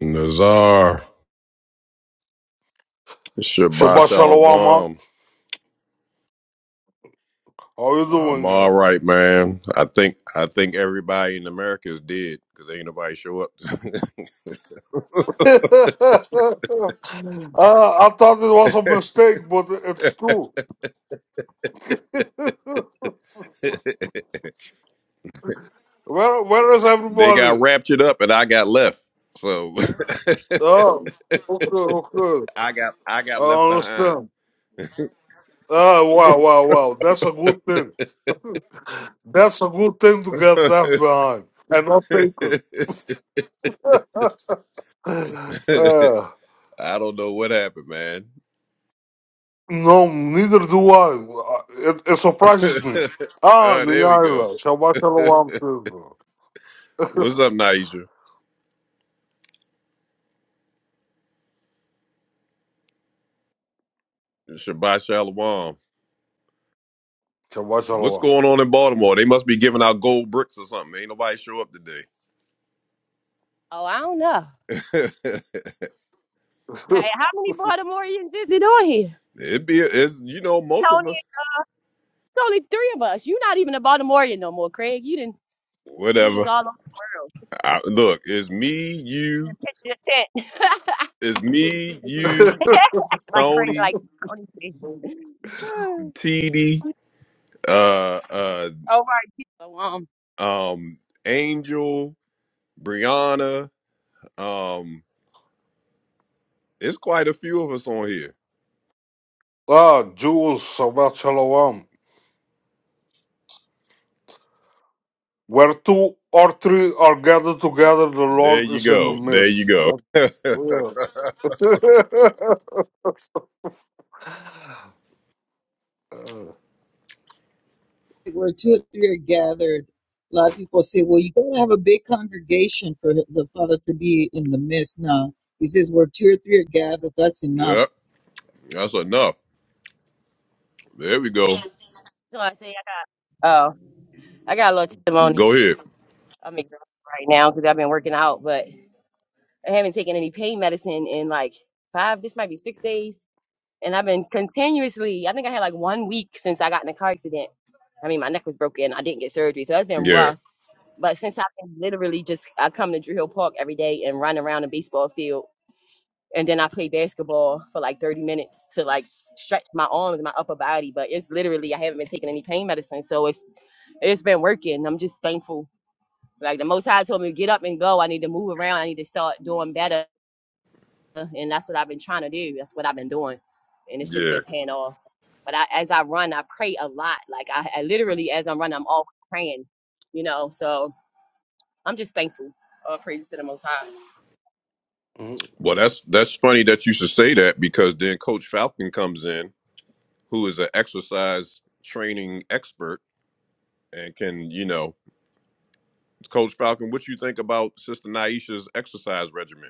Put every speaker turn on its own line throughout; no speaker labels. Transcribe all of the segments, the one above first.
Nazar, Shabbat
Shabbat shalom, Mark.
Shalom.
How you
I'm
doing here?
all right, man. I think I think everybody in America is dead because ain't nobody show up.
uh, I thought it was a mistake, but it's true. where Where is
they got
everybody?
raptured up, and I got left. So
Oh, okay, okay.
I got I got
I
left behind.
understand. Ah, wow, wow, wow. That's a good thing. That's a good thing to get
I
left behind and not taken. uh,
don't know what happened, man.
no, neither do I. It, it surprises me.
oh,
Ah,
there we go.
Niyara. Shabbat shalom, sister.
What's up, Naisha? Shabbat Shalom.
To
What's
Shalom.
going on in Baltimore? They must be giving out gold bricks or something. Ain't nobody show up today.
Oh, I don't know. Hey, how many Baltimoreans is it on here?
It'd be it's you know most of
Tony,
us
it's only three of us. You're not even a Baltimorean no more, Craig. You didn't. You just
whatever.
all over the world
I, look, it's me, you,
and pitched your tent
it's me, you,
like Craig,
Tony,
like Tony said.
TD, uh, uh,
Over so um,
um, Angel, Brianna. Um, it's quite a few of us on here.
ah, Jews, Shabbat Shalom. Where two or three are gathered together, the
There
Lord
you
is in the
go. There you
midst.
go.
That's real. Uh,
where two or three are gathered, a lot of people say, well, you got to have a big congregation for the Father to be in the midst. No, he says, where two or three are gathered, that's enough.
yep, that's enough. There we go.
so I say I got. Oh, I got a little testimony.
Go ahead.
I'm exhausted right now because I've been working out, but I haven't taken any pain medicine in like five. This might be six days. And I've been continuously, I think I had like one week since I got in a car accident. I mean, my neck was broken. I didn't get surgery. So that's been
Yeah.
rough. But since I can literally just, I come to Drew Hill Park every day and run around a baseball field. And then I play basketball for like 30 minutes to like stretch my arms and my upper body. But it's literally, I haven't been taking any pain medicine. So it's, it's been working. I'm just thankful. Like the most high told me to get up and go. I need to move around. I need to start doing better and that's what I've been trying to do. That's what I've been doing, and it's just
Yeah.
been paying off. But I, as I run, I pray a lot. Like I, I literally, as I'm running, I'm always praying. You know, so I'm just thankful. All praise to the Most High.
Well, that's that's funny that you should say that because then Coach Falcon comes in, who is an exercise training expert, and can you know, Coach Falcon, what you think about Sister Naisha's exercise regimen?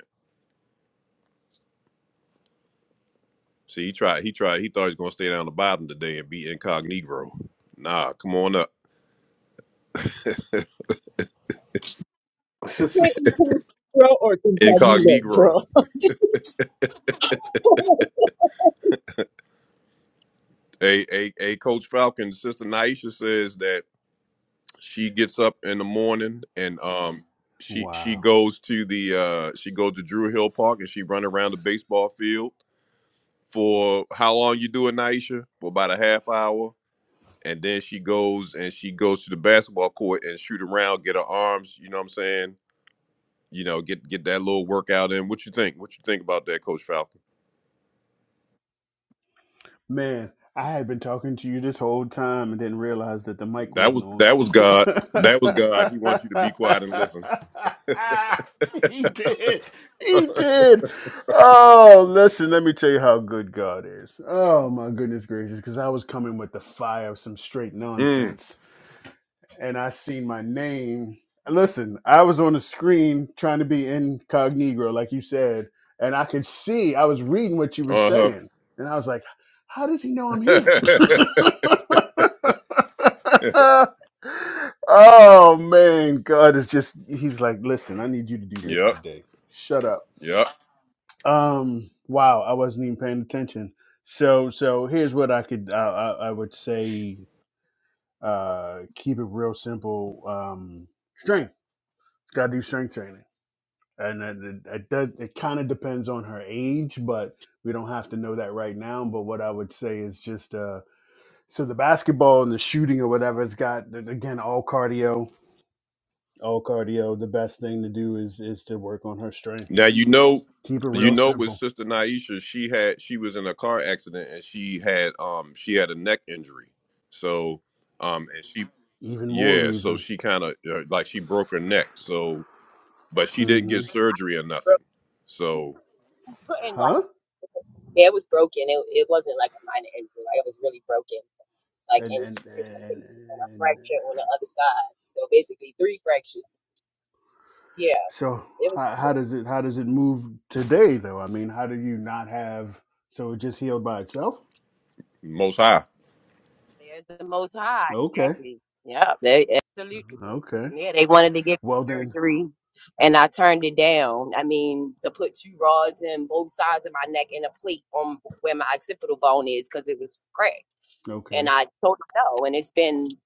See, he tried, he tried, he thought he was going to stay down the bottom today and be incognito. Nah, come on up,
Say
Shabbat
incognito or incognito,
incognito.
bro.
A a a Coach Falcon, Sister Naisha says that she gets up in the morning and um she she
Wow.
goes to the uh she goes to Drew Hill Park and she run around the baseball field for how long you do it, Naisha? For about a half hour. And then she goes and she goes to the basketball court and shoot around, get her arms, you know what I'm saying? You know, get get that little workout in. What you think? What you think about that, Coach Falcon?
Man, I had been talking to you this whole time and didn't realize that the mic
That
wasn't
was
on.
that was God. That was God. He wants you to be quiet and listen.
he did. He did. Oh, listen, let me tell you how good God is. Oh, my goodness gracious, because I was coming with the fire of some straight
Mm.
nonsense. and I seen my name. Listen, I was on the screen trying to be incognito, like you said, and I could see I was reading what you were
Uh-huh.
saying, and I was like, "How does he know I'm here?" oh man, God is just—he's like, "Listen, I need you to do this
yep.
today. Shut up."
Yep.
Um, wow, I wasn't even paying attention. So, so here's what I could—I I I would say uh, keep it real simple. Um, strength. Got to do strength training, and it, it, it, does- it kind of depends on her age, but we don't have to know that right now. But what I would say is just uh, so the basketball and the shooting or whatever, it's got again all cardio. All cardio. The best thing to do is is to work on her strength.
Now you know
Keep it
you
real
know with
simple.
Sister Naisha, she had she was in a car accident and she had um she had a neck injury. So um and she
Even more
Yeah, so
reason.
she kind of uh, like she broke her neck. So, but she didn't
Mm-hmm.
get surgery or
Bro-
nothing. So,
And like,
Huh?
yeah, it was broken. It, it wasn't like a minor injury. Like it was really broken. Like
and
in
and
two different places and a
and,
fracture on the other side. So basically, three fractures. Yeah,
So
it was.
how, how does it how does it move today though? I mean, how do you not have so it just healed by itself?
most high.
There's the Most High.
Okay,
Exactly. Yeah. They, Absolutely.
okay.
Yeah, they wanted to give me
Well then,
surgery, and I turned it down. I mean, to put two rods in both sides of my neck and a plate on where my occipital bone is because it was cracked. And
okay.
I told them no. And it's been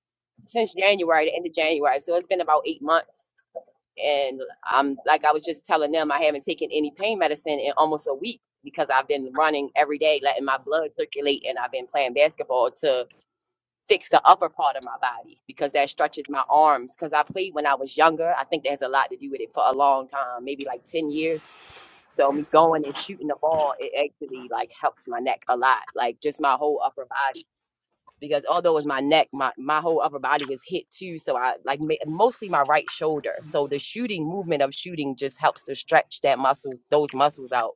since January, the end of January, so it's been about eight months. And I'm like I was just telling them, I haven't taken any pain medicine in almost a week because I've been running every day, letting my blood circulate, and I've been playing basketball to fix the upper part of my body because that stretches my arms. Because I played when I was younger. I think that has a lot to do with it for a long time, maybe like 10 years. So me going and shooting the ball, it actually like helped my neck a lot, like just my whole upper body. Because although it was my neck, my, my whole upper body was hit too. So I like ma- mostly my right shoulder. So the shooting movement of shooting just helps to stretch that muscle, those muscles out.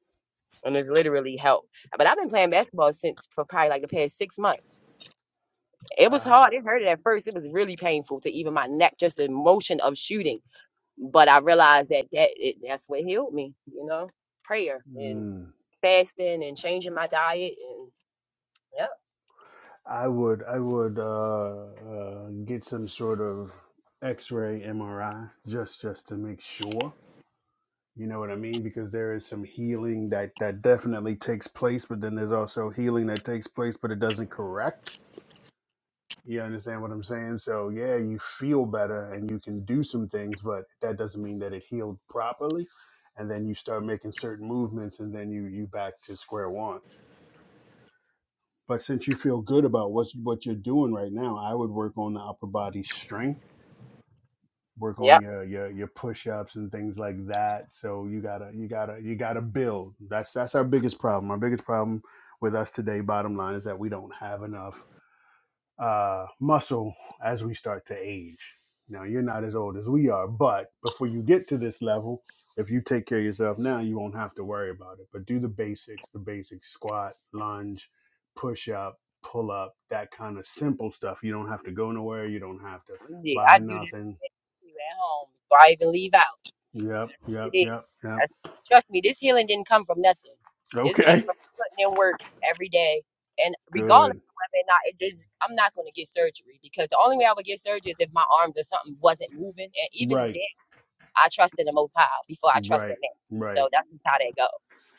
And it's literally helped. But I've been playing basketball since for probably like the past six months. It was
Uh,
hard. It hurted at first. It was really painful to even my neck, just the motion of shooting. But I realized that that it, that's what healed me, you know, prayer and
mm,
fasting and changing my diet and yep,
I would I would uh, uh, get some sort of X-ray MRI just just to make sure. You know what I mean? Because there is some healing that that definitely takes place, but then there's also healing that takes place, but it doesn't correct You understand what I'm saying? So yeah, you feel better and you can do some things, but that doesn't mean that it healed properly. And then you start making certain movements, and then you you back to square one. But since you feel good about what's what you're doing right now, I would work on the upper body strength, work on
yep.
your your your push ups and things like that. So you gotta you gotta you gotta build. That's that's our biggest problem. Our biggest problem with us today, bottom line, is that we don't have enough uh, muscle as we start to age. Now, you're not as old as we are, but before you get to this level, if you take care of yourself now, you won't have to worry about it. But do the basics, the basic squat, lunge, push up, pull up, that kind of simple stuff. You don't have to go nowhere. You don't have to
Yeah,
buy
I do this
nothing.
too at home before I even leave out.
Yep,
That's
yep,
what it is.
yep, yep.
That's, trust me, this healing didn't come from nothing. This came
Okay.
from putting in work every day, and regardless
Good.
of whether or not it is, I'm not going to get surgery because the only way I would get surgery is if my arms or something wasn't moving, and even then.
Right,
I trust in the Most High before I trust in
right,
man.
right.
So that's just how they go.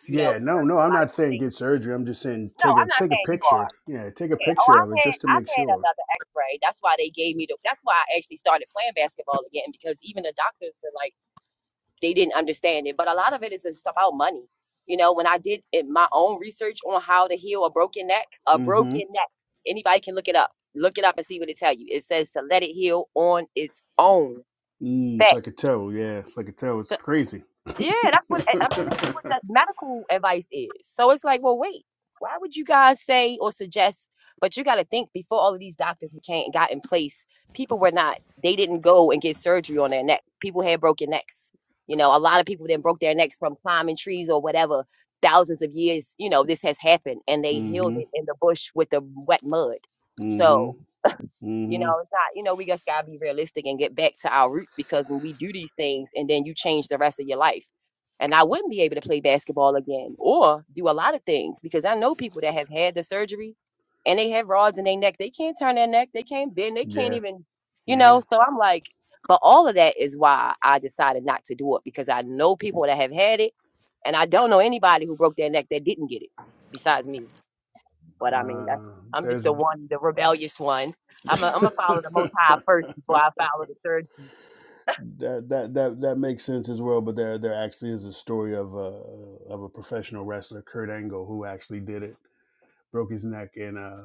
You know,
Yeah,
but
no, no,
certainly a
I'm
lot of
not saying get
things.
surgery. I'm just saying
No,
take a
I'm not
take a
saying you
picture.
are.
Yeah, take a
Yeah. Oh,
picture of
I've
it
had
just to make
I've had
sure.
another X-ray. That's why they gave me the. That's why I actually started playing basketball again because even the doctors were like they didn't understand it. But a lot of it is just about money. You know, when I did it, my own research on how to heal a broken neck, a
Mm-hmm.
broken neck, anybody can look it up. Look it up and see what it tell you. It says to let it heal on its own.
Mm, it's like a
Facts.
toe. Yeah, it's like a toe. It's crazy.
Yeah, that's what I I mean. This is what that
mm-hmm.
medical advice is. So it's like, well, wait, why would you guys say or suggest? But you got to think before all of these doctors became got in place, people were not. They didn't go and get surgery on their neck. People had broken necks. You know, a lot of people then broke their necks from climbing trees or whatever. Thousands of years, you know, this has happened, and they healed it in the bush with the wet mud.
Mm-hmm.
So you know,
Mm-hmm.
it's not, you know, we just gotta be realistic and get back to our roots because when we do these things and then you change the rest of your life. And I wouldn't be able to play basketball again or do a lot of things because I know people that have had the surgery and they have rods in their neck. They can't turn their neck, they can't bend, they can't
Yeah.
even, you
Yeah.
know. So I'm like, but all of that is why I decided not to do it because I know people that have had it and I don't know anybody who broke their neck that didn't get it besides me. But I mean, that's,
Uh,
I'm just
there's
the one, the rebellious one. I'm a, I'm gonna follow the Most
that
High first before I follow the third.
that that that makes sense as well. But there there actually is a story of a of a professional wrestler, Kurt Angle, who actually did it. broke his neck in a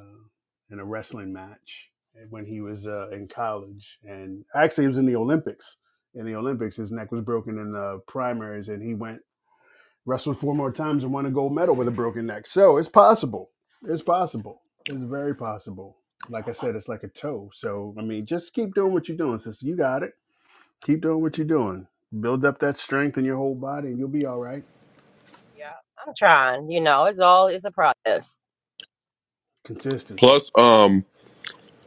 in a wrestling match when he was uh, in college, and actually it was in the Olympics. In the Olympics, his neck was broken in the primaries, and he went wrestled four more times and won a gold medal with a broken neck. So it's possible. It's possible. It's very possible. Like I said, it's like a toe. So I mean, just keep doing what you're doing, sister. You got it. Keep doing what you're doing. Build up that strength in your whole body, and you'll be all right.
Yeah, I'm trying. You know, it's all it's a process.
Consistency.
Plus, um,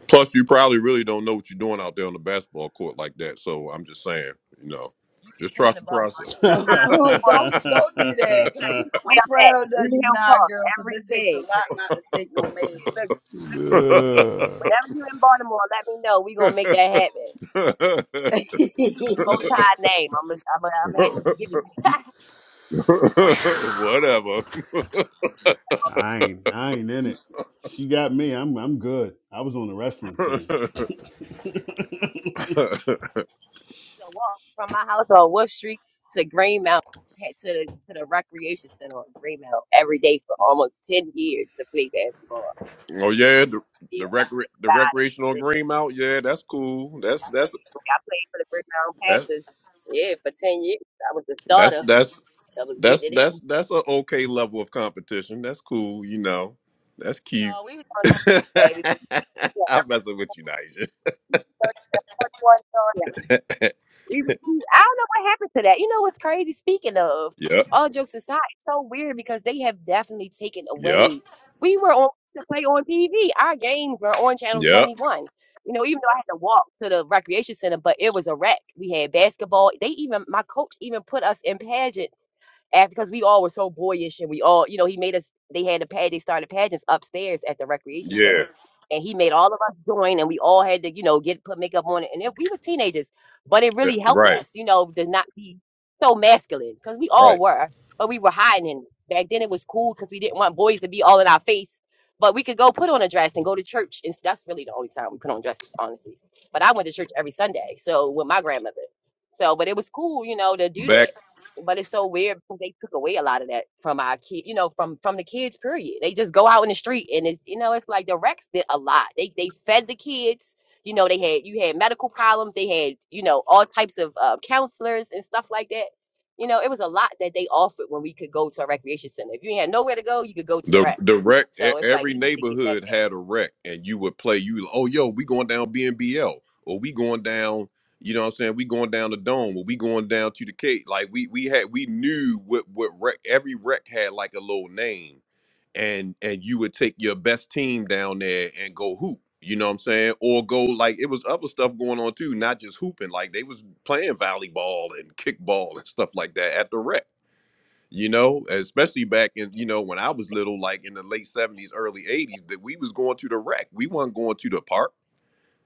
plus you probably really don't know what you're doing out there on the basketball court like that. So, I'm just saying, you know,
You can
just
come
trust
to
the
Baltimore.
process.
uh,
Oh, don't don't do
You
that.
can come. You can way
I'm
up at
proud of
Green
you
Hill
now,
Park
girl, 'cause
every
it takes a
day.
lot not to take no
Chris. Look,
Ugh.
whenever you're in Baltimore, let me know. We gonna make that happen. In the Most
meds.
High name, I'm gonna, I'm gonna, I'm gonna have to give it.
Whatever.
I ain't I ain't in it. She got me. I'm I'm good. I was on the wrestling team.
to walk from my house on Wolf Street to Green Mountain head to the to the recreation center on Green Mountain every day for almost ten years to play basketball.
oh yeah, the,
Yeah,
the recre- the
got it.
recreational green mount. Yeah, that's cool. That's that's
I played for the Brick Brown
That's
Panthers. Yeah, for 10 years. I was the
that's
starter.
that's
I was
that's
getting it in.
that's that's an okay level of competition. That's cool, you know. That's cute.
No, we was on the baby.
I'm messing with you, Nigel.
Yeah, 31 We was, cute. I don't know what happened to that. You know what's crazy? Speaking of,
yep,
all jokes aside, it's so weird because they have definitely taken
yep,
away. We were on to play on TV. Our games were on Channel
yep,
21. You know, even though I had to walk to the recreation center, but it was a wreck. We had basketball. They even my coach even put us in pageants after because we all were so boyish and we all, you know, he made us. They had a pad. They started pageants upstairs at the recreation
yeah.
center, and he made all of us join, and we all had to, you know, get put makeup on it, and it, we was teenagers but it
eh,
really helped
Right,
us, you know, to not be so masculine because we all
right.
were, but we were hiding. in it. back then it was cool because we didn't want boys to be all in our face. But we could go put on a dress and go to church, and that's really the only time we put on dresses, honestly. But I went to church every Sunday, so with my grandmother. So, but it was cool, you know, to do
Back
that. But it's so weird because they took away a lot of that from our kid, you know, from from the kids. Period. They just go out in the street, and it's you know, it's like the Rex did a lot. They they fed the kids you know, they had you had medical problems. They had you know all types of uh, counselors and stuff like that. You know, it was a lot that they offered when we could go to a recreation center. If you had nowhere to go, you could go to the
the
rec.
the rec. e-
So it's like
Every
we have to get that.
neighborhood
back.
had a rec, and you would play. You oh yo, we going down B and B L, or we going down. You know what I'm saying? We going down the dome, or we going down to the Cape. Like we we had we knew what what rec. Every rec had like a little name and and you would take your best team down there and go hoop. You know what I'm saying? Or go like it was other stuff going on too, not just hooping. Like they was playing volleyball and kickball and stuff like that at the rec. You know, especially back in you know when I was little, like in the late '70s, early '80s, that we was going to the rec. We wasn't going to the park.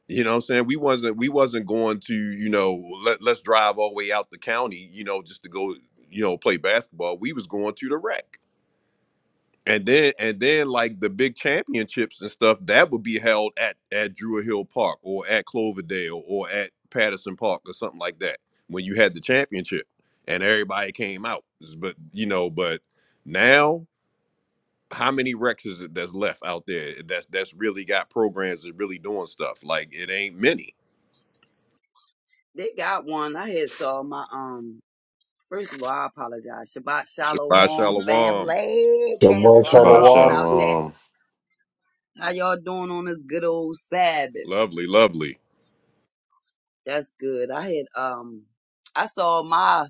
You know what I'm saying? We wasn't we wasn't going to you know let, let's drive all the way out the county. You know, just to go you know play basketball. We was going to the rec and then and then like the big championships and stuff that would be held at at Drew Hill Park or at Cloverdale or at Patterson Park or something like that when you had the championship and everybody came out. But you know, but now how many wrecks is it that's left out there that's that's really got programs that really doing stuff? Like it ain't many.
they got one. I had saw my um. First of all, I apologize. Shabbat Shalom,
Shabbat
warm
Shalom.
family. Can't start it
Shabbat
all
shalom
without
to
that.
Shalom.
How y'all doing on this good old Sabbath?
Lovely, lovely.
That's good. I had um. I saw my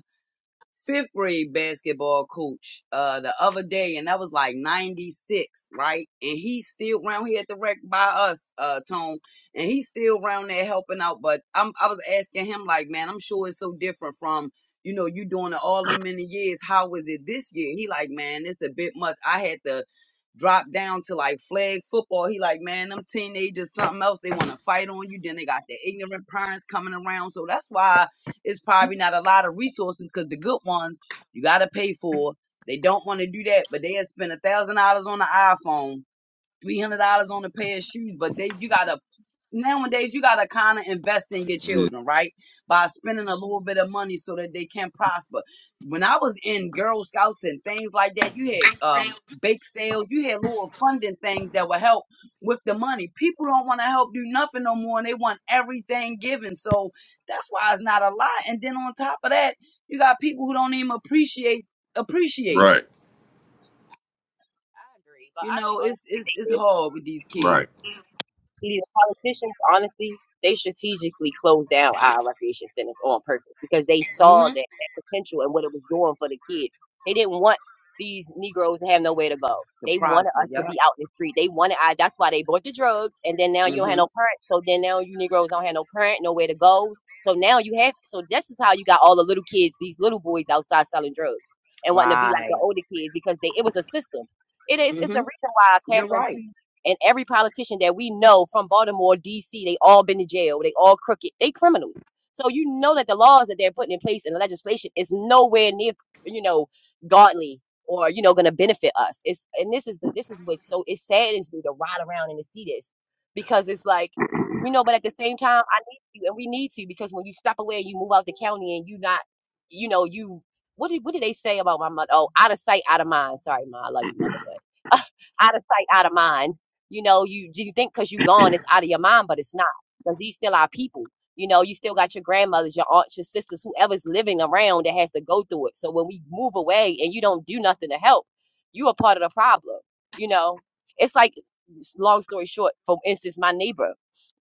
fifth grade basketball coach uh the other day and that was like 96 right and he's still round here at the rec by us uh tone and he's still round there helping out but i'm i was asking him like man i'm sure it's so different from you know you doing it all them many years how was it this year he like man it's a bit much i had to drop down to like flag football he like man them teenagers something else they want to fight on you then they got the ignorant parents coming around so that's why it's probably not a lot of resources because the good ones you got to pay for. They don't want to do that, but they'll spend a thousand dollars on the iPhone three hundred dollars on a pair of shoes, but they you gotta nowadays you gotta kind of invest in your
Mhm.
children, right? By spending a little bit of money so that they can prosper. When I was in Girl Scouts and things like that, you had um bake sales, you had little funding things that would help with the money. People don't want to help do nothing no more, and they want everything given. So that's why it's not a lot. And then on top of that, you got people who don't even appreciate appreciate it.
Right,
I agree, but
You
I can
know, it's it's
honestly
it's hard with these
right.
kids.
See, the politicians, honestly, they strategically closed down our recreation centers on purpose because they
hmm
saw that, that potential and what it was doing for the kids. They didn't want these Negroes to have nowhere to go.
to
They wanted
prosper.
us
Yep.
to be out in the street. They wanted I that's why they bought the drugs and then now you don't have
Mm-hmm.
no parent. So then now you Negroes don't have no parent, nowhere to go. So now you have so this is how you got all the little kids, these little boys outside selling drugs and wanting to be like
Right.
the older kids because they it was a system. It is it's the
Mm-hmm.
reason why
You're
Catherine
right.
P and every politician that we know from Baltimore, D.C., they all been to jail. They all crooked. They criminals. So you know that the laws that they're putting in place and the legislation is nowhere near, you know, godly or you know going to benefit us. It's and this is the this is what's so it saddens me to ride around and to see this because it's like we know, but at the same time, I need you and we need to because when you step away and you move out the county and you not, you know, you what did what did they say about my mother? Oh, out of sight, out of mind. Sorry, ma, I love you, mother, but out of sight, out of mind you know, you do you think because you gone it's out of your mind, but it's not. Because these still our people. You know, you still got your grandmothers, your aunts, your sisters, whoever's living around that has to go through it. So when we move away and you don't do nothing to help, you are part of the problem. You know, it's like s- long story short. For instance, my neighbor,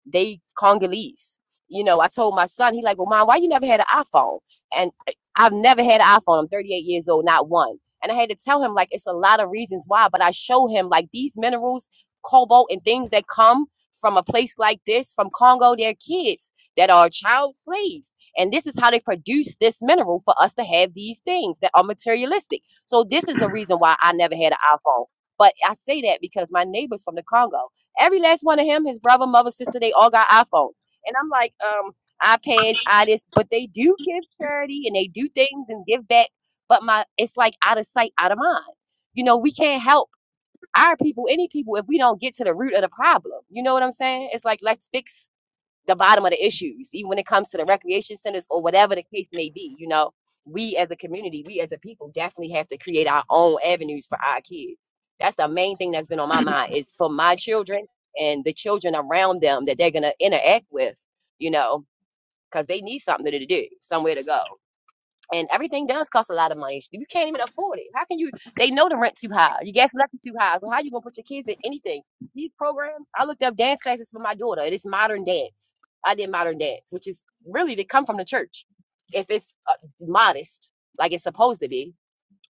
they Congolese. You know, I told my son, he like, well, mom, why you never had an iPhone? And eh, I've never had an iPhone. I'm 38 years old, not one. And I had to tell him like it's a lot of reasons why, but I show him like these minerals cobalt and things that come from a place like this, from Congo, their kids that are child slaves. And this is how they produce this mineral for us to have these things that are materialistic. So this is a reason why I never had an iPhone. But I say that because my neighbors from the Congo, every last one of him, his brother, mother, sister, they all got iPhone. And I'm like, um, iPads, I this, but they do give charity and they do things and give back. But my it's like out of sight, out of mind. You know, we can't help our people, any people, if we don't get to the root of the problem, you know what I'm saying? It's like let's fix the bottom of the issues, even when it comes to the recreation centers or whatever the case may be. You know, we as a community, we as a people, definitely have to create our own avenues for our kids. That's the main thing that's been on my mind is for my children and the children around them that they're gonna interact with. You know, because they need something to do, somewhere to go and everything does cost a lot of money. You can't even afford it. How can you? They know the rent's too high. Your gas is too high. So how you gonna put your kids in anything? These programs. I looked up dance classes for my daughter. It is modern dance. I did modern dance, which is really to come from the church. If it's uh, modest, like it's supposed to be,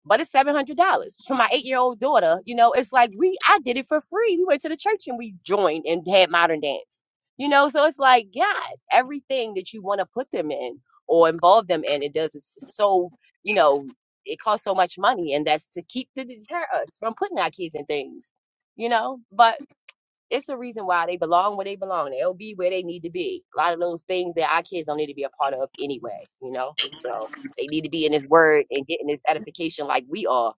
but it's seven hundred dollars for my eight year old daughter. You know, it's like we I did it for free. We went to the church and we joined and had modern dance. You know, so it's like God, everything that you want to put them in or involve them in, it does it's so you know it costs so much money, and that's to keep to deter us from putting our kids in things. You know, but it's a reason why they belong where they belong. They'll be where they need to be. A lot of those things that our kids don't need to be a part of anyway, you know? So they need to be in this word and getting this edification like we are.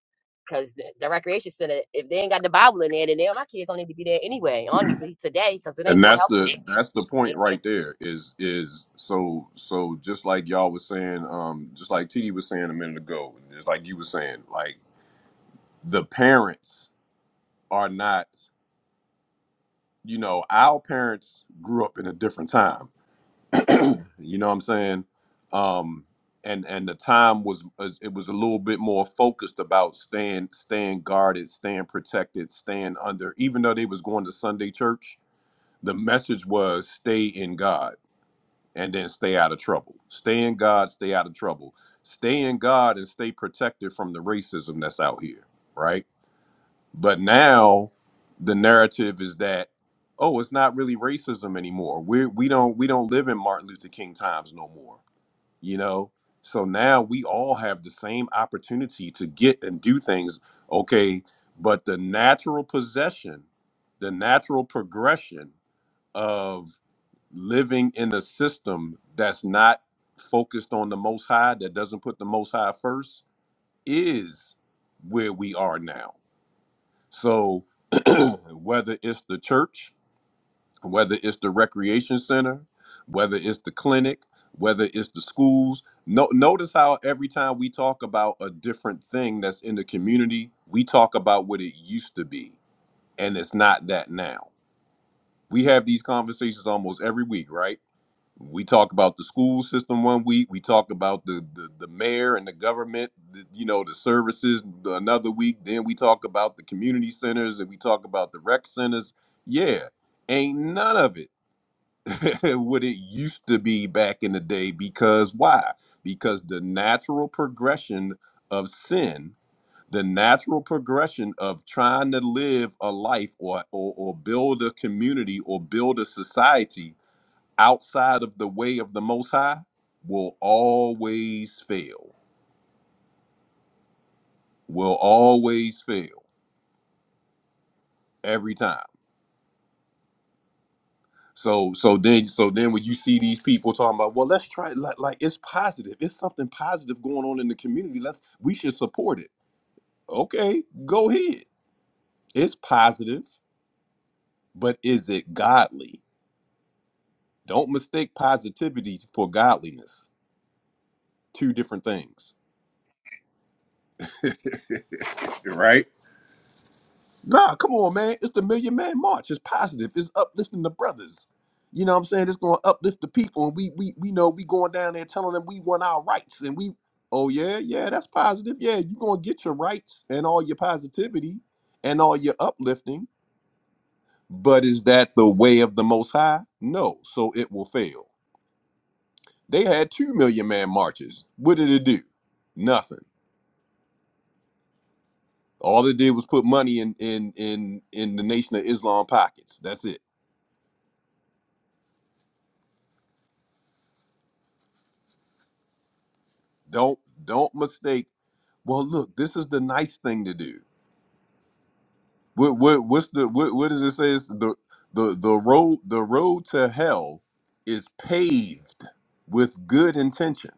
Because the the recreation center, if they ain't got the Bible in there, then they, my kids don't need to be there anyway, honestly, today, because it ain't
and
going to
that's
help them.
the that's the
Yeah.
point right there is is so so just like y'all was saying um just like td was saying a minute ago and just like you were saying like the parents are not you know our parents grew up in a different time you know what i'm saying um and and the time was was- it was a little bit more focused about staying staying guarded staying protected staying under even though they was going to sunday church the message was stay in god and then stay out of trouble. Stay in God, stay out of trouble. Stay in God and stay protected from the racism that's out here, right? But now the narrative is that oh, it's not really racism anymore. We we don't we don't live in Martin Luther King times no more, you know? So now we all have the same opportunity to get and do things, okay? But the natural possession, the natural progression of living in a system that's not focused on the most high, that doesn't put the most high first, is where we are now. So, whether it's the church, whether it's the recreation center, whether it's the clinic, whether it's the schools, no, notice how every time we talk about a different thing that's in the community, we talk about what it used to be, and it's not that now. We have these conversations almost every week, right? we talk about the school system one week we talk about the the, the mayor and the government the, you know the services the, another week then we talk about the community centers and we talk about the rec centers yeah ain't none of it what it used to be back in the day because why because the natural progression of sin the natural progression of trying to live a life or or, or build a community or build a society outside of the way of the Most High will always fail. Will always fail every time. So so then so then when you see these people talking about, well, let's try it, like, like it's positive. It's something positive going on in the community. Let's we should support it. Okay, go ahead. It's positive, but is it godly? Don't mistake positivity for godliness. Two different things. Right. Nah, come on, man. It's the Million Man March. It's positive. It's uplifting the brothers. You know what I'm saying? It's gonna uplift the people, and we we we know we going down there telling them we want our rights, and we oh yeah yeah that's positive. Yeah, you gonna get your rights and all your positivity and all your uplifting. But is that the way of the Most High? No, so it will fail. They had two million man marches. What did it do? Nothing. All it did was put money in in in in the Nation of Islam pockets. That's it. Don't don't mistake. Well, look, this is the nice thing to do. What what what's the what, what does it say? Is the the the road the road to hell is paved with good intention.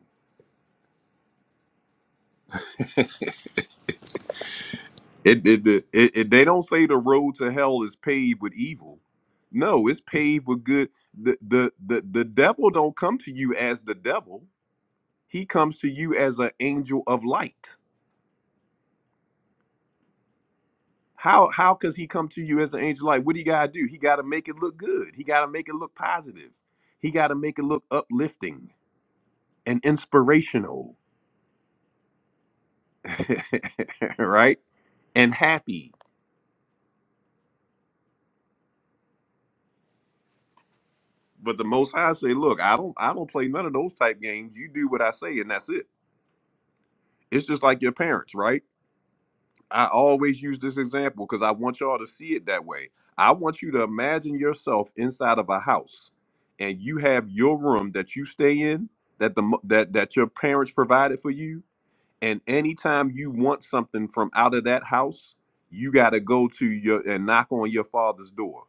It, it, it, it they don't say the road to hell is paved with evil. No, it's paved with good. The, the the the devil don't come to you as the devil. He comes to you as an angel of light How how could he come to you as an angel? Like, what do you gotta do? He gotta make it look good. He gotta make it look positive. He gotta make it look uplifting and inspirational, right? And happy. But the Most High say, look, I don't I don't play none of those type games. You do what I say, and that's it. It's just like your parents, right? I always use this example because I want y'all to see it that way. I want you to imagine yourself inside of a house, and you have your room that you stay in, that the mo- that that your parents provided for you, and anytime you want something from out of that house, you got to go to your and knock on your father's door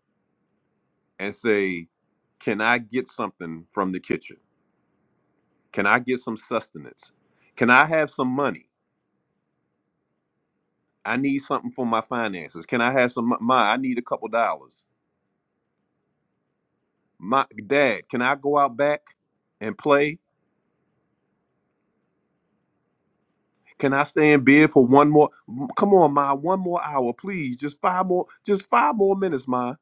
and say, "Can I get something from the kitchen? Can I get some sustenance? Can I have some money? I need something for my finances. Can I have some mo- my? I need a couple dollars." my dad, can I go out back and play? Can I stay in bed for one more? m- Come on, ma, one more hour, please. Just five more, just five more minutes, ma.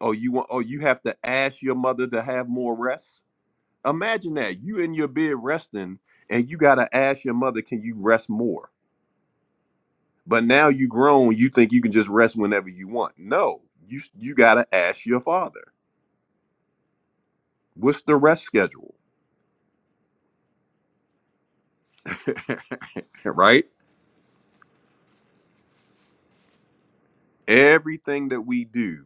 Oh, you want? Oh, you have to ask your mother to have more rest. Imagine that you in your bed resting, and you gotta ask your mother, can you rest more? But now you grown, you think you can just rest whenever you want. No, you you gotta ask your father. What's the rest schedule, right? Everything that we do,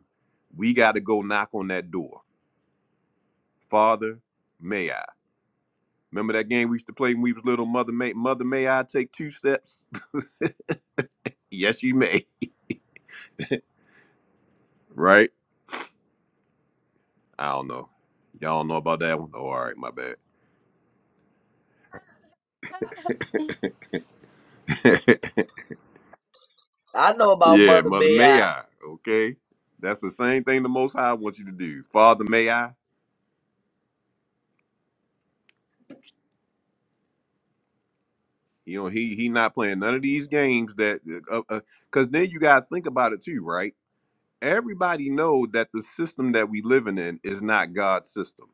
we got to go knock on that door. Father, may I? Remember that game we used to play when we was little? Mother, may Mother, may I take two steps? yes, you may. Right? I don't know. Y'all don't know about that one? Oh, all right, my bad.
I know about
yeah,
Mother
Mother,
May
may
I.
I? Okay, that's the same thing the Most High wants you to do. Father, may I? You know, he he not playing none of these games that, because uh, uh 'cause then you got to think about it too, right? everybody know that the system that we living in is not God's system.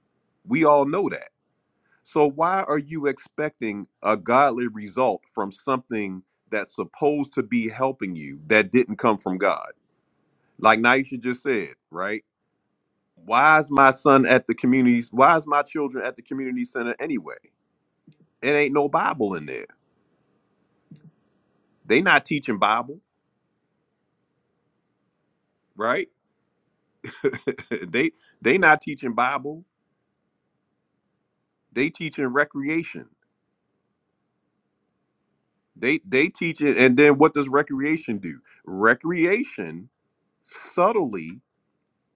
We all know that. So why are you expecting a godly result from something that's supposed to be helping you that didn't come from God? Like Naisha just said, right? Why is my son at the community? Why is my children at the community center anyway? It ain't no Bible in there. They not teaching Bible, right? they they not teaching Bible. They teaching recreation. They they teach it, and then what does recreation do? Recreation subtly,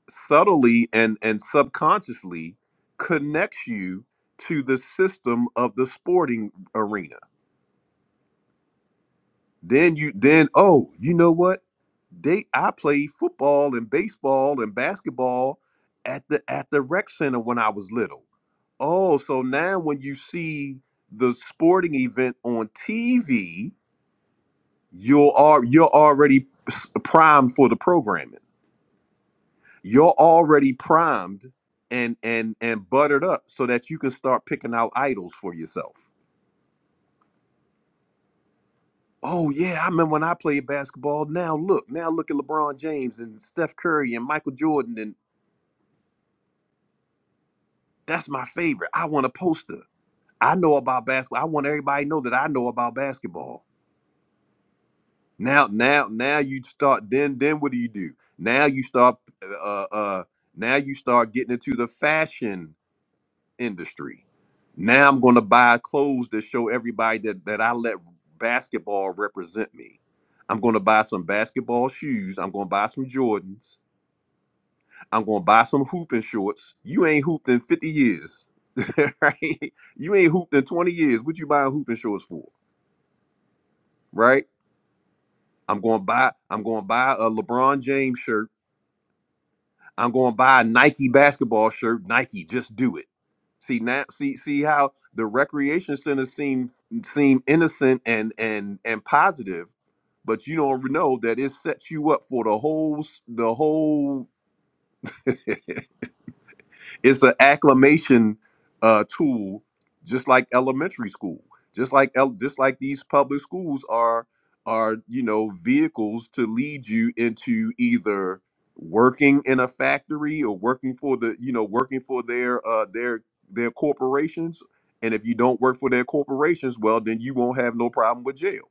subtly, and and subconsciously connects you to the system of the sporting arena. Then you then oh, you know what? They I played football and baseball and basketball at the at the rec center when I was little. Oh, so now when you see the sporting event on TV, You're al- you're already s- primed for the programming. You're already primed and and and buttered up so that you can start picking out idols for yourself. Oh yeah, I remember when I played basketball. Now look, now look at LeBron James and Steph Curry and Michael Jordan, and that's my favorite. I want a poster. I know about basketball. I want everybody to know that I know about basketball. Now, now, now you start. Then, then what do you do? Now you start. Uh, uh, now you start getting into the fashion industry. Now I'm going to buy clothes that show everybody that that I let basketball represent me. I'm going to buy some basketball shoes. I'm going to buy some Jordans. I'm going to buy some hooping shorts. You ain't hooped in 50 years, right? You ain't hooped in 20 years. What you buying hooping shorts for, right? I'm going to buy. I'm going to buy a LeBron James shirt I'm going to buy a Nike basketball shirt. Nike, just do it. See now, see see how the recreation centers seem seem innocent and and and positive, but you don't know that it sets you up for the whole s- the whole. it's an acclamation uh, tool, just like elementary school, just like el- just like these public schools are are you know vehicles to lead you into either working in a factory or working for the you know working for their uh, their their corporations. And if you don't work for their corporations, well, then you won't have no problem with jail.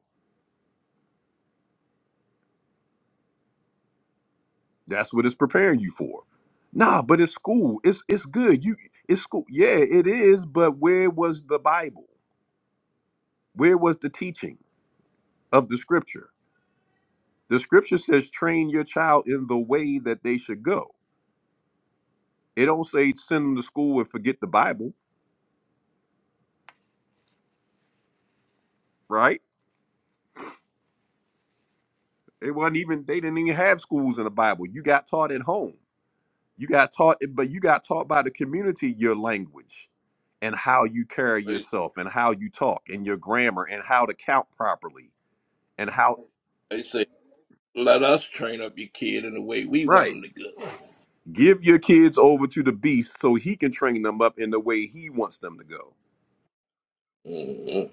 That's what it's preparing you for. Nah, but it's school. It's it's good. You it's school. Yeah, it is. But where was the Bible? Where was the teaching of the scripture? The scripture says train your child in the way that they should go. It don't say send them to school and forget the Bible, right? It wasn't even they didn't even have schools in the Bible. You got taught at home. You got taught but you got taught by the community your language and how you carry
They,
yourself and how you talk and your grammar and how to count properly and how
they say, let us train up your kid in the way we want
right.
him to go.
Give your kids over to the beast so he can train them up in the way he wants them to go.
Mhm.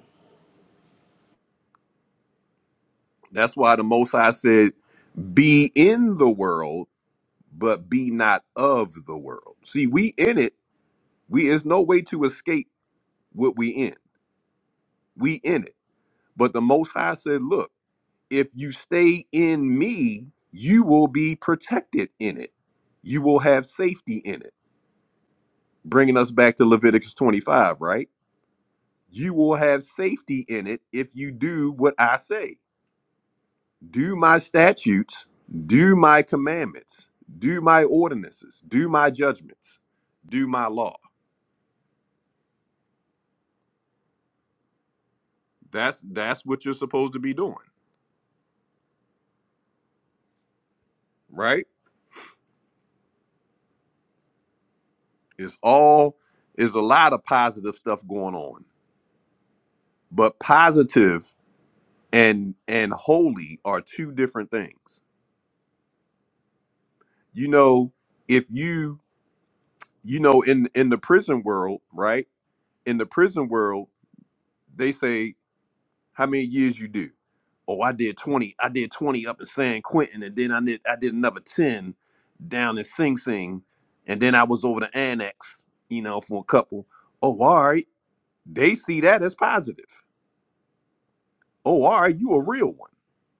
That's why the Most High said Be in the world, but be not of the world. See, we in it. We there's no way to escape what we in. We in it. But the Most High said, "Look, if you stay in Me, you will be protected in it. You will have safety in it." Bringing us back to Leviticus 25, right? You will have safety in it if you do what I say. do my statutes, do my commandments, do my ordinances, do my judgments, do my law. That's that's what you're supposed to be doing, right? It's all is a lot of positive stuff going on. But positive and and holy are two different things. You know, if you you know in in the prison world, right? In the prison world, they say How many years you do? Oh, I did 20. I did 20 up in San Quentin, and then I did I did another 10 down in Sing Sing, and then I was over to Annex, you know, for a couple. Oh, all right. They see that as positive. Oh, all right, you a real one.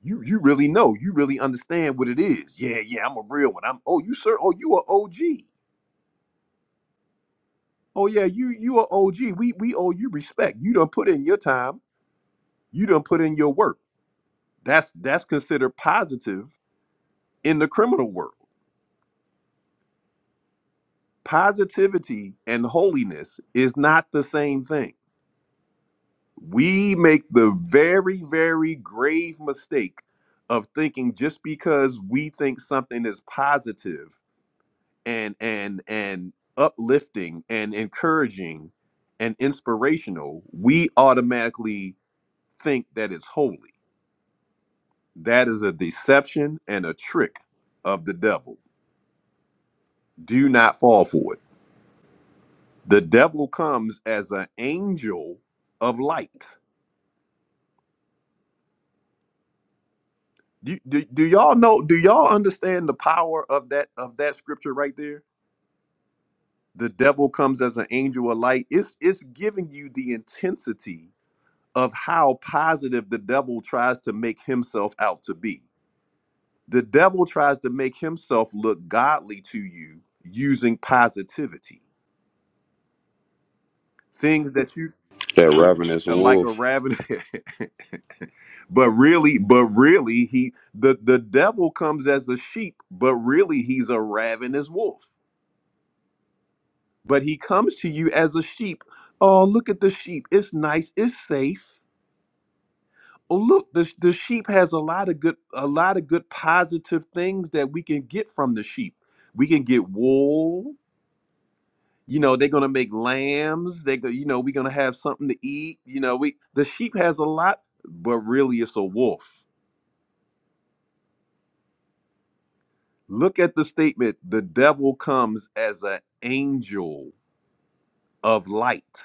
You you really know. You really understand what it is. Yeah, yeah, I'm a real one. I'm oh you sir, oh you a OG. Oh yeah, you you a OG. We we owe you respect. You done put in your time. You done put in your work. That's that's considered positive in the criminal world. Positivity and holiness is not the same thing. We make the very, very grave mistake of thinking just because we think something is positive and and and uplifting and encouraging and inspirational, we automatically think that it's holy. That is a deception and a trick of the devil. Do not fall for it. The devil comes as an angel of light. Do, do, do y'all know? Do y'all understand the power of that of that scripture right there? The devil comes as an angel of light. It's it's giving you the intensity of how positive the devil tries to make himself out to be. The devil tries to make himself look godly to you using positivity, things that you
That ravenous
like a
wolf.
raven. But really, but really, he the the devil comes as a sheep, but really he's a ravenous wolf. But he comes to you as a sheep. Oh, look at the sheep. It's nice. It's safe. Oh, look, the the sheep has a lot of good a lot of good positive things that we can get from the sheep. We can get wool. You know, they're gonna make lambs. They go, you know, we're gonna have something to eat. You know, we the sheep has a lot, but really it's a wolf Look at the statement the devil comes as an angel of light.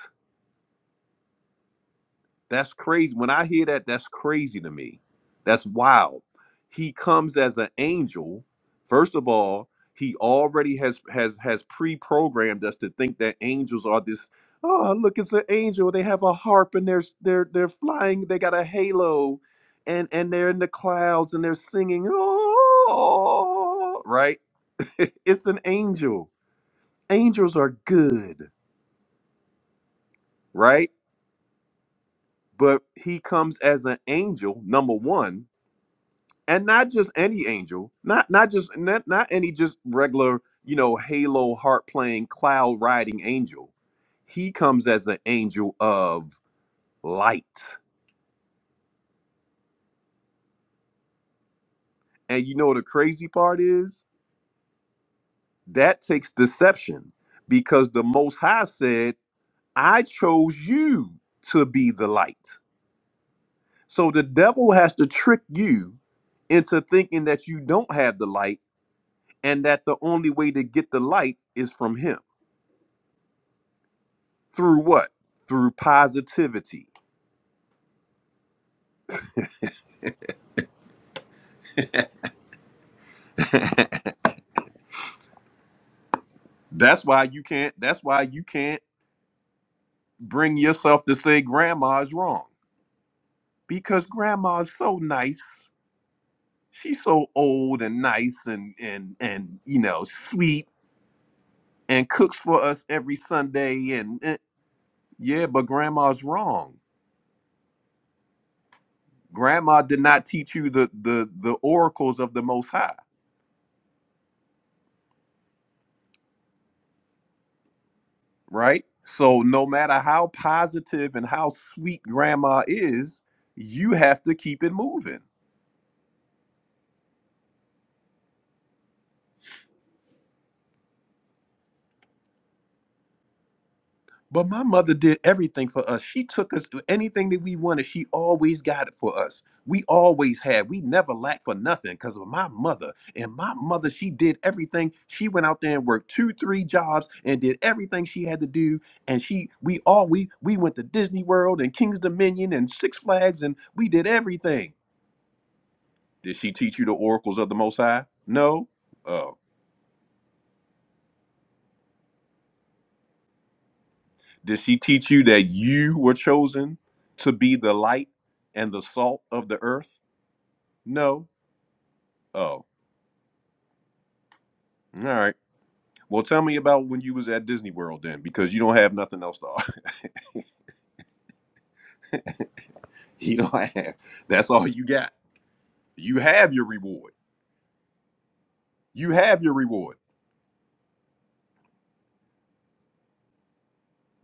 That's crazy. When I hear that, that's crazy to me. That's wild. He comes as an angel. First of all, he already has has has pre-programmed us to think that angels are this oh look it's an angel they have a harp and they're they're they're flying they got a halo and and they're in the clouds and they're singing oh right it's an angel angels are good, right? But he comes as an angel, number one, and not just any angel, not not just not, not any just regular, you know, halo harp playing cloud riding angel. He comes as an angel of light. And you know the crazy part is that takes deception because the most high said, I chose you to be the light. So the devil has to trick you into thinking that you don't have the light and that the only way to get the light is from him. Through what? Through positivity. That's why you can't that's why you can't bring yourself to say grandma's wrong. Because grandma's so nice. She's so old and nice and and and you know, sweet and cooks for us every Sunday and eh, yeah, but grandma's wrong grandma did not teach you the the the oracles of the most high right so no matter how positive and how sweet grandma is you have to keep it moving But my mother did everything for us. She took us anything that we wanted. She always got it for us. We always had. We never lacked for nothing because of my mother. And my mother, she did everything. She went out there and worked two, three jobs and did everything she had to do. And she, we all, we we went to Disney World and King's Dominion and Six Flags, and we did everything. Did she teach you the oracles of the Most High? No. Oh, did she teach you that you were chosen to be the light and the salt of the earth? No. Oh, all right. Well, tell me about when you was at Disney World then, because you don't have nothing else to offer. You don't have. That's all you got. You have your reward. You have your reward.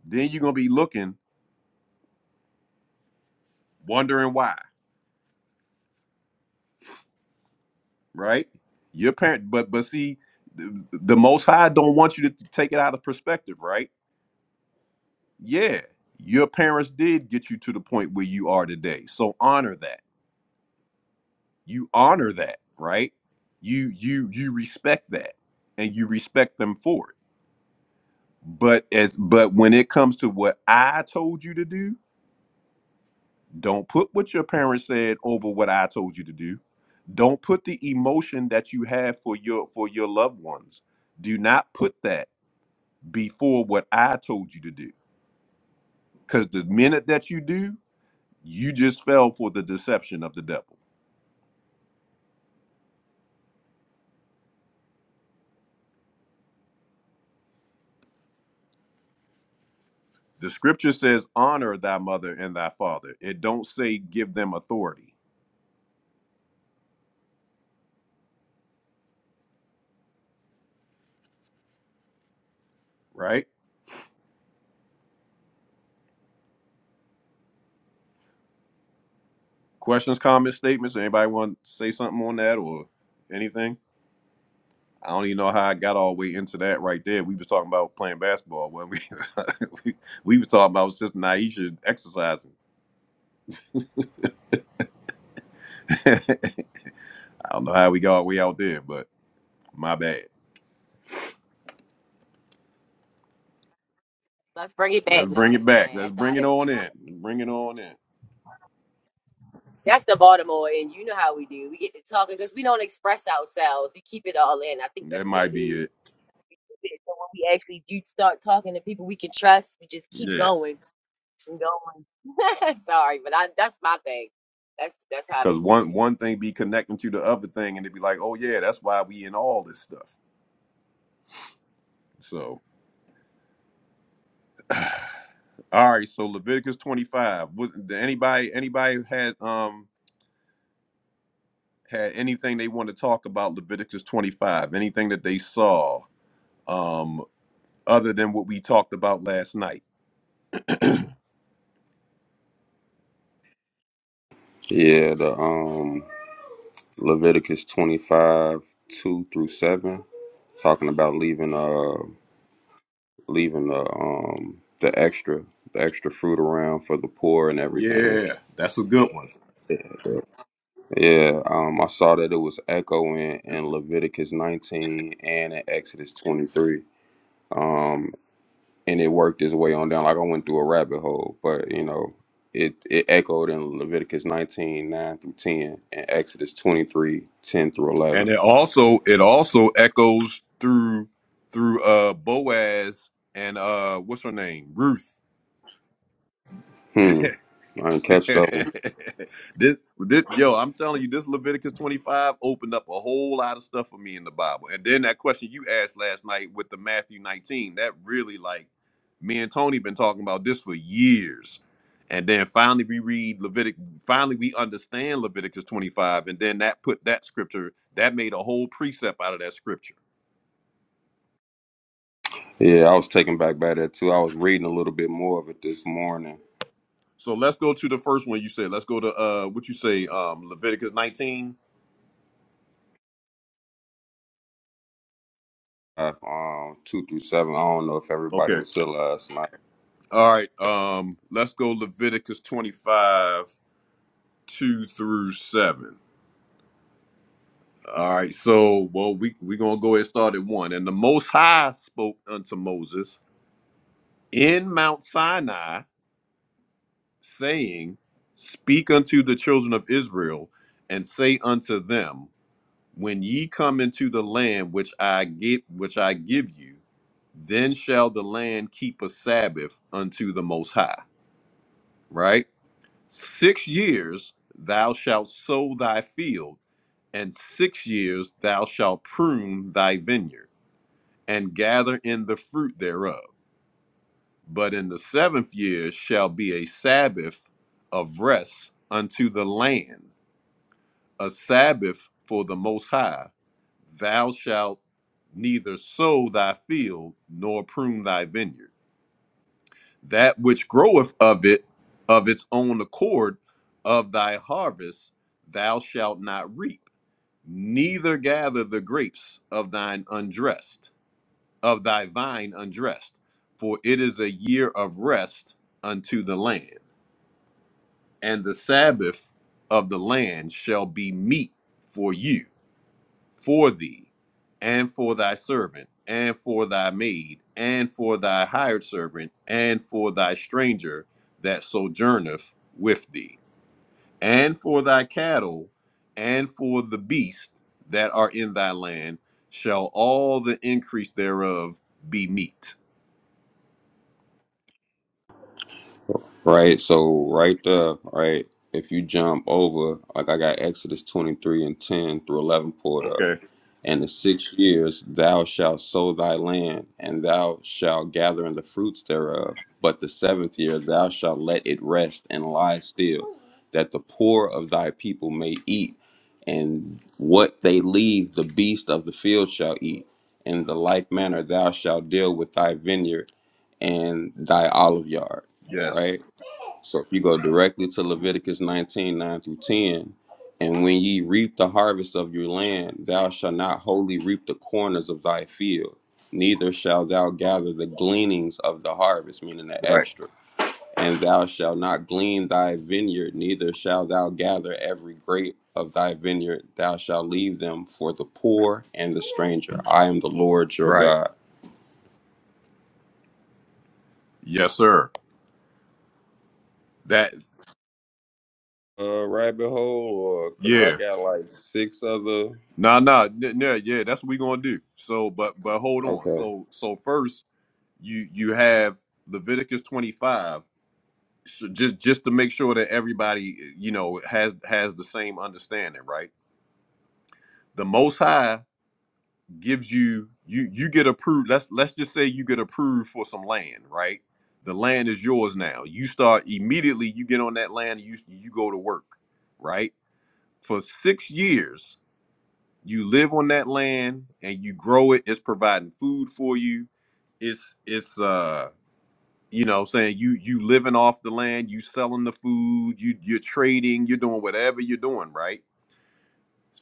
Then you're gonna be looking, wondering why, right? Your parent, but but see, the, the Most High don't want you to take it out of perspective, right? Yeah, your parents did get you to the point where you are today, so honor that. You honor that, right? You you you respect that, and you respect them for it But as but when it comes to what I told you to do, don't put what your parents said over what I told you to do. Don't put the emotion that you have for your for your loved ones. Do not put that before what I told you to do. Because the minute that you do, you just fell for the deception of the devil. The scripture says, honor thy mother and thy father. It don't say give them authority, right? Questions, comments, statements. Anybody want to say something on that or anything? I don't even know how I got all the way into that right there. We was talking about playing basketball when we we, we was talking about Sister Naisha exercising. I don't know how we got all the way out there, but my bad.
Let's bring it
Let's
back. No,
bring
I'm
it
just
back.
playing.
Let's
That,
bring
that
it
is,
on in. Bring it on in.
that's the Baltimore, and you know how we do. We get to talking because we don't express ourselves. We keep it all in. I think
That
that's what
might
it is.
be it.
it. So when we actually do start talking to people we can trust, we just keep
Yeah.
going and going. Sorry, but I, that's my thing. That's that's how it
Cause
be with
one
me.
one thing be connecting to the other thing and it'd be like, oh yeah, that's why we in all this stuff. So all right, so Leviticus twenty five. Anybody anybody had um had anything they want to talk about Leviticus 25, anything that they saw um, other than what we talked about last night.
Yeah, the um Leviticus twenty five two through seven, talking about leaving uh leaving the um the extra the extra fruit around for the poor and everything.
Yeah, that's a good one.
Yeah, um, I saw that it was echoing in Leviticus 19 and in Exodus 23. Um, and it worked its way on down. Like I went through a rabbit hole, but you know, it it echoed in Leviticus 19 9 through 10, and Exodus 23 10 through 11.
And it also it also echoes through through uh Boaz and uh what's her name? Ruth.
Hmm. I didn't catch that one.
this, this, yo, I'm telling you, this Leviticus 25 opened up a whole lot of stuff for me in the Bible. And then that question you asked last night with the Matthew 19, that really like me and Tony been talking about this for years. And then finally we read Levitic, finally we understand Leviticus 25, and then that put that scripture, that made a whole precept out of that scripture.
Yeah, I was taken back by that too. I was reading a little bit more of it this morning.
So let's go to the first one you said. Let's go to uh what you say, um Leviticus 19.
Uh, Um, two through seven. I don't know if
Okay.
everybody was still last night.
All right, um, let's go Leviticus 25, 2 through 7. All right, so well, we we're gonna go ahead and start at one. And the most high spoke unto Moses in Mount Sinai, saying, Speak unto the children of Israel, and say unto them, When ye come into the land which I give which I give you, then shall the land keep a Sabbath unto the most high. Right? Six years thou shalt sow thy field, and six years thou shalt prune thy vineyard, and gather in the fruit thereof. But in the seventh year shall be a Sabbath of rest unto the land, a Sabbath for the Most High. Thou shalt neither sow thy field nor prune thy vineyard. that which groweth of it of its own accord of thy harvest thou shalt not reap neither gather the grapes of thine undressed of thy vine undressed for it is a year of rest unto the land and the sabbath of the land shall be meat for you for thee, and for thy servant, and for thy maid, and for thy hired servant, and for thy stranger that sojourneth with thee, and for thy cattle, and for the beasts that are in thy land, shall all the increase thereof be meat.
Right. So right there, right. If you jump over, like I got Exodus twenty three and ten through eleven pulled up.
Okay.
And in six years thou shalt sow thy land, and thou shalt gather in the fruits thereof. But the seventh year thou shalt let it rest and lie still, that the poor of thy people may eat, and what they leave the beast of the field shall eat. In the like manner thou shalt deal with thy vineyard and thy olive yard.
Yes.
Right? So if you go directly to Leviticus 19 9 through 10, and when ye reap the harvest of your land, thou shalt not wholly reap the corners of thy field, neither shalt thou gather the gleanings of the harvest, meaning the
Right.
extra. And thou shalt not glean thy vineyard, neither shalt thou gather every grape of thy vineyard. Thou shalt leave them for the poor and the stranger. I am the Lord your
Right.
God.
Yes, sir. That.
Uh, rabbit hole, or because I
Yeah.
got like six other.
Nah, nah. Yeah. Yeah. That's what we gonna do. So, but but hold on.
Okay.
So so first you you have Leviticus 25 so just just to make sure that everybody you know has has the same understanding right the most high gives you you you get approved let's let's just say you get approved for some land right the land is yours now you start immediately you get on that land you you go to work right for 6 years you live on that land and you grow it it's providing food for you it's it's uh you know saying you you living off the land you selling the food you you're trading you're doing whatever you're doing right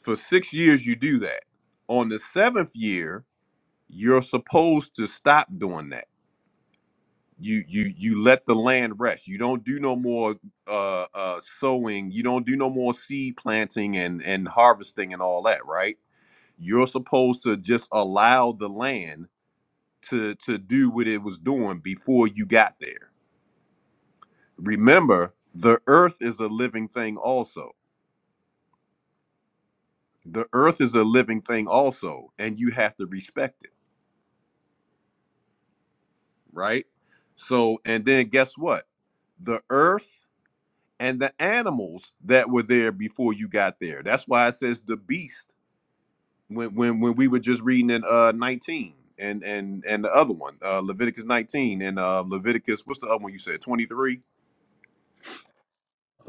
for six years you do that on the seventh year you're supposed to stop doing that you you you let the land rest you don't do no more uh uh sowing you don't do no more seed planting and and harvesting and all that right you're supposed to just allow the land to to do what it was doing before you got there remember the earth is a living thing also the earth is a living thing also and you have to respect it right so and then guess what the earth and the animals that were there before you got there that's why it says the beast when when when we were just reading in uh 19 and and and the other one uh leviticus 19 and uh leviticus what's the other one you said 23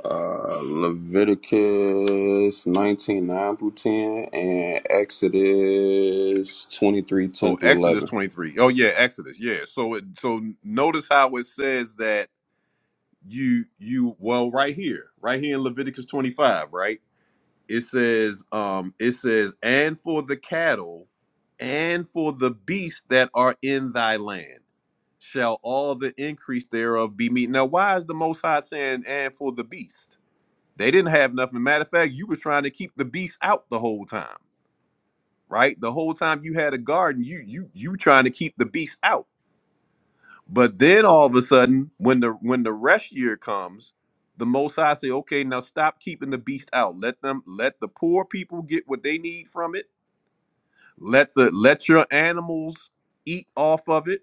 uh, Leviticus 19 9 through 10, and Exodus 23
oh
10 through
exodus
11.
23 oh yeah exodus yeah so it so notice how it says that you you well right here right here in leviticus 25 right it says um it says and for the cattle and for the beasts that are in thy land shall all the increase thereof be meat now why is the most high saying and for the beast they didn't have nothing matter of fact you was trying to keep the beast out the whole time right the whole time you had a garden you you you trying to keep the beast out but then all of a sudden, when the when the rest year comes, the Most High say, "Okay, now stop keeping the beast out. Let them let the poor people get what they need from it. Let the let your animals eat off of it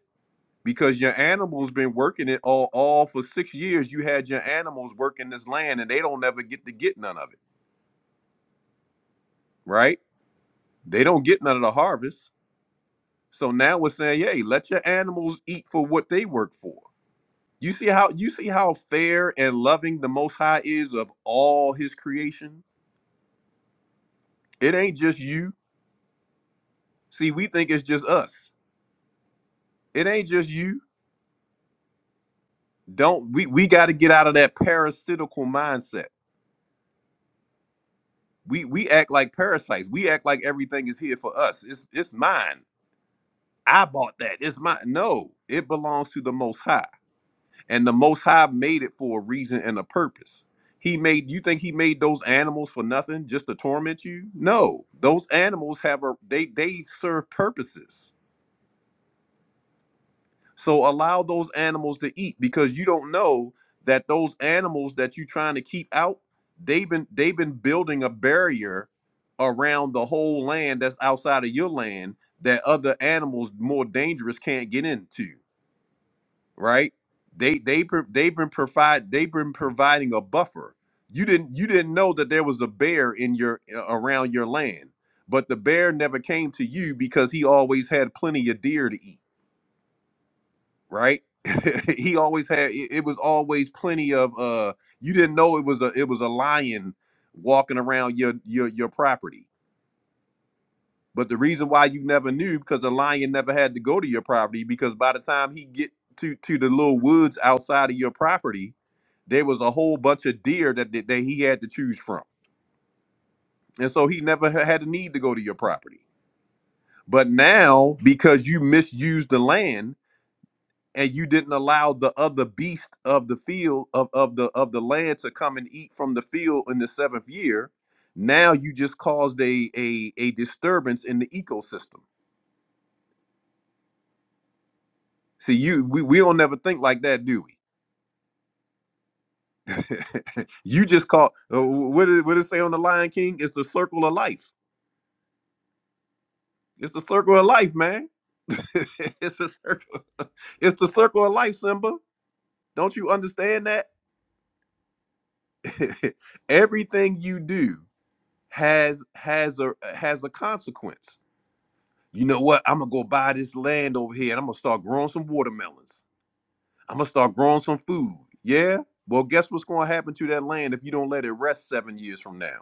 because your animals been working it all all for six years. You had your animals working this land, and they don't ever get to get none of it. Right? They don't get none of the harvest. So now we're saying, hey, let your animals eat for what they work for." You see how you see how fair and loving the most high is of all his creation? It ain't just you. See, we think it's just us. It ain't just you. Don't we we gotta get out of that parasitical mindset. We we act like parasites. We act like everything is here for us. It's it's mine. I bought that. It's mine. No, it belongs to the most high. And the Most High made it for a reason and a purpose. He made you think he made those animals for nothing just to torment you? No, those animals have a they they serve purposes. So allow those animals to eat because you don't know that those animals that you're trying to keep out, they've been they've been building a barrier around the whole land that's outside of your land that other animals more dangerous can't get into right? They they pro- they've been provide they've been providing a buffer. You didn't you didn't know that there was a bear in your around your land, but the bear never came to you because he always had plenty of deer to eat, right? he always had it, it was always plenty of uh you didn't know it was a it was a lion walking around your your your property but the reason why you never knew because the lion never had to go to your property because by the time he get to to the little woods outside of your property, there was a whole bunch of deer that that, that he had to choose from, and so he never ha- had a need to go to your property. But now because you misused the land and you didn't allow the other beast of the field of, of the of the land to come and eat from the field in the seventh year, now you just caused a a, a disturbance in the ecosystem See, you we, we don't never think like that, do we? you just call uh, what did what did it say on the Lion King? It's the circle of life. It's the circle of life, man. it's the circle. It's the circle of life, Simba. Don't you understand that? Everything you do has has a has a consequence. You know what? I'm gonna go buy this land over here, and I'm gonna start growing some watermelons. I'm gonna start growing some food. Yeah. Well, guess what's gonna happen to that land if you don't let it rest seven years from now?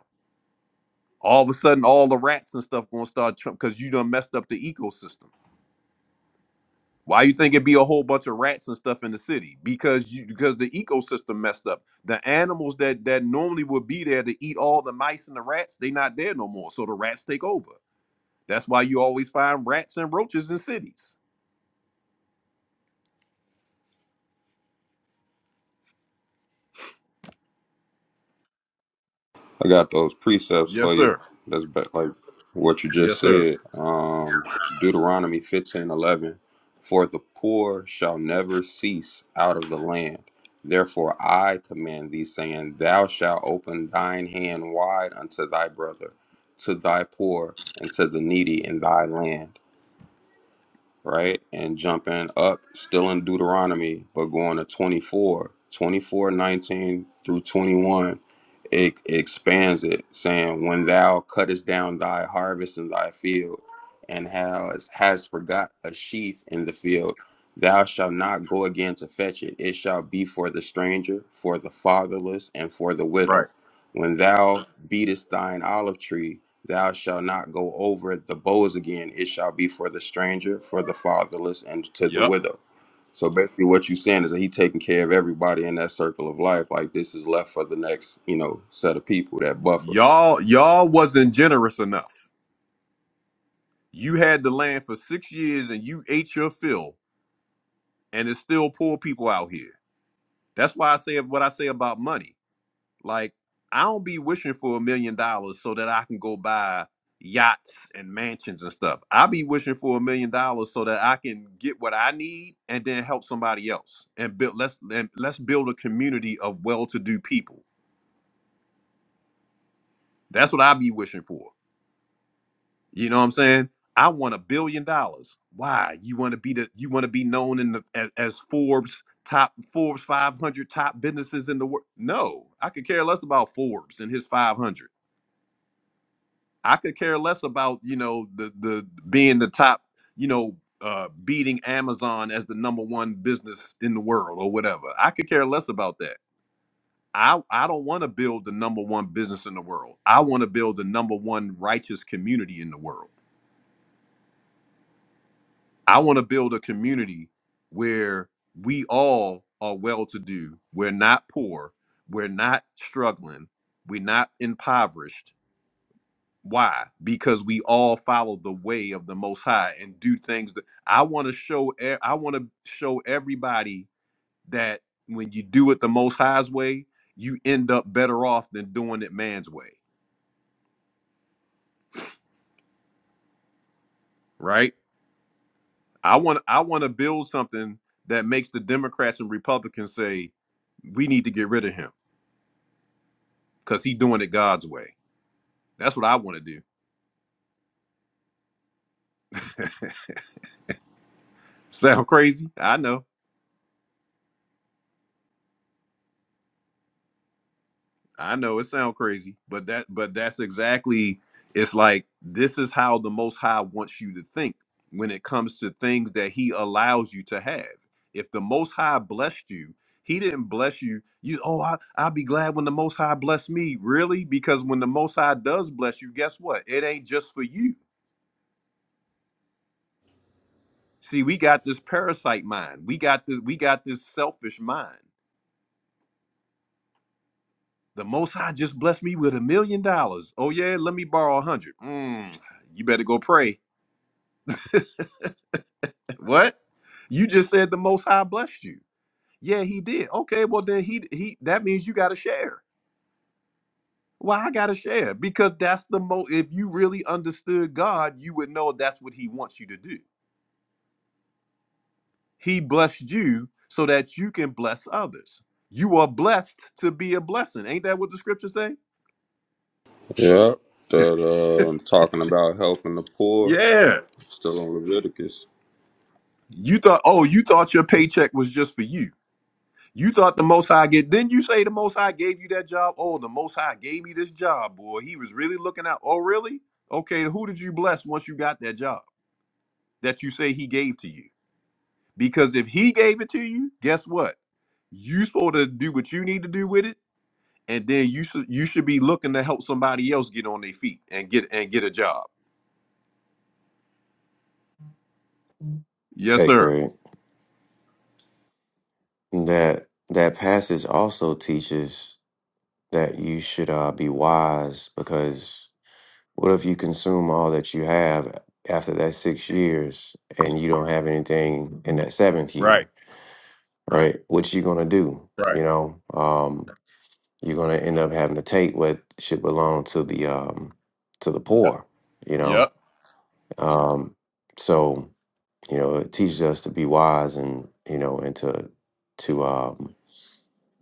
all of a sudden all the rats and stuff gonna start because you done messed up the ecosystem. Why you think it'd be a whole bunch of rats and stuff in the city? Because you because the ecosystem messed up. The animals that that normally would be there to eat all the mice and the rats, they not there no more. So the rats take over. That's why you always find rats and roaches in cities.
I got those precepts for
Yes,
you.
sir.
That's ba- like what you just
Yes, sir.
said. Um, Deuteronomy 15 11. For the poor shall never cease out of the land. Therefore I command thee, saying, Thou shalt open thine hand wide unto thy brother, to thy poor, and to the needy in thy land right? And jumping up, still in Deuteronomy, but going to 24, 24 19 through 21, it expands it, saying, When thou cuttest down thy harvest in thy field, and has, has forgot a sheaf in the field, thou shalt not go again to fetch it. It shall be for the stranger, for the fatherless, and for the
Right.
widow. When thou beatest thine olive tree, Thou shalt not go over the bowls again. It shall be for the stranger, for the fatherless, and to the
Yep.
widow. So basically, what you're saying is that he taking care of everybody in that circle of life. Like this is left for the next, you know, set of people that buffer.
Y'all y'all wasn't generous enough. You had the land for six years and you ate your fill, and it's still poor people out here. That's why I say what I say about money. Like, I don't be wishing for a million dollars so that I can go buy yachts and mansions and stuff. I be wishing for a million dollars so that I can get what I need and then help somebody else and build let's and let's build a community of well-to-do people. That's what I be wishing for. You know what I'm saying? I want a billion dollars. Why? You want to be the you want to be known in the as, as Forbes top Forbes 500 top businesses in the world? No, I could care less about Forbes and his 500. I could care less about you know the the being the top you know uh beating Amazon as the number one business in the world or whatever. I could care less about that. I, I don't want to build the number one business in the world. I want to build the number one righteous community in the world. I want to build a community where we all are well to do. We're not poor. We're not struggling. We're not impoverished. Why? Because we all follow the way of the Most High and do things that I want to show. e- I want to show everybody that when you do it the Most High's way, you end up better off than doing it man's way. Right? I want. I want to build something that makes the Democrats and Republicans say, "We need to get rid of him." because he doing it God's way. That's what I want to do. Sound crazy? I know. I know it sound crazy, but that but that's exactly it's like this is how the most high wants you to think when it comes to things that he allows you to have. If the most high blessed you, he didn't bless you. You oh I I'll be glad when the most high bless me. Really? Because when the most high does bless you, guess what? It ain't just for you. See, we got this parasite mind. We got this we got this selfish mind The Most High just blessed me with a million dollars. Oh yeah, let me borrow a hundred. Mm, you better go pray. what? You just said the Most High blessed you. Yeah, he did. Okay, well then he he that means you got to share. Well, I got to share because that's the most. If you really understood God, you would know that's what He wants you to do. He blessed you so that you can bless others. You are blessed to be a blessing. Ain't that what the scriptures say?
Yep. That um, talking about helping the poor.
Yeah.
Still on Leviticus.
You thought, oh, you thought your paycheck was just for you. You thought the Most High get? Didn't you say the Most High gave you that job? Oh, the Most High gave me this job, boy. He was really looking out. Oh, really? Okay. Who did you bless once you got that job that you say He gave to you? Because if He gave it to you, guess what? You supposed to do what you need to do with it, and then you should you should be looking to help somebody else get on their feet and get and get a job. Yes,
Hey,
sir.
Craig. That that passage also teaches that you should uh, be wise because what if you consume all that you have after that six years and you don't have anything in that seventh
Right.
year, right? What you gonna do?
Right.
You know, um, you're gonna end up having to take what should belong to the um, to the poor. You know,
Yep.
um, so. You know, it teaches us to be wise and you know, and to to um,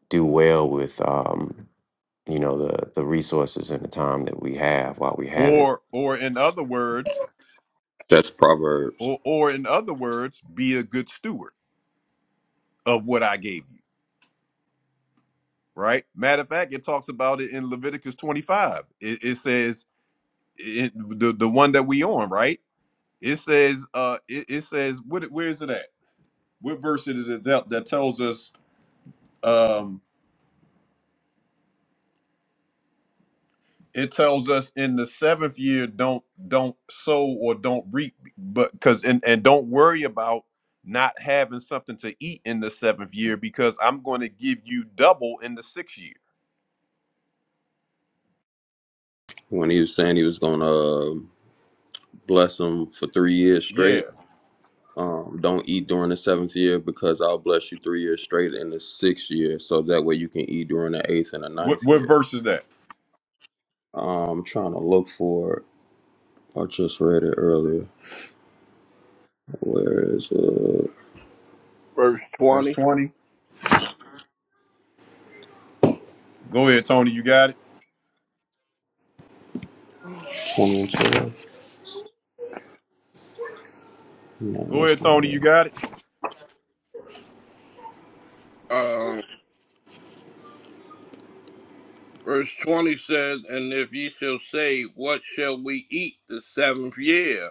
do well with um, you know the the resources and the time that we have while we have it.
Or or in other words,
That's Proverbs.
or or in other words, be a good steward of what I gave you right? Matter of fact, it talks about it in Leviticus 25. It, it says it, the the one that we on, right? It says uh it, it says what where is it at? What verse it is it that, that tells us um it tells us in the seventh year don't don't sow or don't reap but because and, and don't worry about not having something to eat in the seventh year because I'm going to give you double in the sixth year.
When he was saying he was gonna uh, bless them for three years straight,
Yeah.
um, don't eat during the seventh year because I'll bless you three years straight in the sixth year. So that way you can eat during the eighth and the
What
ninth
what
year.
verse is that?
I'm trying to look for it. I just read it earlier. Where is it?
Verse
Verse
20.
20. Go ahead, Tony. You got it?
2012? No,
Go
that's
ahead,
not
Tony.
it.
You got it.
Um, verse 20 says, And if ye shall say, What shall we eat the seventh year?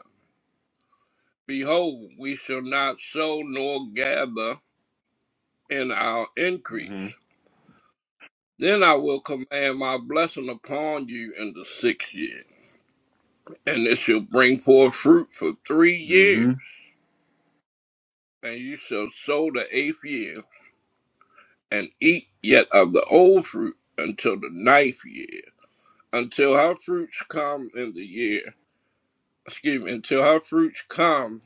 Behold, we shall not sow nor gather in our
mm
increase.
hmm
Then I will command my blessing upon you in the sixth year, and it shall bring forth fruit for three
mm
years.
hmm
And you shall sow the eighth year. and eat yet of the old fruit until the ninth year, until her fruits come in the year. Excuse me, until her fruits come,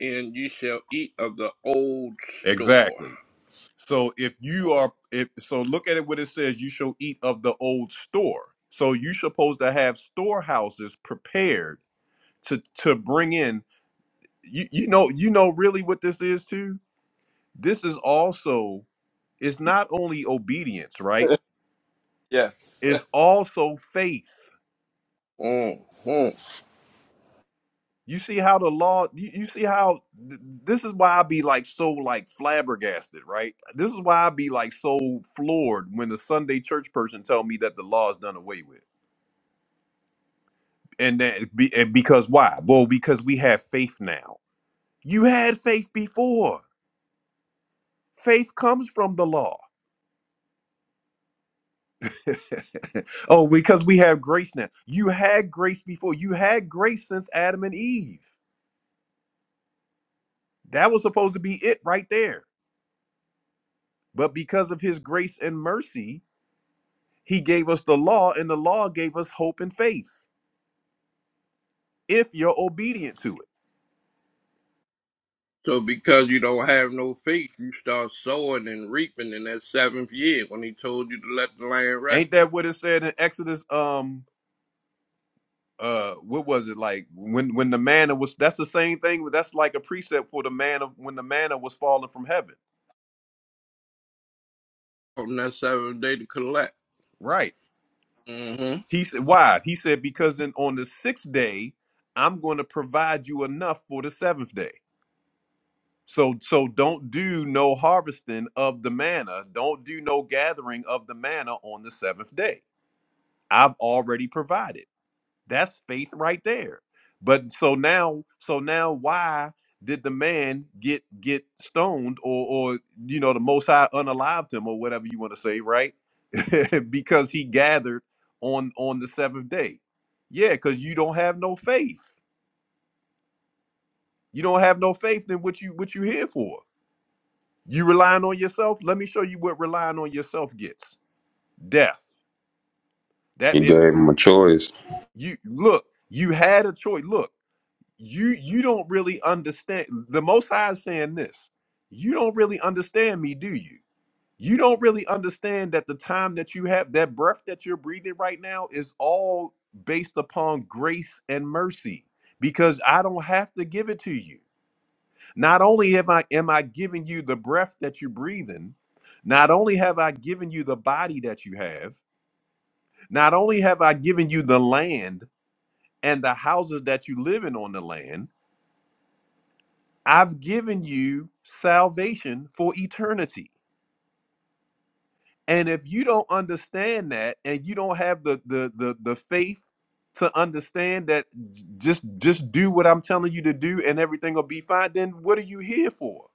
and you shall eat of the old store.
Exactly. So if you are, if so, look at it. What it says: you shall eat of the old store. So you supposed to have storehouses prepared to to bring in. You you know you know really what this is too. This is also it's not only obedience, right?
Yeah.
It's also faith.
Mhm.
You see how the law, you, you see how th- this is why I be like so like flabbergasted, right? This is why I be like so floored when the Sunday church person tell me that the law is done away with. And that be, and because why? Well, because we have faith now. You had faith before. Faith comes from the law. oh, because we have grace now. You had grace before. You had grace since Adam and Eve. That was supposed to be it right there. But because of his grace and mercy, He gave us the law, and the law gave us hope and faith if you're obedient to it.
So because you don't have no faith, you start sowing and reaping in that seventh year when he told you to let the land rest
Ain't that what it said in Exodus? Um, uh, what was it like when when the manna was? That's the same thing. That's like a precept for the man of when the manna was falling from heaven.
on that seventh day to collect.
Right.
Mm-hmm.
He said, "Why?" He said, "Because in, on the sixth day, I'm going to provide you enough for the seventh day." So, so don't do no harvesting of the manna. Don't do no gathering of the manna on the seventh day. I've already provided. That's faith right there. But so now, so now, why did the man get get stoned, or or you know, the Most High unalived him, or whatever you want to say, right? because he gathered on on the seventh day. Yeah, because you don't have no faith. You don't have no faith in what you what you here for. You relying on yourself. Let me show you what relying on yourself gets. Death. That
He
if
gave him a choice.
you look, you had a choice. Look. you you don't really understand the most high is saying this you don't really understand me do you you don't really understand that the time that you have that breath that you're breathing right now is all based upon grace and mercy because i don't have to give it to you not only am i am i giving you the breath that you're breathing not only have i given you the body that you have not only have i given you the land and the houses that you live in on the land I've given you salvation for eternity. And if you don't understand that and you don't have the the the, the faith to understand that j- just just do what I'm telling you to do and everything will be fine, then what are you here for?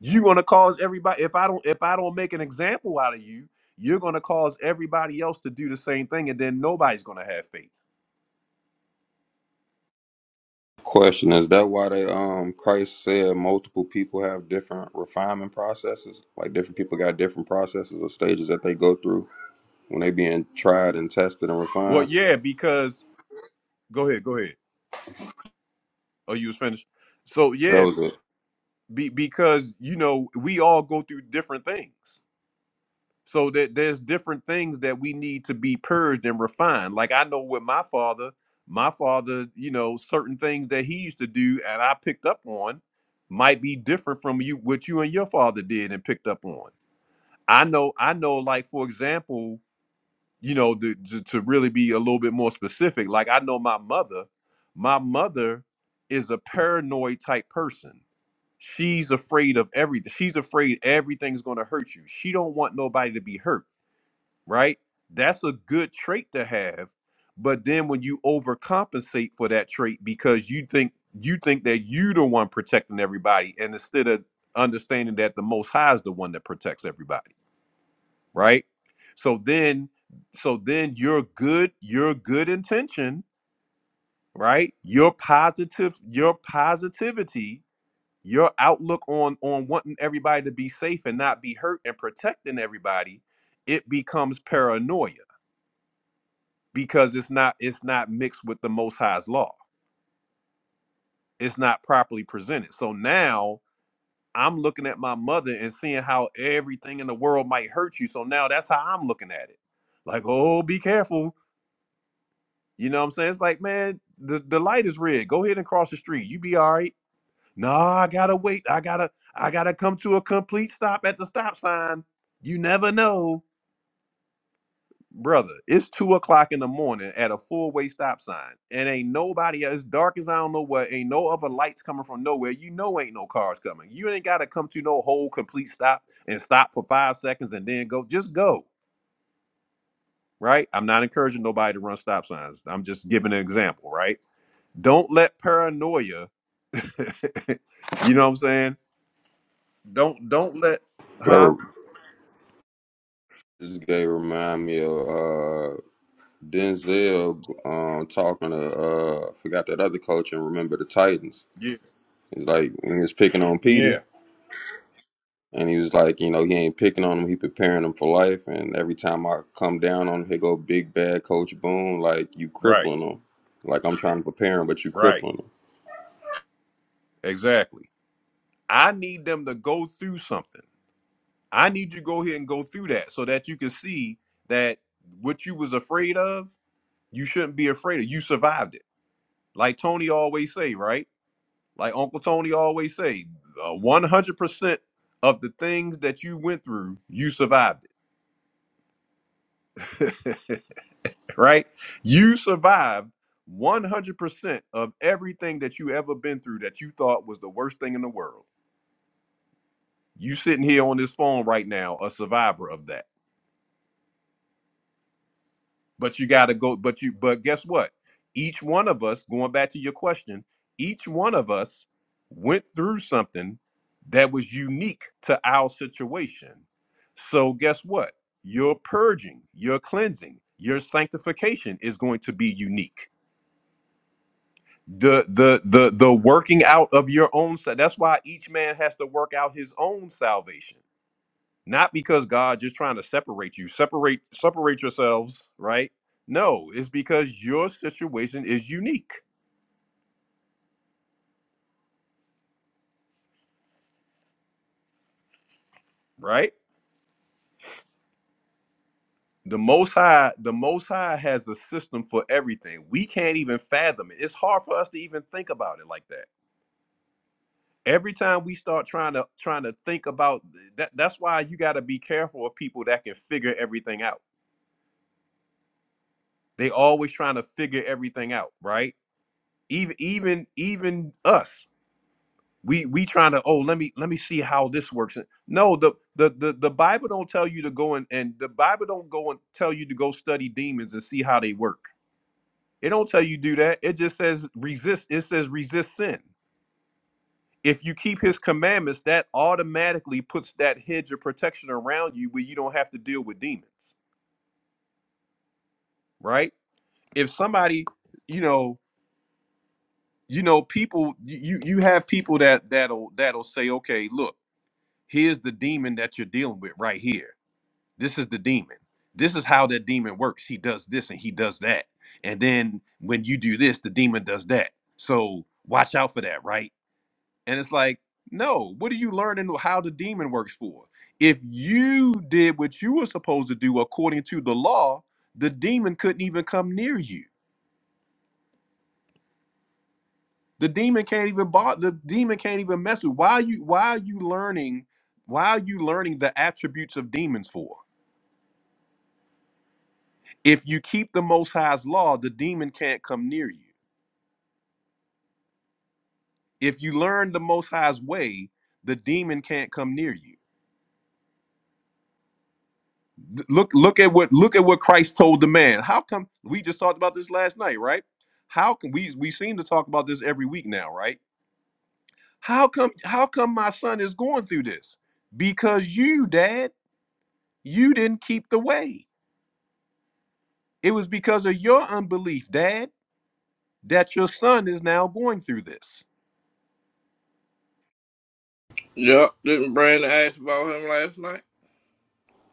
You're gonna cause everybody if I don't if I don't make an example out of you, you're gonna cause everybody else to do the same thing and then nobody's gonna have faith.
Question Is that why they, um, Christ said multiple people have different refinement processes? Like different people got different processes or stages that they go through when they being tried and tested and
Well,
refined?
yeah, because go ahead, go ahead. Oh, you was finished. So
That
yeah,
was
be, because you know we all go through different things so that there's different things that we need to be purged and refined like i know with my father my father you know certain things that he used to do and i picked up on might be different from you what you and your father did and picked up on i know i know like for example you know the, to, to really be a little bit more specific like i know my mother my mother is a paranoid type person she's afraid of everything she's afraid everything's going to hurt you she don't want nobody to be hurt right that's a good trait to have but then when you overcompensate for that trait because you think you think that you the one protecting everybody and instead of understanding that the most high is the one that protects everybody right so then so then your good your good intention right your positive your positivity your outlook on on wanting everybody to be safe and not be hurt and protecting everybody it becomes paranoia because it's not it's not mixed with the most high's law it's not properly presented so now i'm looking at my mother and seeing how everything in the world might hurt you so now that's how i'm looking at it like oh be careful you know what i'm saying it's like man the, the light is red go ahead and cross the street you be all right No, I gotta wait. I gotta I gotta come to a complete stop at the stop sign. You never know. Brother, it's two o'clock in the morning at a four-way stop sign. And ain't nobody as dark as I don't know what, ain't no other lights coming from nowhere. You know ain't no cars coming. You ain't gotta come to no whole complete stop and stop for five seconds and then go. Just go. Right? I'm not encouraging nobody to run stop signs. I'm just giving an example, right? Don't let paranoia, you know what I'm saying? Don't don't let huh?
it. This guy remind me of uh, Denzel um, talking to uh, forgot that other coach and remember the Titans.
Yeah.
It's like when he was picking on
Yeah.
Petey, and he was like, you know, he ain't picking on him. He preparing him for life. And every time I come down on him, he go big bad Coach Boone, like you
Right.
crippling him. Like I'm trying to prepare him, but you
Right.
crippling him.
Exactly. I need them to go through something. I need you to go here and go through that so that you can see that what you was afraid of, you shouldn't be afraid of. You survived it. Like Tony always say, right? Like Uncle Tony always say, uh, 100% of the things that you went through, you survived it. right? You survived 100% of everything that you ever been through that you thought was the worst thing in the world. You sitting here on this phone right now, a survivor of that. But you got to go. But you. But guess what? Each one of us, going back to your question, each one of us went through something that was unique to our situation. So guess what? Your purging, your cleansing, your sanctification is going to be unique. The the the the working out of your own. sa- That's why each man has to work out his own salvation not because God just trying to separate you, separate separate yourselves, right? No, it's because your situation is unique, right? The most high, the most high has a system for everything. We can't even fathom it. It's hard for us to even think about it like that. Every time we start trying to trying to think about that, that's why you got to be careful of people that can figure everything out. They always trying to figure everything out, right? Even even even us, we we trying to oh let me let me see how this works no the the the, the bible don't tell you to go and and the bible don't go and tell you to go study demons and see how they work it don't tell you do that it just says resist it says resist sin if you keep his commandments that automatically puts that hedge of protection around you where you don't have to deal with demons right if somebody you know you know people you you you have people that that'll that'll say okay look here's the demon that you're dealing with right here This is the demon. This is how that demon works. He does this and he does that. And then when you do this, the demon does that. So watch out for that, right? And it's like, no, what are you learning how the demon works for? If you did what you were supposed to do according to the law, the demon couldn't even come near you. The demon can't even bother the demon can't even mess with. Why are you why are you learning why are you learning the attributes of demons for? If you keep the Most High's law, the demon can't come near you. If you learn the Most High's way, the demon can't come near you. Th- Look, look at what look at what Christ told the man. How come we just talked about this last night, right? How can we we seem to talk about this every week now, right? How come how come my son is going through this? Because you, Dad, you didn't keep the way. It was because of your unbelief, Dad, that your son is now going through this.
Yup. Didn't Brandon ask about him last night?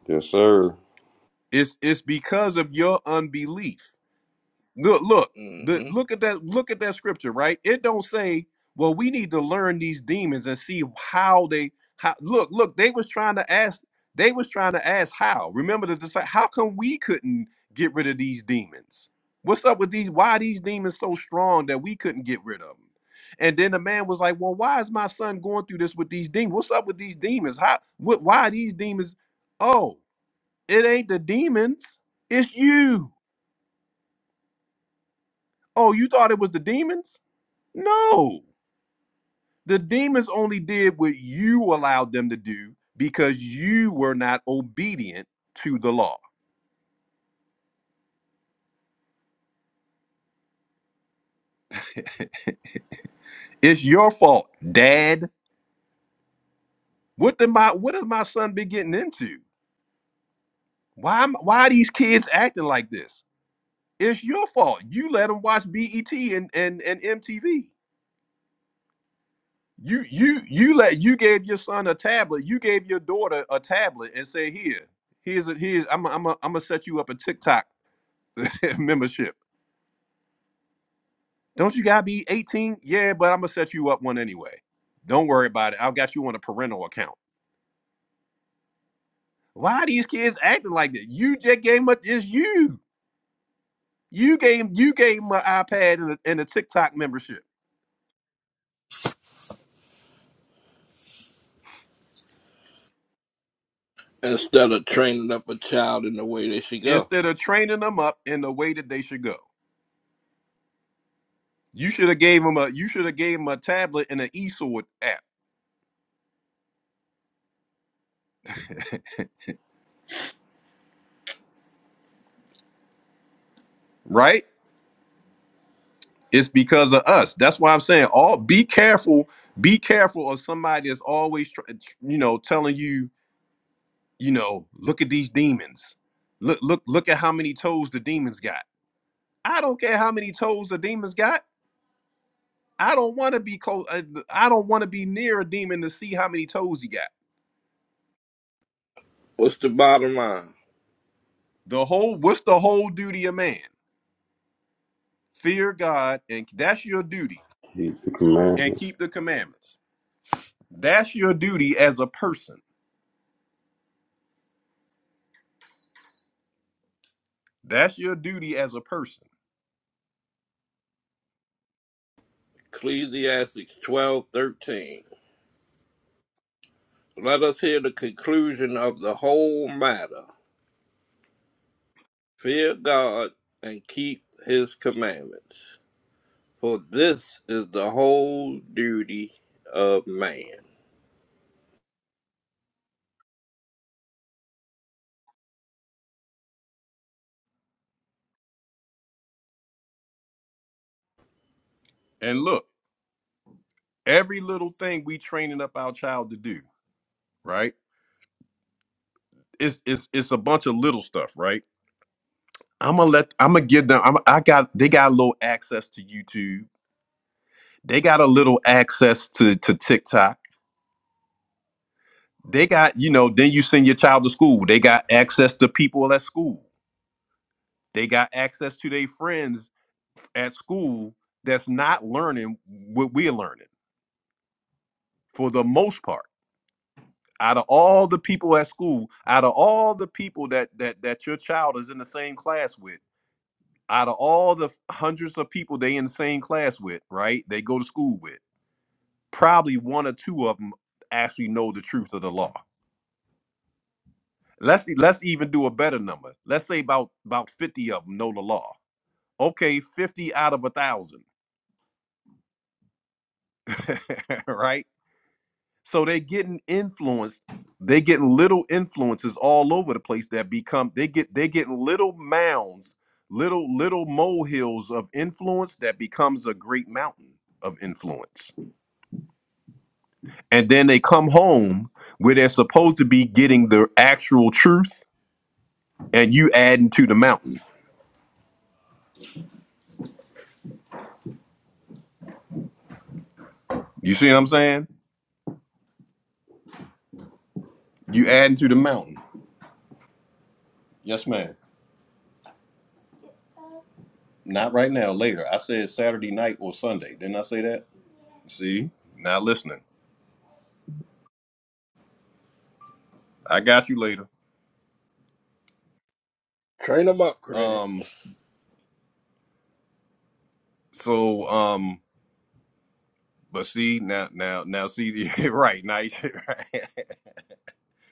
Yes, sir.
It's it's because of your unbelief. look look the,
Mm-hmm.
look at that look at that scripture right it don't say well we need to learn these demons and see how they how look look they was trying to ask they was trying to ask how remember the disci- how come we couldn't get rid of these demons what's up with these why these demons so strong that we couldn't get rid of them and then the man was like well why is my son going through this with these demons what's up with these demons how what why are these demons oh it ain't the demons it's you oh you thought it was the demons No, the demons only did what you allowed them to do because you were not obedient to the law. It's your fault, Dad. What did my What has my son been getting into? Why am, Why are these kids acting like this? It's your fault. You let them watch BET and and and MTV. You you you let you gave your son a tablet. You gave your daughter a tablet and say, "Here, here's a here's I'm i I'm i am I'm gonna set you up a TikTok membership." Don't you gotta be 18? Yeah, but I'm gonna set you up one anyway. Don't worry about it. I've got you on a parental account. Why are these kids acting like that? You just gave them a, it's you. You gave you gave 'em an iPad and a, and a TikTok membership
instead of training up a child in the way they should go.
instead of training them up in the way that they should go. You should have gave them a you should have gave them a tablet and an eSword app, right? It's because of us. That's why I'm saying all be careful. Be careful of somebody that's always tr- you know telling you you know, look at these demons. Look, look, look at how many toes the demons got. I don't care how many toes the demons got. I don't want to be close. Uh, I don't want to be near a demon to see how many toes he got.
What's the bottom line?
The whole, what's the whole duty of man? Fear God, and that's your duty,
He the
and
commandments.
keep the commandments. That's your duty as a person. That's your duty as a person.
Ecclesiastes twelve thirteen. Let us hear the conclusion of the whole matter. Fear God and keep his commandments, for this is the whole duty of man.
And look, every little thing we training up our child to do, right? It's it's it's a bunch of little stuff, right? I'm gonna let I'm gonna give them. I'm, I got they got a little access to YouTube. They got a little access to to TikTok. They got you know. Then you send your child to school. They got access to people at school. They got access to their friends at school. That's not learning what we're learning for the most part. Out of all the people at school, out of all the people that that that your child is in the same class with, out of all the hundreds of people they in the same class with, right? They go to school with probably one or two of them actually know the truth of the law. Let's e, let's even do a better number. Let's say about about 50 of them know the law. Okay, 50 out of a thousand. right? So they're getting influenced. They're getting little influences all over the place that become they get they're getting little mounds, little little molehills of influence that becomes a great mountain of influence. And then they come home where they're supposed to be getting the actual truth and you adding to the mountain. You see what I'm saying? You adding to the mountain. Yes, ma'am. Not right now. Later. I said Saturday night or Sunday. Didn't I say that? See, not listening. I got you later.
Train them up, Craig.
Um. So um. But see now now now see right now. you- Right.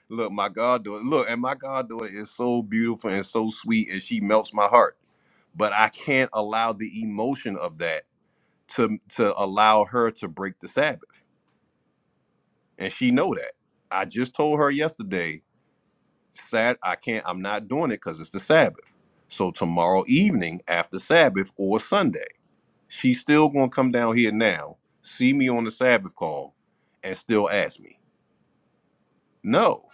look, my goddaughter. Look, and my goddaughter is so beautiful and so sweet, and she melts my heart. But I can't allow the emotion of that to to allow her to break the Sabbath. and she know that. I just told her yesterday, sad I can't I'm not doing it cuz it's the Sabbath. So tomorrow evening after Sabbath or Sunday. She's still going to come down here now, see me on the Sabbath call and still ask me. No.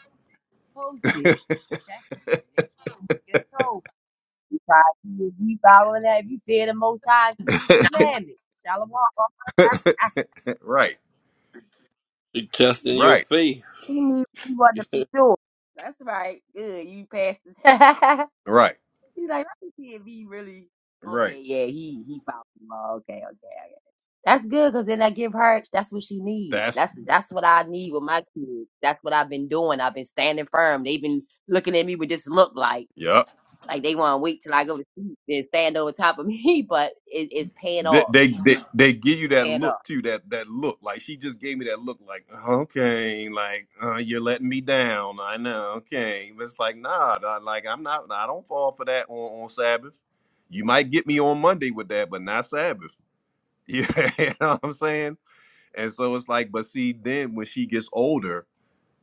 Post it. He Testing you to make sure you get told. You try to if you following that. If you fear the Most High, keep His commandments. Shalom.
right.
She testing your
Right.
faith.
She needs you want to be sure. That's right. Good. You passed. it.
Right.
She's like, let me see if he really.
Right.
Okay, yeah, he he found him. law. Okay, okay, okay. That's good because then I give her. That's what she needs.
That's
That's that's what I need with my kids. That's what I've been doing. I've been standing firm. They've been looking at me with this look like
yep.
like they want to wait till I go to sleep and stand over top of me. But it, it's paying
They,
off.
they they they give you that
Paying off.
look too, that that look. Like she just gave me that look, like okay, like uh, you're letting me down. I know, okay. But it's like nah, nah, like I'm not. I don't fall for that on, on Sabbath. You might get me on Monday with that, but not Sabbath. Yeah, you know what I'm saying. And so it's like, but see, then when she gets older,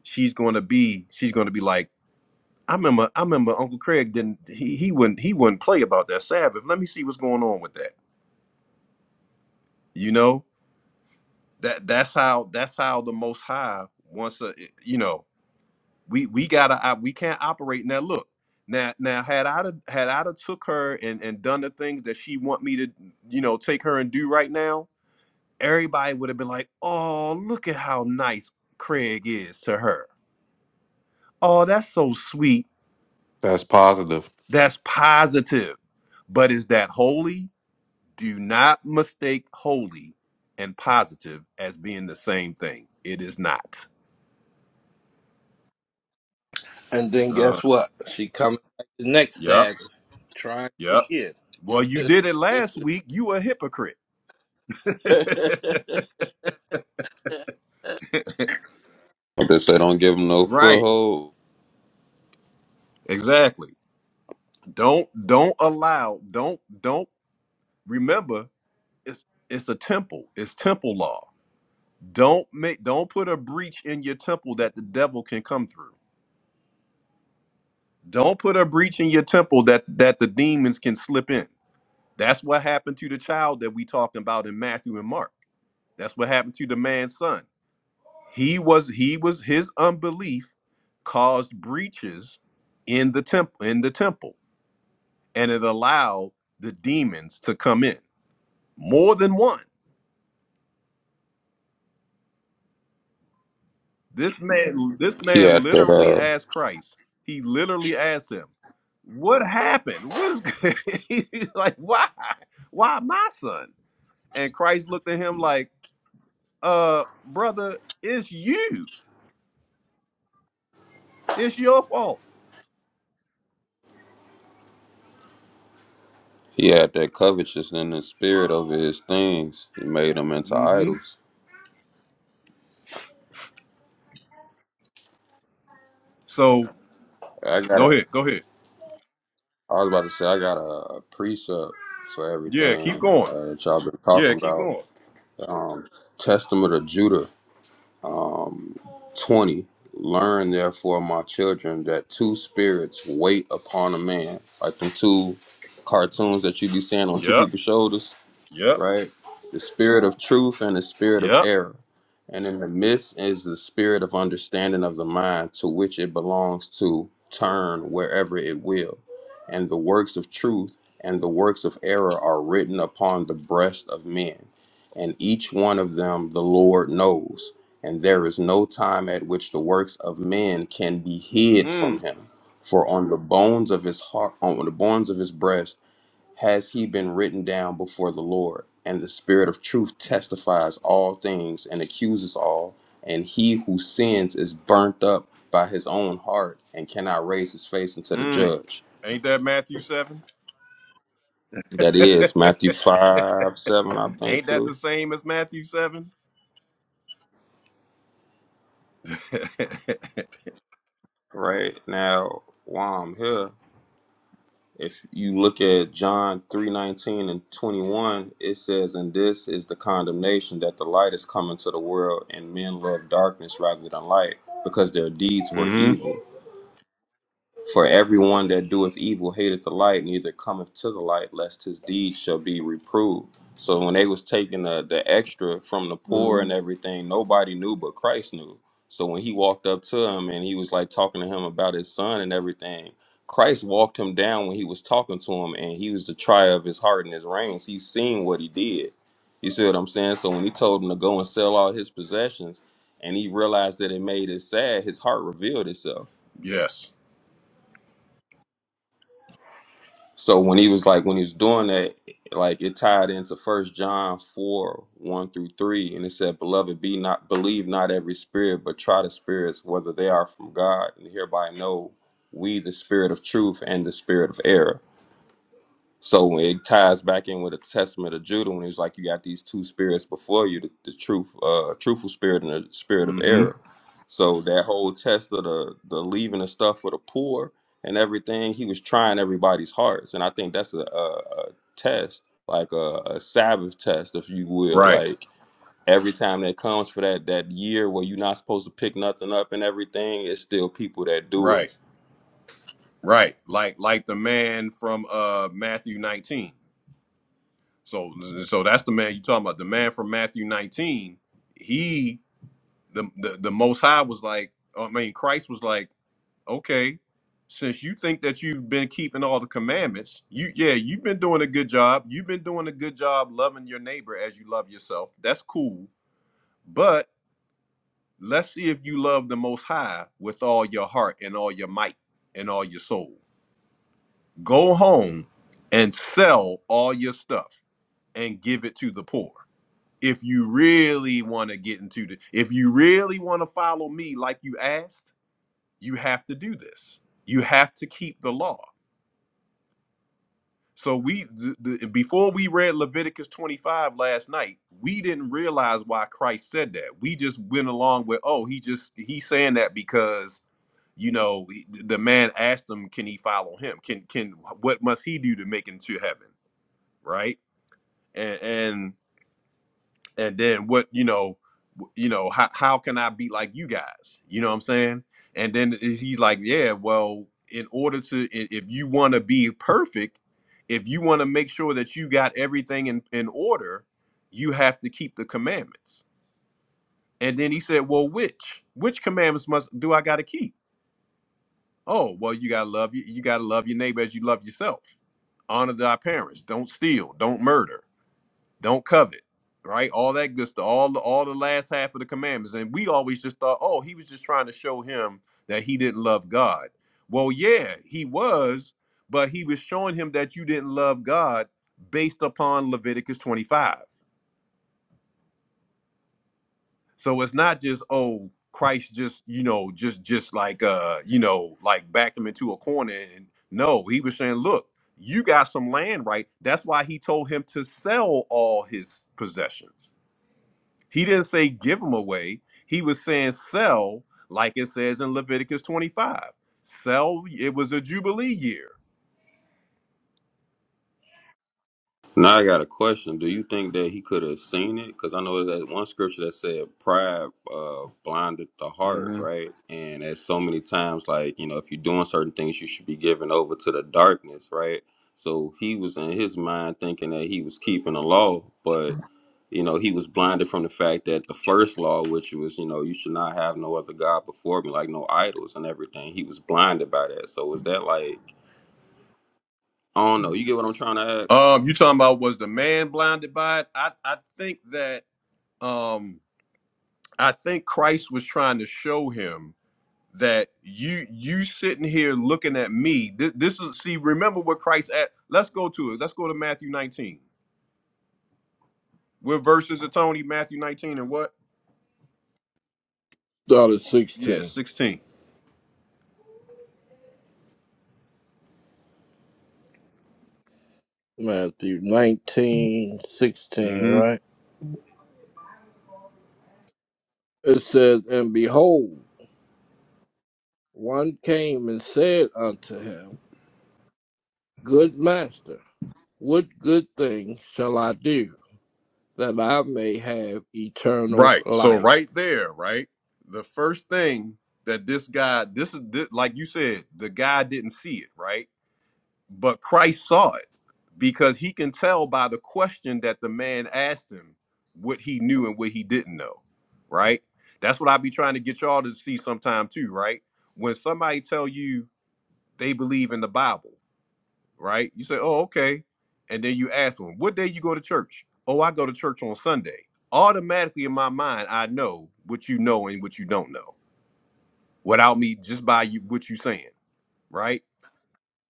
she's gonna be she's gonna be like, I remember, I remember Uncle Craig didn't he he wouldn't he wouldn't play about that Sabbath. Let me see what's going on with that you know that that's how that's how the most high wants to you know we we gotta op- we can't operate now look now now had i done- had i done took her and and done the things that she want me to you know take her and do right now everybody would have been like oh look at how nice craig is to her oh that's so sweet
That's positive.
that's positive but is that holy do not mistake holy and positive as being the same thing it is not
and then
uh,
guess what? She coming back the next
yep
Sabbath, trying
Yep.
again.
Well, you did it last week. You a hypocrite.
They say don't give him no
Right.
foothold.
Exactly. Don't don't allow. Don't don't remember it's it's a temple. It's temple law. Don't make don't put a breach in your temple that the devil can come through. Don't put a breach in your temple that that the demons can slip in. That's what happened to the child that we talking about in Matthew and Mark. That's what happened to the man's son. He was he was his unbelief caused breaches in the temple in the temple and it allowed the demons to come in. More than one. This man this
He
man
had that.
literally
uh
asked Christ. He literally asked him, "What happened? What is He's like why? Why my son?" And Christ looked at him like, "Uh, brother, it's you. It's your fault."
He had that covetousness in the spirit over his things. He made them into
Mhm.
idols.
So,
I got
go
a.
ahead. Go ahead.
I was about to say I got a, a precept for
Yeah, keep
everything
going.
uh, that y'all been
Yeah,
talking
keep
about.
going.
Um, Testament of Judah, um, twenty. Learn therefore, my children, that two spirits wait upon a man, like them two cartoons that you be seeing on two
Yep,
people's shoulders.
yep,
right? The spirit of truth and the spirit of
yep.
error. And in the midst is the spirit of understanding of the mind to which it belongs to turn wherever it will. And the works of truth and the works of error are written upon the breast of men. And each one of them the Lord knows. And there is no time at which the works of men can be hid from
Mm,
him. For on the bones of his heart, on the bones of his breast, has he been written down before the Lord. And the Spirit of truth testifies all things and accuses all. And he who sins is burnt up by his own heart and cannot raise his face unto the
mm.
judge.
Ain't that Matthew 7?
That is Matthew 5 7, I think,
Ain't that
too.
the same as Matthew 7?
Right now, while I'm here. If you look at John 3:19 and 21, it says, "And this is the condemnation that the light is come into the world, and men love darkness rather than light, because their deeds were
mm-hmm.
evil." For everyone that doeth evil hateth the light, neither cometh to the light, lest his deeds shall be reproved. So when they was taking the, the extra from the poor and Mm. everything, nobody knew but Christ knew. So when he walked up to him and he was like talking to him about his son and everything, Christ walked him down when he was talking to him, and he was the trier of his heart and his reins. He seen what he did. You see what I'm saying? So when he told him to go and sell all his possessions, and he realized that it made it sad, his heart revealed itself
Yes.
So when he was like when he was doing that, like it tied into First John four one through three, and it said, "Beloved, be not believe not every spirit, but try the spirits whether they are from God, and hereby know we the spirit of truth and the spirit of error." So it ties back in with a testament of Judah when it's like you got these two spirits before you, the, the truth, uh, truthful spirit and the spirit of
Mm-hmm.
error. So that whole test of the the leaving the stuff for the poor and everything, he was trying everybody's hearts, and I think that's a, a, a test, like a, a Sabbath test, if you will.
Right,
Like every time that comes for that that year where you're not supposed to pick nothing up and everything, it's still people that do it.
right, right. Like like the man from uh Matthew 19. So so that's the man you talking about. The man from Matthew 19, he the the, the most high was like, I mean, Christ was like, okay, since you think that you've been keeping all the commandments, you yeah, you've been doing a good job. You've been doing a good job loving your neighbor as you love yourself. That's cool. But let's see if you love the most high with all your heart and all your might and all your soul. Go home and sell all your stuff and give it to the poor. If you really want to get into the if you really want to follow me like you asked, you have to do this. You have to keep the law. So we th- th- before we read Leviticus 25 last night, we didn't realize why Christ said that. We just went along with, oh, he just he's saying that because you know he- the man asked him, can he follow him? Can can what must he do to make it to heaven? Right? and and then what you know w- you know how, how can i be like you guys you know what i'm saying and then is- he's like yeah well in order to i- if you want to be perfect if you want to make sure that you got everything in, in order you have to keep the commandments and then he said well which which commandments must do i got to keep oh well you got to love you, you got to love your neighbor as you love yourself honor thy parents don't steal don't murder don't covet right all that good stuff all the all the last half of the commandments and we always just thought oh he was just trying to show him that he didn't love god well yeah he was but he was showing him that you didn't love god based upon leviticus 25 so it's not just oh christ just you know just just like uh you know like backed him into a corner and no he was saying look you got some land right that's why he told him to sell all his possessions He didn't say give them away. He was saying sell, like it says in Leviticus 25. Sell, it was a Jubilee year.
Now I got a question. Do you think that he could have seen it? Because I know that one scripture that said pride uh, blinded the heart,
hmm
right? And at so many times, like you know, if you're doing certain things, you should be given over to the darkness, right? So he was in his mind thinking that he was keeping the law, but you know, he was blinded from the fact that the first law, which was you know, you should not have no other god before me, like no idols and everything. He was blinded by that. So is that like I don't know? You get what I'm trying to ask?
Um, you talking about was the man blinded by it? I, I think that um I think Christ was trying to show him that you you sitting here looking at me. This, this is see, remember what Christ at let's go to it. Let's go to Matthew 19. What verses of Tony? Matthew 19 and what?
Dollar
Yeah,
16.
16.
Matthew 19 16, right? It says, And behold, one came and said unto him, Good master, what good thing shall I do that I may have eternal
Right. So
life?
right there, right? The first thing that this guy, this is this, like you said, the guy didn't see it, right? But Christ saw it because he can tell by the question that the man asked him what he knew and what he didn't know, right? That's what I be trying to get y'all to see sometime too, right? When somebody tell you they believe in the Bible, right? You say, "Oh, okay," and then you ask them, "What day you go to church?" "Oh, I go to church on Sunday." Automatically in my mind, I know what you know and what you don't know without me just by you what you saying, right?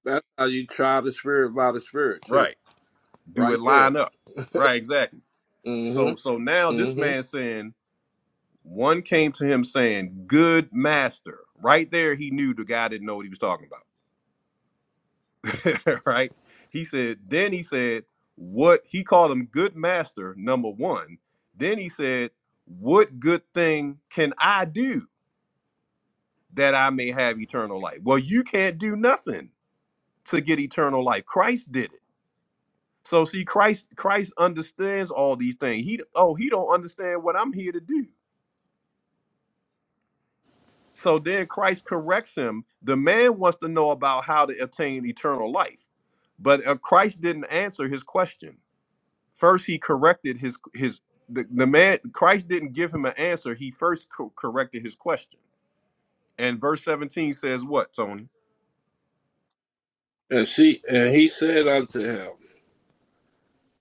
That's how you try the spirit by the spirit, too.
Right. Do
Right
it
there.
line up? Right. Exactly. So
Mm-hmm.
so now this
Mm-hmm.
man saying one came to him saying, "Good master." Right there, he knew the guy didn't know what he was talking about. right? He said, then he said, what he called him good master, number one. Then he said, What good thing can I do that I may have eternal life? Well, you can't do nothing to get eternal life. Christ did it. So see, Christ, Christ understands all these things. He oh, he don't understand what I'm here to do. So then Christ corrects him. The man wants to know about how to obtain eternal life. But uh, Christ didn't answer his question. First, he corrected his his the, the man Christ didn't give him an answer. He first co- corrected his question. And verse 17 says what, Tony?
And she and he said unto him,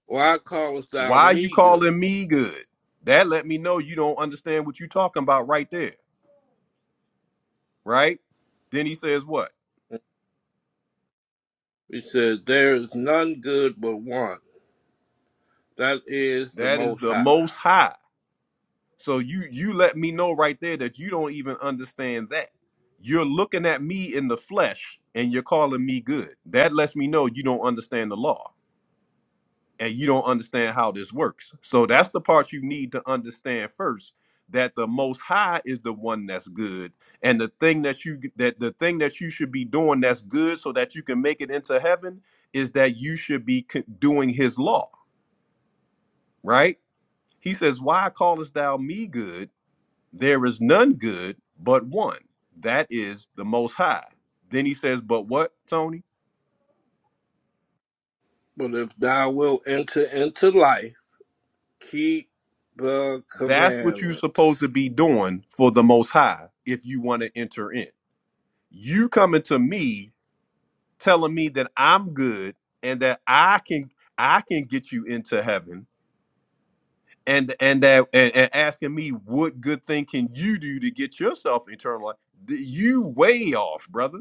Why callest thou
Why you
me good?
calling me good? That let me know you don't understand what you talking about right there, right? Then he says what?
He said, There is none good but one that is the
That is
Most
the
High.
most high. So you you let me know right there that you don't even understand that. You're looking at me in the flesh and you're calling me good. That lets me know you don't understand the law and you don't understand how this works. So that's the part you need to understand first that the most high is the one that's good and the thing that you that the thing that you should be doing that's good so that you can make it into heaven is that you should be co- doing his law, right? He says, "Why callest thou me good? There is none good but one. That is the most high." Then he says, "But what, Tony?
But if thou wilt enter into life, keep the
That's what you're supposed
commandments.
to be doing for the most high if you want to enter in." you coming to me telling me that I'm good and that I can I can get you into heaven and and that and, and asking me what good thing can you do to get yourself eternal life Th- you way off brother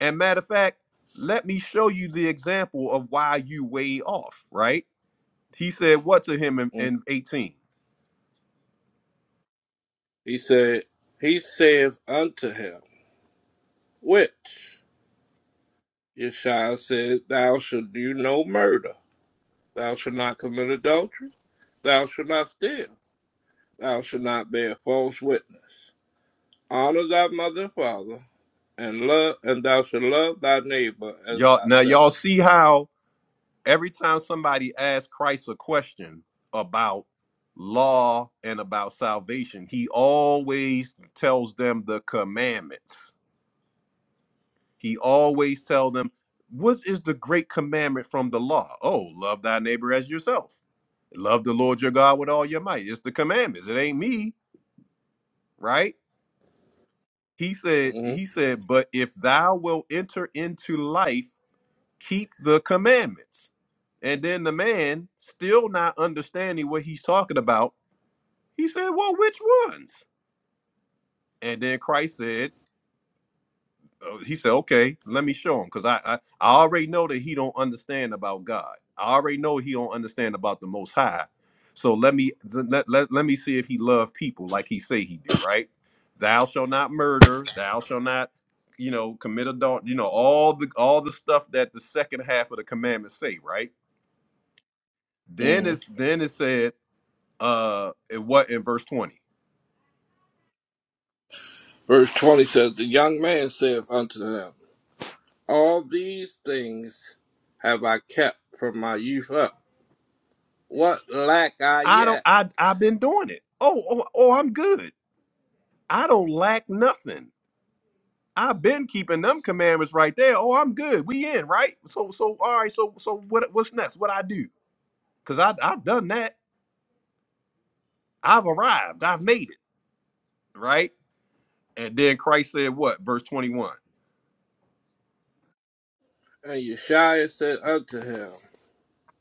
and matter of fact let me show you the example of why you way off right he said what to him in,
Mm.
in 18
He said, He saith unto him, which Yeshua said, Thou shalt do no murder, thou shalt not commit adultery, thou shalt not steal, thou shalt not bear false witness. Honor thy mother and father, and love, and thou shalt love thy neighbor as
y'all now
thyself.
y'all see how every time somebody asks Christ a question about law and about salvation, he always tells them the commandments. He always tells them, what is the great commandment from the law? Oh, love thy neighbor as yourself. Love the Lord your God with all your might. It's the commandments. It ain't me, right? He said,
hmm
he said, but if thou wilt enter into life, keep the commandments. And then the man, still not understanding what he's talking about, he said, Well, which ones? And then Christ said, uh, He said, Okay, let me show him. Because I, I, I already know that he don't understand about God. I already know he don't understand about the most high. So let me let, let, let me see if he love people like he say he do, right? Thou shall not murder, thou shall not, you know, commit adultery, you know, all the all the stuff that the second half of the commandments say, right? Then
hmm
it's then it said, uh, in what in verse twenty?
Verse 20 says, The young man saith unto him, All these things have I kept from my youth up. What lack I
I don't.
yet?
I I've been doing it. Oh oh oh, I'm good. I don't lack nothing. I've been keeping them commandments right there. Oh, I'm good. We in right. So so all right. So so what what's next? What I do? Cause I I've done that. I've arrived. I've made it right. And then Christ said, what verse twenty one?
And Yeshua said unto him,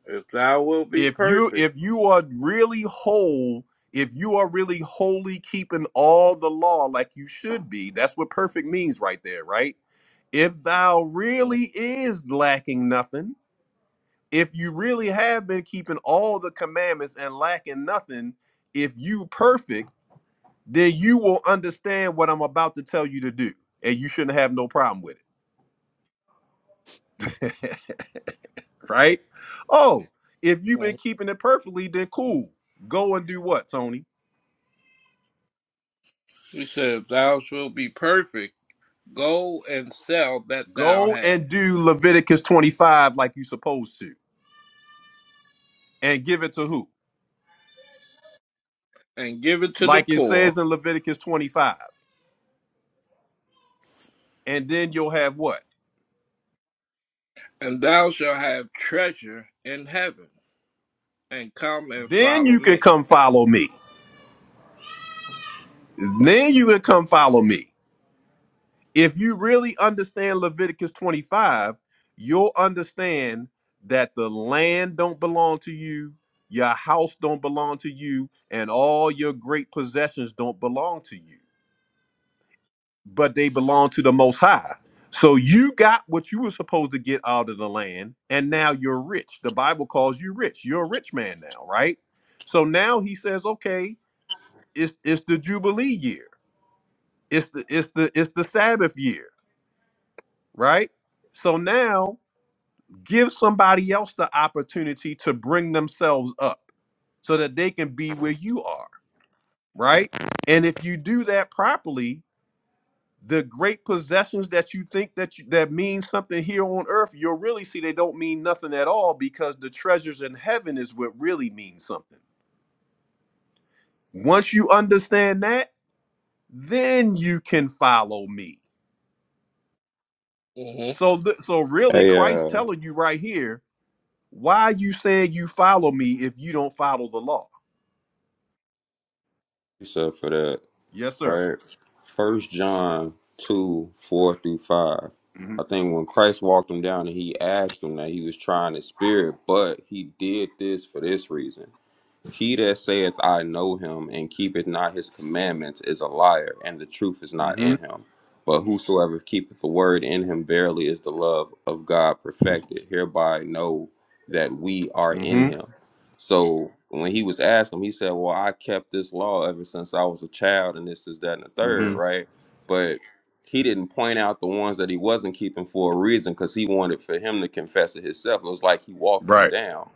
If thou wilt be
if you
perfect,
if you are really whole if you are really wholly keeping all the law like you should be that's what perfect means right there right if thou really is lacking nothing if you really have been keeping all the commandments and lacking nothing if you perfect then you will understand what i'm about to tell you to do and you shouldn't have no problem with it right oh if you've been
Mhm.
keeping it perfectly then cool go and do what tony
he said, If thou wilt be perfect, go and sell that thou
Go and do
hast,
Leviticus 25 like you supposed to. And give it to who?
and give it to the
Like it says
poor,
in Leviticus 25. And then you'll have what?
and thou shalt have treasure in heaven, and come and
Then
follow
you can
me.
come follow me. Then you can come follow me. If you really understand Leviticus 25, you'll understand that the land don't belong to you, your house don't belong to you, and all your great possessions don't belong to you. but they belong to the most high. So you got what you were supposed to get out of the land, and now you're rich. The Bible calls you rich. You're a rich man now, right? So now he says, okay, it's it's the Jubilee year. It's the it's the it's the Sabbath year, right? So now give somebody else the opportunity to bring themselves up so that they can be where you are, right? And if you do that properly, the great possessions that you think that you, that mean something here on earth you'll really see they don't mean nothing at all because the treasures in heaven is what really means something once you understand that then you can follow me
Mm-hmm.
so th- so really
Hey,
christ
uh,
telling you right here why are you saying you follow me if you don't follow the law
So for that,
yes sir
right? First John two four through five.
hmm
I think when Christ walked him down and he asked him that he was trying his spirit, but he did this for this reason. He that saith, I know him, and keepeth not his commandments, is a liar, and the truth is not
hmm
in him. But whosoever keepeth the word in him, verily is the love of God perfected. Hereby know that we are in
hmm
him. So when he was asked him, he said, Well, I kept this law ever since I was a child, and this is that and the third,
hmm
right? But he didn't point out the ones that he wasn't keeping for a reason because he wanted for him to confess it himself. It was like he walked him
right
down.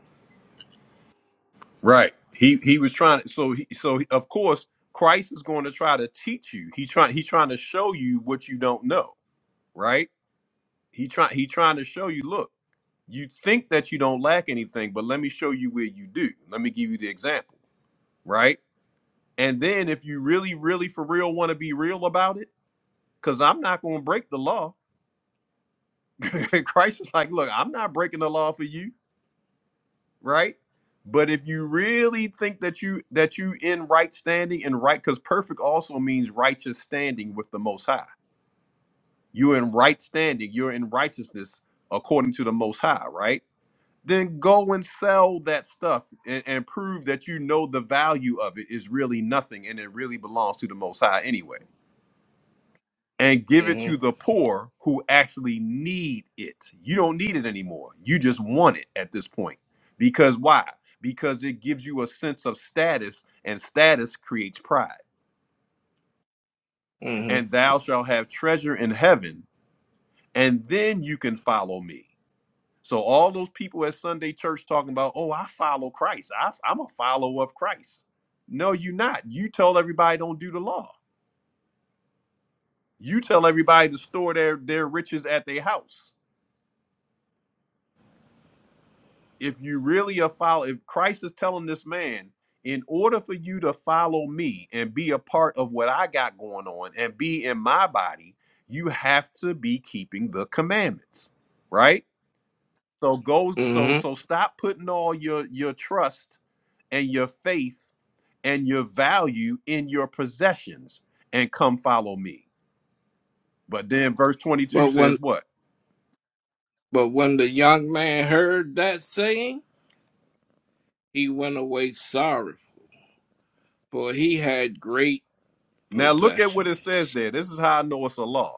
Right. He he was trying to so he so he- of course Christ is going to try to teach you. He's trying he's trying to show you what you don't know, right? He try he trying to show you, look, you think that you don't lack anything, but let me show you where you do. Let me give you the example, right? And then if you really really for real want to be real about it, cuz I'm not going to break the law. Christ was like, look, I'm not breaking the law for you right? But if you really think that you that you in right standing and right, because perfect also means righteous standing with the Most High. You're in right standing. You're in righteousness according to the Most High, right? Then go and sell that stuff and, and prove that you know the value of it is really nothing and it really belongs to the Most High anyway and give it to
Mm-hmm.
the poor who actually need it. You don't need it anymore. You just want it at this point. Because why? Because it gives you a sense of status, and status creates pride.
Mm-hmm.
And thou shalt have treasure in heaven, and then you can follow me. So, all those people at Sunday church talking about, oh, I follow Christ, I, I'm a follower of Christ. No, you're not. You tell everybody don't do the law. You tell everybody to store their, their riches at their house if you really are following, if Christ is telling this man, in order for you to follow me and be a part of what I got going on and be in my body, you have to be keeping the commandments, right? So go, so
Mm-hmm.
so stop putting all your your trust and your faith and your value in your possessions and come follow me. But then verse 22
But when
says what?
but when the young man heard that saying, He went away sorrowful, for he had great
Now look at what it says
possessions.
there. This is how I know it's a law.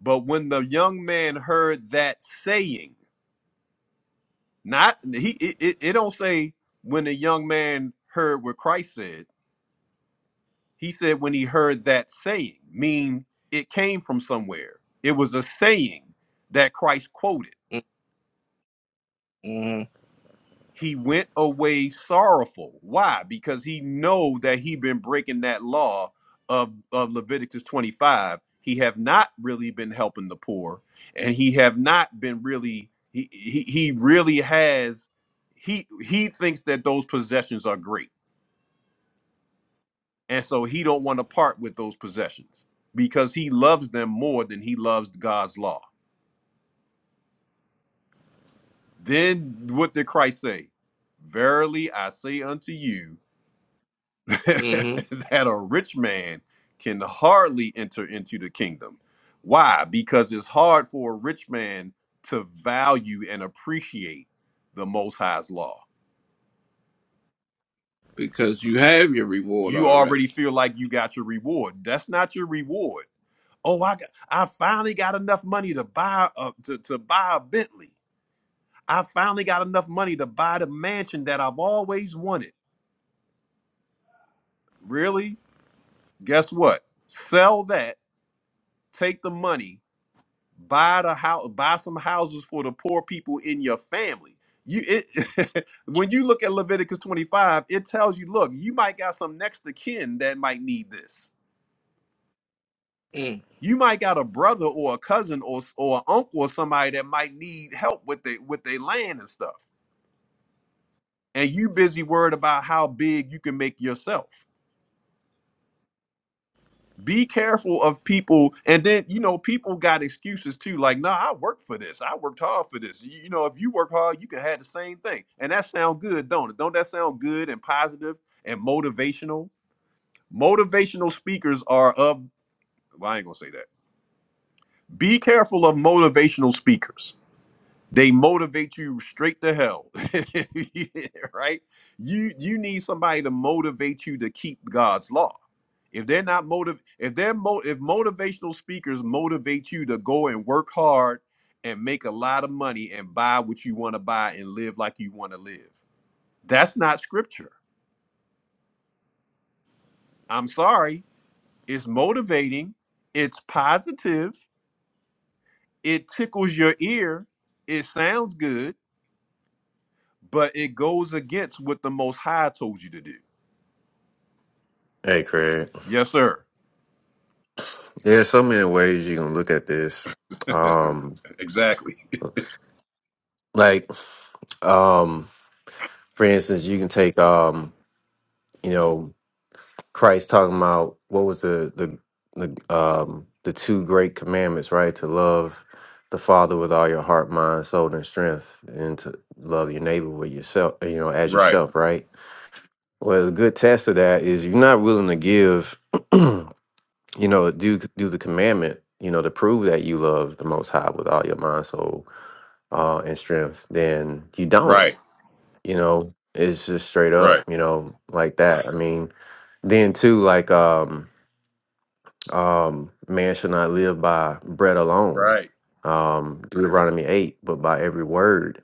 But when the young man heard that saying, not he it, it, it don't say when the young man heard what Christ said. He said when he heard that saying, mean it came from somewhere. It was a saying that Christ quoted.
hmm
he went away sorrowful why because he know that he been breaking that law of, of leviticus 25 he have not really been helping the poor and he have not been really he he, he really has he he thinks that those possessions are great and so he don't want to part with those possessions because he loves them more than he loves god's law then what did christ say verily i say unto you
hmm
that a rich man can hardly enter into the kingdom. Why? Because it's hard for a rich man to value and appreciate the Most High's law.
Because you have your reward
You already
already.
feel like you got your reward. That's not your reward. Oh, I got, I finally got enough money to buy a, to, to buy a Bentley. I finally got enough money to buy the mansion that I've always wanted. Really? Guess what? Sell that, take the money, buy the house buy some houses for the poor people in your family you it when you look at leviticus 25 it tells you look you might got some next of kin that might need this
Mm.
you might got a brother or a cousin or s- or an uncle or somebody that might need help with their with their land and stuff and you busy worried about how big you can make yourself Be careful of people, and then you know people got excuses too. Like, nah, I worked for this. I worked hard for this. You, you know, if you work hard, you can have the same thing, and that sound good, don't it? Don't that sound good and positive and motivational? Motivational speakers are of. Well, I ain't gonna say that. Be careful of motivational speakers they motivate you straight to hell Yeah, right you you need somebody to motivate you to keep god's law if they're not motive if they're mo- if motivational speakers motivate you to go and work hard and make a lot of money and buy what you want to buy and live like you want to live that's not scripture i'm sorry it's motivating it's positive it tickles your ear it sounds good but it goes against what the most high told you to do
Hey, Craig.
Yes, sir.
Yeah, so many ways you can look at this. Um,
exactly.
like, um, for instance, you can take, um, you know. Christ talking about what was the the the um the two great commandments, right? To love the Father with all your heart, mind, soul, and strength, and to love your neighbor with yourself, you know, as
Right.
yourself, right? Well, a good test of that is you're not willing to give, you know, do do the commandment, you know, to prove that you love the Most High with all your mind, soul, uh, and strength. Then you don't,
Right.
you know. It's just straight up,
Right.
you know, like that. I mean, then too, like um um, man should not live by bread alone,
Right.
um, Deuteronomy 8, but by every word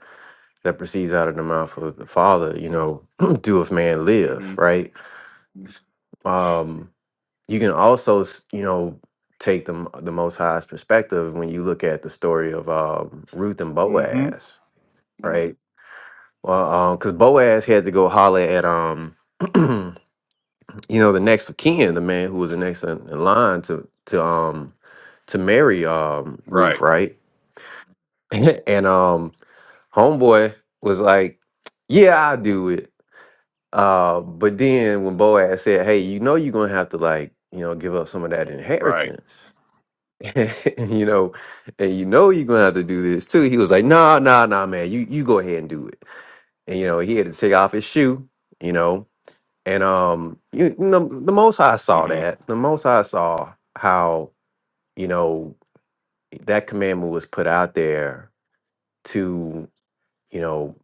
that proceeds out of the mouth of the Father, you know, doeth man live,
Mm-hmm.
right? Um, you can also, s- you know, take the, the Most High's perspective when you look at the story of um, Ruth and
Mm-hmm.
Boaz, right? Well, because Boaz had to go holler at, um, you know, the next of kin, the man who was the next in, in line to to um to marry um Ruth,
Right.
right? and um homeboy was like, Yeah, I'll do it. Uh, but then when Boaz said, Hey, you know you're gonna have to like, you know, give up some of that
Right.
inheritance. you know, and you know you're gonna have to do this too. He was like, Nah, nah, nah, man, you you go ahead and do it. And you know, he had to take off his shoe, you know. And um, you, you know, the most high saw
Mm-hmm.
that. The most high saw how, you know, that commandment was put out there to you know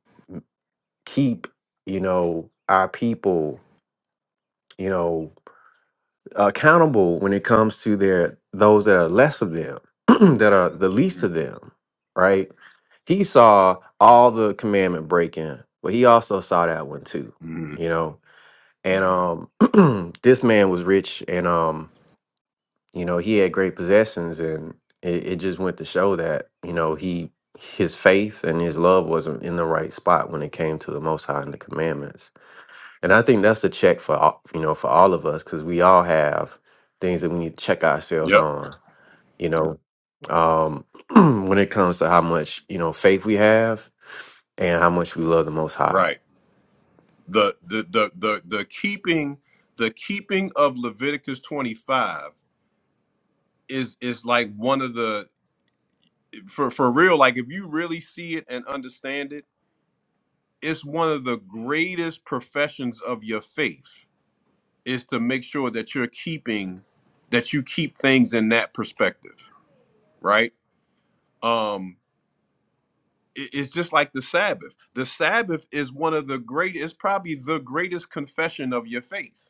keep you know our people you know accountable when it comes to their those that are less of them that are the least
Mm-hmm.
of them right he saw all the commandment breaking but he also saw that one too
Mm-hmm.
you know and um this man was rich and um you know, he had great possessions, and it, it just went to show that you know he his faith and his love wasn't in the right spot when it came to the Most High and the commandments. And I think that's a check for all, you know for all of us because we all have things that we need to check ourselves
Yep.
on. You know, um, when it comes to how much you know faith we have and how much we love the Most High.
Right. The the the the the keeping the keeping of Leviticus 25 is is like one of the for for real like if you really see it and understand it it's one of the greatest professions of your faith is to make sure that you're keeping that you keep things in that perspective right? Um, it- it's just like the Sabbath. The Sabbath is one of the greatest, it's probably the greatest confession of your faith.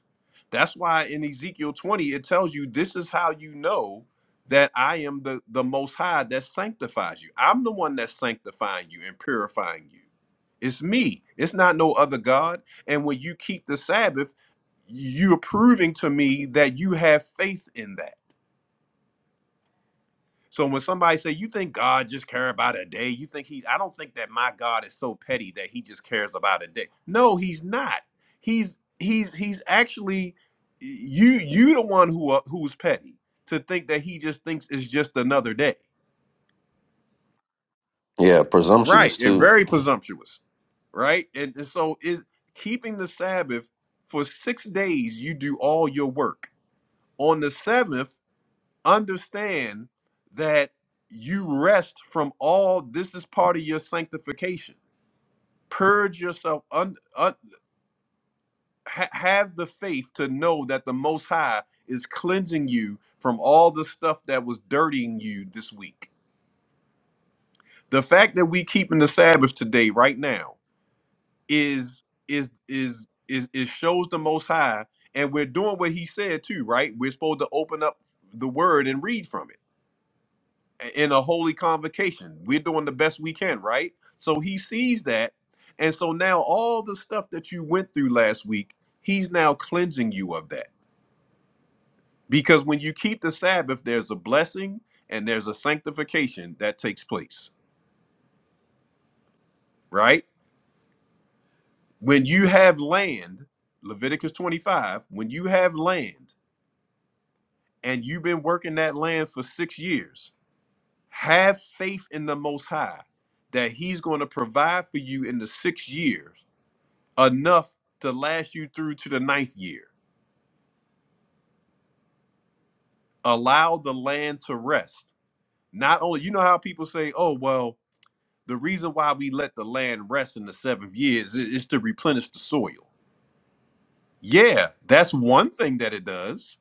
That's why in Ezekiel 20, it tells you this is how you know that I am the, the most high that sanctifies you. I'm the one that's sanctifying you and purifying you. It's me. It's not no other God. And when you keep the Sabbath, you're proving to me that you have faith in that So when somebody say you think God just care about a day, you think he I don't think that my God is so petty that he just cares about a day. No, he's not. He's he's he's actually you you the one who are, who's petty to think that he just thinks it's just another day.
Yeah, presumptuous
Right. And
too.
very presumptuous. Right? And, and so is keeping the Sabbath for 6 days you do all your work. On the 7th understand that you rest from all this is part of your sanctification purge yourself un, un- ha- have the faith to know that the most high is cleansing you from all the stuff that was dirtying you this week the fact that we keeping the sabbath today right now is is is is it shows the most high and we're doing what he said too right we're supposed to open up the word and read from it in a holy convocation. We're doing the best we can, right? So he sees that. And so now all the stuff that you went through last week, he's now cleansing you of that. Because when you keep the Sabbath, there's a blessing and there's a sanctification that takes place, right? When you have land, Leviticus 25, when you have land and you've been working that land for six years, have faith in the Most High that he's going to provide for you in the sixth year enough to last you through to the ninth year. Allow the land to rest. Not only, you know how people say, oh, well, the reason why we let the land rest in the seventh year is, is to replenish the soil. Yeah, that's one thing that it does.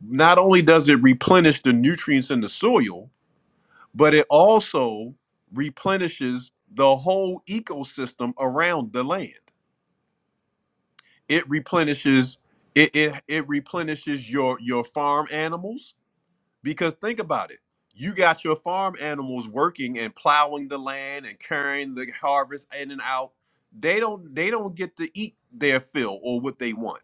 Not only does it replenish the nutrients in the soil, but it also replenishes the whole ecosystem around the land. It replenishes it, it, it replenishes your your farm animals Because think about it. You got your farm animals working and plowing the land and carrying the harvest in and out. They don't they don't get to eat their fill or what they want.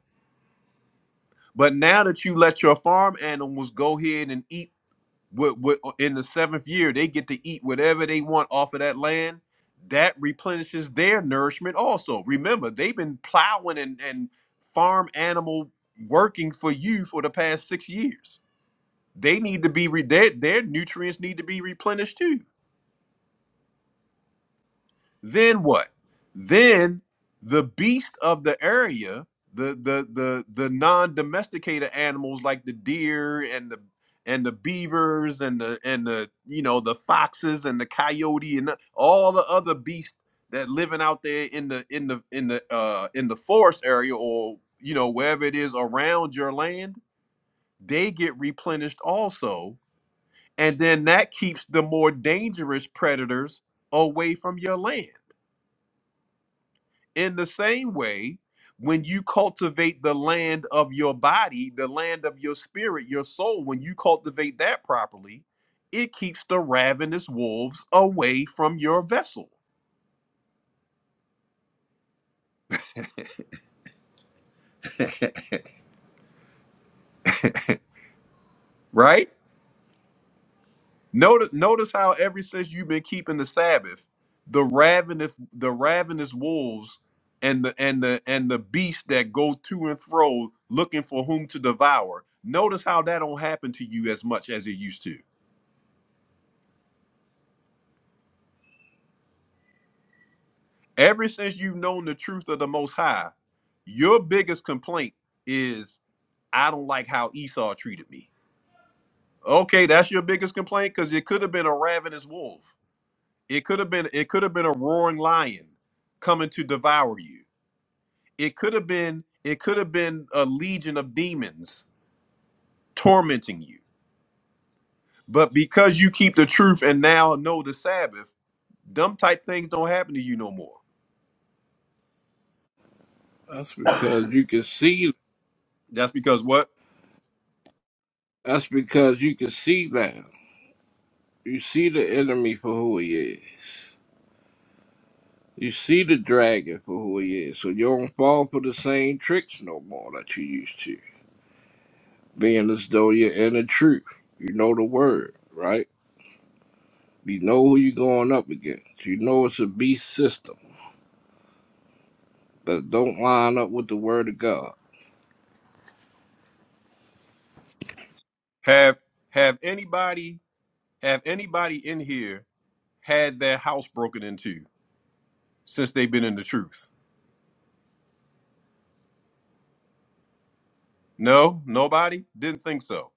But now that you let your farm animals go ahead and eat what, what uh, in the seventh year, they get to eat whatever they want off of that land. That replenishes their nourishment also. Remember, they've been plowing and, and farm animal working for you for the past six years they need to be re- their, their nutrients need to be replenished too. Then what? Then the beast of the area, the the the the non-domesticated animals like the deer and the and the beavers and the and the you know the foxes and the coyote and the- all the other beasts that living out there in the in the in the uh in the forest area or you know wherever it is around your land they get replenished also and then that keeps the more dangerous predators away from your land. In the same way, when you cultivate the land of your body, the land of your spirit, your soul, when you cultivate that properly, it keeps the ravenous wolves away from your vessel, right? Notice, notice how ever since you've been keeping the Sabbath, the ravenous, the ravenous wolves, and the and the and the beasts that go to and fro looking for whom to devour. Notice how that don't happen to you as much as it used to. Ever since you've known the truth of the Most High, your biggest complaint is, "I don't like how Esau treated me." Okay, that's your biggest complaint because it could have been a ravenous wolf. It could have been it could have been a roaring lion coming to devour you It could have been it could have been a legion of demons tormenting you. But because you keep the truth and now know the Sabbath, dumb type things don't happen to you no more.
That's because you can see.
That's because what?
That's because you can see now. You see the enemy for who he is. You see the dragon for who he is. So you don't fall for the same tricks no more that you used to. Being as though you're in the truth. You know the word, right? You know who you're going up against. You know it's a beast system. that don't line up with the word of God.
Have have anybody have anybody in here had their house broken into since they've been in the truth? No, nobody? Didn't think so.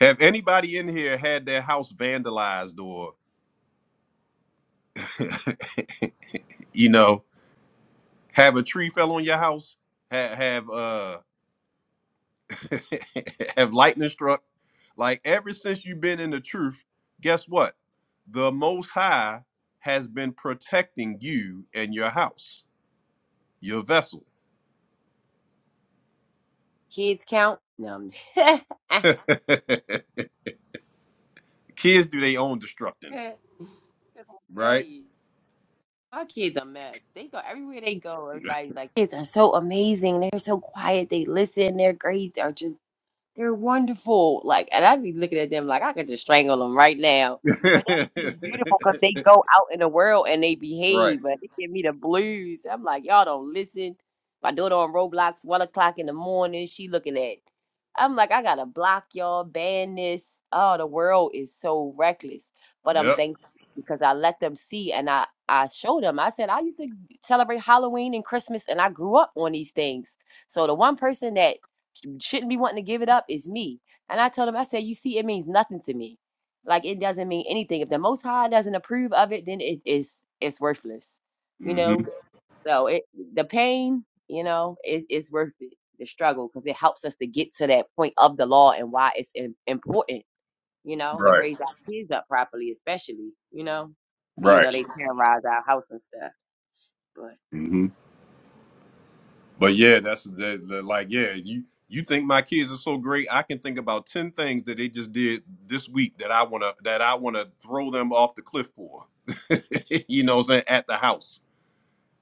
Have anybody in here had their house vandalized or you know, have a tree fell on your house? Have have uh have lightning struck. Like ever since you've been in the truth, guess what? The Most High has been protecting you and your house, your vessel.
Kids count. No, I'm just-
Kids do their own destructing,
I tell
right?
you. Our kids a mess. They go everywhere they go. Everybody's like, kids are so amazing. They're so quiet. They listen. Their grades are just they're wonderful. Like, and I'd be looking at them like I could just strangle them right now. But that's just beautiful because they go out in the world and they
right.
behave, but they give me the blues. I'm like, y'all don't listen. My daughter on Roblox, one o'clock in the morning, she looking at. I'm like, I gotta block y'all, ban this. Oh, the world is so reckless. But I'm
Yep.
thankful because I let them see and I I showed them. I said I used to celebrate Halloween and Christmas, and I grew up on these things. So the one person that shouldn't be wanting to give it up is me. And I told him, I said, you see, it means nothing to me. Like it doesn't mean anything. If the Most High doesn't approve of it, then it is it's worthless. You
hmm
know, so it the pain, you know, is it's worth it. The struggle because it helps us to get to that point of the law and why it's im- important. You know, to
Right.
raise our kids up properly, especially. You know, even though
Right.
they terrorize our house and stuff, but
hmm But yeah, that's the, the like yeah, you you think my kids are so great? I can think about 10 things that they just did this week that I want to that I want to throw them off the cliff for. you know what I'm saying? At the house,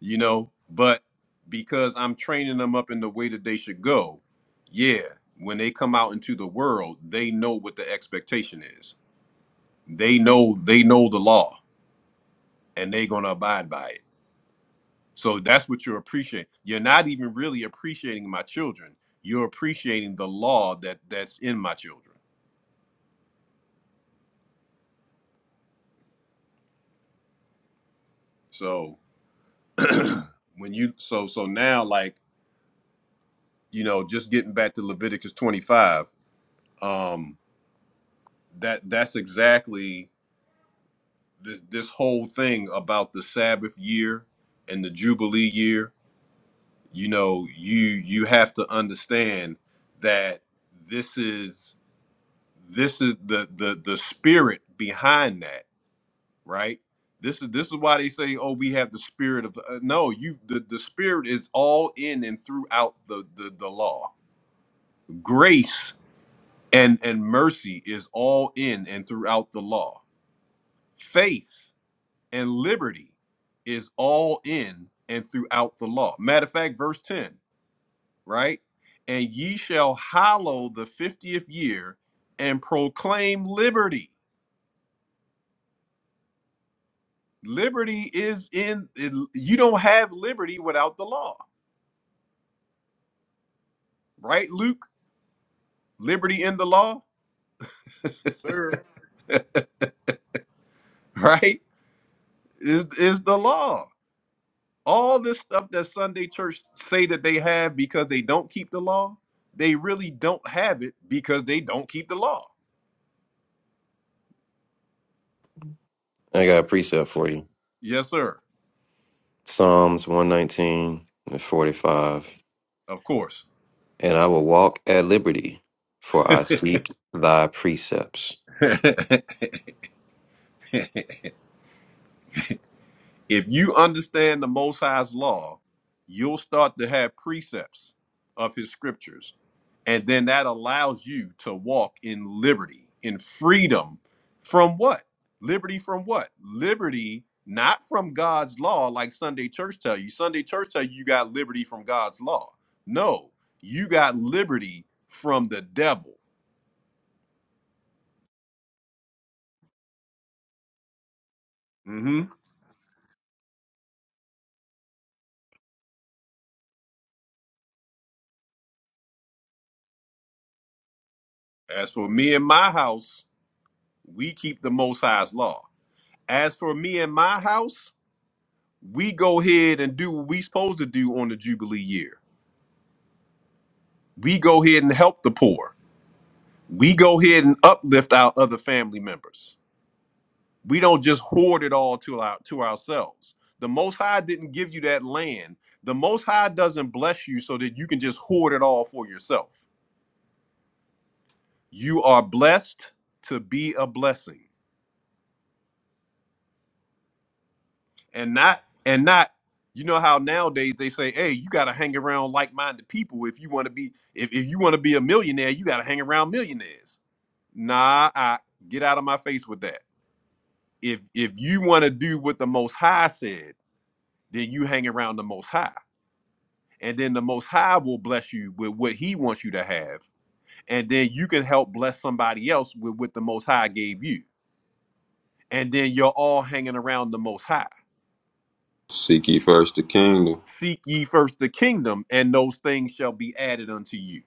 you know? But because I'm training them up in the way that they should go, yeah, when they come out into the world, they know what the expectation is. They know they know the law and they're going to abide by it So that's what you're appreciating. You're not even really appreciating my children. You're appreciating the law that that's in my children. So when you so so now like you know just getting back to Leviticus 25, um, that that's exactly this this whole thing about the Sabbath year and the Jubilee year. You know you you have to understand that this is this is the the the spirit behind that right? This is this is why they say, "Oh, we have the spirit of." Uh, no, you the the spirit is all in and throughout the, the the law. Grace and and mercy is all in and throughout the law. Faith and liberty is all in and throughout the law. Matter of fact, verse ten, right? And ye shall hallow the fiftieth year and proclaim liberty. Liberty is in. You don't have liberty without the law right, Luke? Liberty in the law,
Sir.
right? Is is the law. All this stuff that Sunday church say that they have because they don't keep the law, they really don't have it because they don't keep the law.
I got a precept for you.
Yes, sir.
Psalms one nineteen and forty five.
Of course.
and I will walk at liberty, for I seek thy precepts.
if you understand the Most High's law, you'll start to have precepts of His scriptures. And then that allows you to walk in liberty, in freedom from what? Liberty from what? Liberty not from God's law, like Sunday church tell you. Sunday church tell you you got liberty from God's law. No, you got liberty from the devil. hmm As for me and my house, we keep the Most High's law. As for me and my house, we go ahead and do what we supposed to do on the Jubilee year. We go ahead and help the poor. We go ahead and uplift our other family members. We don't just hoard it all to our to ourselves. The Most High didn't give you that land. The Most High doesn't bless you so that you can just hoard it all for yourself. You are blessed to be a blessing. and not and not you know how nowadays they say hey you got to hang around like-minded people if you want to be if, if you want to be a millionaire you got to hang around millionaires nah i get out of my face with that if if you want to do what the most high said then you hang around the most high and then the most high will bless you with what he wants you to have and then you can help bless somebody else with what the most high gave you and then you're all hanging around the most high
Seek ye first the kingdom.
Seek ye first the kingdom, and those things shall be added unto you.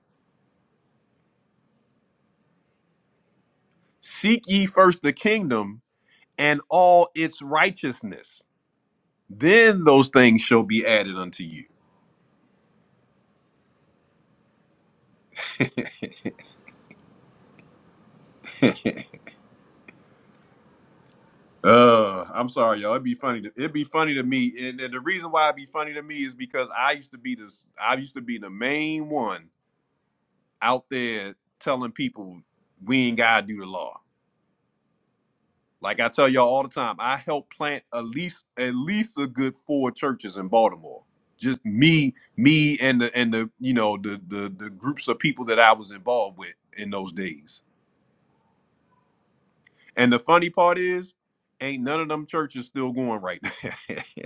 Seek ye first the kingdom and all its righteousness, then those things shall be added unto you. Uh, I'm sorry, y'all. It'd be funny. To, it'd be funny to me, and, and the reason why it'd be funny to me is because I used to be this. I used to be the main one out there telling people we ain't gotta do the law Like I tell y'all all the time, I helped plant at least at least a good four churches in Baltimore. Just me, me and the and the you know the the the groups of people that I was involved with in those days. And the funny part is, ain't none of them churches still going right now.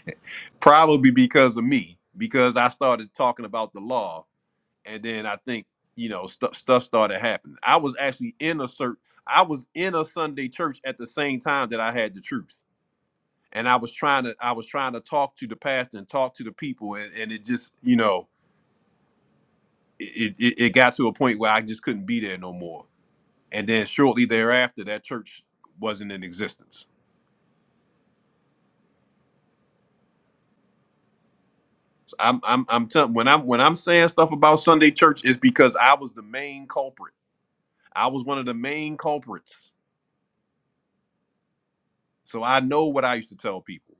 Probably because of me, because I started talking about the law, and then I think you know stuff stuff started happening. I was actually in a cert, I was in a Sunday church at the same time that I had the truth and I was trying to I was trying to talk to the pastor and talk to the people and, and it just you know it, it it got to a point where I just couldn't be there no more and then shortly thereafter that church wasn't in existence so I'm I'm I'm telling when I'm when I'm saying stuff about Sunday church it's because I was the main culprit I was one of the main culprits so I know what I used to tell people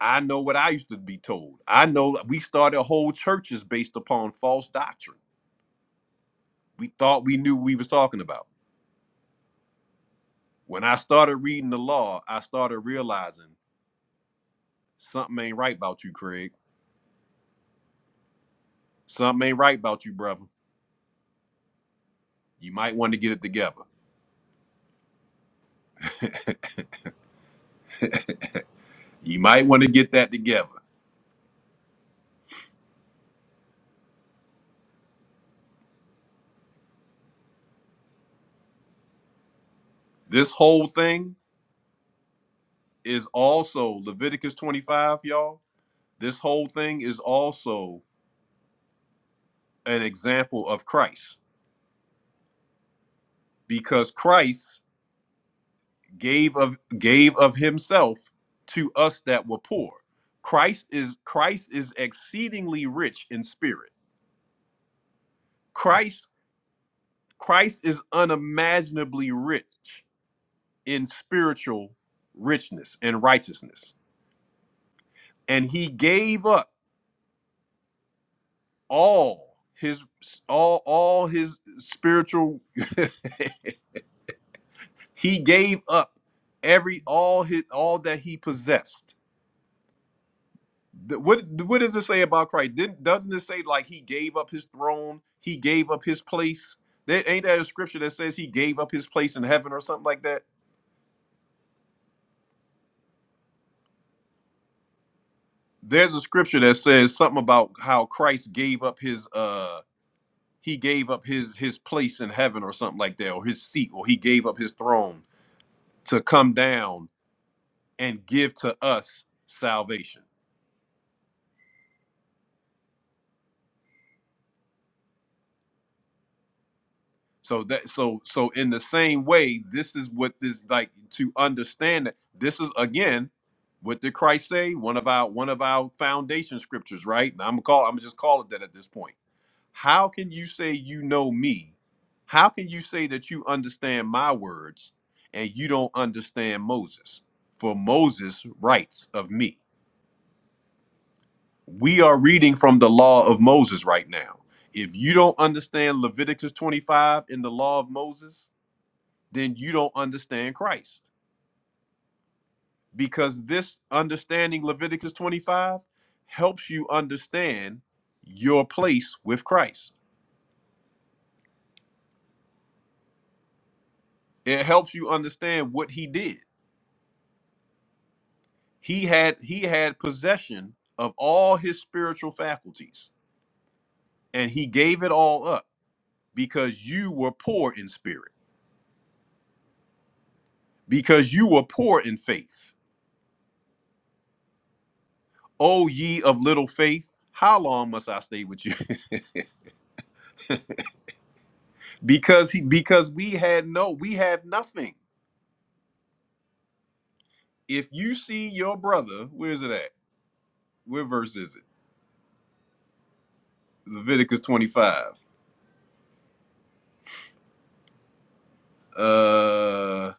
I know what I used to be told I know that we started whole churches based upon false doctrine we thought we knew what we was talking about When I started reading the law, I started realizing something ain't right about you, Craig. Something ain't right about you, brother. You might want to get it together. You might want to get that together. This whole thing is also Leviticus 25, y'all. This whole thing is also an example of Christ because Christ gave of gave of himself to us that were poor. Christ is Christ is exceedingly rich in spirit. Christ Christ is unimaginably rich in spiritual richness and righteousness. And he gave up all his all all his spiritual he gave up every all his all that he possessed. The- What what does it say about Christ? Didn't, doesn't it say like he gave up his throne, he gave up his place? There, ain't that a scripture that says he gave up his place in heaven or something like that? there's a scripture that says something about how Christ gave up his uh he gave up his his place in heaven or something like that or his seat or he gave up his throne to come down and give to us salvation. So that so so in the same way this is what this like to understand that this is again what did Christ say? One of our one of our foundation scriptures, right? Now I'm gonna call I'm gonna just call it that at this point How can you say you know me? How can you say that you understand my words and you don't understand Moses? For Moses writes of me. We are reading from the law of Moses right now. If you don't understand Leviticus 25 in the law of Moses, then you don't understand Christ. Because this understanding Leviticus 25 helps you understand your place with Christ. It helps you understand what he did He had he had possession of all his spiritual faculties and he gave it all up because you were poor in spirit, because you were poor in faith. O ye of little faith, how long must I stay with you? because he because we had no, we had nothing. If you see your brother, where is it at? Where verse is it? Leviticus 25. Uh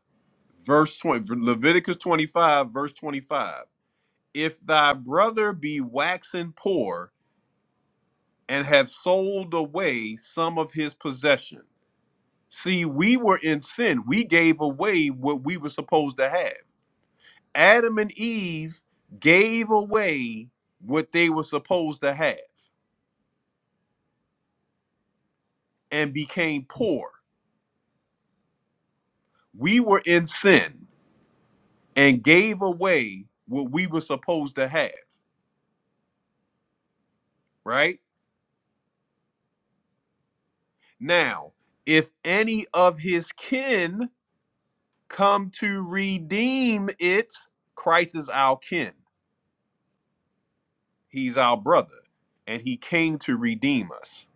verse 20 Leviticus 25 verse 25 If thy brother be waxen poor and have sold away some of his possession. See, we were in sin. We gave away what we were supposed to have. Adam and Eve gave away what they were supposed to have and became poor. We were in sin and gave away what we were supposed to have, right? Now, if any of his kin come to redeem it. Christ is our kin, he's our brother, and he came to redeem us.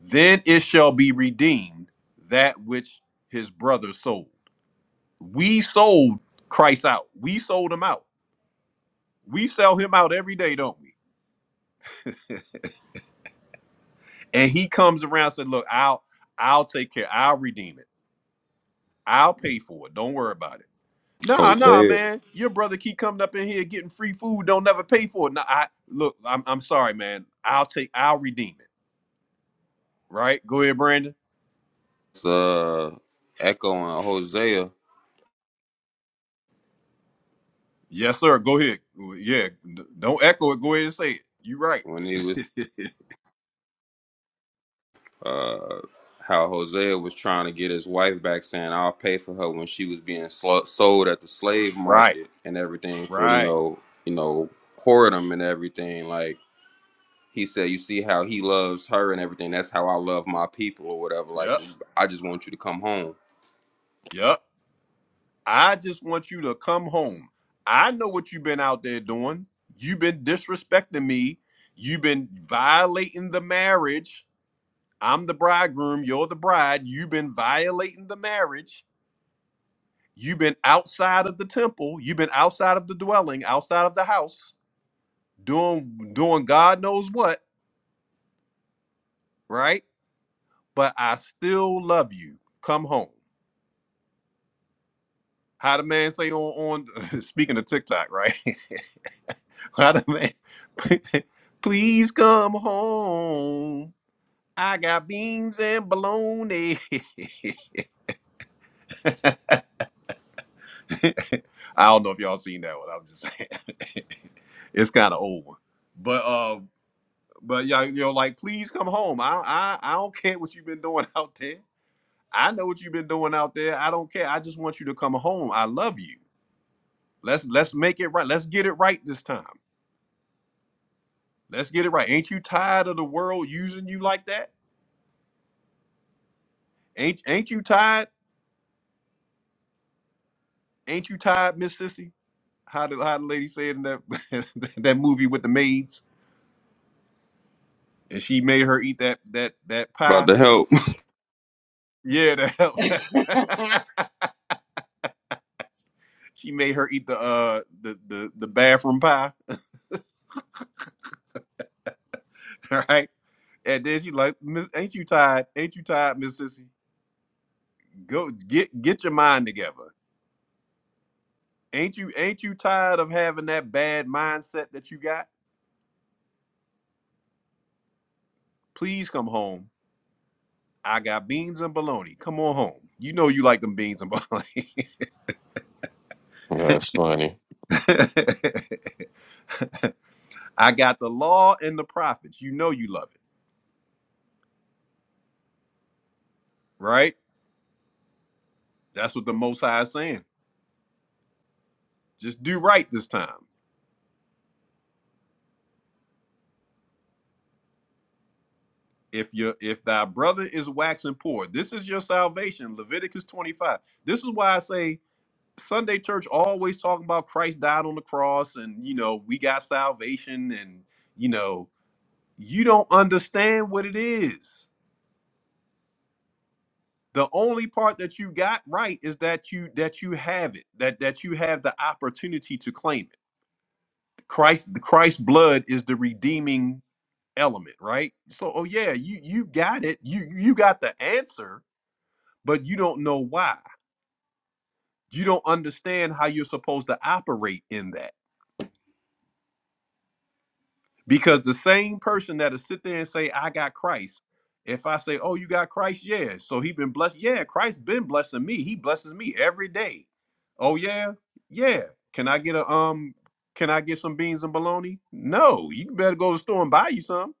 Then it shall be redeemed that which his brother sold. We sold Christ out. We sold him out. We sell him out every day, don't we? And he comes around and said, Look, I'll I'll take care. I'll redeem it. I'll pay for it. Don't worry about it Nah, nah,
Hosea.
man. Your brother keep coming up in here getting free food, don't never pay for it. Nah, I look, I'm I'm sorry, man. I'll take I'll redeem it. Right? Go ahead, Brandon.
It's uh, echoing Hosea
Yes, sir. Go ahead. Yeah. d- Don't echo it. Go ahead and say it. You right.
when he was uh, how Hosea was trying to get his wife back, saying, "I'll pay for her when she was being sl- sold at the slave
Right.
market and everything for you
Right.
know, you know, whoredom and everything." Like he said, "You see how he loves her and everything. That's how I love my people or whatever. Like
Yep.
I just want you to come home."
Yep. I just want you to come home. I know what you've been out there doing. You've been disrespecting me. You've been violating the marriage. I'm the bridegroom. You're the bride. You've been violating the marriage You've been outside of the temple, you've been outside of the dwelling, outside of the house, doing doing God knows what, right? But I still love you. Come home. How the man say on on speaking of TikTok, right? How the man please come home. I got beans and bologna. I don't know if y'all seen that one. I'm just saying it's kind of old one. But uh But yeah, you know, like please come home. I I I don't care what you've been doing out there. I know what you've been doing out there. I don't care. I just want you to come home. I love you. Let's let's make it right. Let's get it right this time. Let's get it right. Ain't you tired of the world using you like that? Ain't ain't you tired? Ain't you tired, Miss Sissy? How did how the lady say it in that that movie with the maids? And she made her eat that that that
About
pie.
to help.
Yeah, the help. she made her eat the uh the the, the bathroom pie. All right. And then she like, Miss, ain't you tired? Ain't you tired, Miss Sissy? Go get get your mind together. Ain't you ain't you tired of having that bad mindset that you got? Please come home. I got beans and bologna. Come on home. You know you like them beans and bologna.
That's funny.
I got the law and the prophets. You know you love it, right? That's what the Most High is saying. Just do right this time. If your if thy brother is waxing poor, this is your salvation. Leviticus twenty five. This is why I say Sunday church always talking about Christ died on the cross and you know we got salvation and you know you don't understand what it is. The only part that you got right is that you that you have it that that you have the opportunity to claim it. Christ the Christ's blood is the redeeming element, right? So oh yeah, you you got it. You you got the answer, but you don't know why. You don't understand how you're supposed to operate in that Because the same person that'll sit there and say, I got Christ. If I say, Oh, you got Christ, yeah. So he been blessed. Yeah, Christ been blessing me. He blesses me every day. Oh yeah? Yeah. Can I get a um can I get some beans and bologna? No, you better go to the store and buy you some.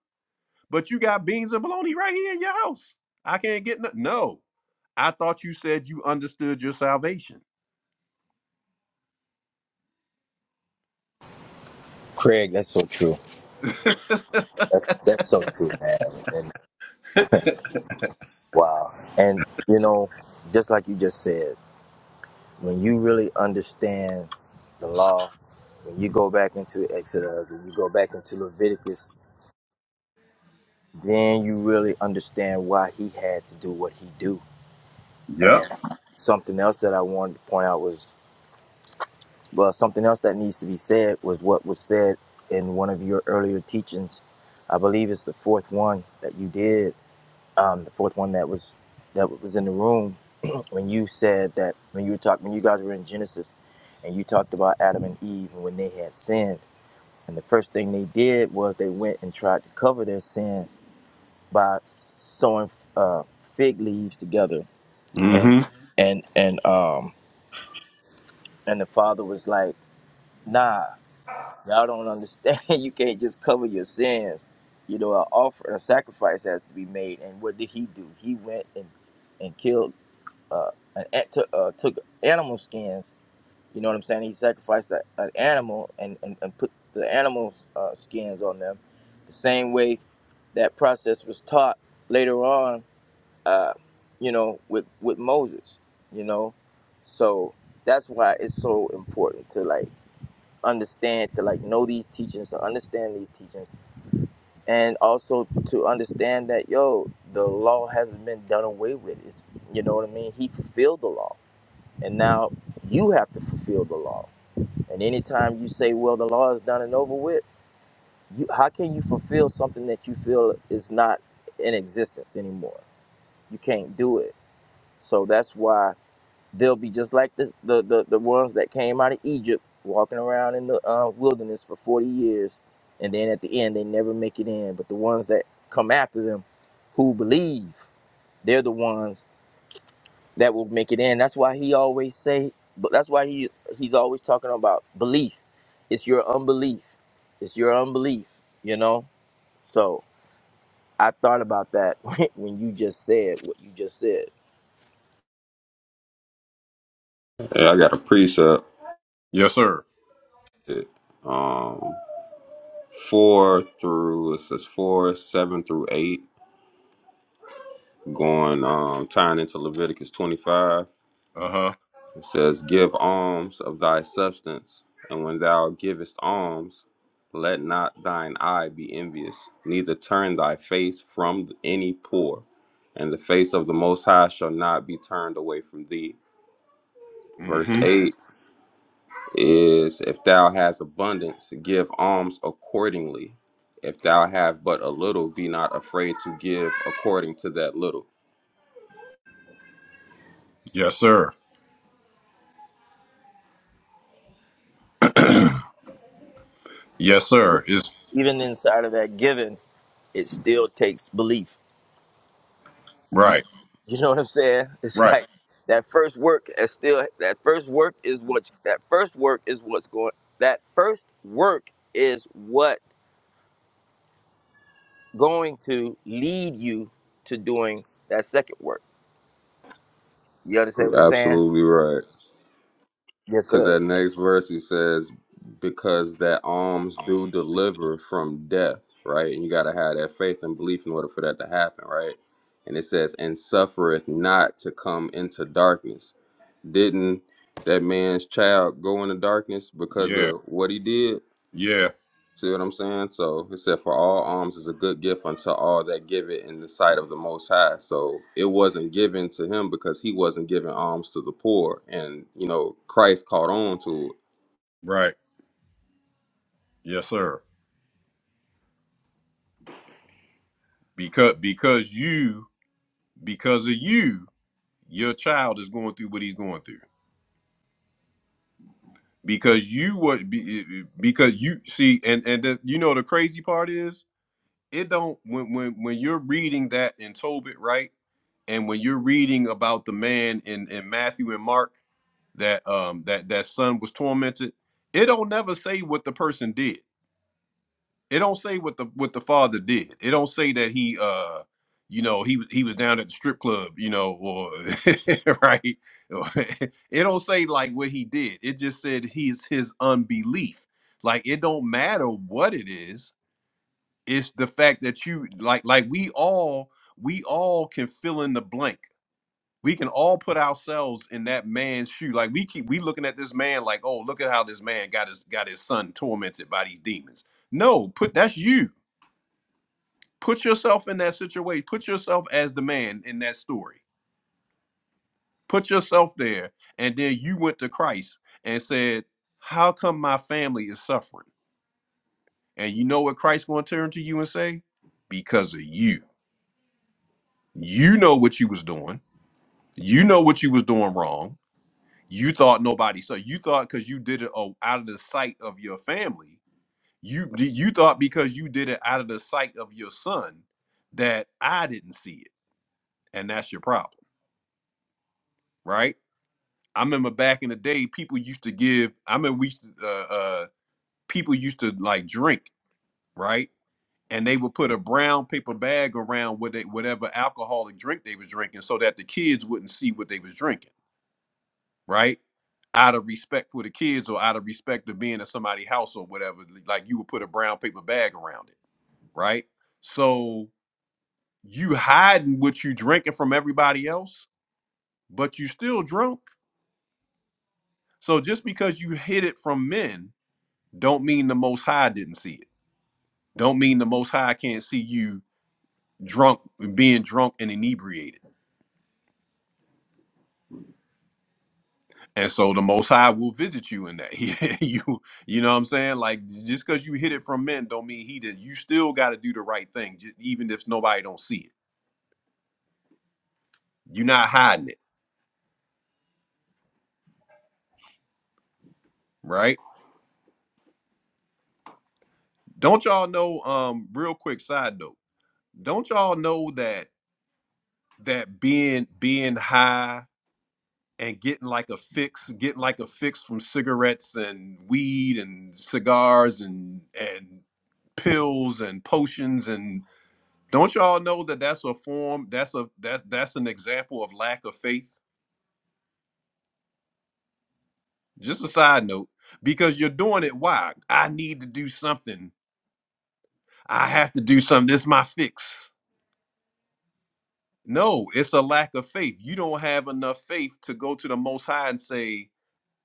But you got beans and bologna right here in your house. I can't get no no. I thought you said you understood your salvation.
Craig, that's so true. That's that's so true, man. And wow. And you know, just like you just said, when you really understand the law, when you go back into Exodus and you go back into Leviticus, then you really understand why he had to do what he do. And
Yep.
something else that I wanted to point out was well, something else that needs to be said was what was said in one of your earlier teachings. I believe it's the fourth one that you did um, the fourth one that was that was in the room when you said that when you were talking when you guys were in Genesis and you talked about Adam and Eve and when they had sinned and the first thing they did was they went and tried to cover their sin by sewing uh, fig leaves together and
Mm-hmm.
and and um and the father was like nah y'all don't understand you can't just cover your sins you know an offer a sacrifice has to be made and what did he do he went and and killed uh, an, took uh, took animal skins. You know what I'm saying? He sacrificed that, an animal and, and, and put the animal's uh, skins on them. The same way that process was taught later on, uh, you know, with with Moses. You know, so that's why it's so important to like understand to like know these teachings to understand these teachings and also to understand that yo the law hasn't been done away with it's you know what i mean he fulfilled the law and now you have to fulfill the law. And anytime you say, well, the law is done and over with, you, how can you fulfill something that you feel is not in existence anymore? You can't do it. So that's why they'll be just like the, the, the, the ones that came out of Egypt walking around in the uh, wilderness for 40 years. And then at the end, they never make it in. But the ones that come after them who believe, they're the ones that will make it in. That's why he always say, but that's why he he's always talking about belief. It's your unbelief. It's your unbelief. You know. So I thought about that when when you just said what you just said.
Yeah, I got a precept.
Yes, sir.
Um, four through it says four, seven through eight. going um tying into Leviticus 25.
Uh-huh.
It says, Give alms of thy substance, and when thou givest alms, let not thine eye be envious, neither turn thy face from any poor, and the face of the Most High shall not be turned away from thee. Verse
Mm-hmm.
8 is, If thou hast abundance, give alms accordingly. If thou have but a little, be not afraid to give according to that little.
Yes, sir. Yes, sir. Is
Even inside of that giving, it still takes belief. You
right.
you know what I'm saying? It's
Right.
like that first work is still that first work is what that first work is what's going that first work is what going to lead you to doing that second work. You understand what I'm saying?
Absolutely right.
Yes,
Because
sir.
that next verse he says, because that alms do deliver from death, right? And you got to have that faith and belief in order for that to happen, right? And it says, and suffereth not to come into darkness. Didn't that man's child go into darkness because
Yeah.
of what he did?
Yeah.
See what I'm saying? So it said, for all alms is a good gift unto all that give it in the sight of the Most High. So it wasn't given to him because he wasn't giving alms to the poor. And, you know, Christ caught on to it.
Right. Yes, sir. Because because you because of you, your child is going through what he's going through. Because you what be- because you see and and the, you know the crazy part is it don't when when when you're reading that in Tobit right and when you're reading about the man in in Matthew and Mark that um that that son was tormented it don't never say what the person did it don't say what the what the father did. It don't say that he uh you know he was he was down at the strip club, you know, or right. Or- it don't say like what he did. It just said he's his unbelief. Like it don't matter what it is. It's the fact that you like like we all we all can fill in the blank. We can all put ourselves in that man's shoe. Like we keep we looking at this man like, oh, look at how this man got his got his son tormented by these demons. No, put that's you put yourself in that situation put yourself as the man in that story put yourself there and then you went to christ and said how come my family is suffering and you know what Christ's going to turn to you and say because of you you know what you was doing you know what you was doing wrong you thought nobody so you thought because you did it oh, out of the sight of your family you you thought because you did it out of the sight of your son that i didn't see it and that's your problem right I remember back in the day, people used to give. I mean, we used to, uh, uh, people used to like drink, right? And they would put a brown paper bag around what they, whatever alcoholic drink they was drinking, so that the kids wouldn't see what they was drinking, right? Out of respect for the kids, or out of respect of being at somebody's house or whatever, like you would put a brown paper bag around it, right? So you hiding what you drinking from everybody else, but you still drunk. So just because you hid it from men don't mean the most high didn't see it. Don't mean the most high can't see you drunk being drunk and inebriated. And so the most high will visit you in that. He- you you know what I'm saying? Like just because you hid it from men don't mean he did. You still gotta do the right thing, ju- even if nobody don't see it. You're not hiding it, right? Don't y'all know, um, real quick side note, don't y'all know that that being being high and getting like a fix, getting like a fix from cigarettes and weed and cigars and and pills and potions and don't y'all know that that's a form that's a that's that's an example of lack of faith. Just a side note because you're doing it why? I need to do something. I have to do something. This is my fix. No, it's a lack of faith. You don't have enough faith to go to the most high and say,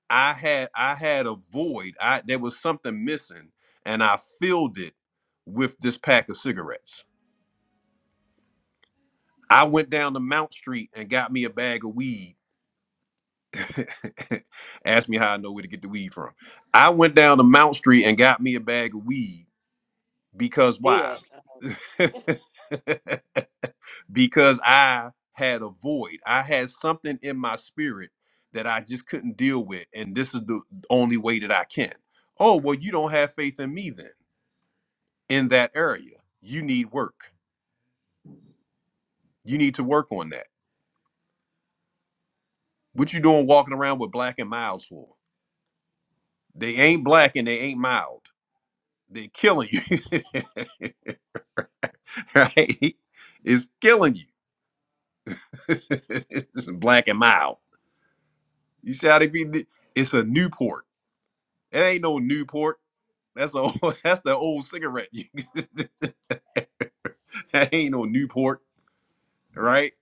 I had I had a void. I there was something missing, and I filled it with this pack of cigarettes. I went down to Mount Street and got me a bag of weed. Ask me how I know where to get the weed from. I went down to Mount Street and got me a bag of weed because
say
why?
that. uh,
because I had a void. I had something in my spirit that I just couldn't deal with, and this is the only way that I can. Oh well, you don't have faith in me then in that area. You need work. You need to work on that. What you doing walking around with black and miles for? They ain't black and they ain't mild. They're killing you. right? It's killing you. it's black and mild. You see how they be it's a Newport. It ain't no Newport. That's a that's the old cigarette. that ain't no Newport, right?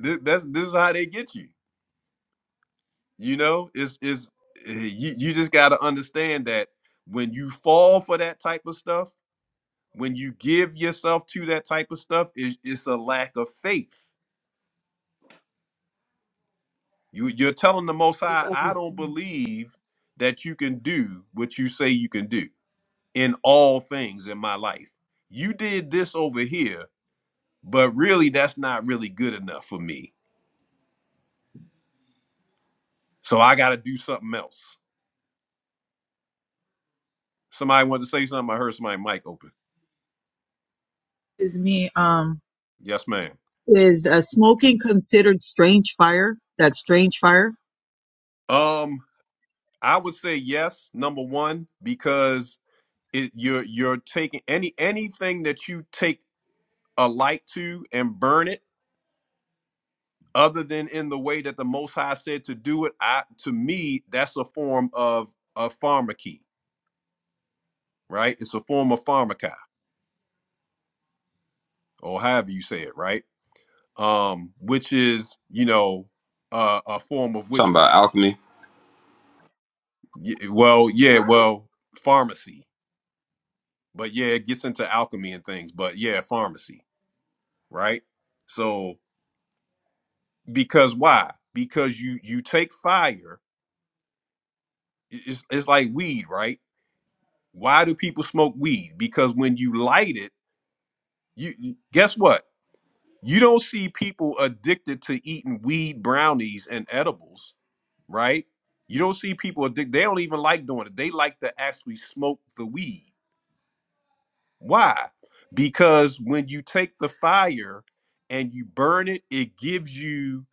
Th- That's this is how they get you. You know, it's is you you just got to understand that when you fall for that type of stuff, when you give yourself to that type of stuff, it's, it's a lack of faith. You you're telling the Most High, I
Um,
don't believe that you can do what you say you can do in all things in my life. You did this over here, but really that's not really good enough for me. So I got to do something else. Somebody wanted to say something. I heard somebody mic open.
is me, um,
Yes, ma'am.
is uh, smoking considered strange fire? That strange fire?
Um. I would say yes, number one, because it, you're you're taking any anything that you take a light to and burn it, other than in the way that the Most High said to do it. I to me, that's a form of a pharmacy, right? It's a form of pharmaca, or however you say it, right? Um, which is you know uh, a form of
Talking about
witchcraft.
alchemy.
Y- well, yeah, well, pharmacy, but yeah, it gets into alchemy and things, but yeah, pharmacy, right? So because why because you you take fire i- it's, it's like weed right why do people smoke weed because when you light it you you- guess what you don't see people addicted to eating weed brownies and edibles right you don't see people addicted they don't even like doing it they like to actually smoke the weed why because when you take the fire and you burn it it gives you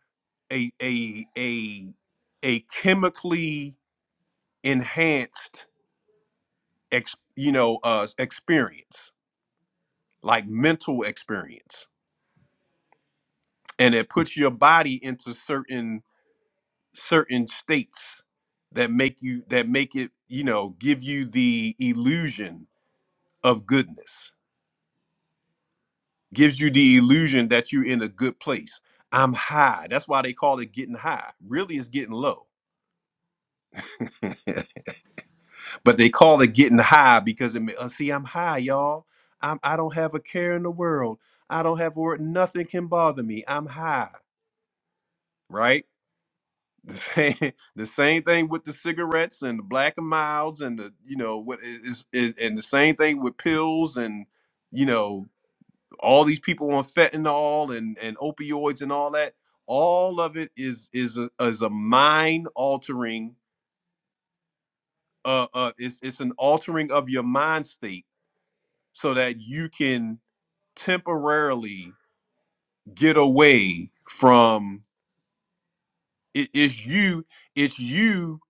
a a a a chemically enhanced ex, you know uh experience like mental experience and it puts your body into certain certain states that make you that make it you know give you the illusion of goodness gives you the illusion that you're in a good place i'm high that's why they call it getting high really it's getting low but they call it getting high because it, ma- uh, see i'm high y'all I'm, i don't have a care in the world i don't have a word nothing can bother me i'm high right the same, the same thing with the cigarettes and the black and milds and the you know what is, is and the same thing with pills and you know all these people on fentanyl and and opioids and all that all of it is is a, is a mind altering uh, uh it's it's an altering of your mind state so that you can temporarily get away from it, it's you it's you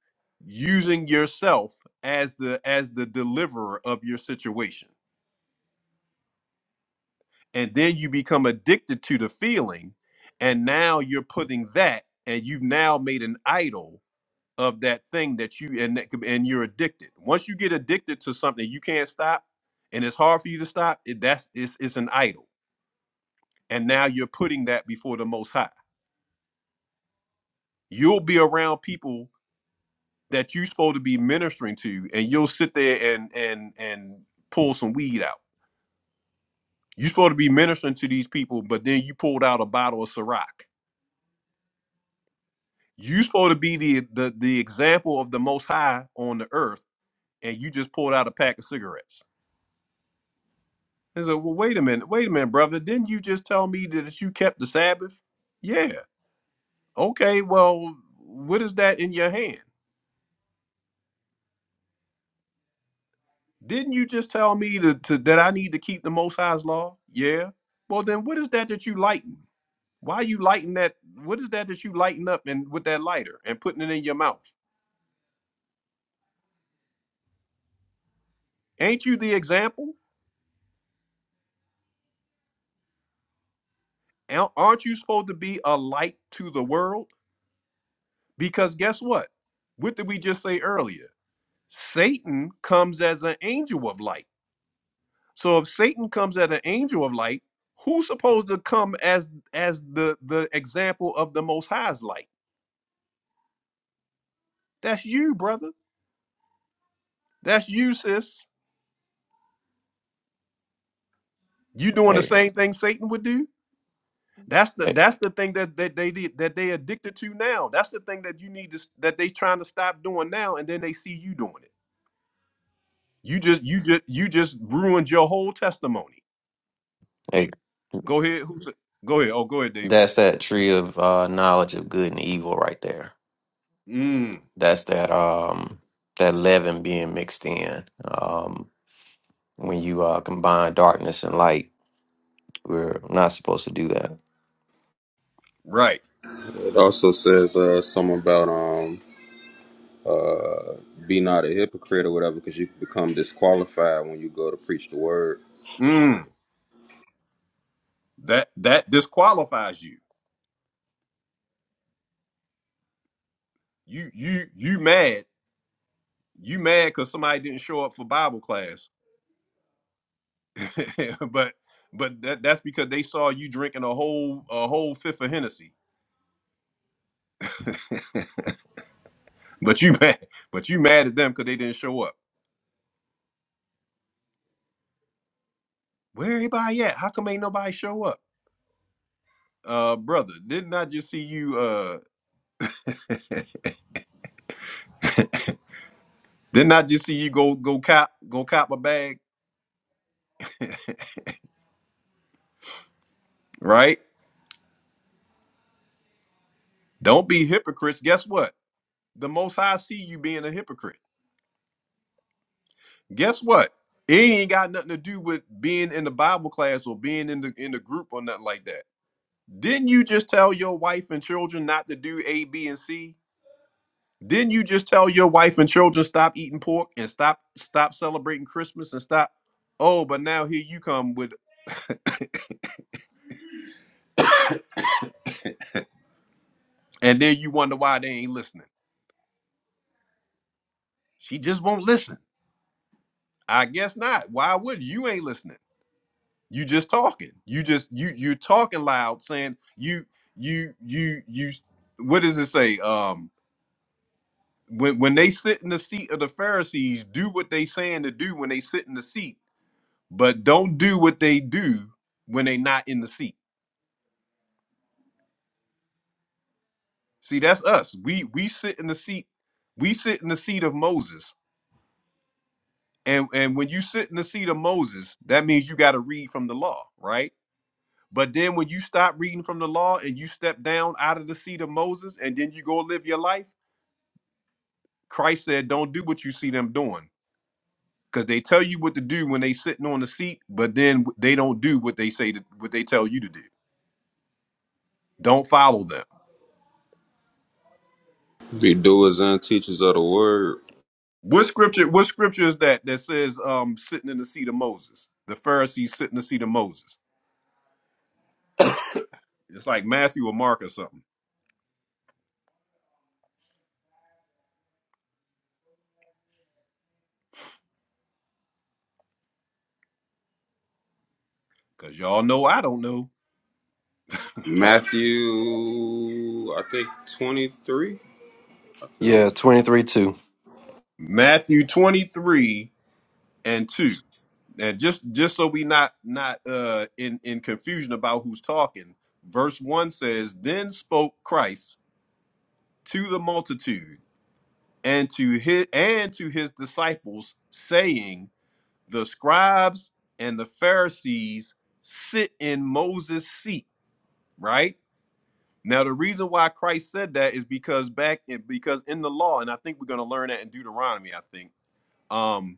using yourself as the as the deliverer of your situation and then you become addicted to the feeling and now you're putting that and you've now made an idol of that thing that you and that and you're addicted once you get addicted to something you can't stop and it's hard for you to stop it that's it's, it's an idol and now you're putting that before the most high you'll be around people that you're supposed to be ministering to and you'll sit there and and and pull some weed out you're supposed to be ministering to these people but then you pulled out a bottle of Ciroc. you're supposed to be the, the the example of the most high on the earth and you just pulled out a pack of cigarettes and said well wait a minute wait a minute brother didn't you just tell me that you kept the sabbath yeah okay well what is that in your hand Didn't you just tell me to, to, that I need to keep the Most High's law? Yeah. Well, then what is that that you lighten? Why you lighten that? What is that that you lighten up and with that lighter and putting it in your mouth? Ain't you the example? Al- Aren't you supposed to be a light to the world? Because guess what? What did we just say earlier? Satan comes as an angel of light. So if Satan comes as an angel of light, who's supposed to come as as the the example of the Most High's light? That's you, brother. That's you, sis. You doing the
Hey,
same thing Satan would do. That's the
hey,
that's the thing that, that they did that they addicted to now. That's the thing that you need to s- that they trying to stop doing now, and then they see you doing it. You just you just you just ruined your whole testimony.
hey,
Go ahead. Who's go ahead? Oh, go ahead, Dave.
that's that tree of uh, knowledge of good and evil right there.
Mm,
That's that um that leaven being mixed in. Um, when you uh, combine darkness and light, we're not supposed to do that.
right.
It also says uh, something about um uh be not a hypocrite or whatever, because you can become disqualified when you go to preach the word.
Mm, that that disqualifies you. You you you mad. You mad because somebody didn't show up for Bible class but but that, that's because they saw you drinking a whole a whole fifth of Hennessy. But you mad, but you mad at them because they didn't show up. Where everybody at? How come ain't nobody show up? Uh, brother, didn't I just see you? Uh, didn't I just see you go go cop go cop a bag? Right? Don't be hypocrites. Guess what? The Most High see you being a hypocrite. Guess what? It ain't got nothing to do with being in the Bible class or being in the in the group or nothing like that Didn't you just tell your wife and children not to do A, B, and C? Didn't you just tell your wife and children stop eating pork and stop stop celebrating Christmas and stop? Oh, but now here you come with, and then you wonder why they ain't listening. She just won't listen. I guess not. Why would you ain't listening? You just talking. You just you you're talking loud, saying you you you you. What does it say? Um, when when they sit in the seat of the Pharisees, do what they saying to do when they sit in the seat but don't do what they do when they not in the seat. See, that's us. We we sit in the seat. We sit in the seat of Moses. And and when you sit in the seat of Moses, that means you got to read from the law, right? But then when you stop reading from the law and you step down out of the seat of Moses and then you go live your life, Christ said, don't do what you see them doing. Because they tell you what to do when they sitting on the seat, but then they don't do what they say to, what they tell you to do. Don't follow them.
Be doers and teachers of the word.
What scripture? What scripture is that that says um sitting in the seat of Moses? The Pharisees sitting in the seat of Moses. It's like Matthew or Mark or something. Cause y'all know I don't know.
Matthew, I think twenty three. I think
Yeah, twenty three two.
Matthew twenty three and two. And just just so we not not uh in in confusion about who's talking. Verse one says, "Then spoke Christ to the multitude and to his and to his disciples, saying." the scribes and the Pharisees sit in Moses' seat, right? Now the reason why Christ said that is because back in because in the law, and I think we're gonna learn that in Deuteronomy, I think. um,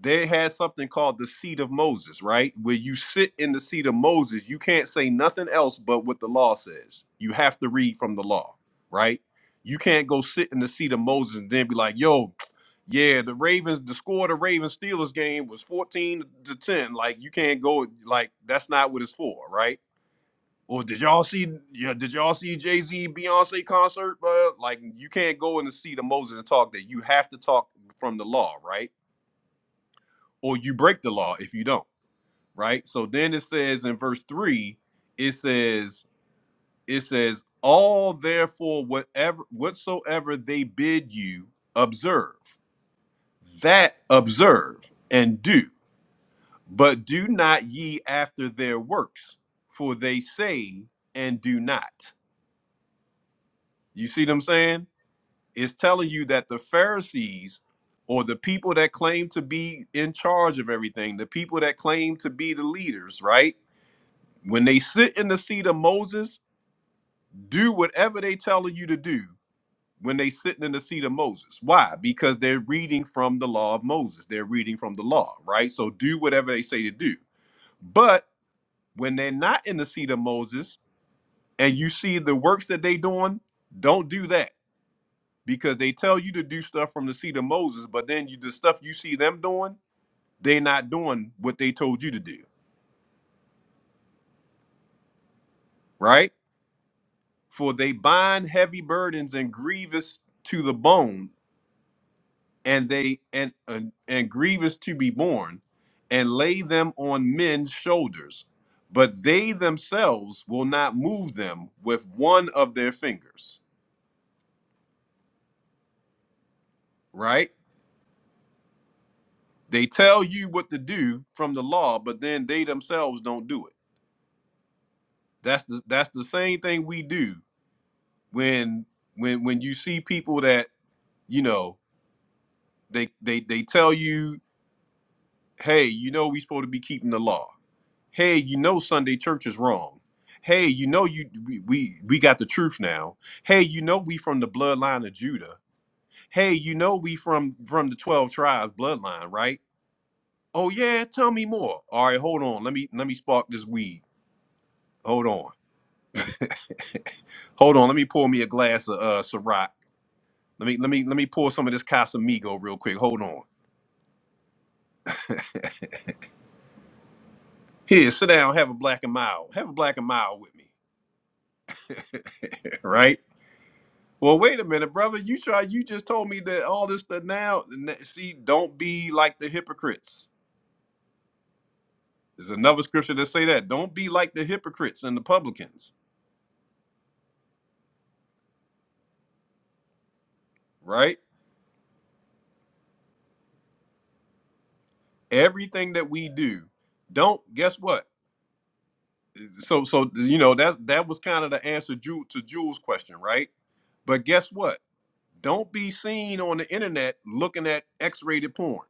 they had something called the seat of Moses, right? Where you sit in the seat of Moses, you can't say nothing else but what the law says. You have to read from the law, right? You can't go sit in the seat of Moses and then be like, yo, yeah, the Ravens, the score of the Ravens Steelers game was 14 to 10. Like, you can't go, like, that's not what it's for, right? Or did y'all see, yeah, did y'all see Jay Z Beyonce concert? But like, you can't go in the seat of Moses and talk that. You have to talk from the law, right? or you break the law if you don't, right? So then it says in verse 3, it says it says all therefore whatever whatsoever they bid you observe, that observe and do. But do not ye after their works, for they say and do not. You see what I'm saying? It's telling you that the Pharisees or the people that claim to be in charge of everything, the people that claim to be the leaders, right? When they sit in the seat of Moses, do whatever they telling you to do when they sitting in the seat of Moses. Why? Because they're reading from the law of Moses. They're reading from the law, right? So do whatever they say to do. But when they're not in the seat of Moses and you see the works that they doing, don't do that because they tell you to do stuff from the seat of Moses, but then you the stuff you see them doing, they are not doing what they told you to do, right? For they bind heavy burdens and grievous to the bone and they and, and and grievous to be borne and lay them on men's shoulders but they themselves will not move them with one of their fingers right they tell you what to do from the law but then they themselves don't do it that's the that's the same thing we do when when when you see people that you know they they they tell you hey you know we supposed to be keeping the law hey you know sunday church is wrong hey you know you we we, we got the truth now hey you know we from the bloodline of judah hey you know we from from the 12 tribes bloodline right oh yeah tell me more all right hold on let me let me spark this weed hold on hold on let me pour me a glass of uh Ciroc. let me let me let me pour some of this casamigo real quick hold on here sit down have a black and mild have a black and mild with me right Well, wait a minute, brother. You try. You just told me that all this stuff now. n- See, don't be like the hypocrites. There's another scripture that say that. Don't be like the hypocrites and the publicans. Right. Everything that we do, don't. Guess what? So, so you know that's that was kind of the answer Ju- to Jules' question, right? But guess what? Don't be seen on the internet looking at X-rated porn.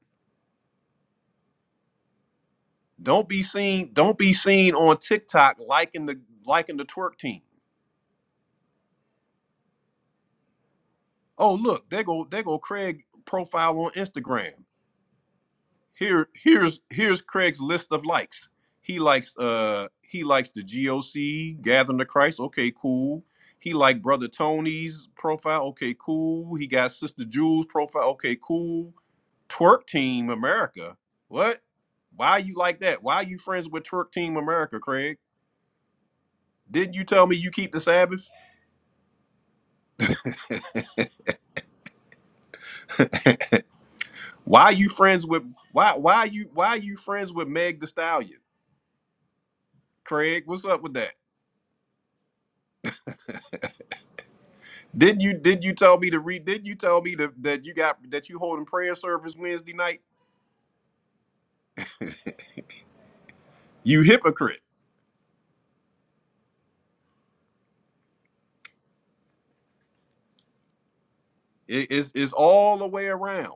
Don't be seen. Don't be seen on TikTok liking the liking the twerk team. Oh, look, there go there go Craig profile on Instagram. Here here's here's Craig's list of likes. He likes uh he likes the GOC, Gathering to Christ. Okay, cool. He like brother Tony's profile. Okay, cool. He got sister Jules profile. Okay, cool. Twerk Team America. What? Why you like that? Why you friends with Twerk Team America, Craig? Didn't you tell me you keep the Sabbath? Why you friends with why why you why you friends with Meg the Stallion? Craig, what's up with that? Didn't you did you tell me to read? did you tell me to, that you got that you holding prayer service Wednesday night? You hypocrite! It- it's it's all the way around.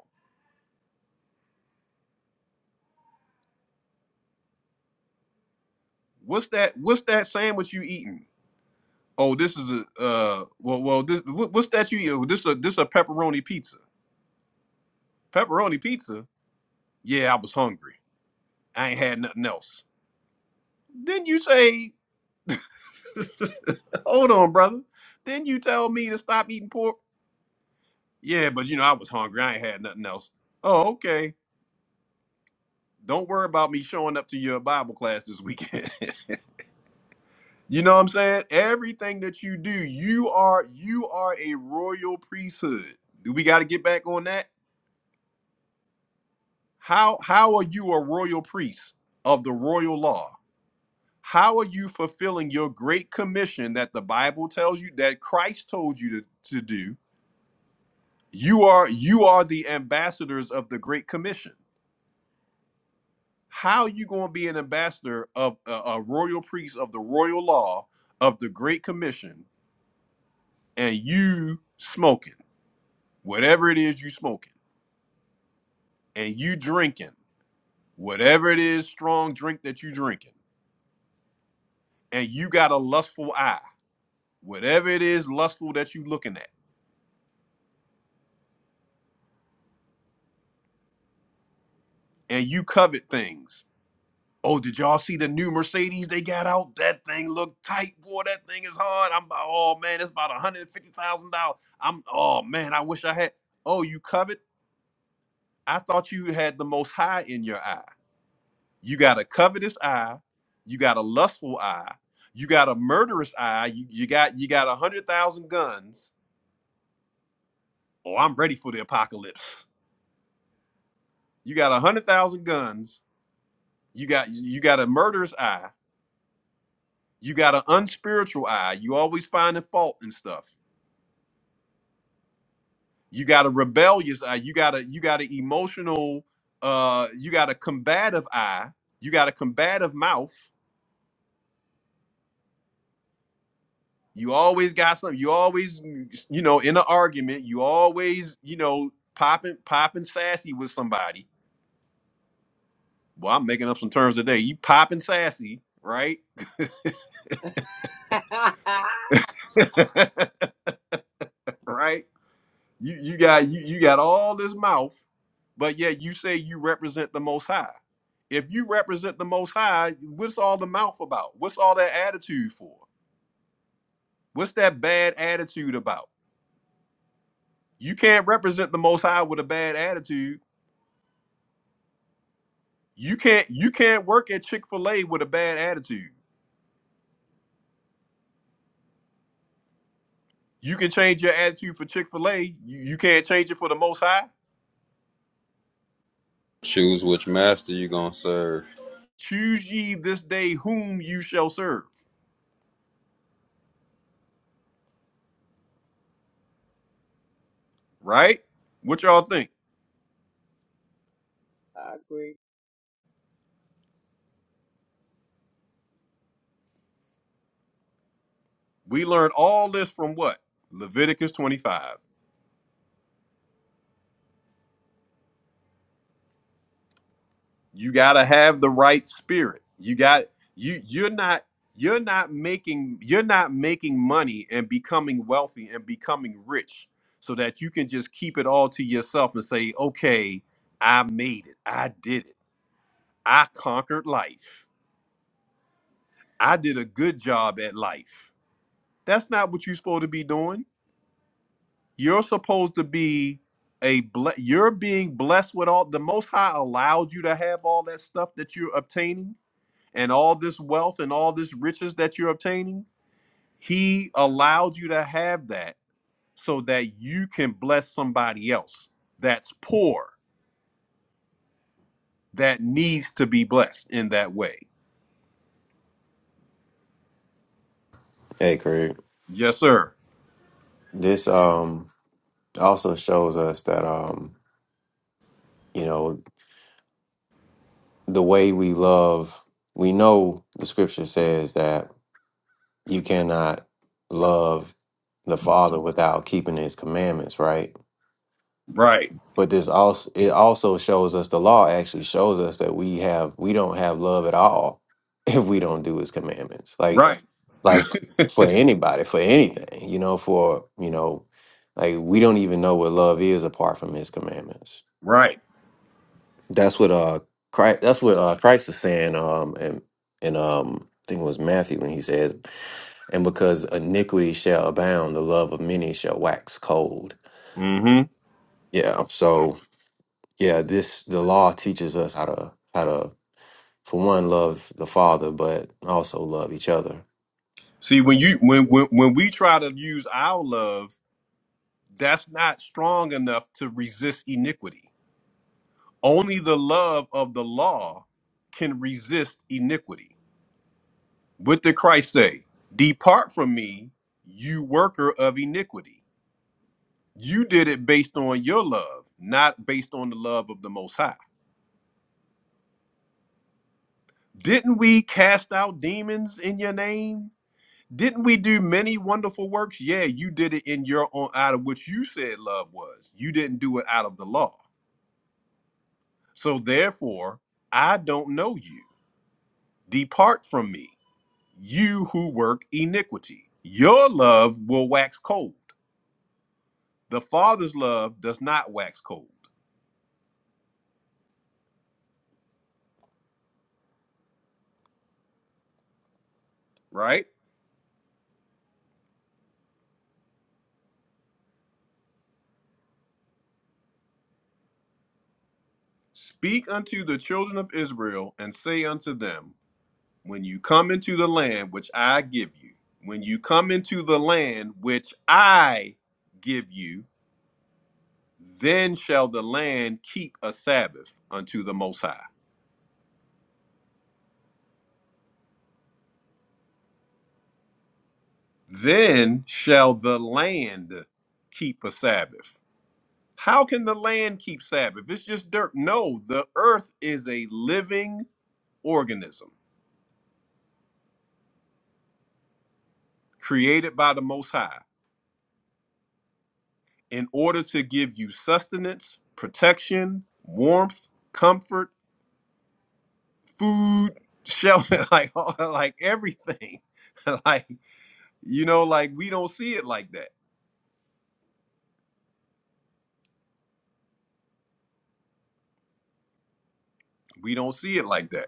What's that? What's that sandwich you eating? Oh, this is a uh. Well, well, this what, what's that you eat? Oh, this a this a pepperoni pizza. Pepperoni pizza. Yeah, I was hungry. I ain't had nothing else. Didn't you say? Hold on, brother. Didn't you tell me to stop eating pork? Yeah, but you know I was hungry. I ain't had nothing else. Oh, okay. Don't worry about me showing up to your Bible class this weekend. you know what I'm saying? Everything that you do, you are you are a royal priesthood. Do we got to get back on that? How how are you a royal priest of the royal law? How are you fulfilling your great commission that the Bible tells you that Christ told you to, to do? You are you are the ambassadors of the great commission. How you going to be an ambassador of a, a royal priest of the royal law of the great commission and you smoking whatever it is you smoking and you drinking whatever it is strong drink that you drinking and you got a lustful eye whatever it is lustful that you looking at and you covet things oh did y'all see the new mercedes they got out that thing look tight boy that thing is hard i'm about oh man it's about $150000 i'm oh man i wish i had oh you covet i thought you had the most high in your eye You got a covetous eye, you got a lustful eye, you got a murderous eye, you, you got you got a hundred thousand guns. Oh, I'm ready for the apocalypse. You got a hundred thousand guns, you got you got a murderous eye, you got an unspiritual eye, you always finding fault and stuff. You got a rebellious eye, you got a you got an emotional uh you got a combative eye, you got a combative mouth, You always got something. You always, you know, in an argument, you always, you know, popping popping sassy with somebody. Well, I'm making up some terms today. You popping sassy, right?
I
right? You you got you you got all this mouth, but yet you say you represent the most high. If you represent the most high, what's all the mouth about? What's all that attitude for? What's that bad attitude about? You can't represent the most high with a bad attitude You can't you can't work at Chick-fil-A with a bad attitude. You can change your attitude for Chick-fil-A. You, you can't change it for the most high.
choose which master you gonna serve.
Choose ye this day whom you shall serve. Right? What y'all think?
agree.
We learned all this from what? Leviticus 25. you got to have the right spirit you got you you're not you're not making you're not making money and becoming wealthy and becoming rich so that you can just keep it all to yourself and say okay i made it i did it i conquered life i did a good job at life that's not what you're supposed to be doing you're supposed to be a ble- you're being blessed with all the most high allowed you to have all that stuff that you're obtaining and all this wealth and all this riches that you're obtaining, he allowed you to have that so that you can bless somebody else that's poor that needs to be blessed in that way.
Hey, Craig.
Yes, sir.
This um also shows us that um you know the way we love. We know the scripture says that you cannot love the father without keeping his commandments right
Right.
but this also it also shows us the law actually shows us that we have we don't have love at all if we don't do his commandments like
Right.
like for anybody for anything you know for you know like we don't even know what love is apart from his commandments
Right.
that's what uh christ that's what uh christ is saying um and and um i think it was matthew when he says And because iniquity shall abound, the love of many shall wax cold.
Mm-hmm.
Yeah. So yeah, this the law teaches us how to how to for one love the Father, but also love each other.
See, when you when, when when we try to use our love, that's not strong enough to resist iniquity. Only the love of the law can resist iniquity. What did Christ say? Depart from me, you worker of iniquity. You did it based on your love, not based on the love of the Most High. Didn't we cast out demons in your name? Didn't we do many wonderful works? Yeah, you did it in your own out of which you said love was. You didn't do it out of the law. So therefore, I don't know you. Depart from me, you who work iniquity. Your love will wax cold. The Father's love does not wax cold, right? Speak unto the children of Israel and say unto them, When you come into the land which I give you, when you come into the land which I give you, then shall the land keep a Sabbath unto the Most High. Then shall the land keep a Sabbath. How can the land keep Sabbath? It's just dirt. No, the earth is a living organism created by the Most High in order to give you sustenance, protection, warmth, comfort, food, shelter, like all, like everything. like you know, like we don't see it like that. We don't see it like that.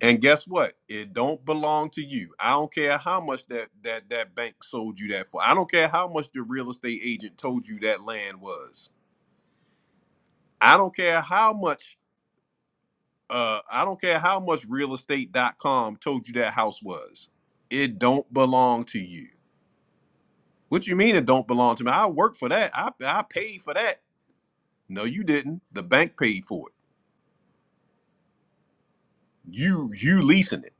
And guess what? It don't belong to you. I don't care how much that that that bank sold you that for. I don't care how much the real estate agent told you that land was. I don't care how much uh I don't care how much real estate dot com told you that house was. It don't belong to you. What you mean it don't belong to me? I worked for that. I I paid for that. No, you didn't. The bank paid for it. You you leasing it.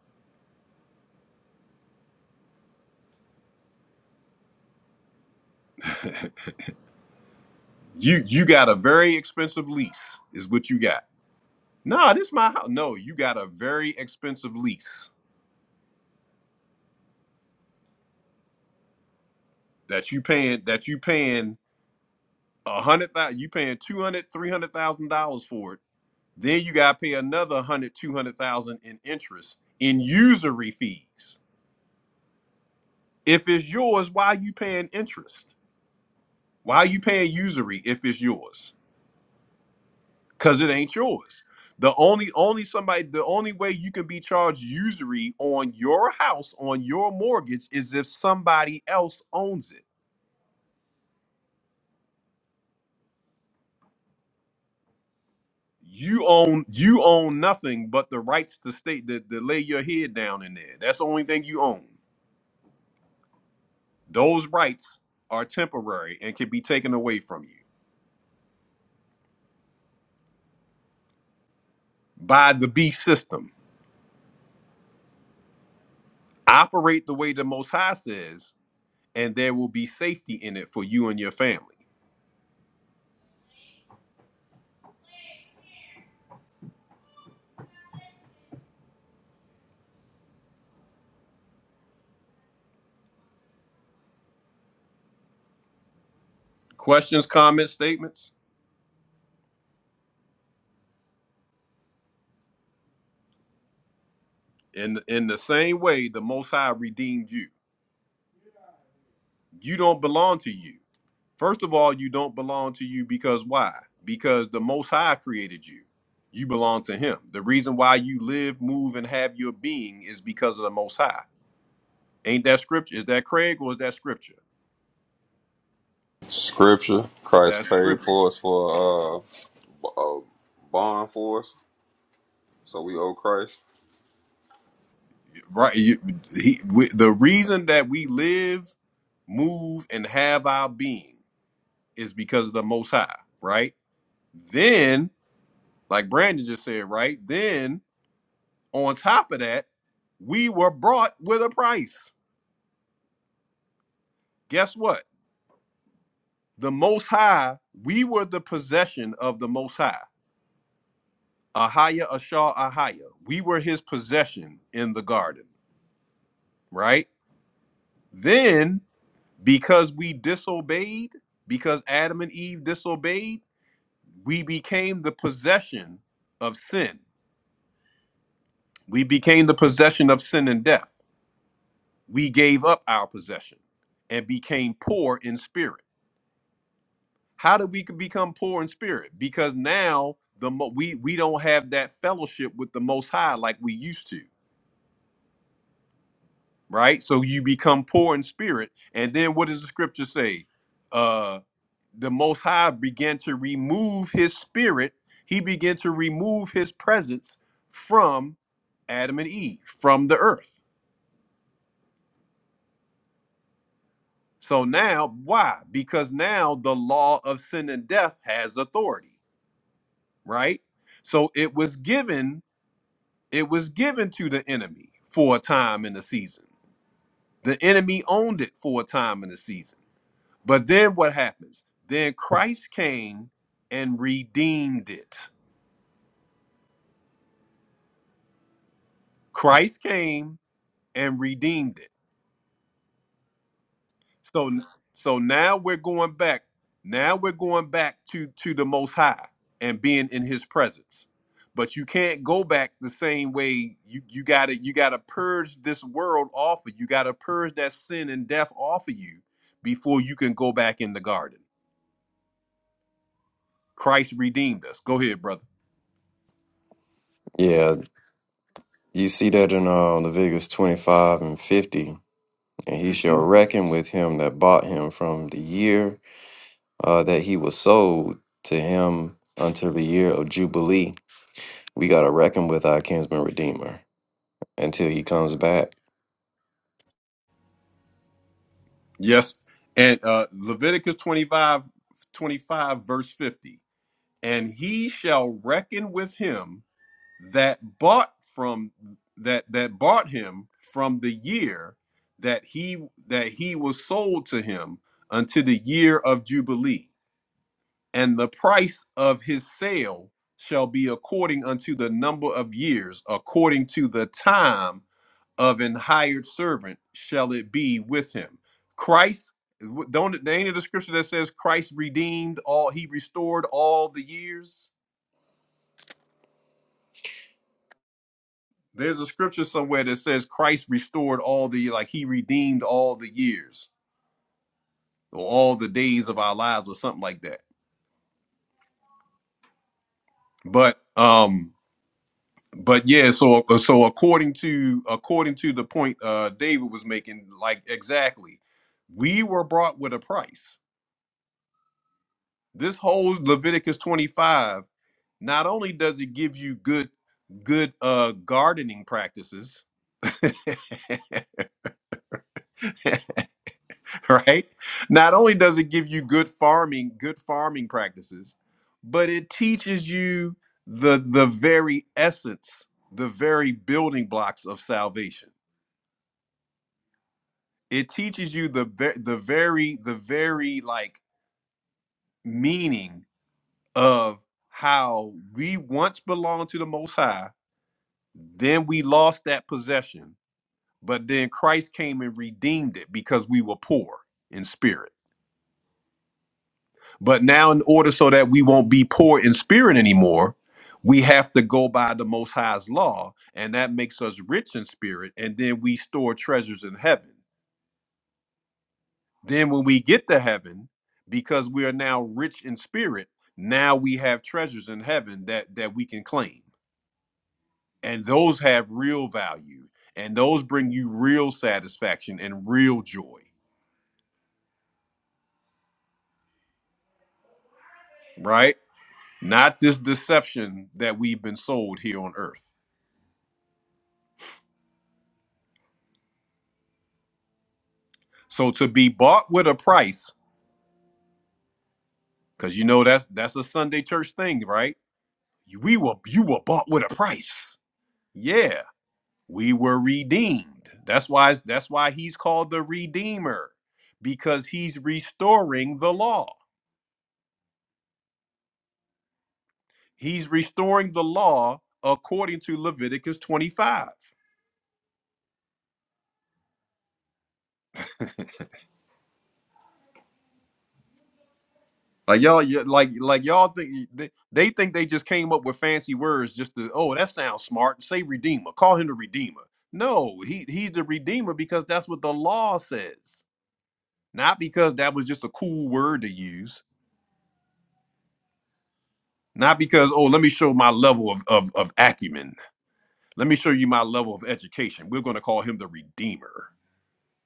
You you got a very expensive lease is what you got. No, this my house. No, you got a very expensive lease that you paying that you paying a hundred thousand you paying two hundred, three hundred thousand dollars for it Then you got to pay another hundred, two hundred thousand in interest in usury fees. If it's yours, why are you paying interest? Why are you paying usury if it's yours? Cuz it ain't yours. The only only somebody the only way you can be charged usury on your house on your mortgage is if somebody else owns it. You own you own nothing but the rights to state to, to lay your head down in there. That's the only thing you own. Those rights are temporary and can be taken away from you by the beast system. Operate the way the Most High says, and there will be safety in it for you and your family. Questions, comments, statements? In, in the same way, the Most High redeemed you. You don't belong to you. First of all, you don't belong to you because why? Because the Most High created you. You belong to Him. The reason why you live, move, and have your being is because of the Most High. Ain't that scripture? Is that Craig or is that scripture?
Scripture, Christ
That
paid
scripture,
for us for uh, b- a bond for us, so we owe Christ.
right? You, he, we, the reason that we live, move, and have our being is because of the Most High, right? Then, like Brandon just said, right? Then, on top of that, we were brought with a price. Guess what? The Most High, we were the possession of the Most High. Ahaya Ashar Ahaya. We were his possession in the garden, right? Then Because we disobeyed, because Adam and Eve disobeyed, we became the possession of sin. We became the possession of sin and death. We gave up our possession and became poor in spirit. How did we become poor in spirit? Because now the mo- we we don't have that fellowship with the Most High like we used to, right? So you become poor in spirit, and then what does the scripture say? Uh, the Most High began to remove his spirit, he began to remove his presence from Adam and Eve, from the earth. So now, why? Because now the law of sin and death has authority, right? So it was given, it was given to the enemy for a time in the season. The enemy owned it for a time in the season. But then what happens? Then Christ came and redeemed it. Christ came and redeemed it. So so now we're going back. Now we're going back to to the most high and being in his presence. But you can't go back the same way you you got to you got to purge this world off of you. Got to purge that sin and death off of you before you can go back in the garden. Christ redeemed us. Go ahead, brother.
Yeah, you see that in uh, Leviticus twenty five and fifty, and he shall
Mhm.
reckon with him that bought him from the year uh, that he was sold to him until the year of jubilee. We gotta reckon with our kinsman redeemer until he comes back.
Yes. And uh Leviticus 25, 25, verse 50. And he shall reckon with him that bought from that that bought him from the year that he that he was sold to him unto the year of jubilee and the price of his sale shall be according unto the number of years according to the time of an hired servant shall it be with him christ w- don't there ain't a description that says christ redeemed all he restored all the years There's a scripture somewhere that says Christ restored all the like he redeemed all the years or all the days of our lives or something like that. But um but yeah, so so according to according to the point uh David was making, like exactly, we were brought with a price. This whole Leviticus 25, not only does it give you good good uh gardening practices, right? Not only does it give you good farming, good farming practices, but it teaches you the the very essence, the very building blocks of salvation. It teaches you the ve- the very the very like meaning of how we once belonged to the most high, then we lost that possession, but then Christ came and redeemed it because we were poor in spirit But now, in order so that we won't be poor in spirit anymore, we have to go by the Most High's law, and that makes us rich in spirit. And then we store treasures in heaven. Then, when we get to heaven, because we are now rich in spirit, now we have treasures in heaven that that we can claim, and those have real value, and those bring you real satisfaction and real joy, right? Not this deception that we've been sold here on earth. So to be bought with a price, because you know that's that's a Sunday church thing, right? You- We were you were bought with a price. Yeah, we were redeemed. That's why that's why he's called the redeemer, because he's restoring the law. He's restoring the law according to Leviticus 25. Like y'all, you- like like y'all think they, they think they just came up with fancy words just to oh that sounds smart. Say redeemer, call him the redeemer. No, he he's the redeemer because that's what the law says, not because that was just a cool word to use. Not because oh let me show my level of of, of acumen. Let me show you my level of education. We're going to call him the redeemer.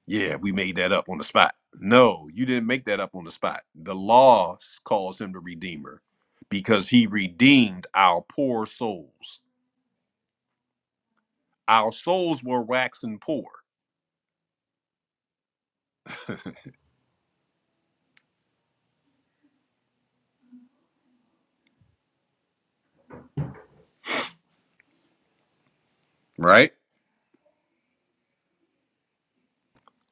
Yeah, we made that up on the spot. No, you didn't make that up on the spot. The law s- calls him the Redeemer because he redeemed our poor souls. Our souls were waxing poor, right?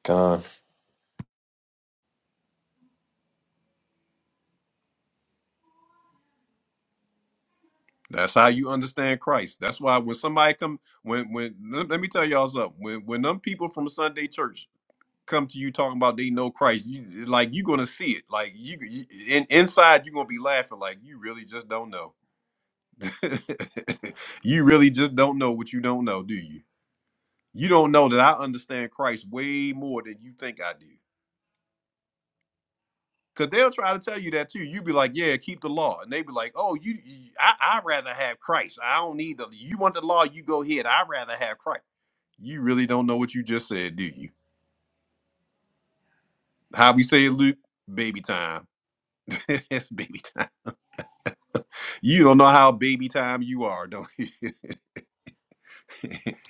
Con.
That's how you understand Christ. That's why when somebody come, when when let let me tell y'all something. When when them people from Sunday church come to you talking about they know Christ, you like you are gonna see it. Like you, you in, inside you are gonna be laughing. Like you really just don't know. you really just don't know what you don't know, do you? You don't know that I understand Christ way more than you think I do. Cause they'll try to tell you that too. You would be like, "Yeah, keep the law," and they be like, "Oh, you, you I, I rather have Christ. I don't need the. You want the law? You go ahead. I rather have Christ." You really don't know what you just said, do you? How we say it, Luke? Baby time. it's baby time. You don't know how baby time you are, don't you?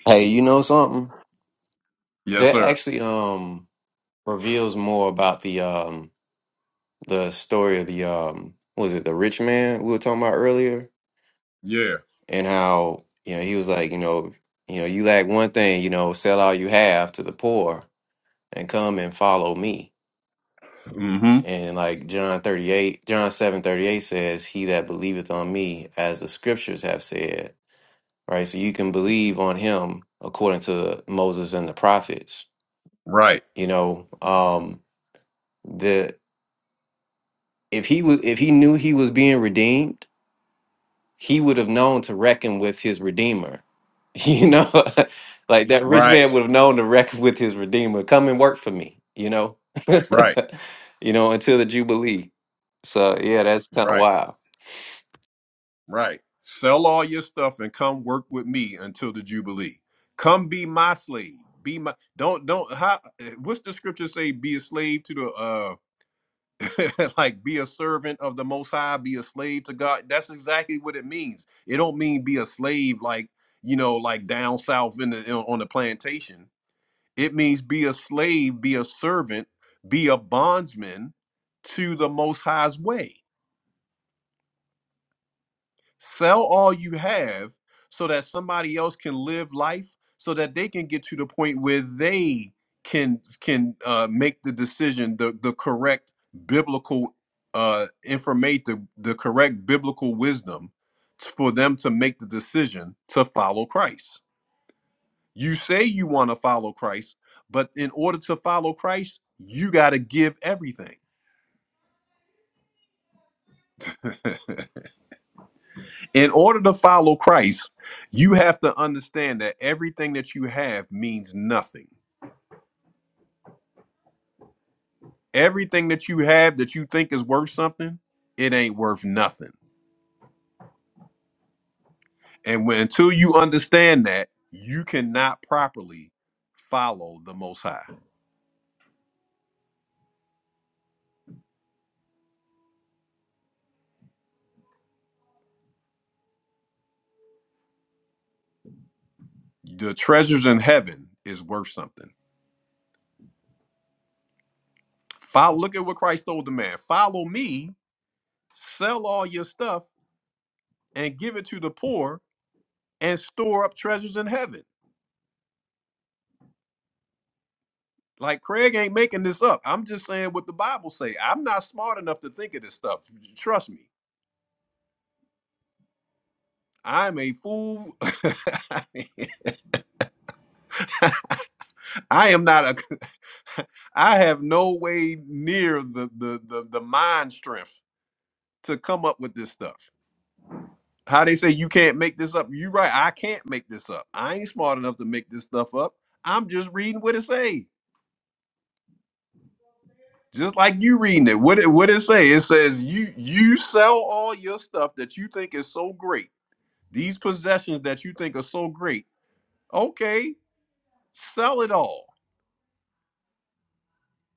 Hey, you know something?
Yes,
That
sir.
actually um reveals more about the um the story of the um what was it the rich man we were talking about earlier
Yeah.
and how you know he was like you know you know you lack one thing you know sell all you have to the poor and come and follow me
Mm-hmm.
and like John 38 John 7 38 says he that believeth on me as the scriptures have said right so you can believe on him according to Moses and the prophets
Right.
you know um the If he was, if he knew he was being redeemed, he would have known to reckon with his redeemer. You know, like that rich man
Right.
would have known to reckon with his redeemer. Come and work for me. You know,
Right.
you know until the jubilee. So yeah, that's kind of
Right.
wild.
Right. Sell all your stuff and come work with me until the Jubilee. Come be my slave. Be my don't don't how what's the scripture say? Be a slave to the uh like be a servant of the most high, be a slave to God. That's exactly what it means. It don't mean be a slave like you know, like down south in the in- on the plantation. It means be a slave, be a servant, be a bondsman to the most high's way. Sell all you have so that somebody else can live life so that they can get to the point where they can can uh, make the decision the the correct biblical uh information the, the correct biblical wisdom t- for them to make the decision to follow Christ. You say you want to follow Christ, but in order to follow Christ, you got to give everything. in order to follow Christ, you have to understand that everything that you have means nothing. Everything that you have that you think is worth something, it ain't worth nothing. And when, until you understand that, you cannot properly follow the Most High. The treasures in heaven is worth something. Follow, look at what Christ told the man follow me, sell all your stuff, and give it to the poor, and store up treasures in heaven. Like Craig ain't making this up. I'm just saying what the Bible say. I'm not smart enough to think of this stuff. Trust me. I'm a fool. I am not a I have no way near the the the, the mind strength to come up with this stuff. How they say you can't make this up. You right. I can't make this up. I ain't smart enough to make this stuff up. I'm just reading what it say. Just like you reading it. What it what it say? It says you you sell all your stuff that you think is so great These possessions that you think are so great, okay, sell it all.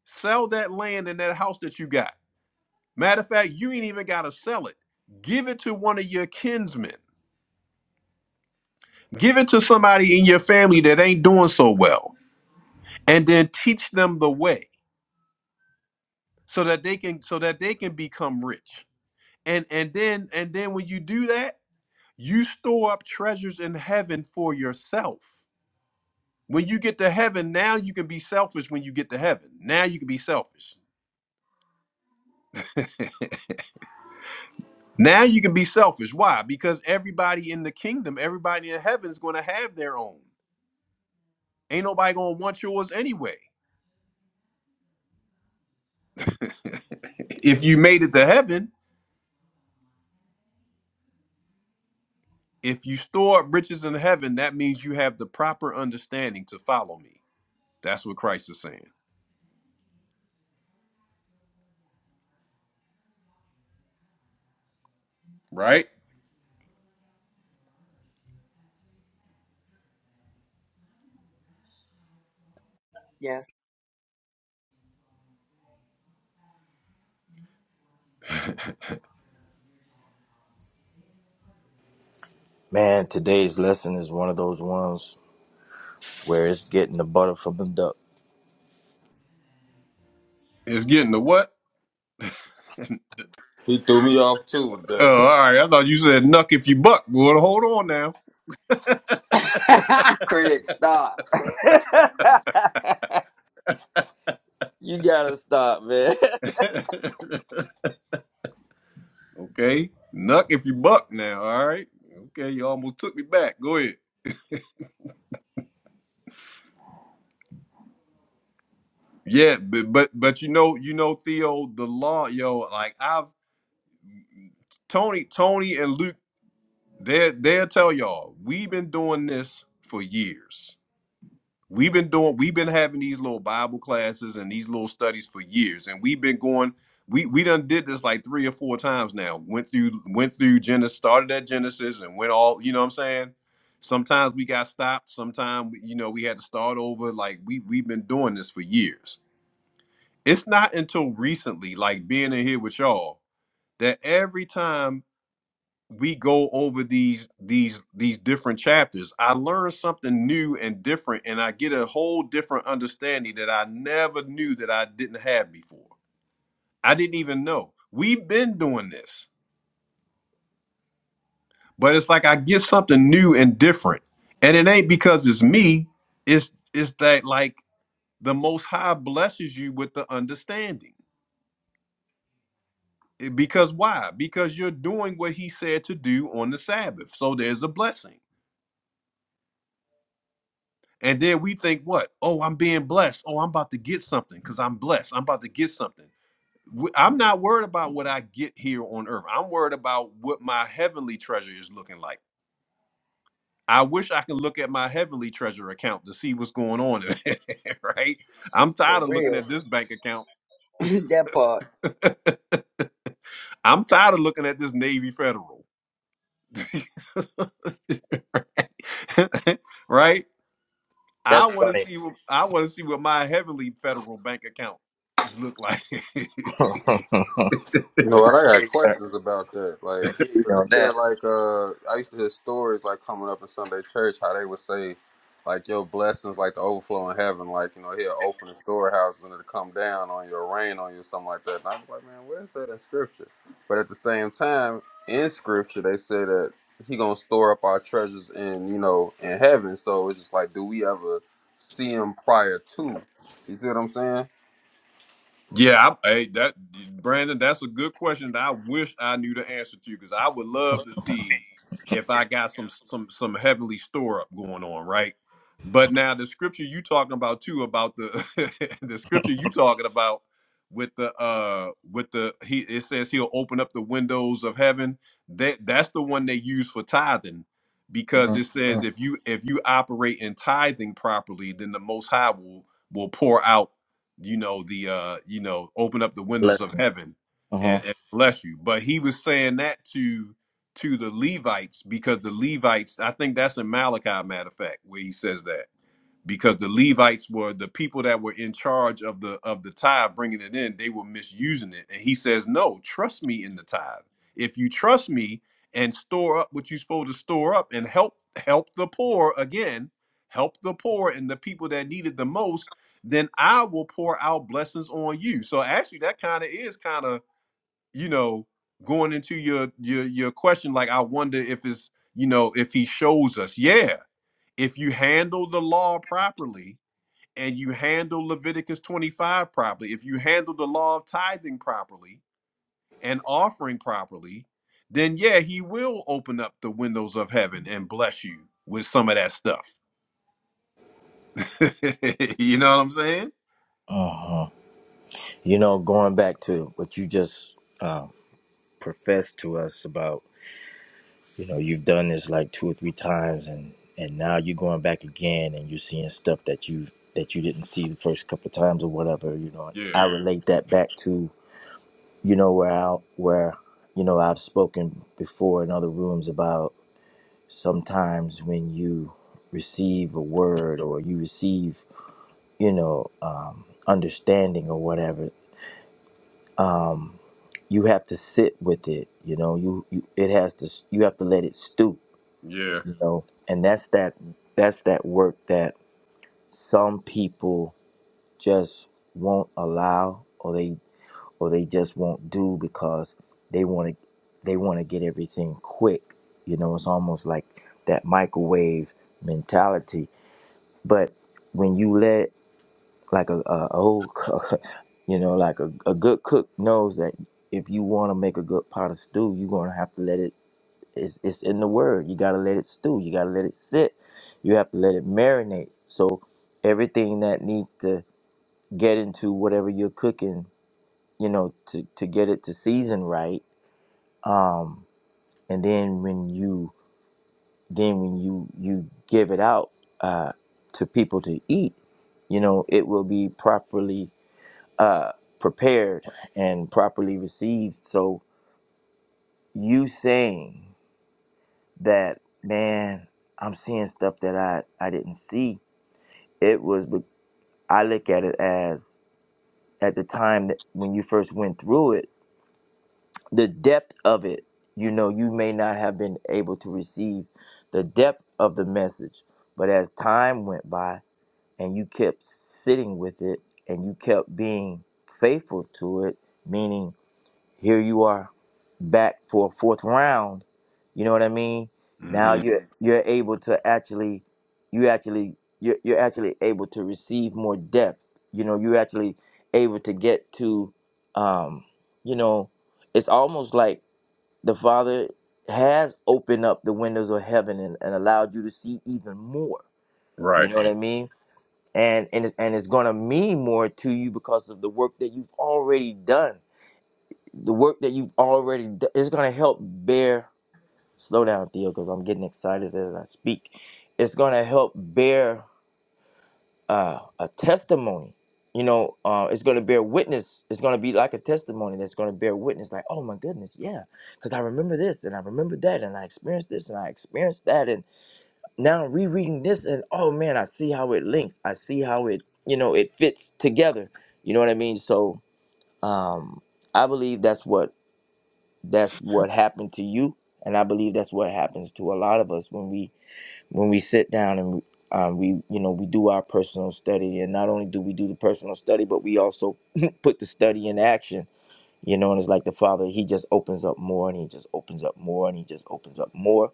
Sell that land and that house that you got. Matter of fact, you ain't even got to sell it. Give it to one of your kinsmen. Give it to somebody in your family that ain't doing so well, and then teach them the way so that they can so that they can become rich. And and then and then when you do that, you store up treasures in heaven for yourself. When you get to heaven, now you can be selfish when you get to heaven. Now you can be selfish. Now you can be selfish. Why? Because everybody in the kingdom, everybody in heaven is going to have their own. Ain't nobody going to want yours anyway. If you made it to heaven, if you store up riches in heaven, that means you have the proper understanding to follow me. That's what Christ is saying, right?
Yes.
Man, today's lesson is one of those ones where it's getting the butter from the duck.
It's getting to what?
He threw me off too with that.
Oh, all right. I thought you said knuck if you buck. Well, hold on now.
Craig, stop. you gotta stop, man.
okay. knuck if you buck now. All right. Okay. You almost took me back. Go ahead. Yeah, but but but you know, you know, Theo, the law, yo, like I've Tony, Tony and Luke, they they'll tell y'all, we've been doing this for years. We've been doing we've been having these little Bible classes and these little studies for years. And we've been going, we we done did this like three or four times now. Went through went through Genesis, started at Genesis and went all, you know what I'm saying? Sometimes we got stopped, sometimes you know, we had to start over. Like we we've been doing this for years it's not until recently, like being in here with y'all, that every time we go over these these these different chapters, I learn something new and different, and I get a whole different understanding that I never knew that I didn't have before. I didn't even know. We've been doing this, but it's like I get something new and different. And it ain't because it's me, it's it's that like the most high blesses you with the understanding Because why? Because you're doing what he said to do on the Sabbath. So there's a blessing. And then we think, what? Oh, I'm being blessed. Oh, I'm about to get something because I'm blessed. I'm about to get something. i I'm not worried about what I get here on earth. I'm worried about what my heavenly treasure is looking like. I wish I could look at my heavenly treasure account to see what's going on, in it, right? I'm
For
tired of looking
real.
at this bank account.
that part.
I'm tired of looking at this Navy Federal, right? I
That's
want to
funny.
see. what- I want to see what my heavenly federal bank account look like.
I
You know what? I
hear
got
you
questions about that.
I
Like,
hear you
cause
on
it's that
that.
like uh, I used to hear stories like coming up in Sunday church how they would say like your blessings like the overflow in heaven, like you know he'll open the storehouses and it'll come down on you, rain on you, or something like that. And I was like, man, where's that in scripture? But at the same time, in scripture they say that he gonna store up our treasures in you know in heaven. So it's just like, do we ever see him prior to? You see what I'm saying?
Yeah, I, hey, that Brandon, that's a good question. that I wish I knew the answer to because I would love to see if I got some some some heavenly store up going on, right? But now the scripture you talking about too about the the scripture you talking about with the uh with the he it says he'll open up the windows of heaven. That that's the one they use for tithing because
Mhm.
it says if you if you operate in tithing properly, then the Most High will will pour out you know the uh you know open up the windows of
Lesson.
heaven
Uh-huh.
and, and bless you but he was saying that to to the levites because the levites i think that's in malachi matter of fact where he says that because the Levites were the people that were in charge of the of the tithe, bringing it in. They were misusing it, and he says, "No, trust me in the tithe. If you trust me and store up what you're supposed to store up, and help help the poor again, help the poor and the people that need it the most, then I will pour out blessings on you." So actually, that kind of is kind of you know going into your your your question. Like I wonder if it's you know if he shows us, yeah, if you handle the law properly and you handle Leviticus 25 properly, if you handle the law of tithing properly and offering properly, then yeah, he will open up the windows of heaven and bless you with some of that stuff. you know what I'm saying?
Uh-huh. You know, going back to what you just uh, professed to us about you know you've done this like two or three times and and now you're going back again and you're seeing stuff that you that you didn't see the first couple of times or whatever you know
Yeah,
i relate that back to you know where i where you know i've spoken before in other rooms about sometimes when you receive a word or you receive you know um, understanding or whatever um, you have to sit with it you know you, you it has to you have to let it stew
yeah.
you know and that's that that's that work that some people just won't allow or they or they just won't do because they want to they want to get everything quick you know it's almost like that microwave mentality but when you let like a, a old cook, you know like a, a good cook knows that if you want to make a good pot of stew you're going to have to let it it's, it's in the word. You got to let it stew. You got to let it sit. You have to let it marinate. So everything that needs to get into whatever you're cooking, you know, to, to get it to season right. Um, and then when you then when you you give it out uh, to people to eat, you know, it will be properly uh, prepared and properly received. So you saying. that man i'm seeing stuff that i i didn't see it was be- i look at it as at the time that when you first went through it the depth of it you know you may not have been able to receive the depth of the message but as time went by and you kept sitting with it and you kept being faithful to it meaning Here you are back for a fourth round. You know what I mean? Now
hmm
you're you you're able to actually you actually you're, you're actually able to receive more depth. You know, you're actually able to get to um, you know, it's almost like the Father has opened up the windows of heaven and, and allowed you to see even more. You
Right.
know what I mean? And and it's and it's gonna mean more to you because of the work that you've already done the work that you've already done is going to help bear slow down theo because i'm getting excited as i speak it's going to help bear uh, a testimony you know uh, it's going to bear witness it's going to be like a testimony that's going to bear witness like oh my goodness yeah because i remember this and i remember that and i experienced this and i experienced that and now i'm rereading this and oh man i see how it links i see how it you know it fits together you know what i mean so um, i believe that's what that's what happened to you and i believe that's what happens to a lot of us when we when we sit down and um, we you know we do our personal study and not only do we do the personal study but we also put the study in action you know and it's like the father he just opens up more and he just opens up more and he just opens up more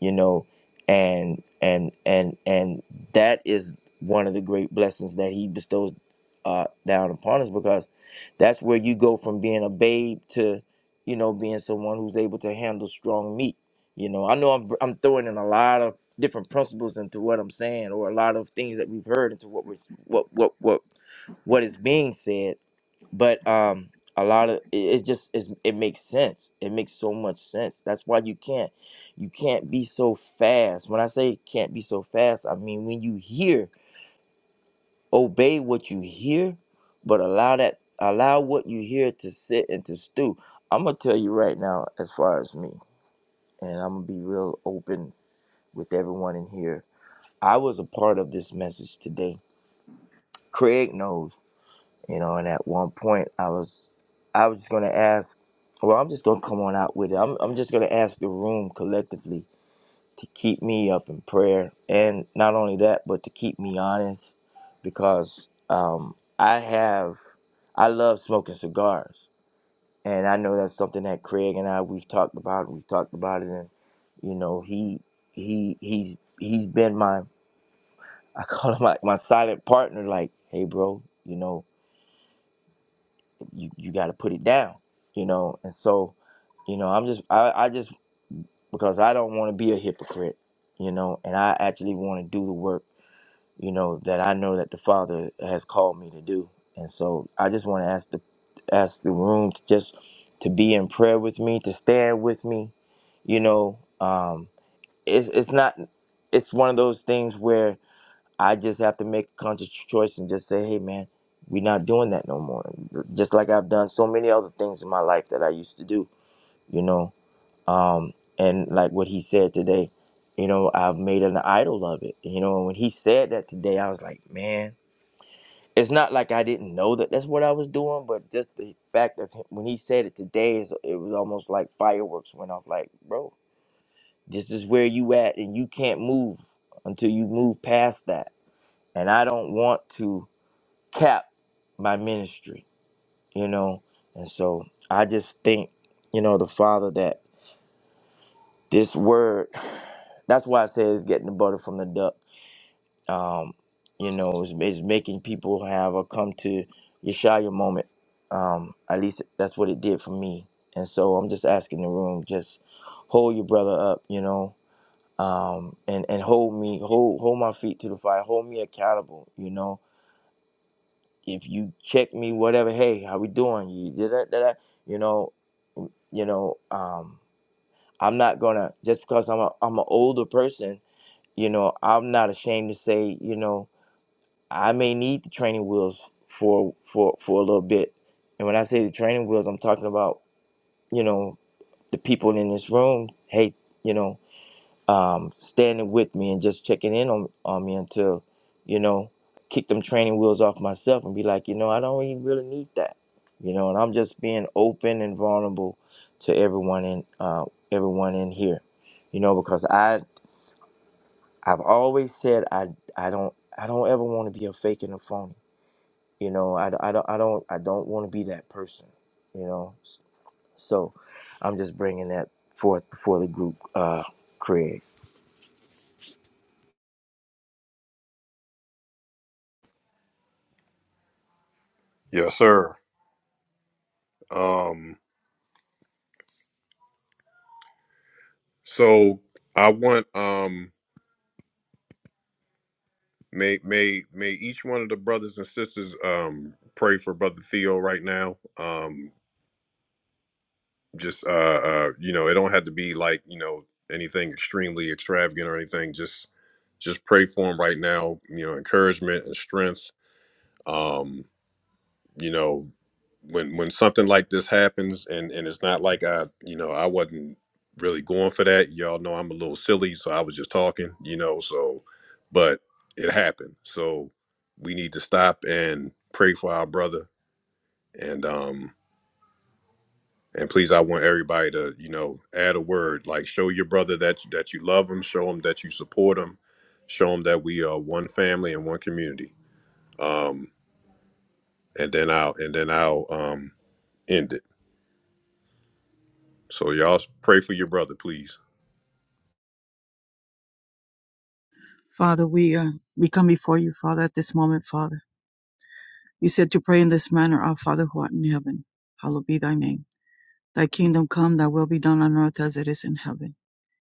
you know and and and and that is one of the great blessings that he bestows uh down upon us because that's where you go from being a babe to you know being someone who's able to handle strong meat you know i know i'm, I'm throwing in a lot of different principles into what i'm saying or a lot of things that we've heard into what we're what what what what is being said, but um, a lot of it, it just it's, it makes sense. It makes so much sense. That's why you can't you can't be so fast. When I say can't be so fast, I mean when you hear, obey what you hear, but allow that allow what you hear to sit and to stew. I'm gonna tell you right now, as far as me, and I'm gonna be real open with everyone in here. I was a part of this message today. Craig knows. you know. And at one point, I was, I was just gonna ask. Well, I'm just gonna come on out with it. I'm, I'm just gonna ask the room collectively to keep me up in prayer, and not only that, but to keep me honest, because um, I have, I love smoking cigars, and I know that's something that Craig and I we've talked about. We've talked about it, and you know, he he he's he's been my I call him like my silent partner. Like, hey, bro, you know you you got to put it down, you know. And so, you know, I'm just I, I just because I don't want to be a hypocrite, you know, and I actually want to do the work, you know, that I know that the Father has called me to do. And so, I just want to ask the ask the room to just to be in prayer with me, to stand with me, you know. Um, it's it's not it's one of those things where I just have to make a conscious choice and just say, hey, man, we're not doing that no more. Just like I've done so many other things in my life that I used to do, you know. Um, and like what he said today, you know, I've made an idol of it. You know, and when he said that today, I was like, man, it's not like I didn't know that that's what I was doing, but just the fact of him, when he said it today, is it was almost like fireworks went off. Like, bro, this is where you at, and you can't move until you move past that. And I don't want to cap my ministry, you know. And so I just think, you know, the Father that this word, that's why I say it's getting the butter from the duck. Um, you know, it's, it's making people have a come to Yeshaya moment. Um, at least that's what it did for me. And so I'm just asking the room, just hold your brother up, you know, um, and, and hold me, hold, hold my feet to the fire, hold me accountable, you know if you check me, whatever, hey, how we doing? You did that, that, that, you know, you know, um, I'm not gonna just because I'm a I'm an older person, you know, I'm not ashamed to say, you know, I may need the training wheels for for for a little bit. And when I say the training wheels, I'm talking about, you know, the people in this room. Hey, you know um, standing with me and just checking in on, on me until, you know, kick them training wheels off myself and be like, you know, I don't even really need that, you know. And I'm just being open and vulnerable to everyone in uh, everyone in here, you know, because I I've always said I I don't I don't ever want to be a fake and a phony, you know. I, I don't I don't I don't want to be that person, you know. So I'm just bringing that forth before the group, uh, Craig,
Yes, sir. Um, so I want. Um, May may may each one of the brothers and sisters um pray for brother Theo right now. Um just uh uh you know, it don't have to be like, you know, anything extremely extravagant or anything. Just just pray for him right now, you know, encouragement and strength. Um you know when when something like this happens and and it's not like i you know i wasn't really going for that y'all know i'm a little silly so i was just talking you know so but it happened so we need to stop and pray for our brother and um and please i want everybody to you know add a word like show your brother that that you love him show him that you support him show him that we are one family and one community um and then i'll and then i'll um end it So y'all pray for your brother, please.
Father, we uh, we come before you, Father, at this moment, Father. You said to pray in this manner, Our Father who art in heaven, hallowed be thy name. Thy kingdom come, thy will be done on earth as it is in heaven.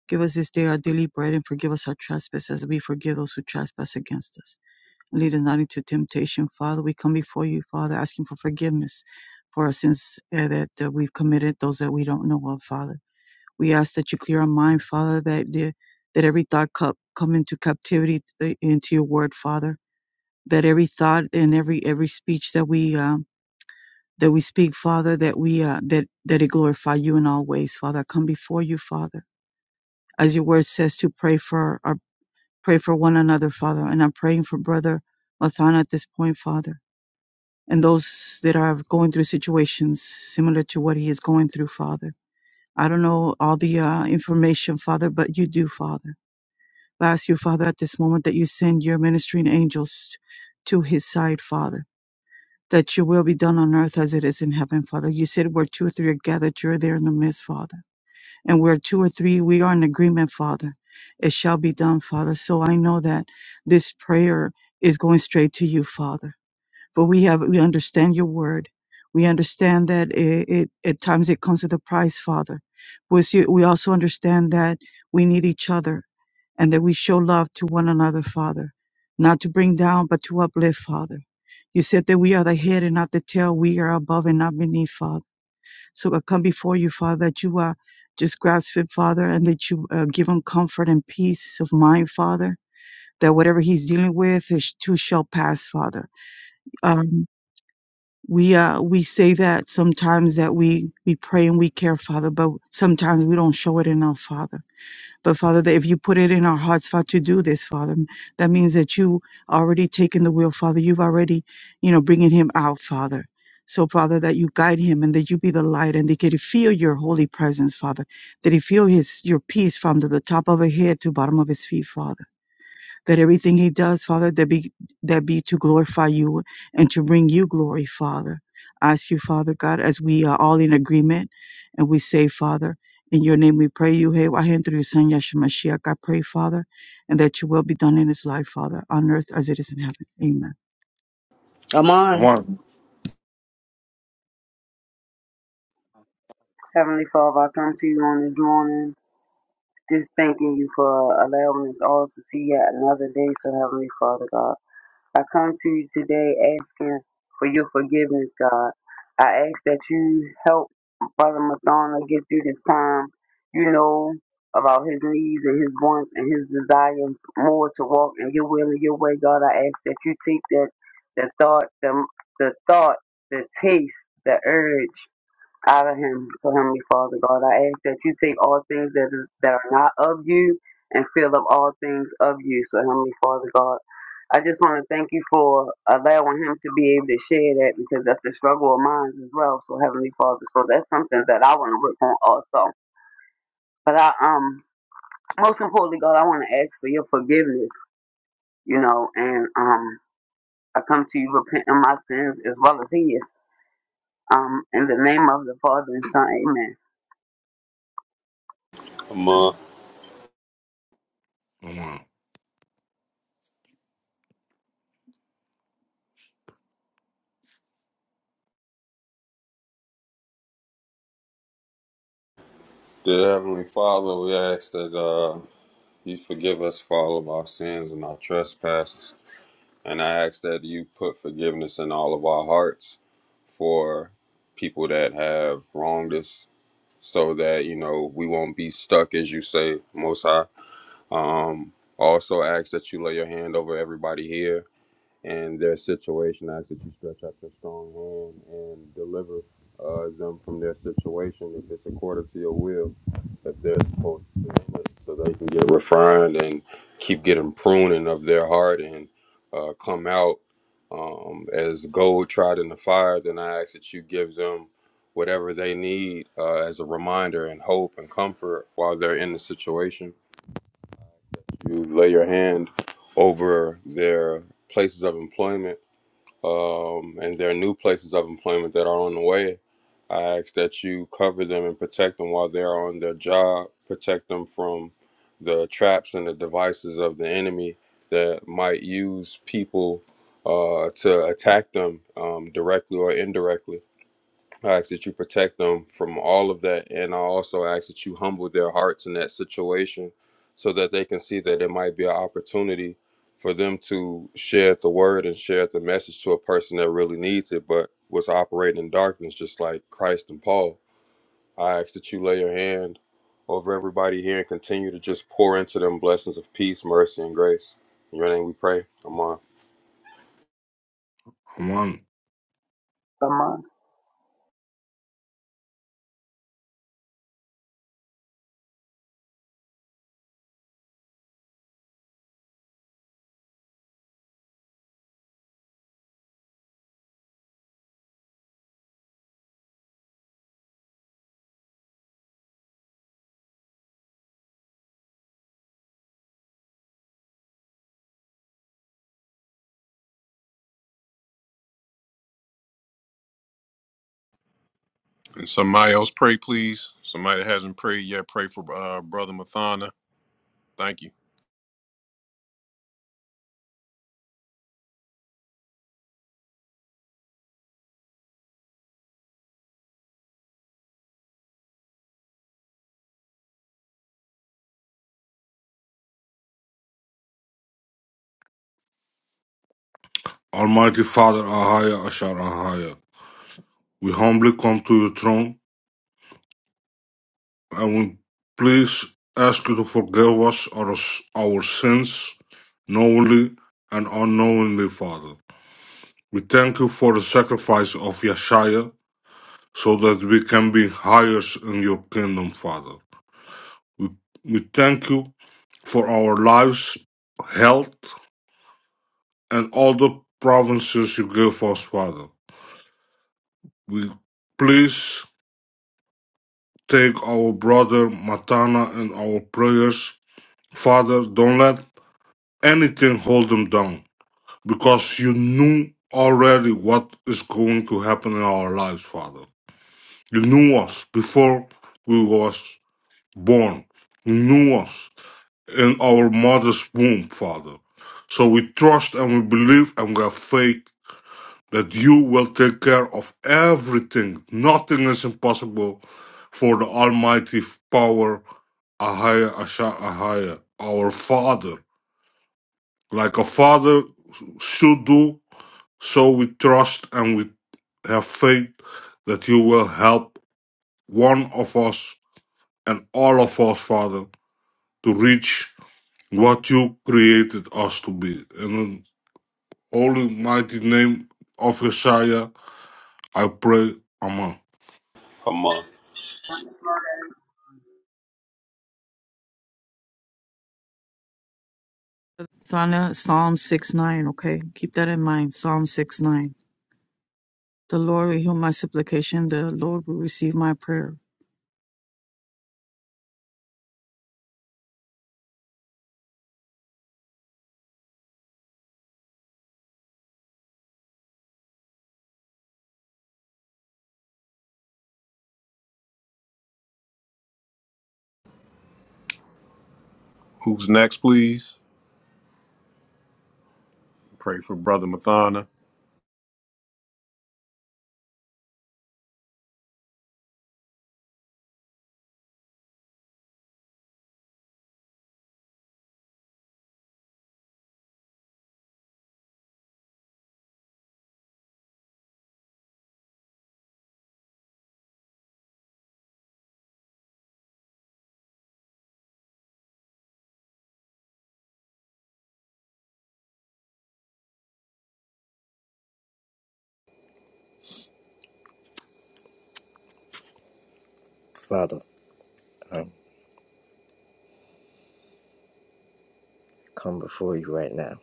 Give us this day our daily bread and forgive us our trespasses as we forgive those who trespass against us. And lead us not into temptation, Father. We come before you, Father, asking for forgiveness for our sins uh, that uh, we've committed, those that we don't know of, Father. We ask that you clear our mind, Father, that the, that every thought cup come into captivity uh, into your word, Father. That every thought and every every speech that we uh, that we speak, Father, that we uh, that that it glorify you in all ways, Father. I come before you, Father, as your word says to pray for our pray for one another, Father. And I'm praying for Brother Mathana at this point, Father, and those that are going through situations similar to what he is going through, Father. I don't know all the uh, information, Father, but you do, Father. I ask you, Father, at this moment that you send your ministering angels to his side, Father that your will be done on earth as it is in heaven, Father. You said where two or three are gathered, you're there in the midst, Father. And where two or three we are in agreement, Father, it shall be done, Father. So I know that this prayer is going straight to you, Father. But we have we understand your word. We understand that it, it at times it comes with a price, Father. We see- we also understand that we need each other and that we show love to one another, Father, not to bring down, but to uplift, Father. You said that we are the head and not the tail. We are above and not beneath, Father. So I come before you, Father, that you are just grasp it, Father, and that you uh, give him comfort and peace of mind, Father, that whatever he's dealing with, his too shall pass, Father. Um, we uh we say that sometimes that we we pray and we care father but sometimes we don't show it enough father but Father, that if you put it in our hearts, Father, to do this, Father, that means that you already taken the wheel, Father. You've already, you know, bringing him out, Father. So, Father, that you guide him and that you be the light and they could feel your holy presence, Father. That he feel his your peace from the, the top of his head to bottom of his feet, Father that everything he does, Father, that be that be to glorify you and to bring you glory, Father. I ask you, Father God, as we are all in agreement and we say, Father, in your name we pray you, Hey, Wahen, through your son Yeshua Mashiach, I pray, Father, and that your will be done in his life, Father, on earth as it is in heaven. Amen.
Come on.
Aman,
on this morning. Just thanking you for allowing us all to see yet another day, so Heavenly Father God. I come to you today asking for your forgiveness, God. I ask that you help. Brother Madonna get through this time, you know, about his needs and his wants and his desires more to walk in your will and your way, God. I ask that you take that the thought, the the thought, the taste, the urge out of him. So Heavenly Father God, I ask that you take all things that is that are not of you and fill up all things of you. So Heavenly Father God. I just want to thank you for allowing him to be able to share that because that's the struggle of mine as well. So Heavenly Father, so that's something that I want to work on also. But I um most importantly, God, I want to ask for your forgiveness, you know, and um I come to you repenting my sins as well as his. Um, in the name of the Father and Son, Amen.
Um, uh,
Aman,
the Heavenly Father, we ask that. uh. You forgive us for all of our sins and our trespasses. And I ask that you put forgiveness in all of our hearts for people that have wronged us so that, you know, we won't be stuck, as you say, Most High. Um, also ask that you lay your hand over everybody here and their situation. I ask that you stretch out your strong hand and deliver uh, them from their situation if it's according to your will that they're supposed to submit so they can get refined and keep getting pruning of their heart and uh, come out um, as gold tried in the fire. Then I ask that you give them whatever they need uh, as a reminder and hope and comfort while they're in the situation. You lay your hand over their places of employment um, and there are new places of employment that are on the way. I ask that you cover them and protect them while they're on their job, protect them from the traps and the devices of the enemy that might use people uh, to attack them um, directly or indirectly. I ask that you protect them from all of that. And I also ask that you humble their hearts in that situation so that they can see that it might be an opportunity for them to share the word and share the message to a person that really needs it, but was operating in darkness, just like Christ and Paul. I ask that you lay your hand over everybody here and continue to just pour into them blessings of peace, mercy, and grace. In your name we pray. Come on.
Aman.
Come on,
And somebody else pray, please. Somebody that hasn't prayed yet, pray for uh, Brother Mathana. Thank you.
Almighty Father, Ahaya, Ashar, Ahaya. We humbly come to your throne and we please ask you to forgive us our, our sins, knowingly and unknowingly, Father. We thank you for the sacrifice of Yeshua so that we can be heirs in your kingdom, Father. We, we thank you for our lives, health, and all the provinces you give us, Father. We please take our brother Matana in our prayers. Father, don't let anything hold him down. because you knew already what is going to happen in our lives, Father. You knew us before we was born. You knew us in our mother's womb, Father. So we trust and we believe and we have faith that you will take care of everything. Nothing is impossible for the Almighty power, Ahaya, Asha, Ahaya, our Father. Like a father should do, so we trust and we have faith that you will help one of us and all of us, Father, to reach what you created us to be. In the holy, mighty name of Messiah, I pray. Amen.
Come on.
Thana, Psalm 6 9, okay? Keep that in mind. Psalm 6 9. The Lord will hear my supplication. The Lord will receive my prayer.
Who's next, please? Pray for Brother Mathana.
Father. um, come before you right now,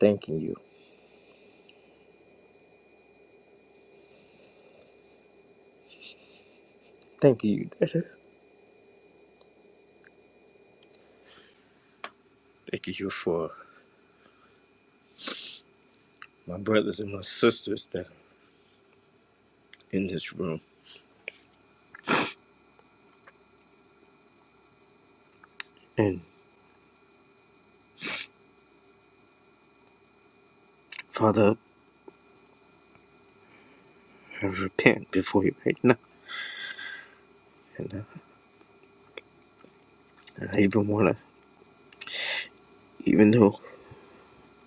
thanking you. Thanking you. thanking you for my brothers and my sisters that are in this room. And Father, I repent before you right now. And I, I even want to, even though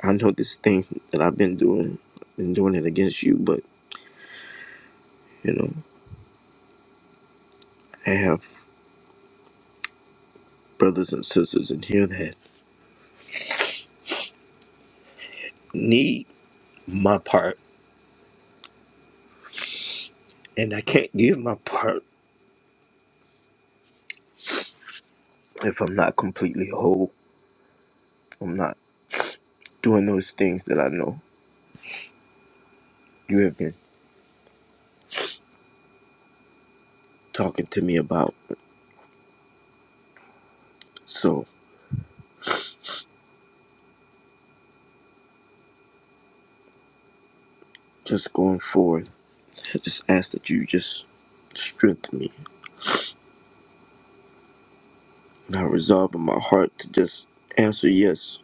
I know this thing that I've been doing, been doing it against you, but, you know, I have brothers and sisters in here that need my part. And I can't give my part if I'm not completely whole. I'm not doing those things that I know you have been talking to me about. So just going forth, I just ask that you just strengthen me. And I resolve in my heart to just answer yes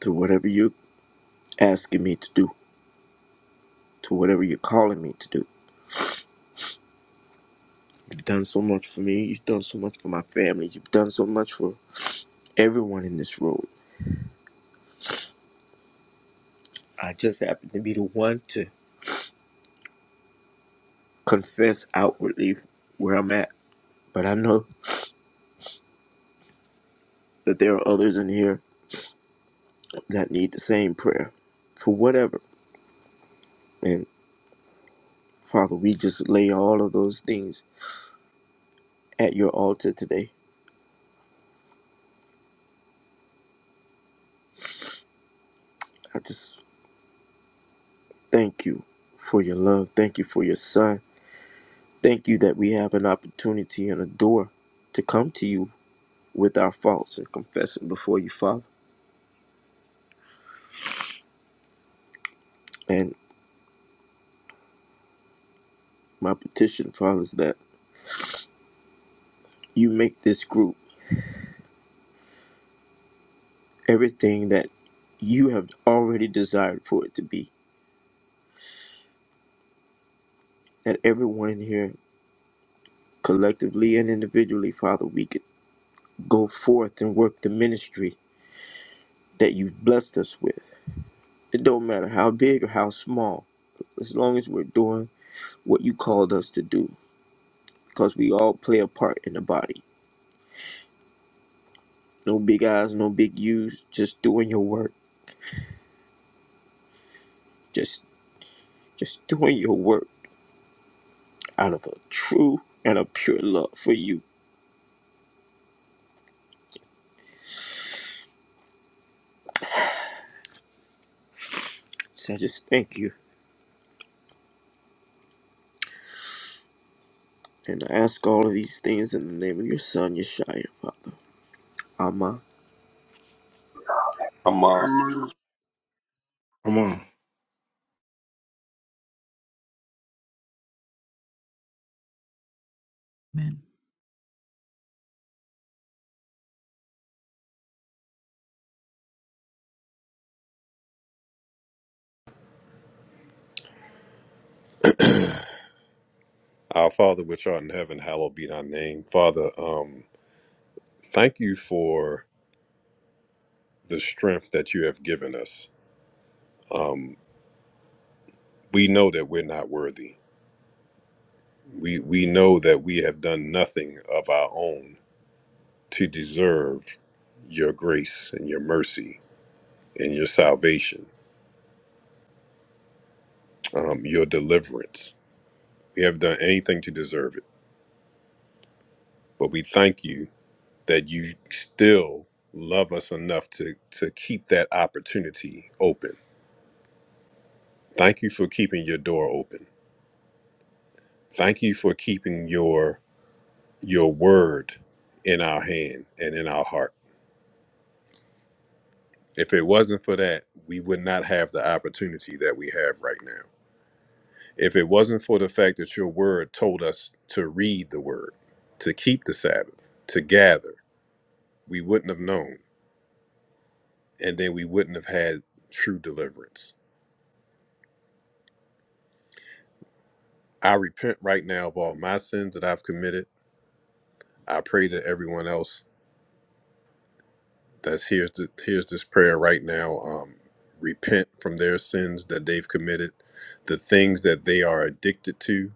to whatever you're asking me to do, to whatever you're calling me to do. You've done so much for me. You've done so much for my family. You've done so much for everyone in this room. I just happen to be the one to confess outwardly where I'm at. But I know that there are others in here that need the same prayer for whatever. And Father, we just lay all of those things at your altar today. I just thank you for your love. Thank you for your son. Thank you that we have an opportunity and a door to come to you with our faults and confess them before you, Father. And my petition, Father, is that you make this group everything that you have already desired for it to be. That everyone in here, collectively and individually, Father, we could go forth and work the ministry that you've blessed us with It don't matter how big or how small, as long as we're doing what you called us to do, because we all play a part in the body. No big eyes, no big U's, just doing your work. Just, just doing your work out of a true and a pure love for you. So I just thank you, and I ask all of these things in the name of your Son, Yeshua, Father. Amen.
Come on.
Amen.
Amen.
Our Father which art in heaven, hallowed be thy name. Father, um, thank you for the strength that you have given us. We know that we're not worthy. We we know that we have done nothing of our own to deserve your grace and your mercy and your salvation, um, your deliverance. We haven't done anything to deserve it, but we thank you that you still love us enough to, to keep that opportunity open. Thank you for keeping your door open. Thank you for keeping your your word in our hand and in our heart. If it wasn't for that, we would not have the opportunity that we have right now. If it wasn't for the fact that your word told us to read the word, to keep the Sabbath, to gather, we wouldn't have known and then we wouldn't have had true deliverance. I repent right now of all my sins that I've committed. I pray that everyone else that's hears the, hears this prayer right now um, repent from their sins that they've committed, the things that they are addicted to.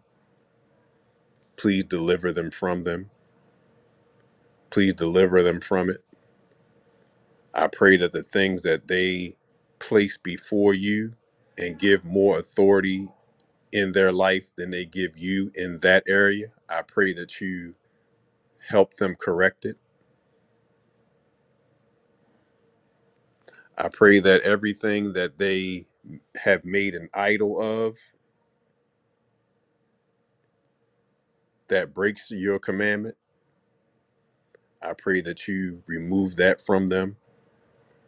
Please deliver them from them. Please deliver them from it. I pray that the things that they place before you and give more authority in their life than they give you in that area. I pray that you help them correct it. I pray that everything that they have made an idol of that breaks your commandment, I pray that you remove that from them.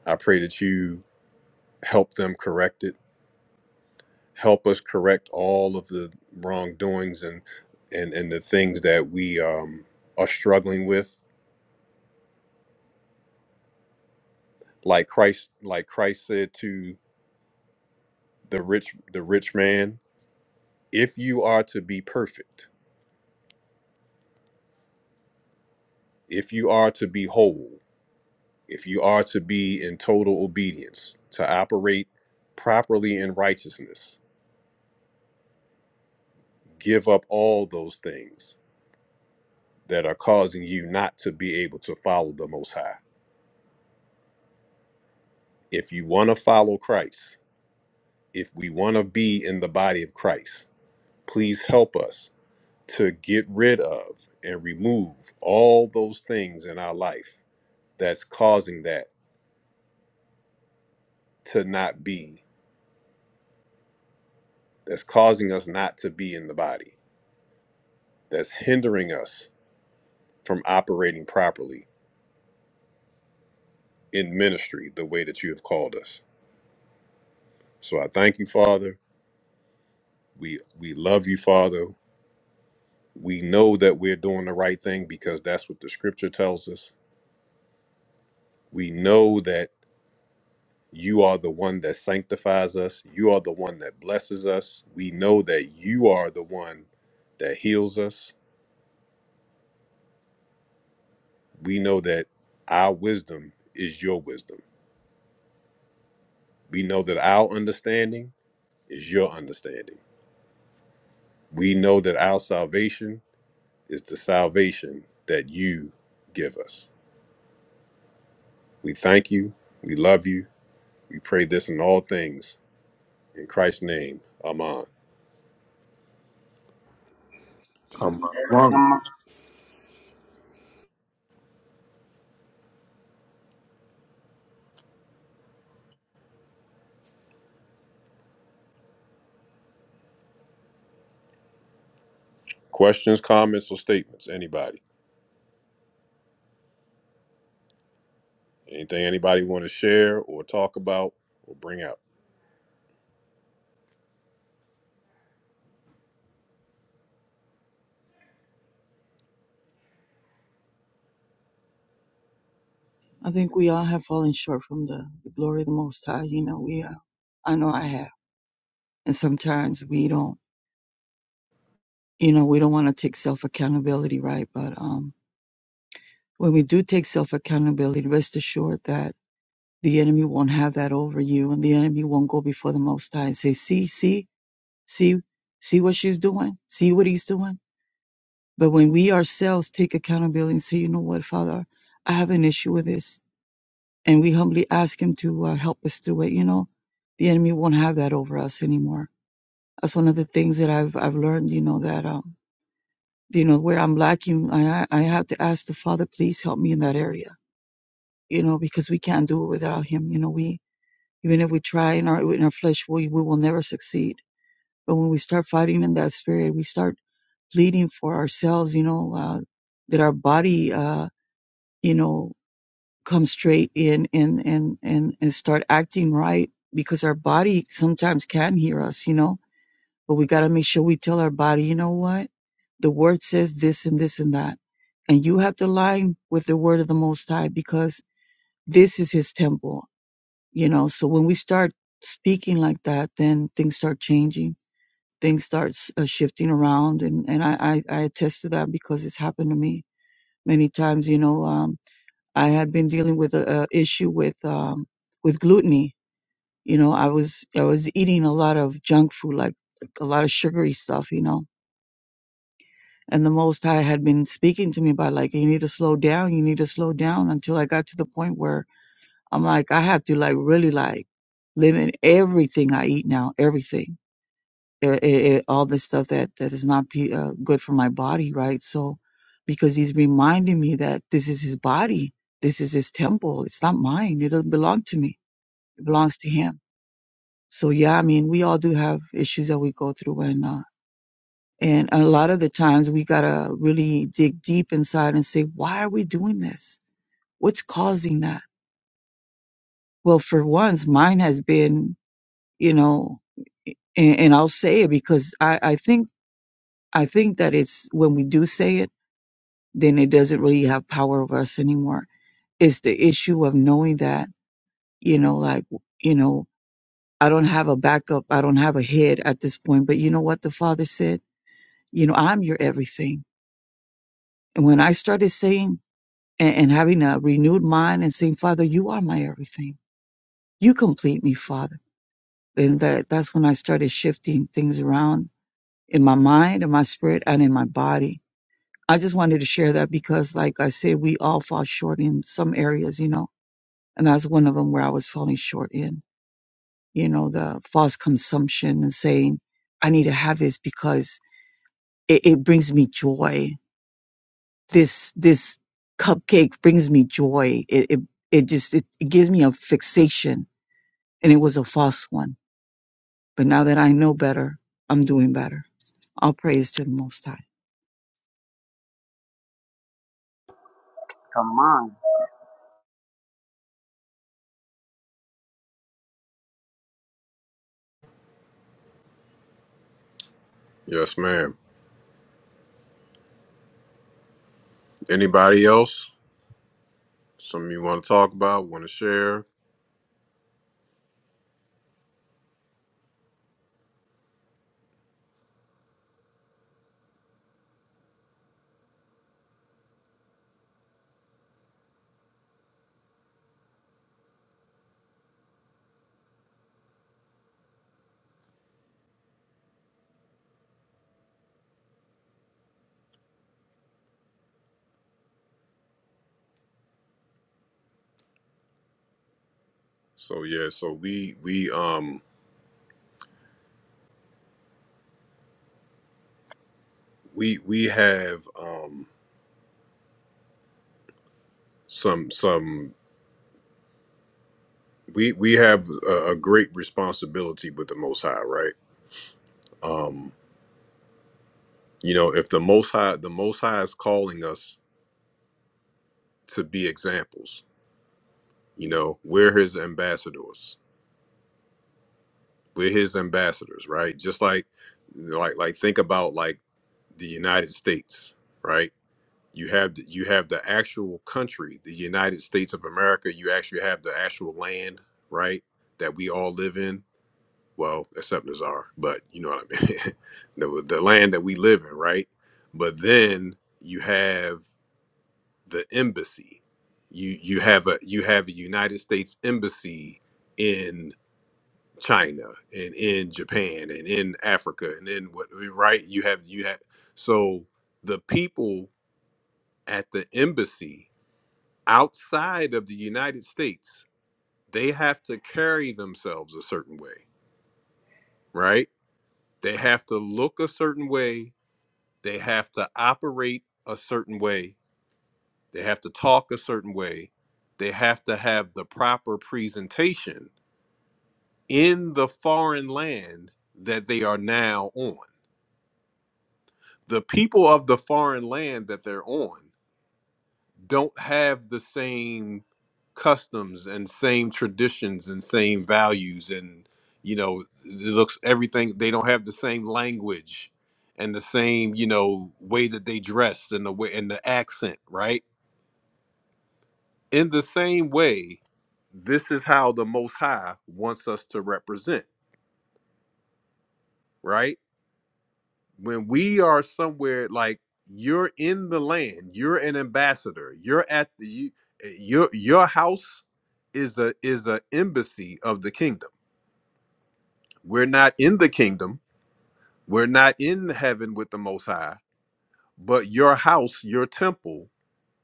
I pray that you help them correct it. Help us correct all of the wrongdoings and and and the things that we um, are struggling with. Like Christ, like Christ said to the rich the rich man, if you are to be perfect, if you are to be whole. if you are to be in total obedience, to operate properly in righteousness, give up all those things that are causing you not to be able to follow the Most High. If you want to follow Christ, if we want to be in the body of Christ, please help us to get rid of and remove all those things in our life that's causing that to not be, that's causing us not to be in the body, that's hindering us from operating properly in ministry the way that you have called us. So I thank you, Father. We we love you, Father. We know that we're doing the right thing because that's what the scripture tells us. We know that you are the one that sanctifies us. You are the one that blesses us. We know that you are the one that heals us. We know that our wisdom is your wisdom. We know that our understanding is your understanding. We know that our salvation is the salvation that you give us. We thank you. We love you. We pray this in all things. In Christ's name, Amen.
Amen.
Man,
come on,
Questions, comments, or statements? Anybody? Anything anybody want to share or talk about or bring out?
I think we all have fallen short from the, the glory of the Most High. You know, we are. I know I have. And sometimes we don't, you know, we don't want to take self accountability, right? But um, when we do take self accountability, rest assured that the enemy won't have that over you and the enemy won't go before the Most High and say, see, see, see, see what she's doing, see what he's doing. But when we ourselves take accountability and say, you know what, Father, I have an issue with this and we humbly ask him to uh, help us through it you know the enemy won't have that over us anymore that's one of the things that i've i've learned you know that um you know where i'm lacking i i have to ask the father please help me in that area you know because we can't do it without him you know we even if we try in our in our flesh we we will never succeed but when we start fighting in that spirit we start pleading for ourselves you know uh that our body uh you know come straight in and and and and start acting right because our body sometimes can hear us you know but we got to make sure we tell our body you know what the word says this and this and that and you have to align with the word of the most high because this is his temple you know so when we start speaking like that then things start changing things start uh, shifting around and and I, I i attest to that because it's happened to me many times you know Um, I had been dealing with a, a issue with um, with gluten. You know, I was I was eating a lot of junk food, like a lot of sugary stuff. You know, and the Most High had been speaking to me about like you need to slow down, you need to slow down. Until I got to the point where I'm like I have to like really like limit everything I eat now, everything uh, it, it, all this stuff that that is not be, uh, good for my body, right? So, because he's reminding me that this is his body, this is his temple. It's not mine. It doesn't belong to me. It belongs to him. So yeah, I mean, we all do have issues that we go through, and uh, and a lot of the times we gotta really dig deep inside and say, why are we doing this? What's causing that? Well, for once, mine has been, you know, and, and I'll say it because I I think I think that it's when we do say it then it doesn't really have power over us anymore. It's the issue of knowing that, you know, like, you know, I don't have a backup. I don't have a head at this point. But you know what the father said? You know, I'm your everything. And when I started saying and, and having a renewed mind and saying, Father, you are my everything. You complete me, Father. And that, that's when I started shifting things around in my mind, in my spirit, and in my body. I just wanted to share that because, like I said, we all fall short in some areas, you know and that's one of them where I was falling short in. You know, the false consumption and saying, "I need to have this because it, it brings me joy. This this cupcake brings me joy. It it, it just it, it gives me a fixation." And it was a false one. But now that I know better, I'm doing better. All praise to the Most High.
come on.
Yes, ma'am. Anybody else? Something you want to talk about? Want to share? So yeah, so we we um we we have um some some we we have a, a great responsibility with the Most High, right? Um, you know if the most high the most high is calling us to be examples you know we're his ambassadors we're his ambassadors right just like like like think about like the united states right you have the, you have the actual country the united states of america you actually have the actual land right that we all live in well except nazar but you know what i mean the, the land that we live in right but then you have the embassy. You you have a you have a United States embassy in China and in Japan and in Africa and in what right you have you have so the people at the embassy outside of the United States they have to carry themselves a certain way, right? They have to look a certain way, they have to operate a certain way They have to talk a certain way. They have to have the proper presentation in the foreign land that they are now on. The people of the foreign land that they're on don't have the same customs and same traditions and same values and you know it looks everything they don't have the same language and the same you know way that they dress and the way and the accent right In the same way, this is how the Most High wants us to represent, right? When we are somewhere like you're in the land, you're an ambassador, you're at the you- eh, your your house is a is a embassy of the kingdom. We're not in the kingdom, we're not in heaven with the Most High, but your house, your temple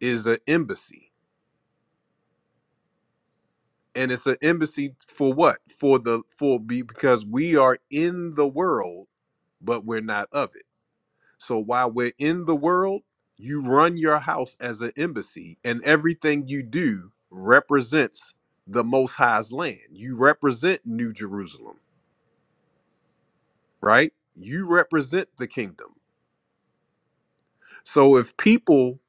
is an embassy and it's an embassy for what for the for be because we are in the world but we're not of it so while we're in the world you run your house as an embassy and everything you do represents the most high's land you represent new jerusalem right you represent the kingdom So if people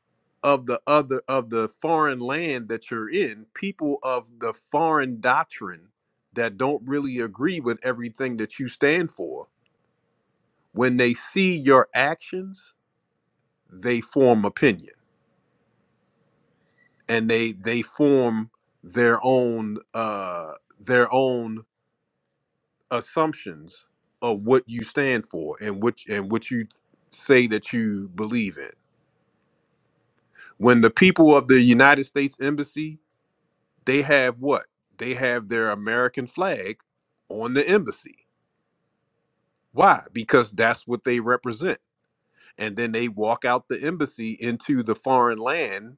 of the other of the foreign land that you're in, people of the foreign doctrine that don't really agree with everything that you stand for, when they see your actions, they form opinion and they they form their own uh their own assumptions of what you stand for and which and what you say that you believe in. When the people of the United States embassy They have what? They have their American flag on the embassy. Why? Because that's what they represent. And then they walk out the embassy into the foreign land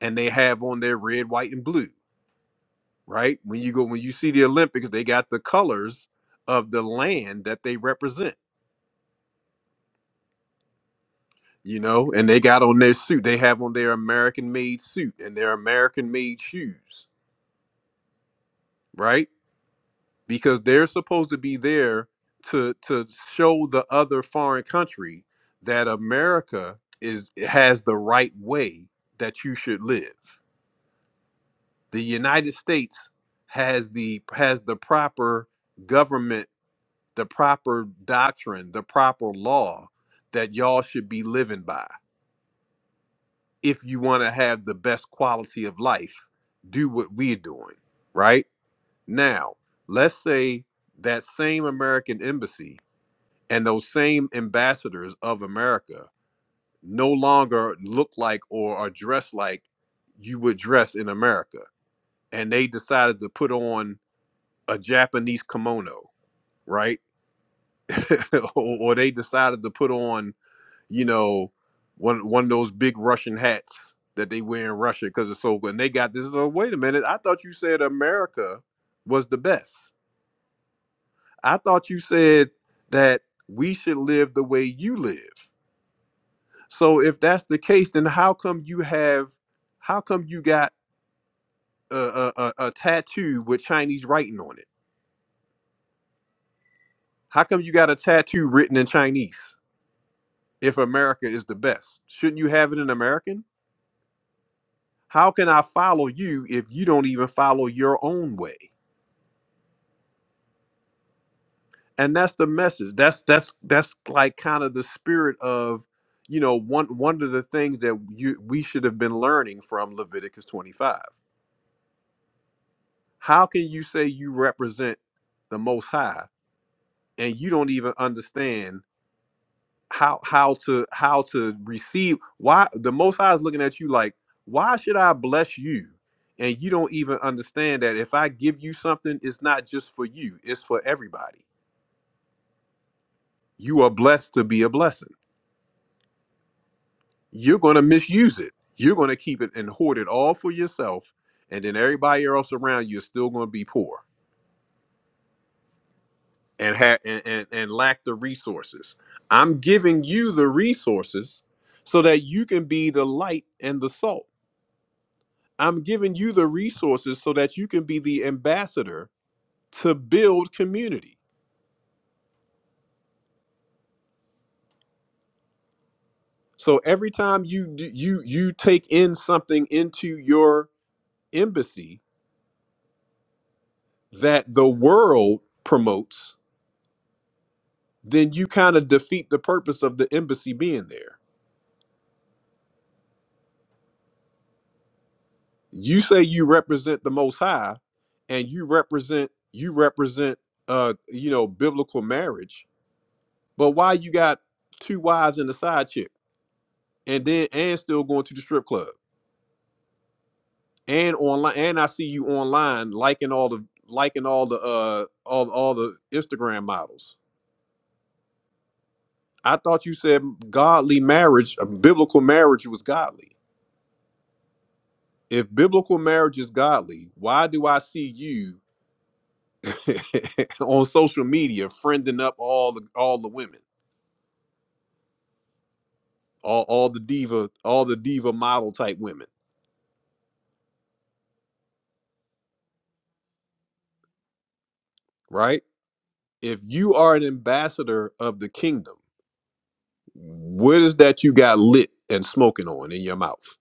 and they have on their red, white, and blue, right? When you go, when you see the Olympics, they got the colors of the land that they represent, you know, and they got on their suit. They have on their American made suit and their American made shoes, right? because they're supposed to be there to to show the other foreign country that America is has the right way that you should live. The United States has the has the proper government, the proper doctrine, the proper law that y'all should be living by if you want to have the best quality of life. Do what we're doing, right? Now, let's say that same American embassy and those same ambassadors of America no longer look like or are dressed like you would dress in America. And they decided to put on a Japanese kimono, right? or, or they decided to put on, you know, one one of those big Russian hats that they wear in Russia because it's so good. And they got this. Oh, wait a minute. I thought you said America was the best. I thought you said that we should live the way you live So if that's the case, then how come you have, how come you got a, a, a, a tattoo with Chinese writing on it? How come you got a tattoo written in Chinese if America is the best? Shouldn't you have it in American? How can I follow you if you don't even follow your own way? And that's the message. That's that's that's like kind of the spirit of, you know, one one of the things that you we should have been learning from Leviticus 25. How can you say you represent the most high and you don't even understand how how to how to receive why the most high is looking at you like why should i bless you and you don't even understand that if i give you something it's not just for you it's for everybody you are blessed to be a blessing you're going to misuse it you're going to keep it and hoard it all for yourself and then everybody else around you is still going to be poor and had and, and and lack the resources. I'm giving you the resources so that you can be the light and the salt. I'm giving you the resources so that you can be the ambassador to build community. So every time you d- you you take in something into your embassy that the world promotes, then you kind of defeat the purpose of the embassy being there you say you represent the most high and you represent you represent uh you know biblical marriage but why you got two wives and a side chick and then and still going to the strip club and online and i see you online liking all the liking all the uh all, all the instagram models i thought you said godly marriage uh, biblical marriage was godly if biblical marriage is godly why do i see you on social media, friending up all the all the women, all, all the diva, all the diva model type women, right? If you are an ambassador of the kingdom, what is that you got lit and smoking on in your mouth?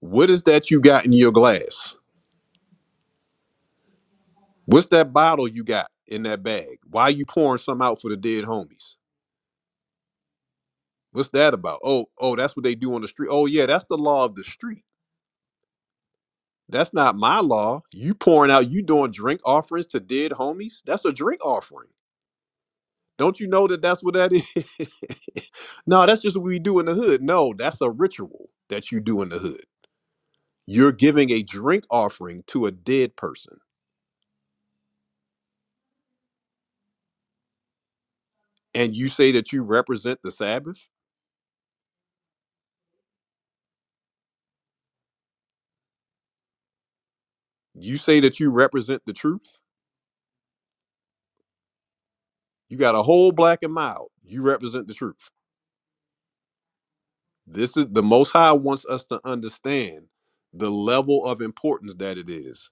What is that you got in your glass? What's that bottle you got in that bag? Why you pouring some out for the dead homies? What's that about? Oh, oh, that's what they do on the street. Oh yeah, that's the law of the street. That's not my law. You pouring out, you doing drink offerings to dead homies. That's a drink offering. Don't you know that that's what that is? no, that's just what we do in the hood. No, that's a ritual that you do in the hood. You're giving a drink offering to a dead person. And you say that you represent the Sabbath? You say that you represent the truth? You got a whole black and mild. You represent the truth. This is the Most High wants us to understand the level of importance that it is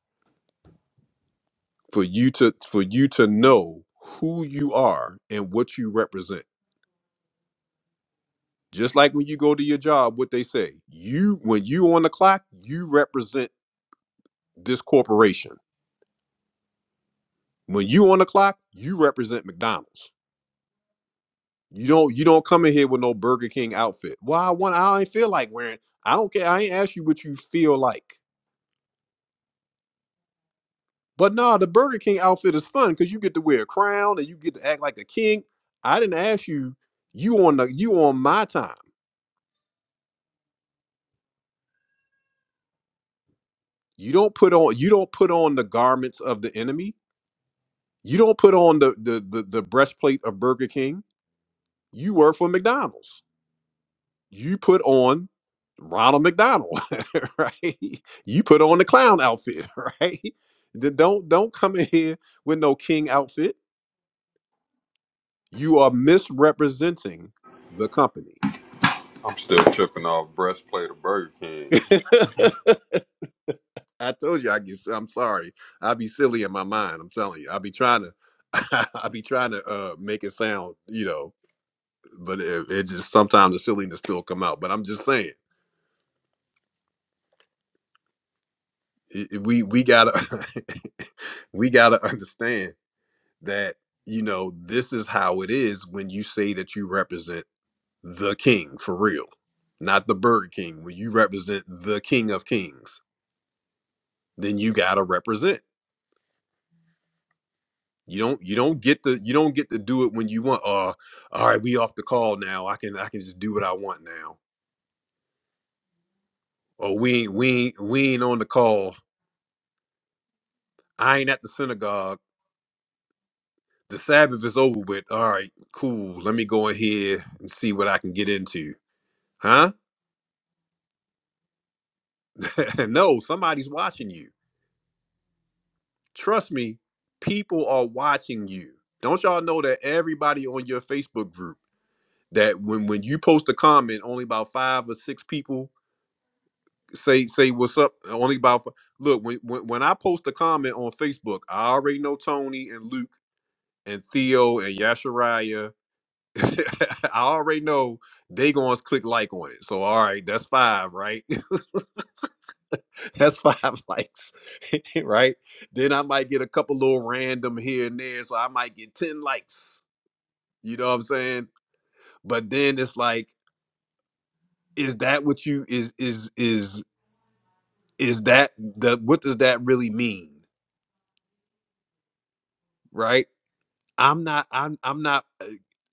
for you to for you to know who you are and what you represent. Just like when you go to your job, what they say, you when you on the clock, you represent this corporation. When you on the clock, you represent McDonald's. You don't you don't come in here with no Burger King outfit. Well, I want I ain't feel like wearing. I don't care. I ain't ask you what you feel like. But no, the Burger King outfit is fun because you get to wear a crown and you get to act like a king. I didn't ask you. You on the you on my time. You don't put on you don't put on the garments of the enemy. You don't put on the the the, the breastplate of Burger King. You work for McDonald's. You put on Ronald McDonald, right? You put on the clown outfit, right? Then Don't don't come in here with no king outfit. You are misrepresenting the company.
I'm still tripping off breastplate of Burger King.
I told you I guess I'm sorry. I be silly in my mind. I'm telling you. I be trying to I be trying to uh make it sound, you know, but it, it just sometimes the silliness still come out. But I'm just saying, i i- we we gotta we gotta understand that you know this is how it is when you say that you represent the king for real, not the Burger King. When you represent the King of Kings, then you gotta represent. You don't you don't get to you don't get to do it when you want. Uh, all right, we off the call now. I can I can just do what I want now. Or we ain't we ain't we ain't on the call. I ain't at the synagogue the Sabbath is over with. All right, cool. Let me go in here and see what I can get into. Huh? no, somebody's watching you. Trust me, people are watching you. Don't y'all know that everybody on your Facebook group that when when you post a comment, only about five or six people say say what's up. Only about f- look when when, when I post a comment on Facebook, I already know Tony and Luke and Theo and Yashariah I already know they gonna click like on it. So all right, that's five, right? that's five likes, right? Then I might get a couple little random here and there, so I might get ten likes. You know what I'm saying? But then it's like, is that what you is is is is that the what does that really mean, right? I'm not I'm I'm not uh,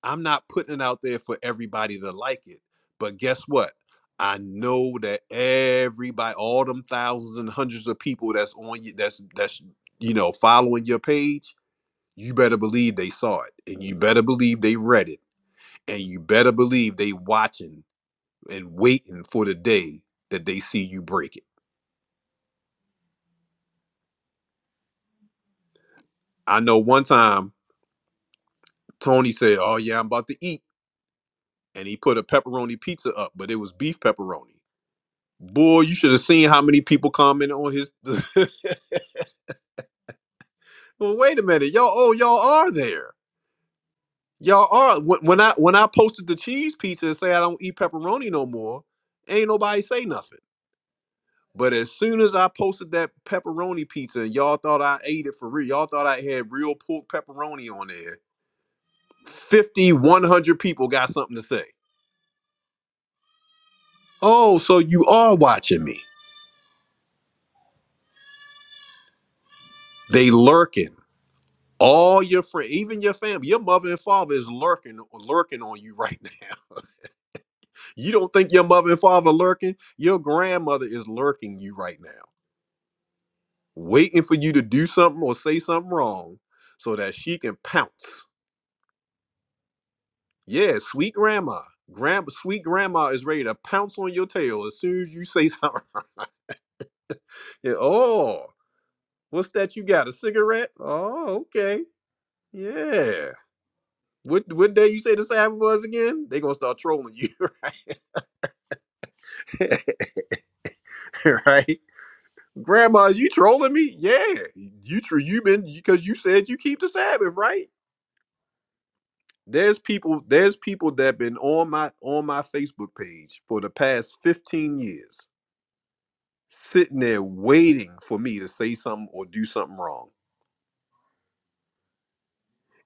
I'm not putting it out there for everybody to like it. But guess what? I know that everybody, all them thousands and hundreds of people that's on you, that's that's you know following your page, you better believe they saw it, and you better believe they read it, and you better believe they watching and waiting for the day that they see you break it. I know one time Tony said, "Oh yeah, I'm about to eat," and he put a pepperoni pizza up, but it was beef pepperoni. Boy, you should have seen how many people commented on his. well, wait a minute, y'all. Oh, y'all are there. Y'all are. When when I when I posted the cheese pizza and say I don't eat pepperoni no more, ain't nobody say nothing. But as soon as I posted that pepperoni pizza, and y'all thought I ate it for real. Y'all thought I had real pork pepperoni on there. 50, 100 people got something to say. Oh, so you are watching me. They lurking. All your friend, even your family, your mother and father is lurking, lurking on you right now. You don't think your mother and father lurking? Your grandmother is lurking you right now, waiting for you to do something or say something wrong, so that she can pounce. Yeah, sweet grandma, grand, sweet grandma is ready to pounce on your tail as soon as you say something. Yeah, oh, what's that? You got a cigarette? Oh, okay, yeah. What what day you say the Sabbath was again? They gonna start trolling you, right? right? Grandma, you trolling me? Yeah, you tr- you been because you said you keep the Sabbath, right? There's people there's people that been on my on my Facebook page for the past 15 years, sitting there waiting for me to say something or do something wrong.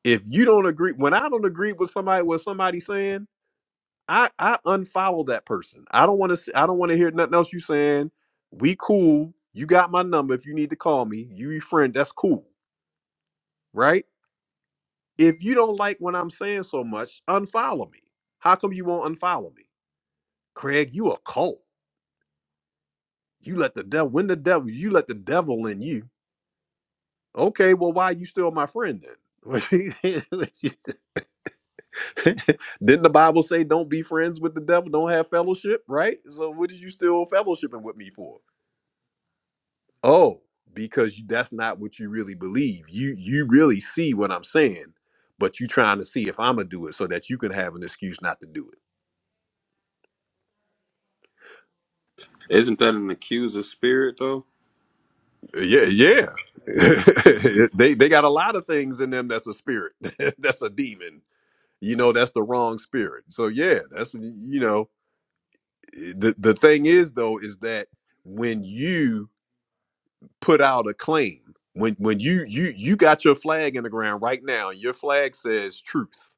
If you don't agree, when I don't agree with somebody what somebody's saying, I I unfollow that person. I don't want to I don't want to hear nothing else you saying. We cool. You got my number. If you need to call me, you your friend. That's cool, right? If you don't like what I'm saying so much, unfollow me. How come you won't unfollow me? Craig, you a cult. You let the devil when the devil you let the devil in you. Okay, well, why you still my friend then? Didn't the Bible say don't be friends with the devil, don't have fellowship, right? So what are you still fellowshipping with me for? Oh, because you- that's not what you really believe. You you really see what I'm saying, but you trying to see if I'm gonna do it so that you can have an excuse not to do it.
Isn't that an accuser spirit though?
Yeah, yeah. they they got a lot of things in them that's a spirit. that's a demon. You know, that's the wrong spirit. So yeah, that's you know, the the thing is though is that when you put out a claim, when when you you you got your flag in the ground right now, your flag says truth.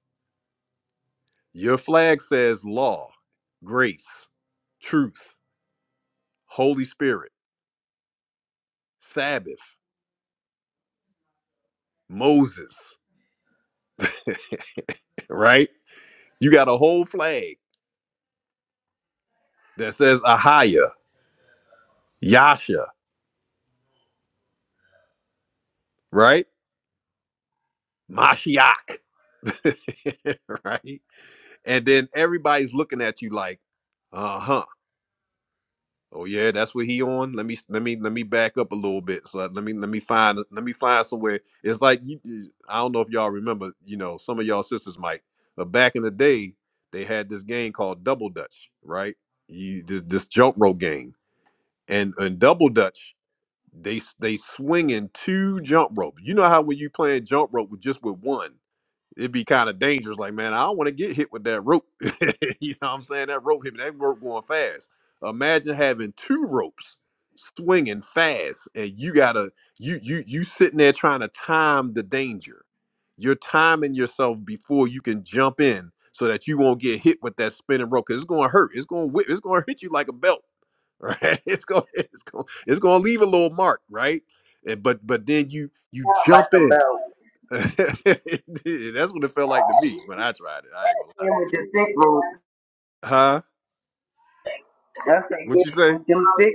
Your flag says law, grace, truth, Holy Spirit, Sabbath, Moses, right? You got a whole flag that says Ahaya, Yasha, right? Mashiach, right? And then everybody's looking at you like, uh huh. Oh yeah, that's what he on. Let me let me let me back up a little bit. So let me let me find let me find somewhere. It's like you, you- I don't know if y'all remember. You know, some of y'all sisters might, but back in the day, they had this game called Double Dutch, right? You this this jump rope game, and and Double Dutch. They they swinging two jump rope. You know how when you playing jump rope with just with one, it'd be kind of dangerous. Like man, I don't want to get hit with that rope. you know what I'm saying? That rope hit me. That rope going fast. Imagine having two ropes swinging fast, and you gotta you you you sitting there trying to time the danger. You're timing yourself before you can jump in, so that you won't get hit with that spinning rope. Cause it's gonna hurt. It's gonna whip. It's gonna hit you like a belt right? It's going it's going it's going to leave a little mark, right? And, but but then you you jump in.
So
That's what it felt like to me when I tried it. I ain't gonna lie. Huh?
that's
What you say?
them thick.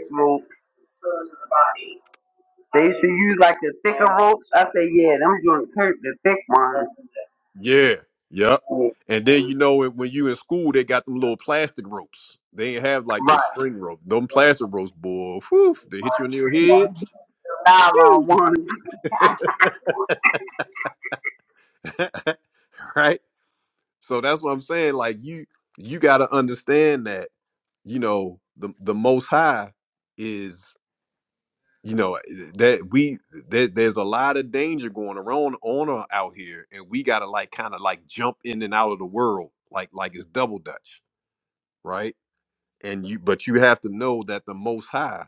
They used to use like the thicker ropes. I say, yeah, them joints hurt the thick ones.
Yeah. Yep.
Yeah,
And then you know when when you in school, they got them little plastic ropes. They ain't have like
right.
the string rope. Them plastic ropes, boy. Whew, they hit you in your head.
Nylon
Phew.
ones.
right? So that's what I'm saying. Like you, you got to understand that you know the the Most High is you know that we that there's a lot of danger going around on or out here, and we got to like kind of like jump in and out of the world like like it's double dutch, right? And you but you have to know that the Most High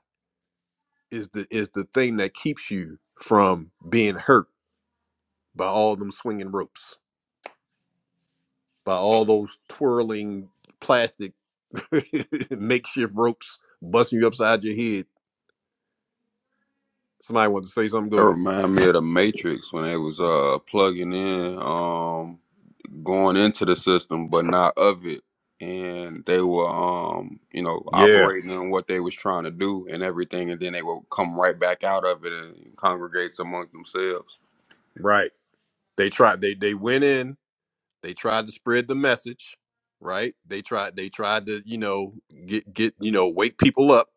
is the is the thing that keeps you from being hurt by all them swinging ropes, by all those twirling plastic Makeshift ropes busting you upside your head. Somebody wants to say something.
That
Go ahead.
remind me of the Matrix when they was uh plugging in, um, going into the system but not of it, and they were um, you know,
Yeah,
operating on what they was trying to do and everything, and then they would come right back out of it and congregate among themselves.
right. They tried. They they went in. They tried to spread the message. Right. They tried. They tried to you know get get you know wake people up,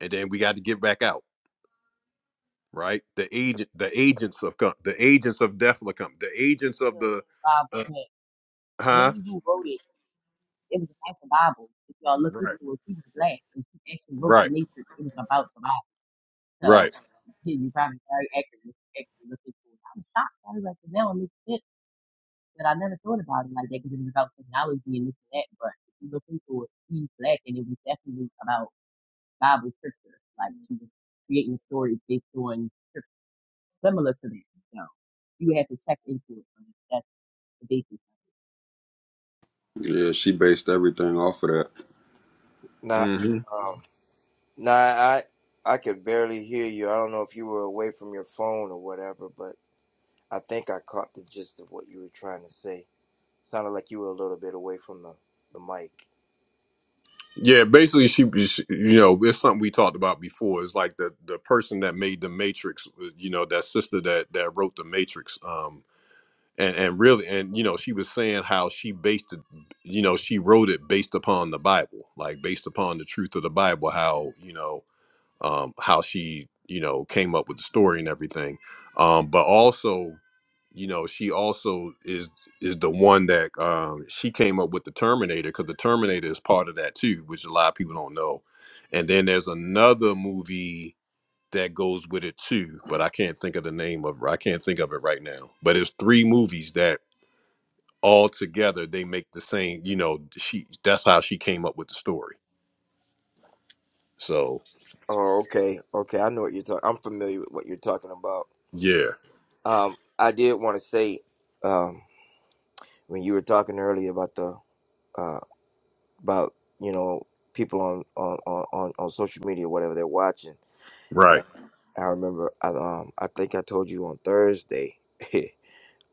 and then we got to get back out. Right. The agent. The agents of com- the agents of DEFLA come. The agents
the,
of the
uh,
uh,
the
huh.
lady who wrote it It was about the Bible. If y'all look
Right.
into it, she was black and she actually wrote the
Right.
Matrix. It was about the Bible. So
Right.
yeah, you probably very accurate if you actually look into it. I was shocked. I was like, now it makes sense. But I never thought about it like that because it was about technology and this and that. But if you look into it, she's black and it was definitely about Bible scripture. Like she was creating stories based on scripture similar to that. So you have to check into it. That's the basis.
Yeah, she based everything off of that.
Nah,
hmm
um, nah, I I could barely hear you. I don't know if you were away from your phone or whatever, but. I think I caught the gist of what you were trying to say. Sounded like you were a little bit away from the, the mic.
Yeah, basically, she, she, you know, it's something we talked about before. It's like the the person that made the Matrix, uh, you know, that sister that that wrote the Matrix, um, and and really, and you know, she was saying how she based it, you know, she wrote it based upon the Bible, like based upon the truth of the Bible, how you know um, how she you know came up with the story and everything um, but also you know she also is is the one that um, she came up with the terminator because the terminator is part of that too which a lot of people don't know and then there's another movie that goes with it too but i can't think of the name of i can't think of it right now but it's three movies that all together they make the same you know she that's how she came up with the story so
Oh, okay. Okay. I know what you're talking I'm familiar with what you're talking about.
yeah
Um, I did want to say, um, when you were talking earlier about the, uh, about, you know, people on, on, on, on on social media, whatever they're watching.
right
And I remember, I, um, I think I told you on Thursday,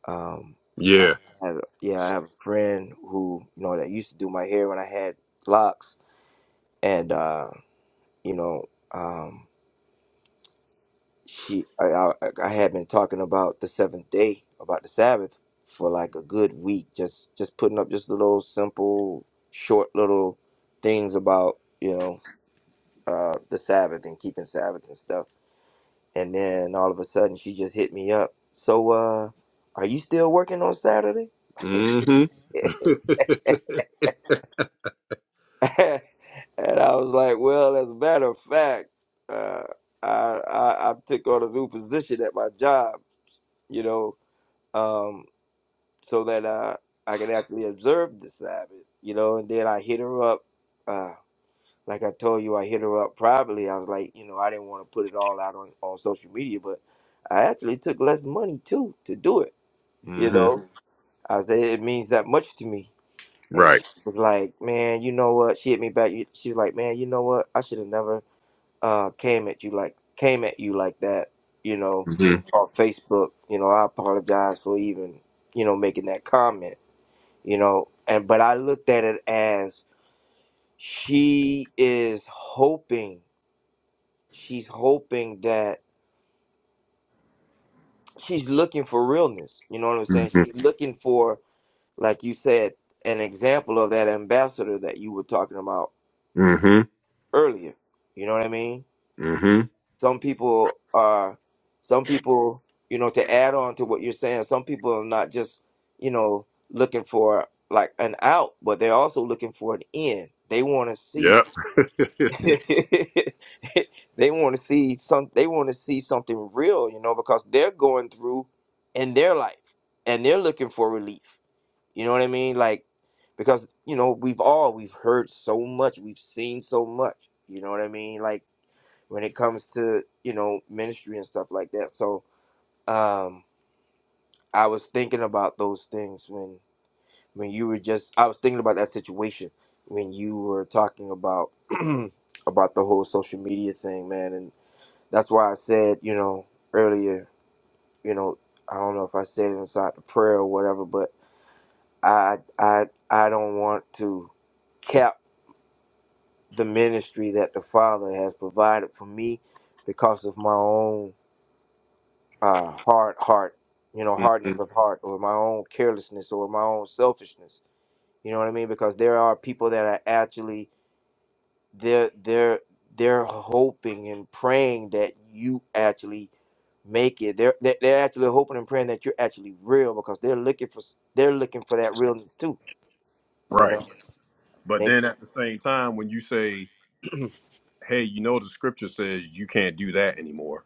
um, I
yeah
had, yeah, I have a friend who, you know, that used to do my hair when I had locks and uh, you know, um, she I, I I had been talking about the seventh day, about the Sabbath for like a good week, just just putting up just little simple, short little things about you know uh, the Sabbath and keeping Sabbath and stuff. And then all of a sudden, she just hit me up. So, uh, are you still working on Saturday?
mm-hmm,
and I was like, well, as a matter of fact, uh, I, I I took on a new position at my job, you know, um, so that uh, I can actually observe the Sabbath, you know. And then I hit her up, uh, like I told you, I hit her up privately. I was like, you know, I didn't want to put it all out on on social media, but I actually took less money too to do it, you
hmm
know. Mhm. I said it means that much to me and she
Right.
was like, "Man, you know what?" She hit me back. You- She was like, "Man, you know what? I should have never uh came at you like came at you like that, you know,
hmm
on Facebook. You know, I apologize for even you know making that comment, you know." And but I looked at it as she is hoping, she's hoping that she's looking for realness. You know what I'm saying?
hmm
She's looking for, like you said, an example of that ambassador that you were talking about
hmm
earlier. You know what I mean?
hmm
Some people are, some people, you know, to add on to what you're saying, some people are not just, you know, looking for like an out, but they're also looking for an in. They want to see,
Yep.
they want to see some, they want to see something real, you know, because they're going through in their life and they're looking for relief. You know what I mean? Like, because, you know, we've all, we've heard so much, we've seen so much, you know what I mean? Like, when it comes to you know ministry and stuff like that so um i was thinking about those things when when you were just i was thinking about that situation when you were talking about about the whole social media thing man and that's why i said you know earlier you know i don't know if i said it inside the prayer or whatever but i i i don't want to cap the ministry that the father has provided for me because of my own uh, hard heart, you know,
hmm
hardness of heart, or my own carelessness, or my own selfishness. You know what I mean? Because there are people that are actually they're they're they're hoping and praying that you actually make it. They're they're they're actually hoping and praying that you're actually real because they're looking for s- they're looking for that realness too. You
Right.
know? And
But
they,
then at the same time, when you say, hey, you know, the scripture says you can't do that anymore,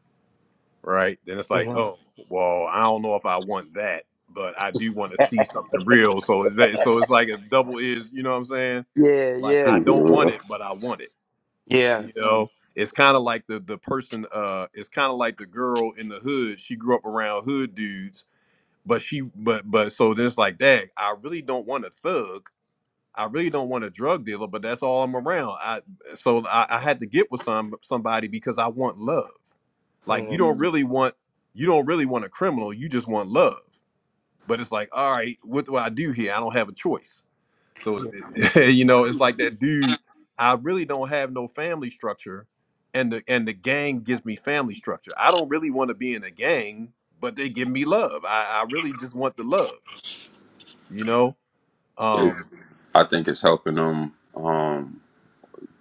right? Then it's like,
Mhm.
oh, well, I don't know if I want that, but I do want to see something real. So, is that, so it's like a double is, you know what I'm saying?
Yeah,
Like,
yeah,
I don't want it,
Yeah.
but I want it.
yeah.
you know it's kind of like the the person uh it's kind of like the girl in the hood she grew up around hood dudes but she but but so then it's like dang i really don't want a thug i really don't want a drug dealer but that's all i'm around i so i, I had to get with some somebody because i want love like
hmm
you don't Mm. really want you don't really want a criminal you just want love but it's like all right what do i do here i don't have a choice so it- you know, it's like that dude. I really don't have no family structure, and the and the gang gives me family structure. I don't really want to be in a gang, but they give me love. I, I really just want the love. You know.
It,
Um.
I think it's helping them. Um,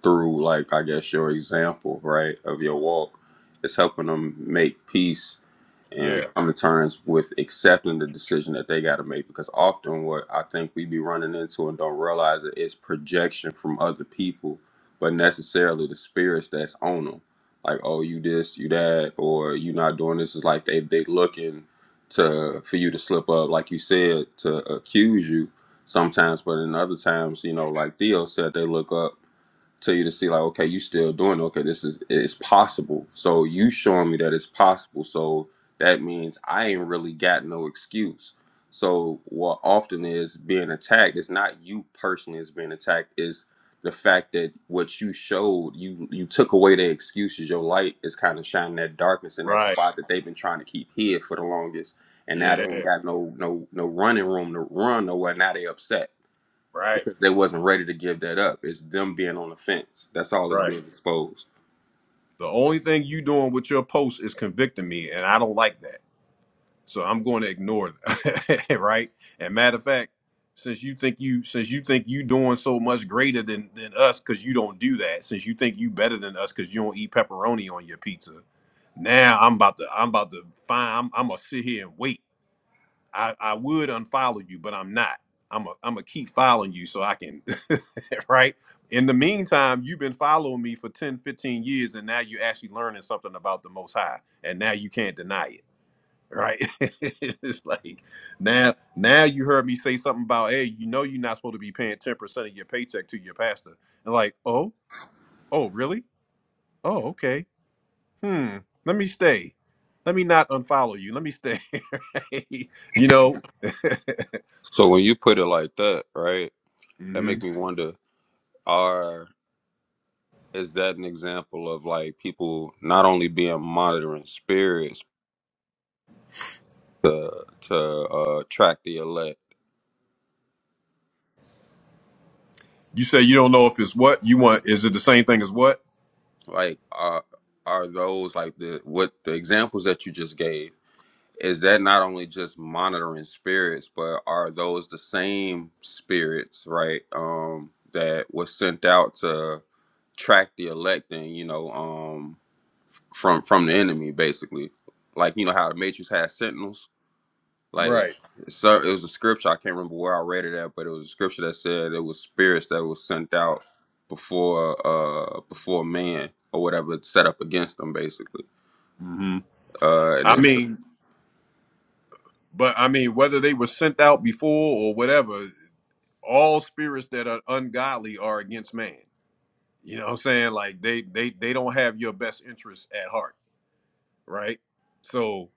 through like I guess your example, right, of your walk. It's helping them make peace and
Yeah.
come to terms with accepting the decision that they got to make because often what I think we be running into and don't realize it is projection from other people, but necessarily the spirits that's on them. Like, oh, you this, you that, or you not doing this. Is like they they looking to for you to slip up, like you said, to accuse you sometimes. But in other times, you know, like Theo said, they look up to you to see like okay you still doing it. okay this is it's possible so you showing me that it's possible so that means i ain't really got no excuse so what often is being attacked is not you personally is being attacked is the fact that what you showed you you took away their excuses your light is kind of shining that darkness in that
Right.
spot that they've been trying to keep hid for the longest and now they
Yeah.
ain't got no no no running room to run nowhere now they upset
Right.
they wasn't ready to give that up. It's them being on the fence. That's all that's
Right.
being exposed.
The only thing you doing with your post is convicting me, and I don't like that. So I'm going to ignore that, right? And matter of fact, since you think you since you think you doing so much greater than than us because you don't do that, since you think you better than us because you don't eat pepperoni on your pizza, now I'm about to I'm about to find I'm, I'm gonna sit here and wait. I I would unfollow you, but I'm not. I'm a, I'm gonna keep following you so I can, right? In the meantime, you've been following me for 10, 15 years, and now you're actually learning something about the Most High, and now you can't deny it right? it's like now, now you heard me say something about, hey, you know, you're not supposed to be paying ten percent of your paycheck to your pastor, and like, oh, oh, really? Oh, okay. Hmm. Let me stay. Let me not unfollow you. Let me stay. Right? You know,
So when you put it like that, right, that make
Mhm.
me wonder: Are is that an example of like people not only being monitoring spirits to to uh, track the elect?
you say you don't know if it's what you want. Is it the same thing as what?
Like, are are those like the what the examples that you just gave? is that not only just monitoring spirits, but are those the same spirits, right? Um, that was sent out to track the electing, you know, um, from from the enemy, basically. Like you know how the Matrix had sentinels. Like,
Right.
so it was a scripture. I can't remember where I read it at, but it was a scripture that said it was spirits that was sent out before uh before man or whatever set up against them, basically.
hmm
Uh, and it
I
was the,
mean, but I mean, whether they were sent out before or whatever, all spirits that are ungodly are against man You know what I'm saying? Like they they they don't have your best interest at heart, right? So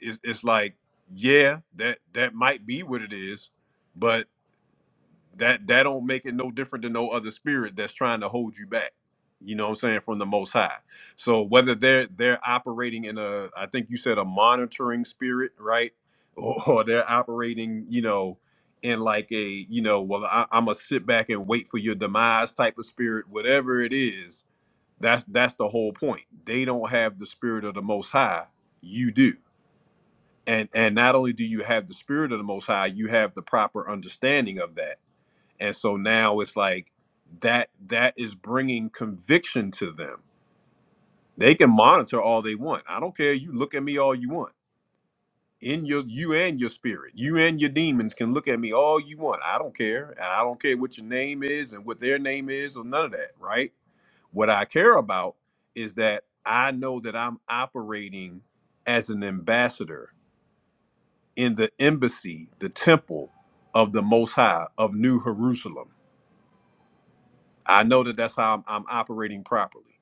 it's it's like, yeah, that that might be what it is, but that that don't make it no different than no other spirit that's trying to hold you back. You know what I'm saying? From the most high. So whether they're they're operating in a I think you said a monitoring spirit, right? Or, or they're operating, you know, in like a, you know, well, I, I'm gonna sit back and wait for your demise type of spirit, whatever it is that's that's the whole point. They don't have the spirit of the most high. You do. And and not only do you have the spirit of the most high, you have the proper understanding of that. And so now it's like that that is bringing conviction to them. They can monitor all they want. I don't care. You look at me all you want. In your you and your spirit, you and your demons can look at me all you want. I don't care. And I don't care what your name is and what their name is or none of that, right? What I care about is that I know that I'm operating as an ambassador in the embassy, the temple of the Most High of New Jerusalem. I know that that's how I'm, I'm operating properly.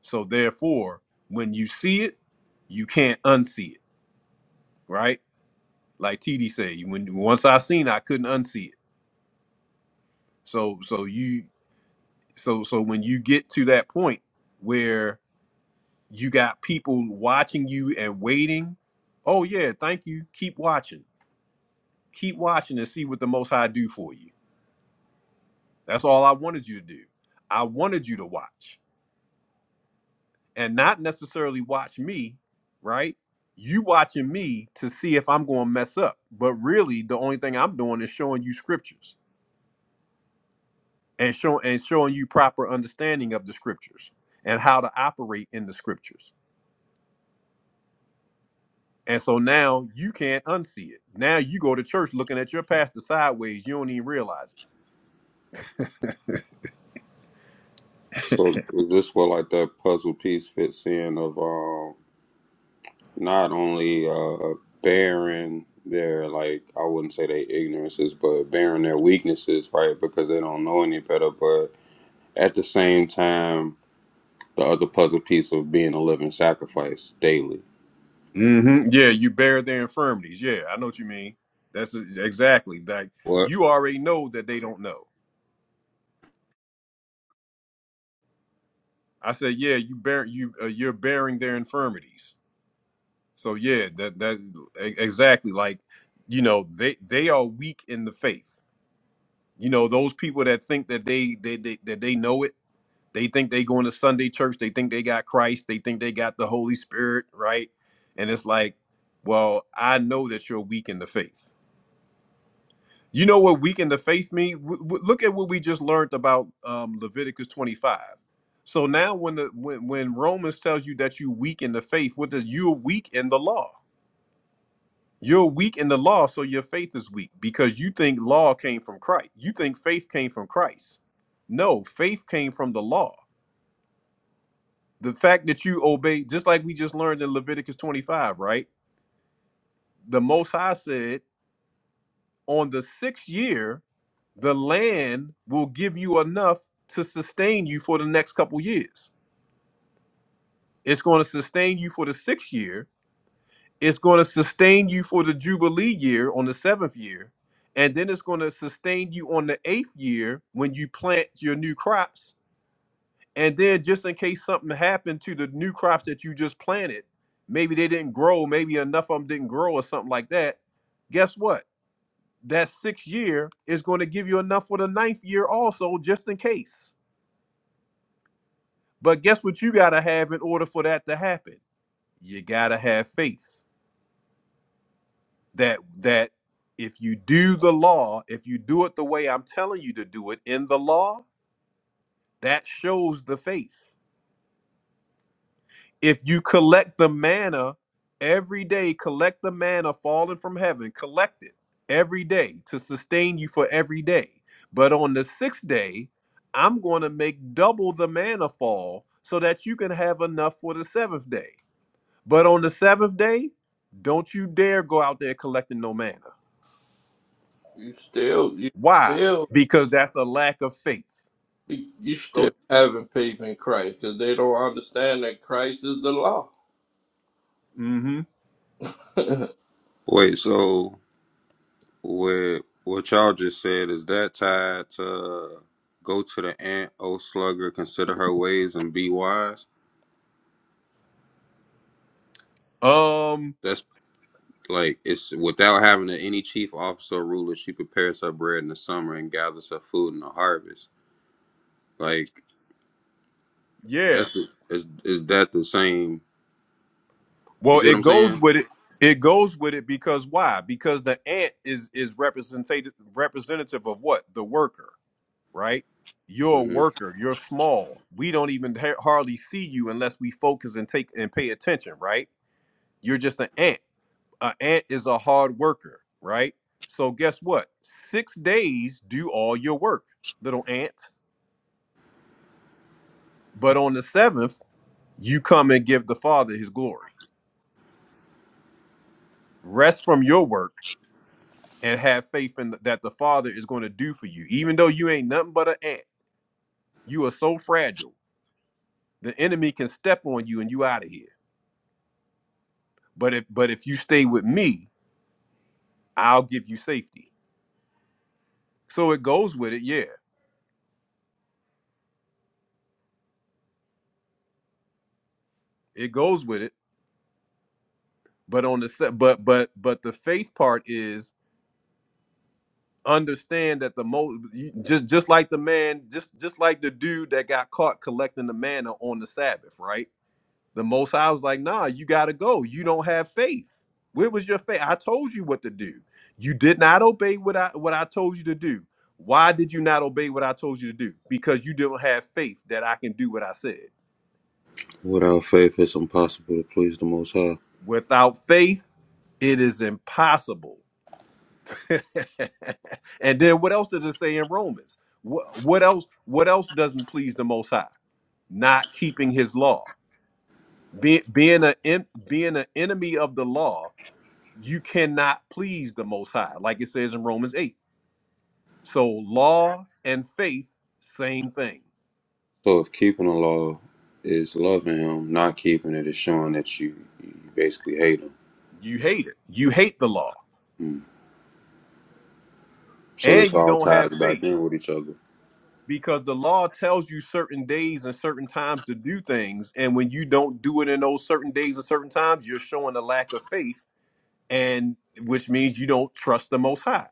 So therefore, when you see it, you can't unsee it, right? Like TD said, when once I seen, I couldn't unsee it. So so you so so when you get to that point where. You got people watching you and waiting. Oh yeah, thank you. Keep watching. Keep watching and see what the most high do for you. That's all I wanted you to do. I wanted you to watch and not necessarily watch me, right? You watching me to see if I'm going to mess up. But really the only thing I'm doing is showing you scriptures and show and showing you proper understanding of the scriptures and how to operate in the scriptures And so now you can't unsee it. Now you go to church looking at your pastor sideways. You don't even realize
so is this where like that puzzle piece fits in of um not only uh, bearing their like I wouldn't say they ignorances, but bearing their weaknesses, right? Because they don't know any better. But at the same time, the other puzzle piece of being a living sacrifice daily.
it. hmm Yeah, you bear their infirmities. Yeah, I know what you mean. That's e, exactly like
What?
you already know that they don't know. I said, yeah, you bear you uh, you're bearing their infirmities. So yeah, that that e- exactly like you know they they are weak in the faith. You know those people that think that they they, they that they know it They think they going to Sunday church. They think they got Christ. They think they got the Holy Spirit, right? And it's like, well, I know that you're weak in the faith. You know what weak in the faith mean? W- w- look at what we just learned about um, Leviticus 25. So now, when the when, when Romans tells you that you weak in the faith, what does you're weak in the law? You're weak in the law, so your faith is weak because you think law came from Christ. You think faith came from Christ. No, faith came from the law. the fact that you obey, just like we just learned in Leviticus 25, right? The Most High said, on the sixth year, the land will give you enough to sustain you for the next couple years. It's going to sustain you for the sixth year. It's going to sustain you for the Jubilee year on the seventh year. And then it's going to sustain you on the eighth year when you plant your new crops And then just in case something happened to the new crops that you just planted, maybe they didn't grow, maybe enough of them didn't grow or something like that. Guess what? That sixth year is going to give you enough for the ninth year also, just in case. But guess what you gotta have in order for that to happen? You gotta have faith that that if you do the law, if you do it the way I'm telling you to do it in the law, that shows the faith. if you collect the manna every day, collect the manna falling from heaven, collect it every day to sustain you for every day. But on the sixth day, I'm going to make double the manna fall so that you can have enough for the seventh day. But on the seventh day, don't you dare go out there collecting no manna.
You still, you
Why?
still,
Because that's a lack of faith.
you
Go.
still having faith in Christ because they don't understand that Christ is the law.
hmm
Wait. So what? What y'all just said is that tied to go to the ant, O slugger, consider her ways and be wise.
Um.
That's. Like it's without having to any chief officer or ruler, she prepares her bread in the summer and gathers her food in the harvest. Like
Yeah.
that's the, is is that the same? You
Well,
see what
it
I'm
goes
saying?
with it. It goes with it because why? Because the ant is is representative representative of what the worker, right? You're a
hmm
worker. You're small. We don't even ha- hardly see you unless we focus and take and pay attention, right? You're just an ant. An ant is a hard worker, right? So guess what? Six days do all your work, little ant. But on the seventh, you come and give the Father His glory. Rest from your work and have faith in th- that the Father is going to do for you. Even though you ain't nothing but an ant, you are so fragile. The enemy can step on you and you out of here. But if but if you stay with me, I'll give you safety. So it goes with it, yeah. It goes with it. But on the set, but but but the faith part is understand that the most just just like the man, just just like the dude that got caught collecting the manna on the Sabbath, right? The Most High was like, nah, you got to go. You don't have faith. Where was your faith? I told you what to do. You did not obey what I what I told you to do. Why did you not obey what I told you to do? Because you didn't have faith that I can do what I said.
Without faith, it's impossible to please the Most High.
Without faith, it is impossible. and then what else does it say in Romans? What, what else? What else doesn't please the Most High? Not keeping His law, Be- being a en- being an enemy of the law you cannot please the most high like it says in romans 8 so law and faith same thing
So if keeping the law is loving Him, not keeping it is showing that you, you basically hate Him.
you hate it you hate the law
Mm. So
and
this
you
all
don't have
ties back
faith
in with each other.
because the law tells you certain days and certain times to do things and when you don't do it in those certain days and certain times you're showing a lack of faith and which means you don't trust the most high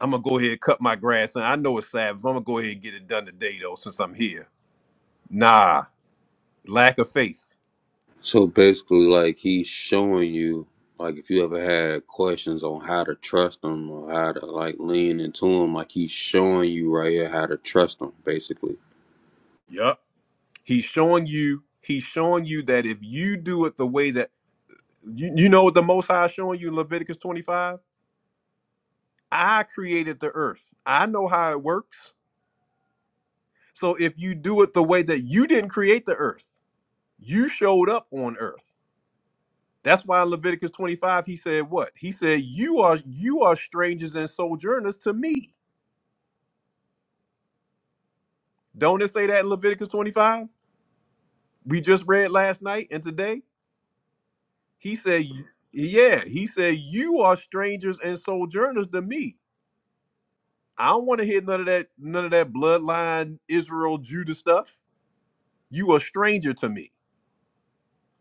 i'm gonna go ahead and cut my grass and i know it's sad i'm gonna go ahead and get it done today though since i'm here nah lack of faith
So basically, like he's showing you, like if you ever had questions on how to trust him or how to like lean into him, like he's showing you right here how to trust him. Basically,
Yup He's showing you, he's showing you that if you do it the way that you, you know what the most high is showing you in Leviticus 25? I created the earth. I know how it works. So if you do it the way that you didn't create the earth, you showed up on earth. That's why in Leviticus 25 he said what? He said, You are you are strangers and sojourners to me. Don't it say that in Leviticus 25? We just read last night and today. He said, Yeah, he said, You are strangers and sojourners to me. I don't want to hear none of that, none of that bloodline Israel Judah stuff. You a stranger to me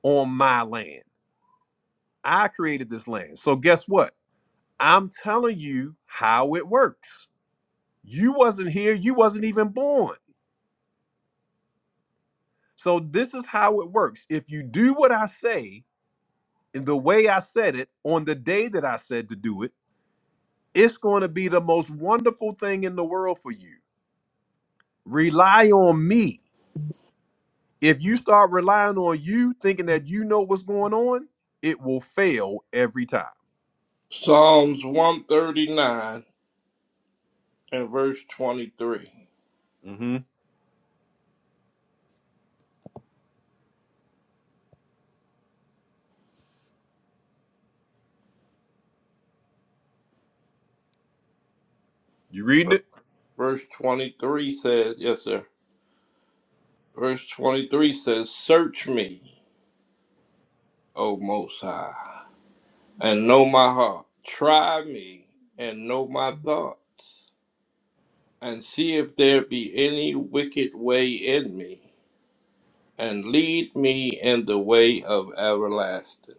on my land. I created this land. So guess what? I'm telling you how it works. You wasn't here, you wasn't even born. So this is how it works. If you do what I say in the way I said it on the day that I said to do it, it's going to be the most wonderful thing in the world for you. Rely on me. If you start relying on you, thinking that you know what's going on, it will fail every time.
Psalms 139 and verse 23.
hmm You reading it?
Verse 23 says, Yes, sir. Verse 23 says, Search me, O Most High, and know my heart. Try me and know my thoughts, and see if there be any wicked way in me, and lead me in the way of everlasting.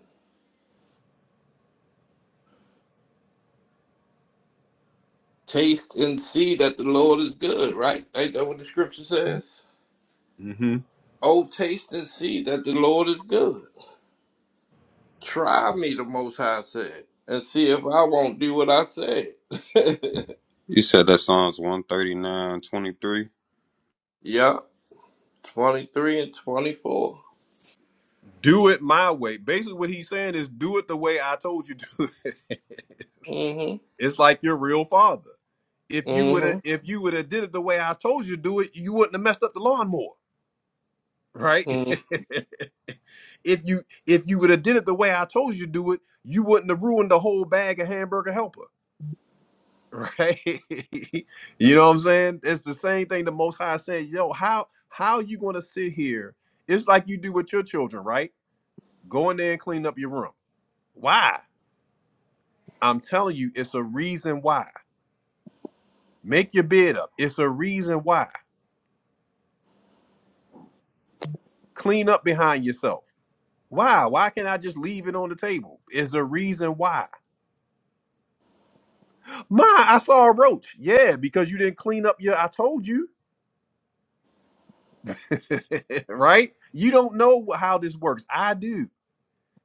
Taste and see that the Lord is good, right? Ain't that what the scripture says?
hmm
Oh, taste and see that the Lord is good. Try me, the Most High said, and see if I won't do what I said.
you said that Psalms one thirty nine twenty three.
yeah, 23 and 24.
Do it my way. Basically, what he's saying is do it the way I told you to.
Mm-hmm,
it's like your real father. If you would have,
mm-hmm,
if you would have did it the way I told you to do it, you wouldn't have messed up the lawnmower, right?
mm-hmm.
if you if you would have did it the way I told you to do it, you wouldn't have ruined the whole bag of hamburger helper. right? you know what I'm saying? It's the same thing the Most High said. Yo, how how you gonna sit here? It's like you do with your children, right? Go in there and clean up your room. Why? I'm telling you, it's a reason why. Make your bed up. It's a reason why. Clean up behind yourself. Why? Why can't I just leave it on the table? It's a reason why. Ma, I saw a roach. Yeah, because you didn't clean up your. I told you, right? You don't know how this works. I do.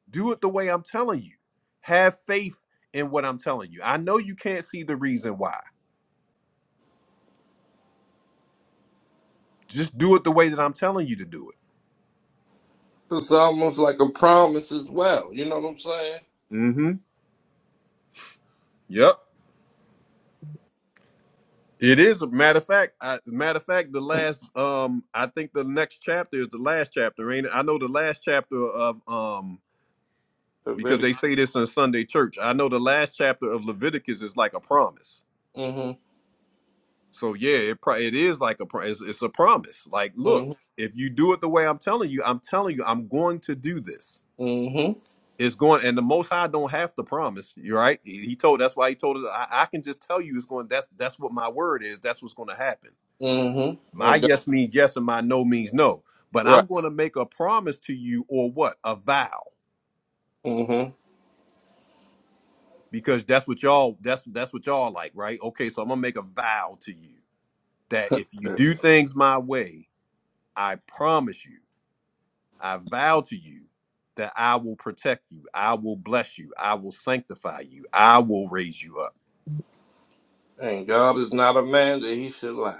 Do it the way I'm telling you. Have faith in what I'm telling you. I know you can't see the reason why. Just do it the way that I'm telling you to do
It's almost like a promise as well. You know what I'm saying?
it. Mm-hmm. Yep. It is a matter of fact. I, matter of fact, the last um, I think the next chapter is the last chapter, ain't it? I know the last chapter of um, because
Leviticus.
they say this in Sunday church. I know the last chapter of Leviticus is like a promise.
Mm-hmm,
So yeah, it pro- it is like a pro- it's, it's a promise. Like, look,
mm-hmm,
if you do it the way I'm telling you, I'm telling you, I'm going to do this.
mm-hmm,
It's going, and the Most High don't have to promise. You're right. He, he told. That's why he told us. I, I can just tell you it's going. That's that's what my word is. That's what's going to happen.
mm-hmm.
My
And God,
yes means yes, and my no means no. But
Right.
I'm going to make a promise to you, or what? A vow,
Mm-hmm.
because that's what y'all. That's that's what y'all like, right? Okay, so I'm gonna make a vow to you that if you do things my way, I promise you, I vow to you that I will protect you, I will bless you, I will sanctify you, I will raise you up.
And God is not a man that he should lie.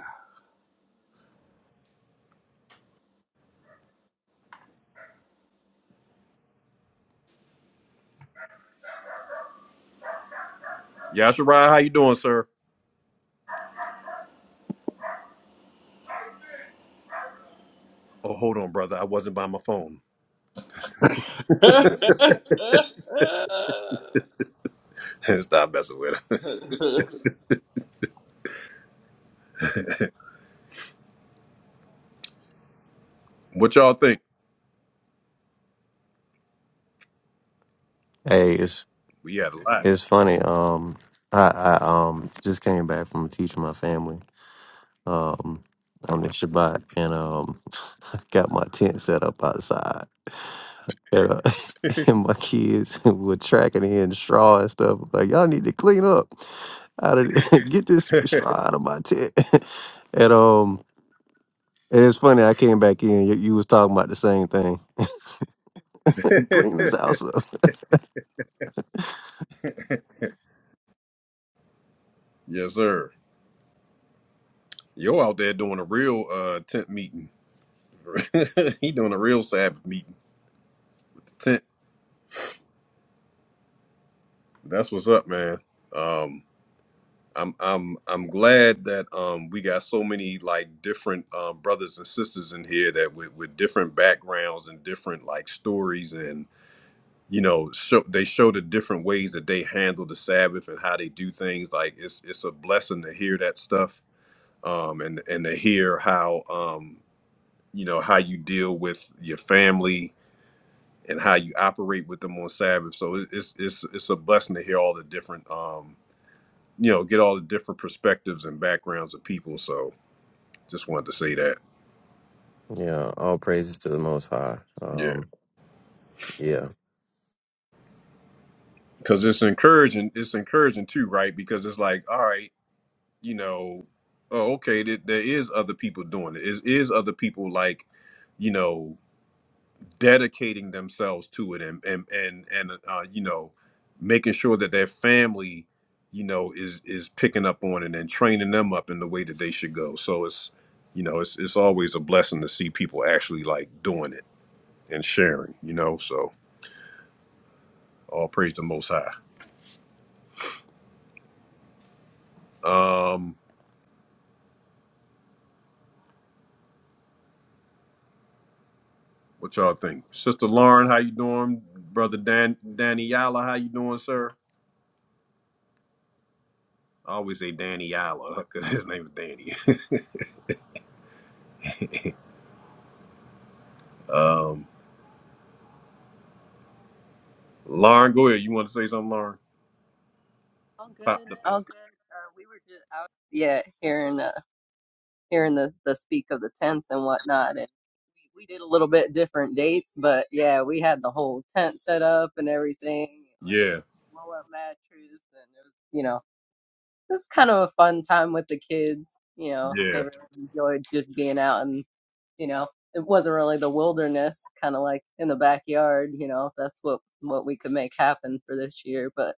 Yashirai, how you doing, sir? Oh, hold on, brother. I wasn't by my phone. Stop messing with it. what y'all think?
Hey, it's
We had a lot.
it's funny. Um, I, I um just came back from teaching my family um on the Shabbat, and um got my tent set up outside. and, uh, and my kids were tracking in straw and stuff. Like y'all need to clean up, out of get this straw out of my tent. and um, and it's funny. I came back in. You, you was talking about the same thing. clean this house up.
yes, sir. Yo out there doing a real uh tent meeting. he doing a real Sabbath meeting. Tent. That's what's up, man. Um I'm I'm I'm glad that um we got so many like different um brothers and sisters in here that with, with different backgrounds and different like stories you know show they show the different ways that they handle the sabbath and how they do things like it's it's a blessing to hear that stuff um and and to hear how um you know how you deal with your family and how you operate with them on sabbath so it- it's it's it's a blessing to hear all the different um you know get all the different perspectives and backgrounds of people so just wanted to say that
Yeah, all praises to the Most High.
yeah
Um, yeah,
because it's encouraging it's encouraging too right because it's like all right you know, oh, okay, th- there is other people doing it. Is is other people like you know dedicating themselves to it and and and and uh, you know making sure that their family you know is is picking up on it and training them up in the way that they should go. So it's you know it's it's always a blessing to see people actually like doing it and sharing. You know, so all praise the Most High. Um, what y'all think, Sister Lauren? How you doing, Brother Dan Danny Yala? How you doing, sir? I always say Danny Alla because his name is Danny. Um, Lauren, go ahead. You want to say something, Lauren?
All
Pop
good,
the pin.
all good. Uh, we were just out, yeah, hearing uh, hearing the the speak of the tents and whatnot, and we, we did a little bit different dates, but yeah, we had the whole tent set up and everything, like
Yeah,
blow up mattress, and it was, you know, it was kind of a fun time with the kids. You know, they
yeah,
really enjoyed just being out, and you know, it wasn't really the wilderness, kind of like in the backyard. You know, that's what what we could make happen for this year, but.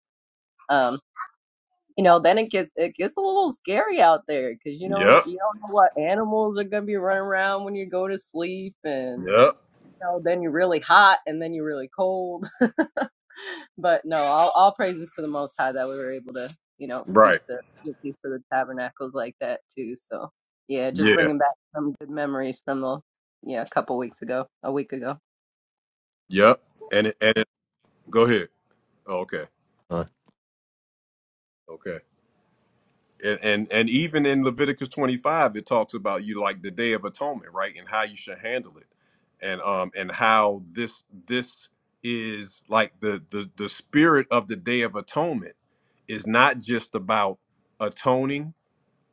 um you know, then it gets it gets a little scary out there because you don't
yep,
you don't know what animals are gonna be running around when you go to sleep, and
yep.
you know, then you're really hot and then you're really cold. But no, all all praises to the Most High that we were able to you know keep
Right.
the the piece of the tabernacles like that too. So yeah, just
Yeah,
bringing back some good memories from the yeah a couple weeks ago, a week ago.
yep. And it, and it, go ahead. Oh, okay,
Uh,
okay. And, and and even in Leviticus 25, it talks about you like the Day of Atonement, right? And how you should handle it, and um and how this this is like the the the spirit of the Day of Atonement is not just about atoning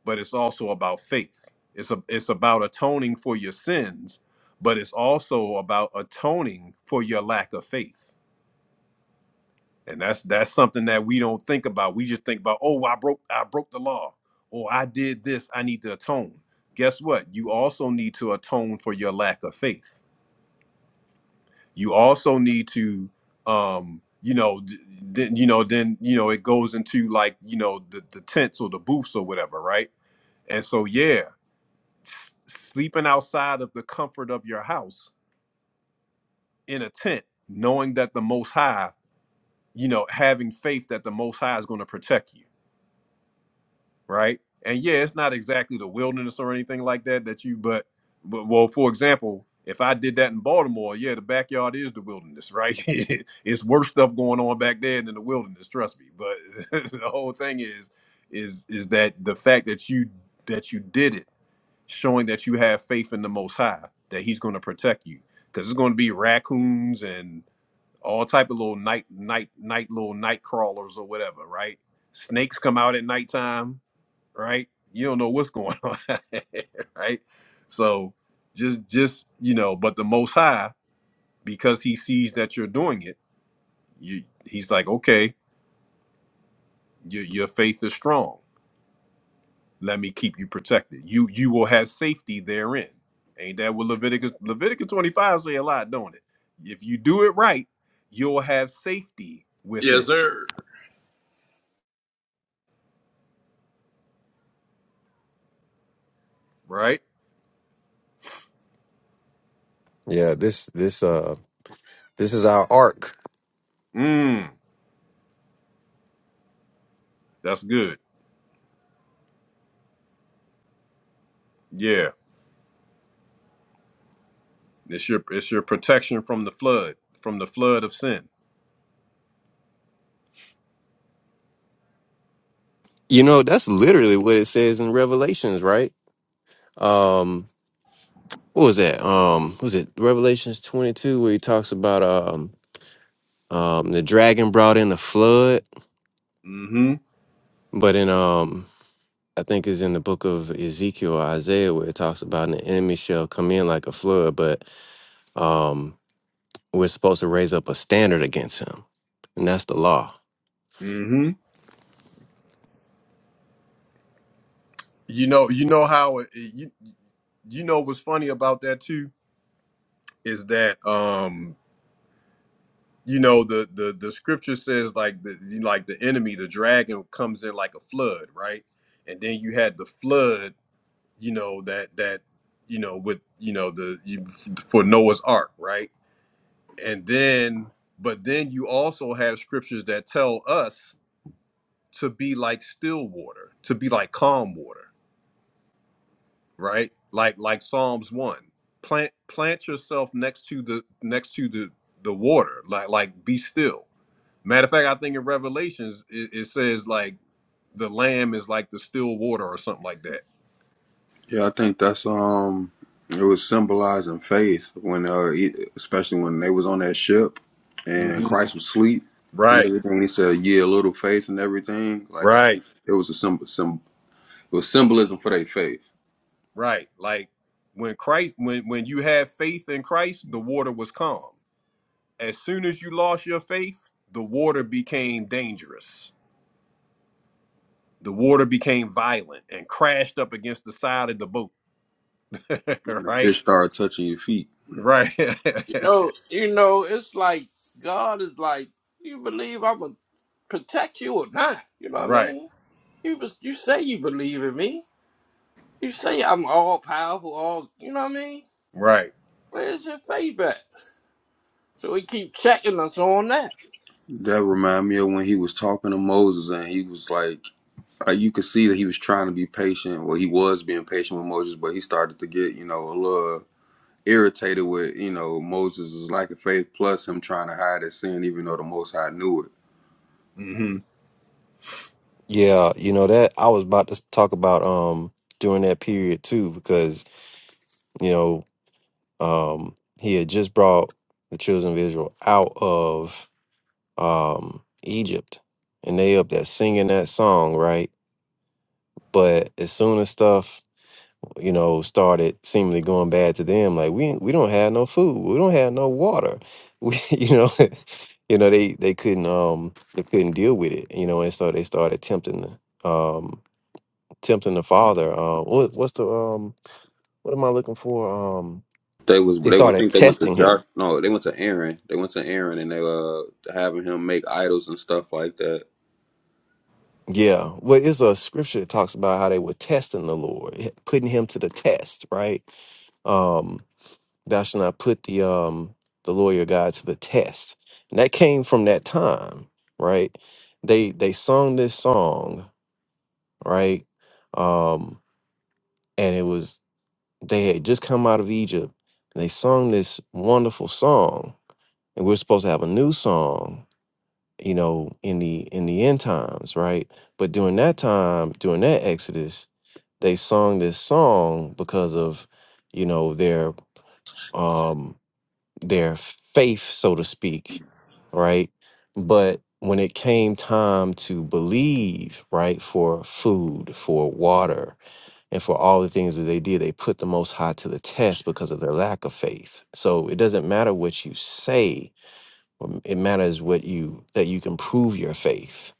but it's also about faith. It's a, it's about atoning for your sins, but it's also about atoning for your lack of faith. And that's that's something that we don't think about. We just think about, oh, I broke I broke the law, or I did this. I need to atone. Guess what? You also need to atone for your lack of faith. You also need to, um, you know, d- then you know, then you know, it goes into like you know the the tents or the booths or whatever, right? And so yeah, s- sleeping outside of the comfort of your house in a tent, knowing that the Most High, you know, having faith that the Most High is going to protect you, right? And yeah, it's not exactly the wilderness or anything like that that you, but, but well, for example, if I did that in Baltimore, yeah, the backyard is the wilderness, right? it's worse stuff going on back there than the wilderness, trust me. But the whole thing is, is, is that the fact that you that you did it showing that you have faith in the Most High that He's going to protect you. Because it's going to be raccoons and all type of little night, night, night, little night crawlers or whatever, right? Snakes come out at nighttime, right? You don't know what's going on, right? So just, just you know, but the Most High, because He sees that you're doing it, you, He's like, okay, your, your faith is strong let me keep you protected. You you will have safety therein. Ain't that what Leviticus Leviticus 25 say a lot, don't it? If you do it right, you'll have safety
yes,
within,
sir.
right?
yeah. This this uh this is our ark.
Mm, that's good. Yeah. It's your it's your protection from the flood, from the flood of sin.
You know, that's literally what it says in Revelations, right? Um, what was that? Um, was it Revelations twenty two where he talks about um Um, the dragon brought in a flood,
Mm-hmm.
but in um, I think it's in the book of Ezekiel or Isaiah where it talks about an enemy shall come in like a flood, but um, we're supposed to raise up a standard against him, and that's the law.
Mm-hmm. You know, you know how it, it- you you know what's funny about that too is that um you know the the the scripture says like the like the enemy the dragon comes in like a flood right and then you had the flood you know that that you know with you know the you, for noah's ark right and then but then you also have scriptures that tell us to be like still water to be like calm water right like like psalms 1 plant plant yourself next to the next to the the water like like be still Matter of fact, I think in Revelations it, it says like the lamb is like the still water or something like that.
Yeah, I think that's um, it was symbolizing faith when uh, he- especially when they was on that ship and
hmm
Christ was asleep and
Right,
everything. He said, "Yeah, a little faith and everything." Like I
right,
think it was a symbol, some it was symbolism for their faith.
right. Like when Christ, when when you have faith in Christ, the water was calm. As soon as you lost your faith, the water became dangerous. The water became violent and crashed up against the side of the boat.
When the
right,
fish started touching your feet.
right,
You know, you know, it's like God is like, you believe I'm gonna protect you or not? You know what I
right,
mean? You bes- you say you believe in me. You say I'm all powerful, all you know what I mean?
right.
Where's your faith at? So he keep checking us on that.
That remind me of when he was talking to Moses and he was like, uh, you could see that he was trying to be patient. Well, he was being patient with Moses, but he started to get, you know, a little irritated with, you know, Moses' lack of faith plus him trying to hide his sin, even though the Most High knew it.
hmm
Yeah, you know that I was about to talk about um during that period too because you know um he had just brought the children of Israel out of um Egypt and they up there singing that song, right? But as soon as stuff you know, started seemingly going bad to them. Like we we don't have no food, we don't have no water. We, you know, you know they they couldn't um they couldn't deal with it, you know, and so they started tempting the um tempting the father. Uh, what what's the um what am I looking for? Um,
They was
they
they went- I
started
think they went to
testing him.
Josh no, they went to Aaron. They went to Aaron and they uh having him make idols and stuff like that.
Yeah, well, it's a scripture that talks about how they were testing the Lord, putting him to the test, right? Um, thou shalt not put the um the lawyer God to the test. And that came from that time, right? They they sung this song, right? Um, and it was they had just come out of Egypt and they sung this wonderful song. And we're supposed to have a new song, you know, in the in the end times, right? But during that time, during that Exodus, they sung this song because of, you know, their um their faith, so to speak, right? But when it came time to believe, right, for food, for water, and for all the things that they did, they put the Most High to the test because of their lack of faith. So it doesn't matter what you say, um, It matters what you that you can prove your faith.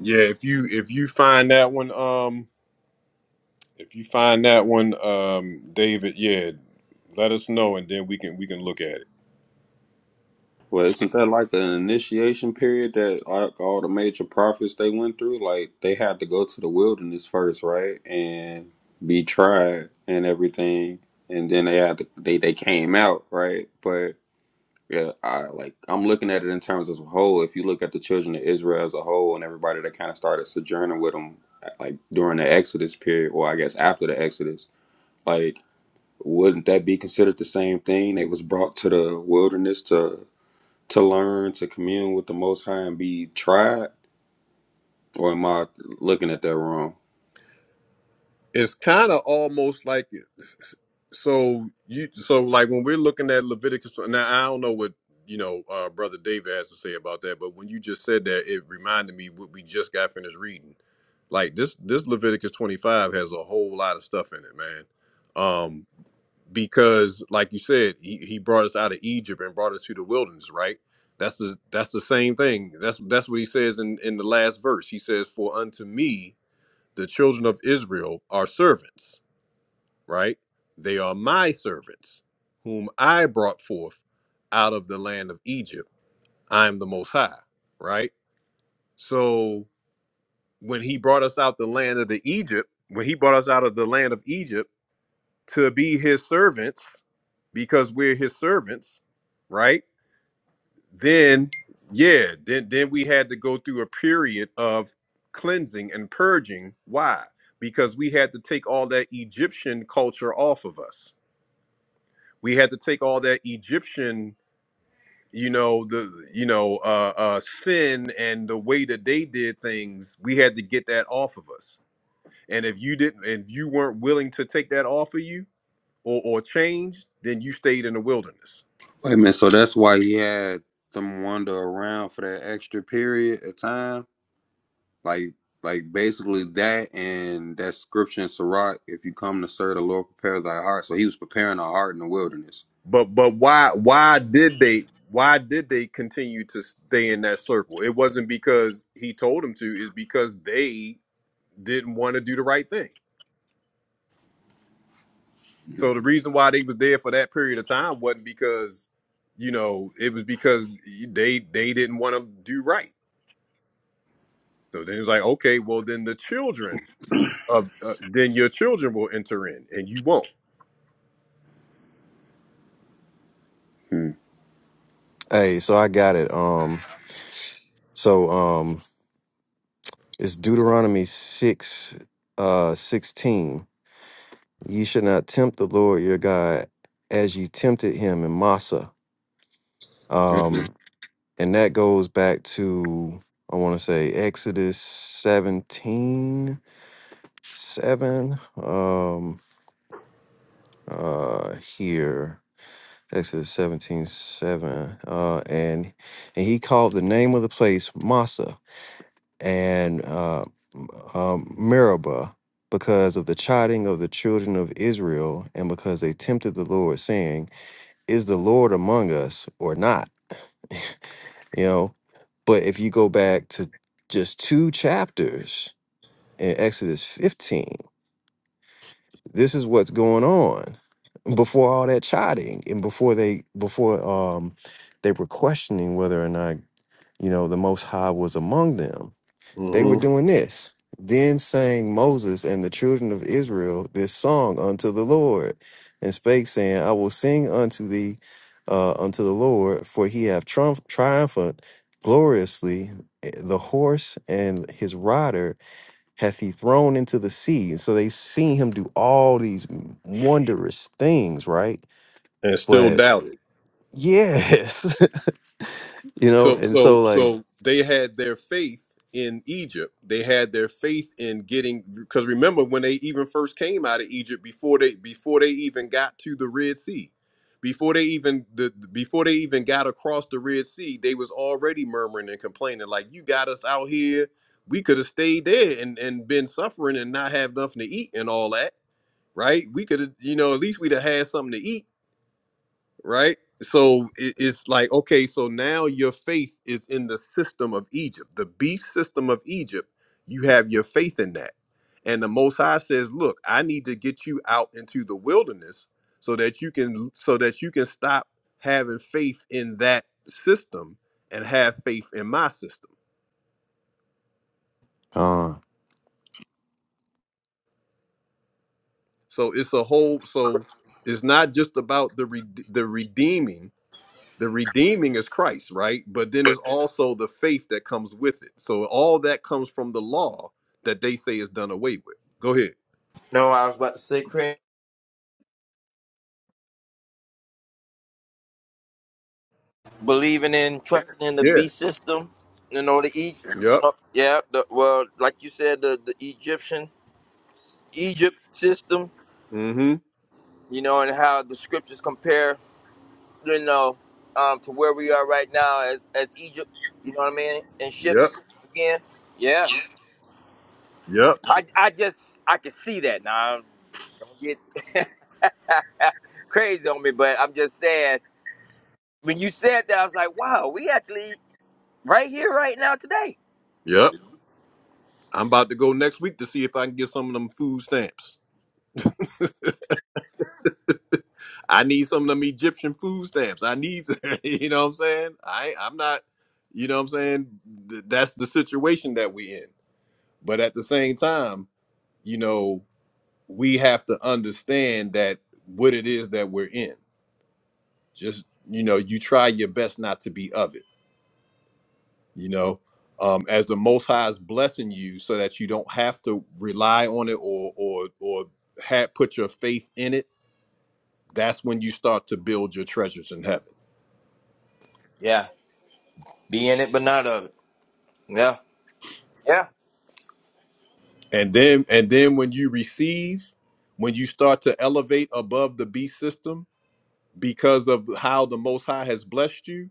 Yeah. If you if you find that one, um, If you find that one, um, David, yeah, let us know, and then we can we can look at it.
Well, isn't that like an initiation period that like all the major prophets they went through? Like they had to go to the wilderness first, right, and be tried and everything, and then they had to, they they came out, right? But yeah, I like I'm looking at it in terms as a whole. If you look at the children of Israel as a whole and everybody that kind of started sojourning with them, like during the Exodus period, or I guess after the Exodus, like wouldn't that be considered the same thing? They was brought to the wilderness to to learn to commune with the Most High and be tried, or am I looking at that wrong?
It's kind of almost like so you so like when we're looking at Leviticus. Now I don't know what you know, uh, brother David has to say about that, but when you just said that, it reminded me what we just got finished reading. Like this, this Leviticus twenty five has a whole lot of stuff in it, man. Um, because like you said he, he brought us out of egypt and brought us to the wilderness right that's the that's the same thing that's that's what he says in in the last verse he says for unto me the children of israel are servants right they are my servants whom i brought forth out of the land of egypt i am the most high right so when he brought us out the land of the egypt when he brought us out of the land of egypt to be his servants because we're his servants, right? Then yeah, then then we had to go through a period of cleansing and purging. Why? Because we had to take all that Egyptian culture off of us. We had to take all that Egyptian, you know, the you know, uh uh sin and the way that they did things, we had to get that off of us. And if you didn't if you weren't willing to take that off of you, or or changed, then you stayed in the wilderness.
Wait a minute. So that's why he had them wander around for that extra period of time, like like basically that and that scripture in Sirach, if you come to serve the Lord, prepare thy heart. So he was preparing our heart in the wilderness.
But but why why did they why did they continue to stay in that circle? It wasn't because he told them to, is because they didn't want to do the right thing. So the reason why they was there for that period of time wasn't because you know, it was because they they didn't want to do right. So then it was like, okay, well then the children of uh, then your children will enter in and you won't.
hmm
Hey, so I got it. Um, so um, it's Deuteronomy six, uh, sixteen. Ye should not tempt the Lord your God as you tempted him in Massa.
hmm
um, and that goes back to I want to say Exodus 17 7. um uh here Exodus 17 7. uh and and he called the name of the place Massa and uh m- um, Meribah because of the chiding of the children of Israel and because they tempted the Lord saying is the Lord among us or not you know. But if you go back to just two chapters in Exodus 15, this is what's going on before all that chiding and before they before um they were questioning whether or not, you know, the most high was among them. They were
hmm
doing this. Then sang Moses and the children of Israel this song unto the Lord, and spake, saying, I will sing unto thee, uh, unto the Lord, for he hath triumph- triumphed gloriously. eh, The horse and his rider hath he thrown into the sea. And so they seen him do all these wondrous things, right?
And still
But
doubted.
yes, you know,
So
and
so
so like,
so they had their faith in Egypt. They had their faith in getting because remember when they even first came out of Egypt before they before they even got to the Red Sea. Before they even the before they even got across the Red Sea, they was already murmuring and complaining like you got us out here. We could have stayed there and and been suffering and not have nothing to eat and all that, right? We could have, you know, at least we'd have had something to eat right? So it- it's like, okay, so now your faith is in the system of Egypt, the beast system of Egypt. You have your faith in that. And the Most High says, look, I need to get you out into the wilderness so that you can so that you can stop having faith in that system and have faith in my system.
uh,
So it's a whole so it's not just about the re- the redeeming the redeeming is Christ, right? But then there's also the faith that comes with it. So all that comes from the law that they say is done away with. Go ahead.
No, I was about to say, Chris. believing in trusting in the
Yeah.
B system. You know the Egypt.
Yep.
Yeah. The, well, like you said, the, the Egyptian Egypt system.
Mm-hmm.
You know, and how the scriptures compare. You know, um, to where we are right now as as Egypt. You know what I mean? And
Yep.
ships again. Yeah.
Yep.
I I just I can see that now. Don't get crazy on me, but I'm just saying. When you said that, I was like, wow, we actually right here, right now, today.
Yep. I'm about to go next week to see if I can get some of them food stamps. I need some of them Egyptian food stamps. I need, you know what I'm saying? I I'm not, you know what I'm saying? Th- That's the situation that we in. But at the same time, you know, we have to understand that what it is that we're in. Just you know, you try your best not to be of it. You know, um, as the Most High is blessing you, so that you don't have to rely on it or or or have put your faith in it. That's when you start to build your treasures in heaven.
Yeah. Be in it, but not of it. Yeah. Yeah.
And then and then when you receive, when you start to elevate above the beast system because of how the Most High has blessed you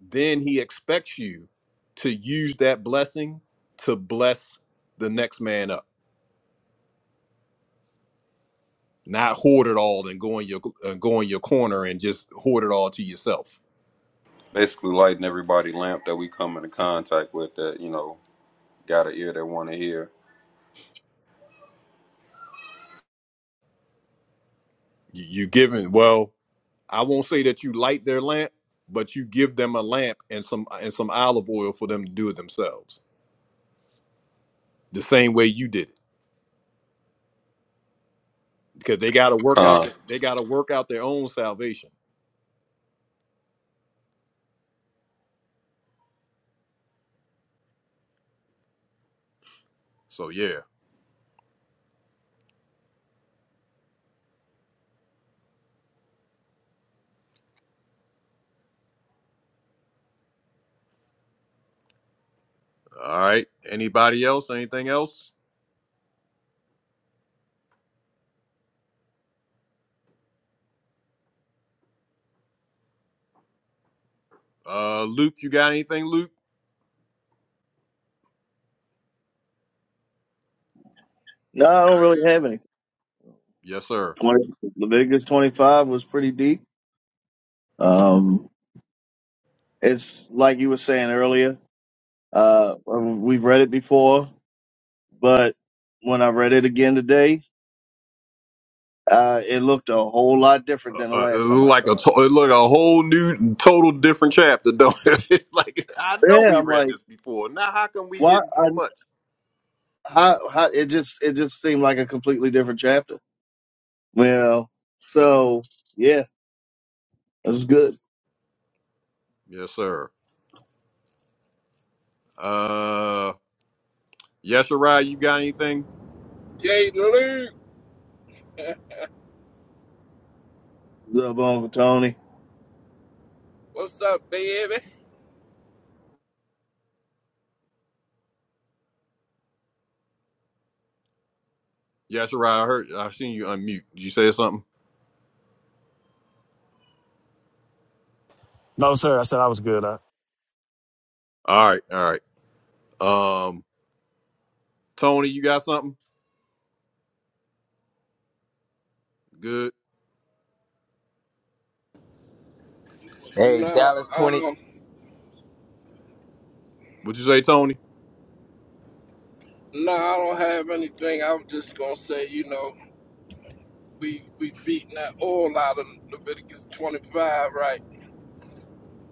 then he expects you to use that blessing to bless the next man up not hoard it all and go in your uh, go in your corner and just hoard it all to yourself
Basically lighting everybody lamp that we come into contact with that, you know, got an ear that wanna hear.
you, you giving well i won't say that you light their lamp but you give them a lamp and some and some olive oil for them to do it themselves the same way you did it because they got to work out
Con,
their, they got to work out their own salvation so yeah all right anybody else anything else uh luke you got anything luke
No, I don't really have any.
yes sir
20, Leviticus 25 was pretty deep. Um, it's like you were saying earlier, uh, um, we've read it before, but when I read it again today, uh, it looked a whole lot different than the
Uh,
last time I
like a
saw it.
to- it a whole new, total different chapter. Don't it? like I know
Yeah,
we
I'm
read
like,
this before. Now how come we
why?
getting
I,
so much?
how, how, it just, it just seemed like a completely different chapter. Well, so yeah, it was good.
Yes, sir. Uh, yes, you got anything?
Jay Luke,
What's up, Uncle Tony?
what's up, baby?
Yes, I heard. I seen you unmute. Did you say something?
No, sir. I said I was good. I,
All right, all right. Um, Tony, you got something? Good.
Hey,
Nah,
Dallas twenty.
um,
What you say, Tony?
nah, I don't have anything. I was just gonna say, you know. we we beating that oil out of Leviticus 25, right?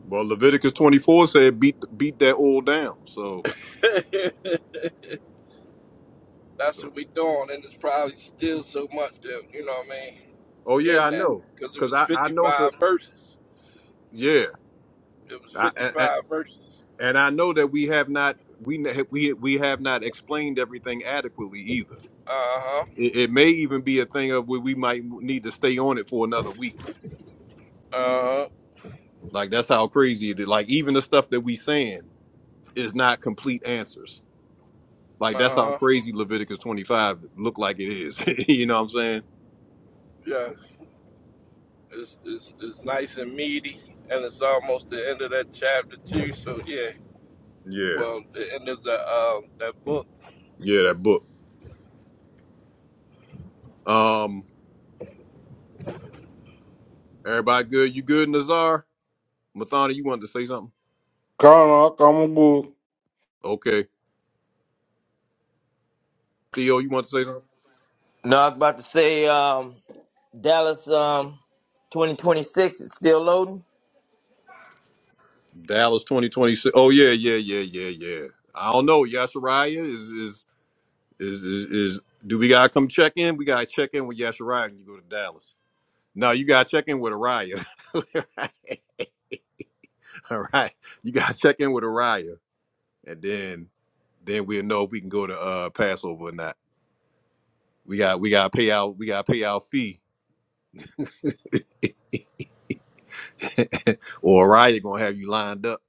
Well, Leviticus twenty four said beat beat that oil down. So
That's
so.
what we doing, and it's probably still so much that you know what I mean
Oh yeah,
in
I
that
know.
because it
Cause
was
I I know. So
55 verses.
yeah.
It was
I, I,
55 verses.
and I know that we have not we we we have not explained everything adequately either.
Uh huh.
It, it may even be a thing of where we might need to stay on it for another week.
Uh huh.
Like that's how crazy it is. Like even the stuff that we saying is not complete answers. Like
Uh
that's how
huh.
crazy Leviticus twenty five look like it is. you know what I'm saying?
Yes. It's, it's it's nice and meaty, and it's almost the end of that chapter too. So yeah,
Yeah,
well, the end of the um that book.
yeah, that book. Um, everybody good? You good, Nazar? Mathana, you wanted to say something?
come on, come good.
Okay, Theo, you want to say something?
No, I was about to say, um, Dallas, um, twenty twenty six is still loading.
Dallas 2026. Oh yeah, yeah, yeah, yeah, yeah. I don't know. Yashariah is is is is, is do we gotta come check in? We gotta check in with Yashariah when you go to Dallas. No, you gotta check in with Araya. All right. You gotta check in with Araya. And then then we'll know if we can go to uh Passover or not. We got we gotta pay out we gotta pay out fee. or Araya gonna have you lined up.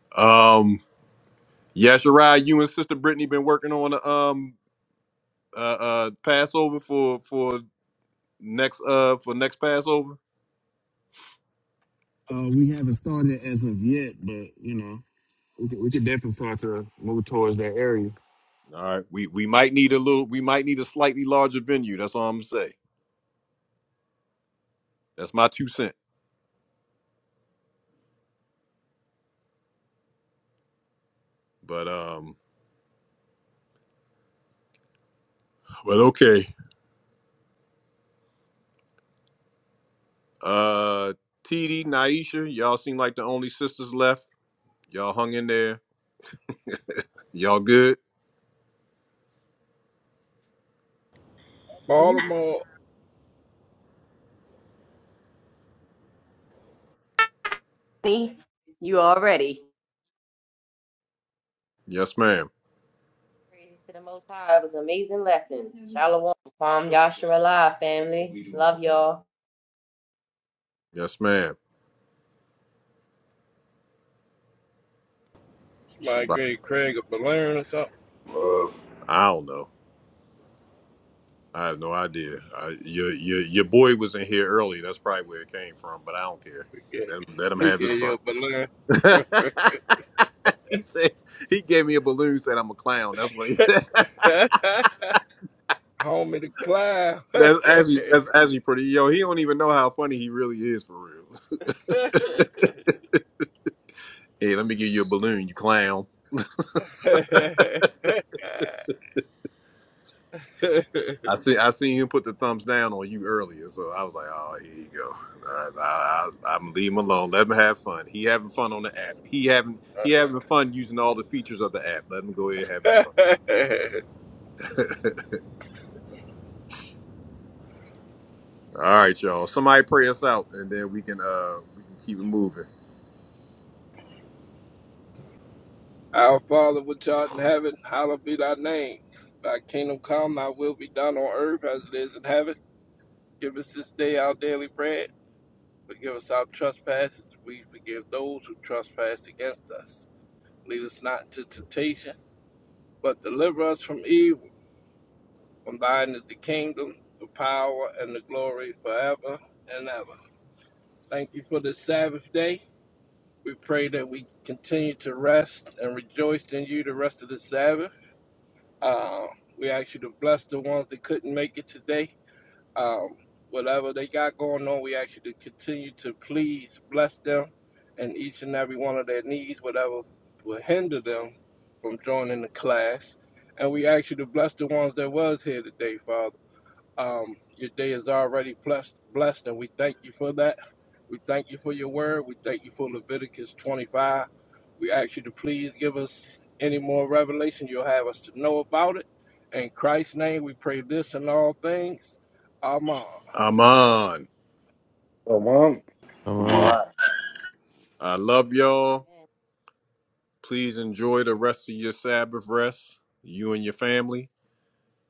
um Yeah, Shirai, you and Sister Brittany been working on the um uh uh Passover for for next uh for next Passover.
Uh, we haven't started as of yet, but you know, we could, we could definitely start to move towards that area.
All right, we we might need a little, we might need a slightly larger venue. That's all I'm gonna say. That's my two cent. But um, well, okay. Uh, TD, Naisha, y'all seem like the only sisters left. Y'all hung in there. Y'all good?
Baltimore,
See, you already.
Yes, ma'am.
Praises to the Most High. It was an amazing lesson. Shalom. Palm Yashar alive, family. Love y'all.
Yes, ma'am.
my
Shabbat.
great Craig of Balloon or something.
I don't know. I have no idea. I, your your your boy was in here early. That's probably where it came from, but I don't care.
Yeah,
Let him, let him
he
have his
gave you
fun.
a balloon.
he said he gave me a balloon. Said I'm a clown. That's what he said.
Homie to clown.
that's actually that's actually pretty. Yo, he don't even know how funny he really is for real. hey, let me give you a balloon, you clown. I see. I seen you put the thumbs down on you earlier, so I was like, "Oh, here you go." All right, I, I, I'm leave him alone. Let him have fun. He having fun on the app. He having he having fun using all the features of the app. Let him go ahead having fun. all right, y'all. Somebody pray us out, and then we can uh we can keep it moving.
Our Father which art in heaven, hallowed be thy name. Thy kingdom come, thy will be done on earth as it is in heaven. Give us this day our daily bread. Forgive us our trespasses, as we forgive those who trespass against us. Lead us not into temptation, but deliver us from evil. From thine is the kingdom, the power, and the glory forever and ever. Thank you for this Sabbath day. We pray that we continue to rest and rejoice in you the rest of the Sabbath. Uh, we ask you to bless the ones that couldn't make it today. Um, whatever they got going on, we ask you to continue to please bless them and each and every one of their needs, whatever will hinder them from joining the class. And we ask you to bless the ones that was here today, Father. Um, your day is already blessed, blessed, and we thank you for that. We thank you for your word. We thank you for Leviticus 25. We ask you to please give us any more revelation you'll have us to know about it. In Christ's name, we pray this and all things. Amen.
I'm on.
Amen.
uh,
love,
I love y'all.
Amen.
Please enjoy the rest of your Sabbath rest. You and your family.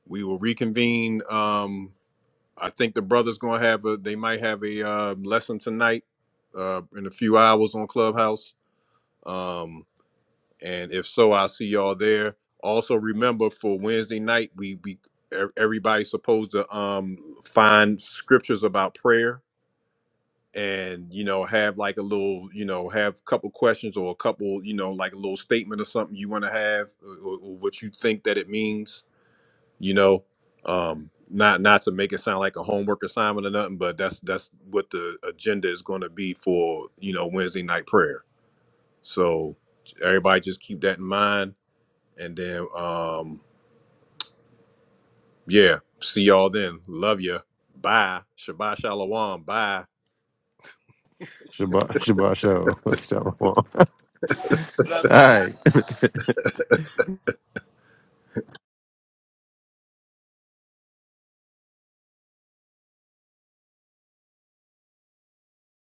We will reconvene. Um, I think the brothers gonna have a. They might have a uh, lesson tonight, uh, in a few hours on Clubhouse. Um, and if so, I'll see y'all there. Also, remember for Wednesday night, we we e- everybody's supposed to um find scriptures about prayer and you know have like a little you know have a couple questions or a couple you know like a little statement or something you want to have or, or what you think that it means you know um not not to make it sound like a homework assignment or nothing but that's that's what the agenda is going to be for you know wednesday night prayer so everybody just keep that in mind and then um yeah see y'all then love ya. bye shabbat shalom bye
Shabbat, Shabbat Shalom. Shalom. All right.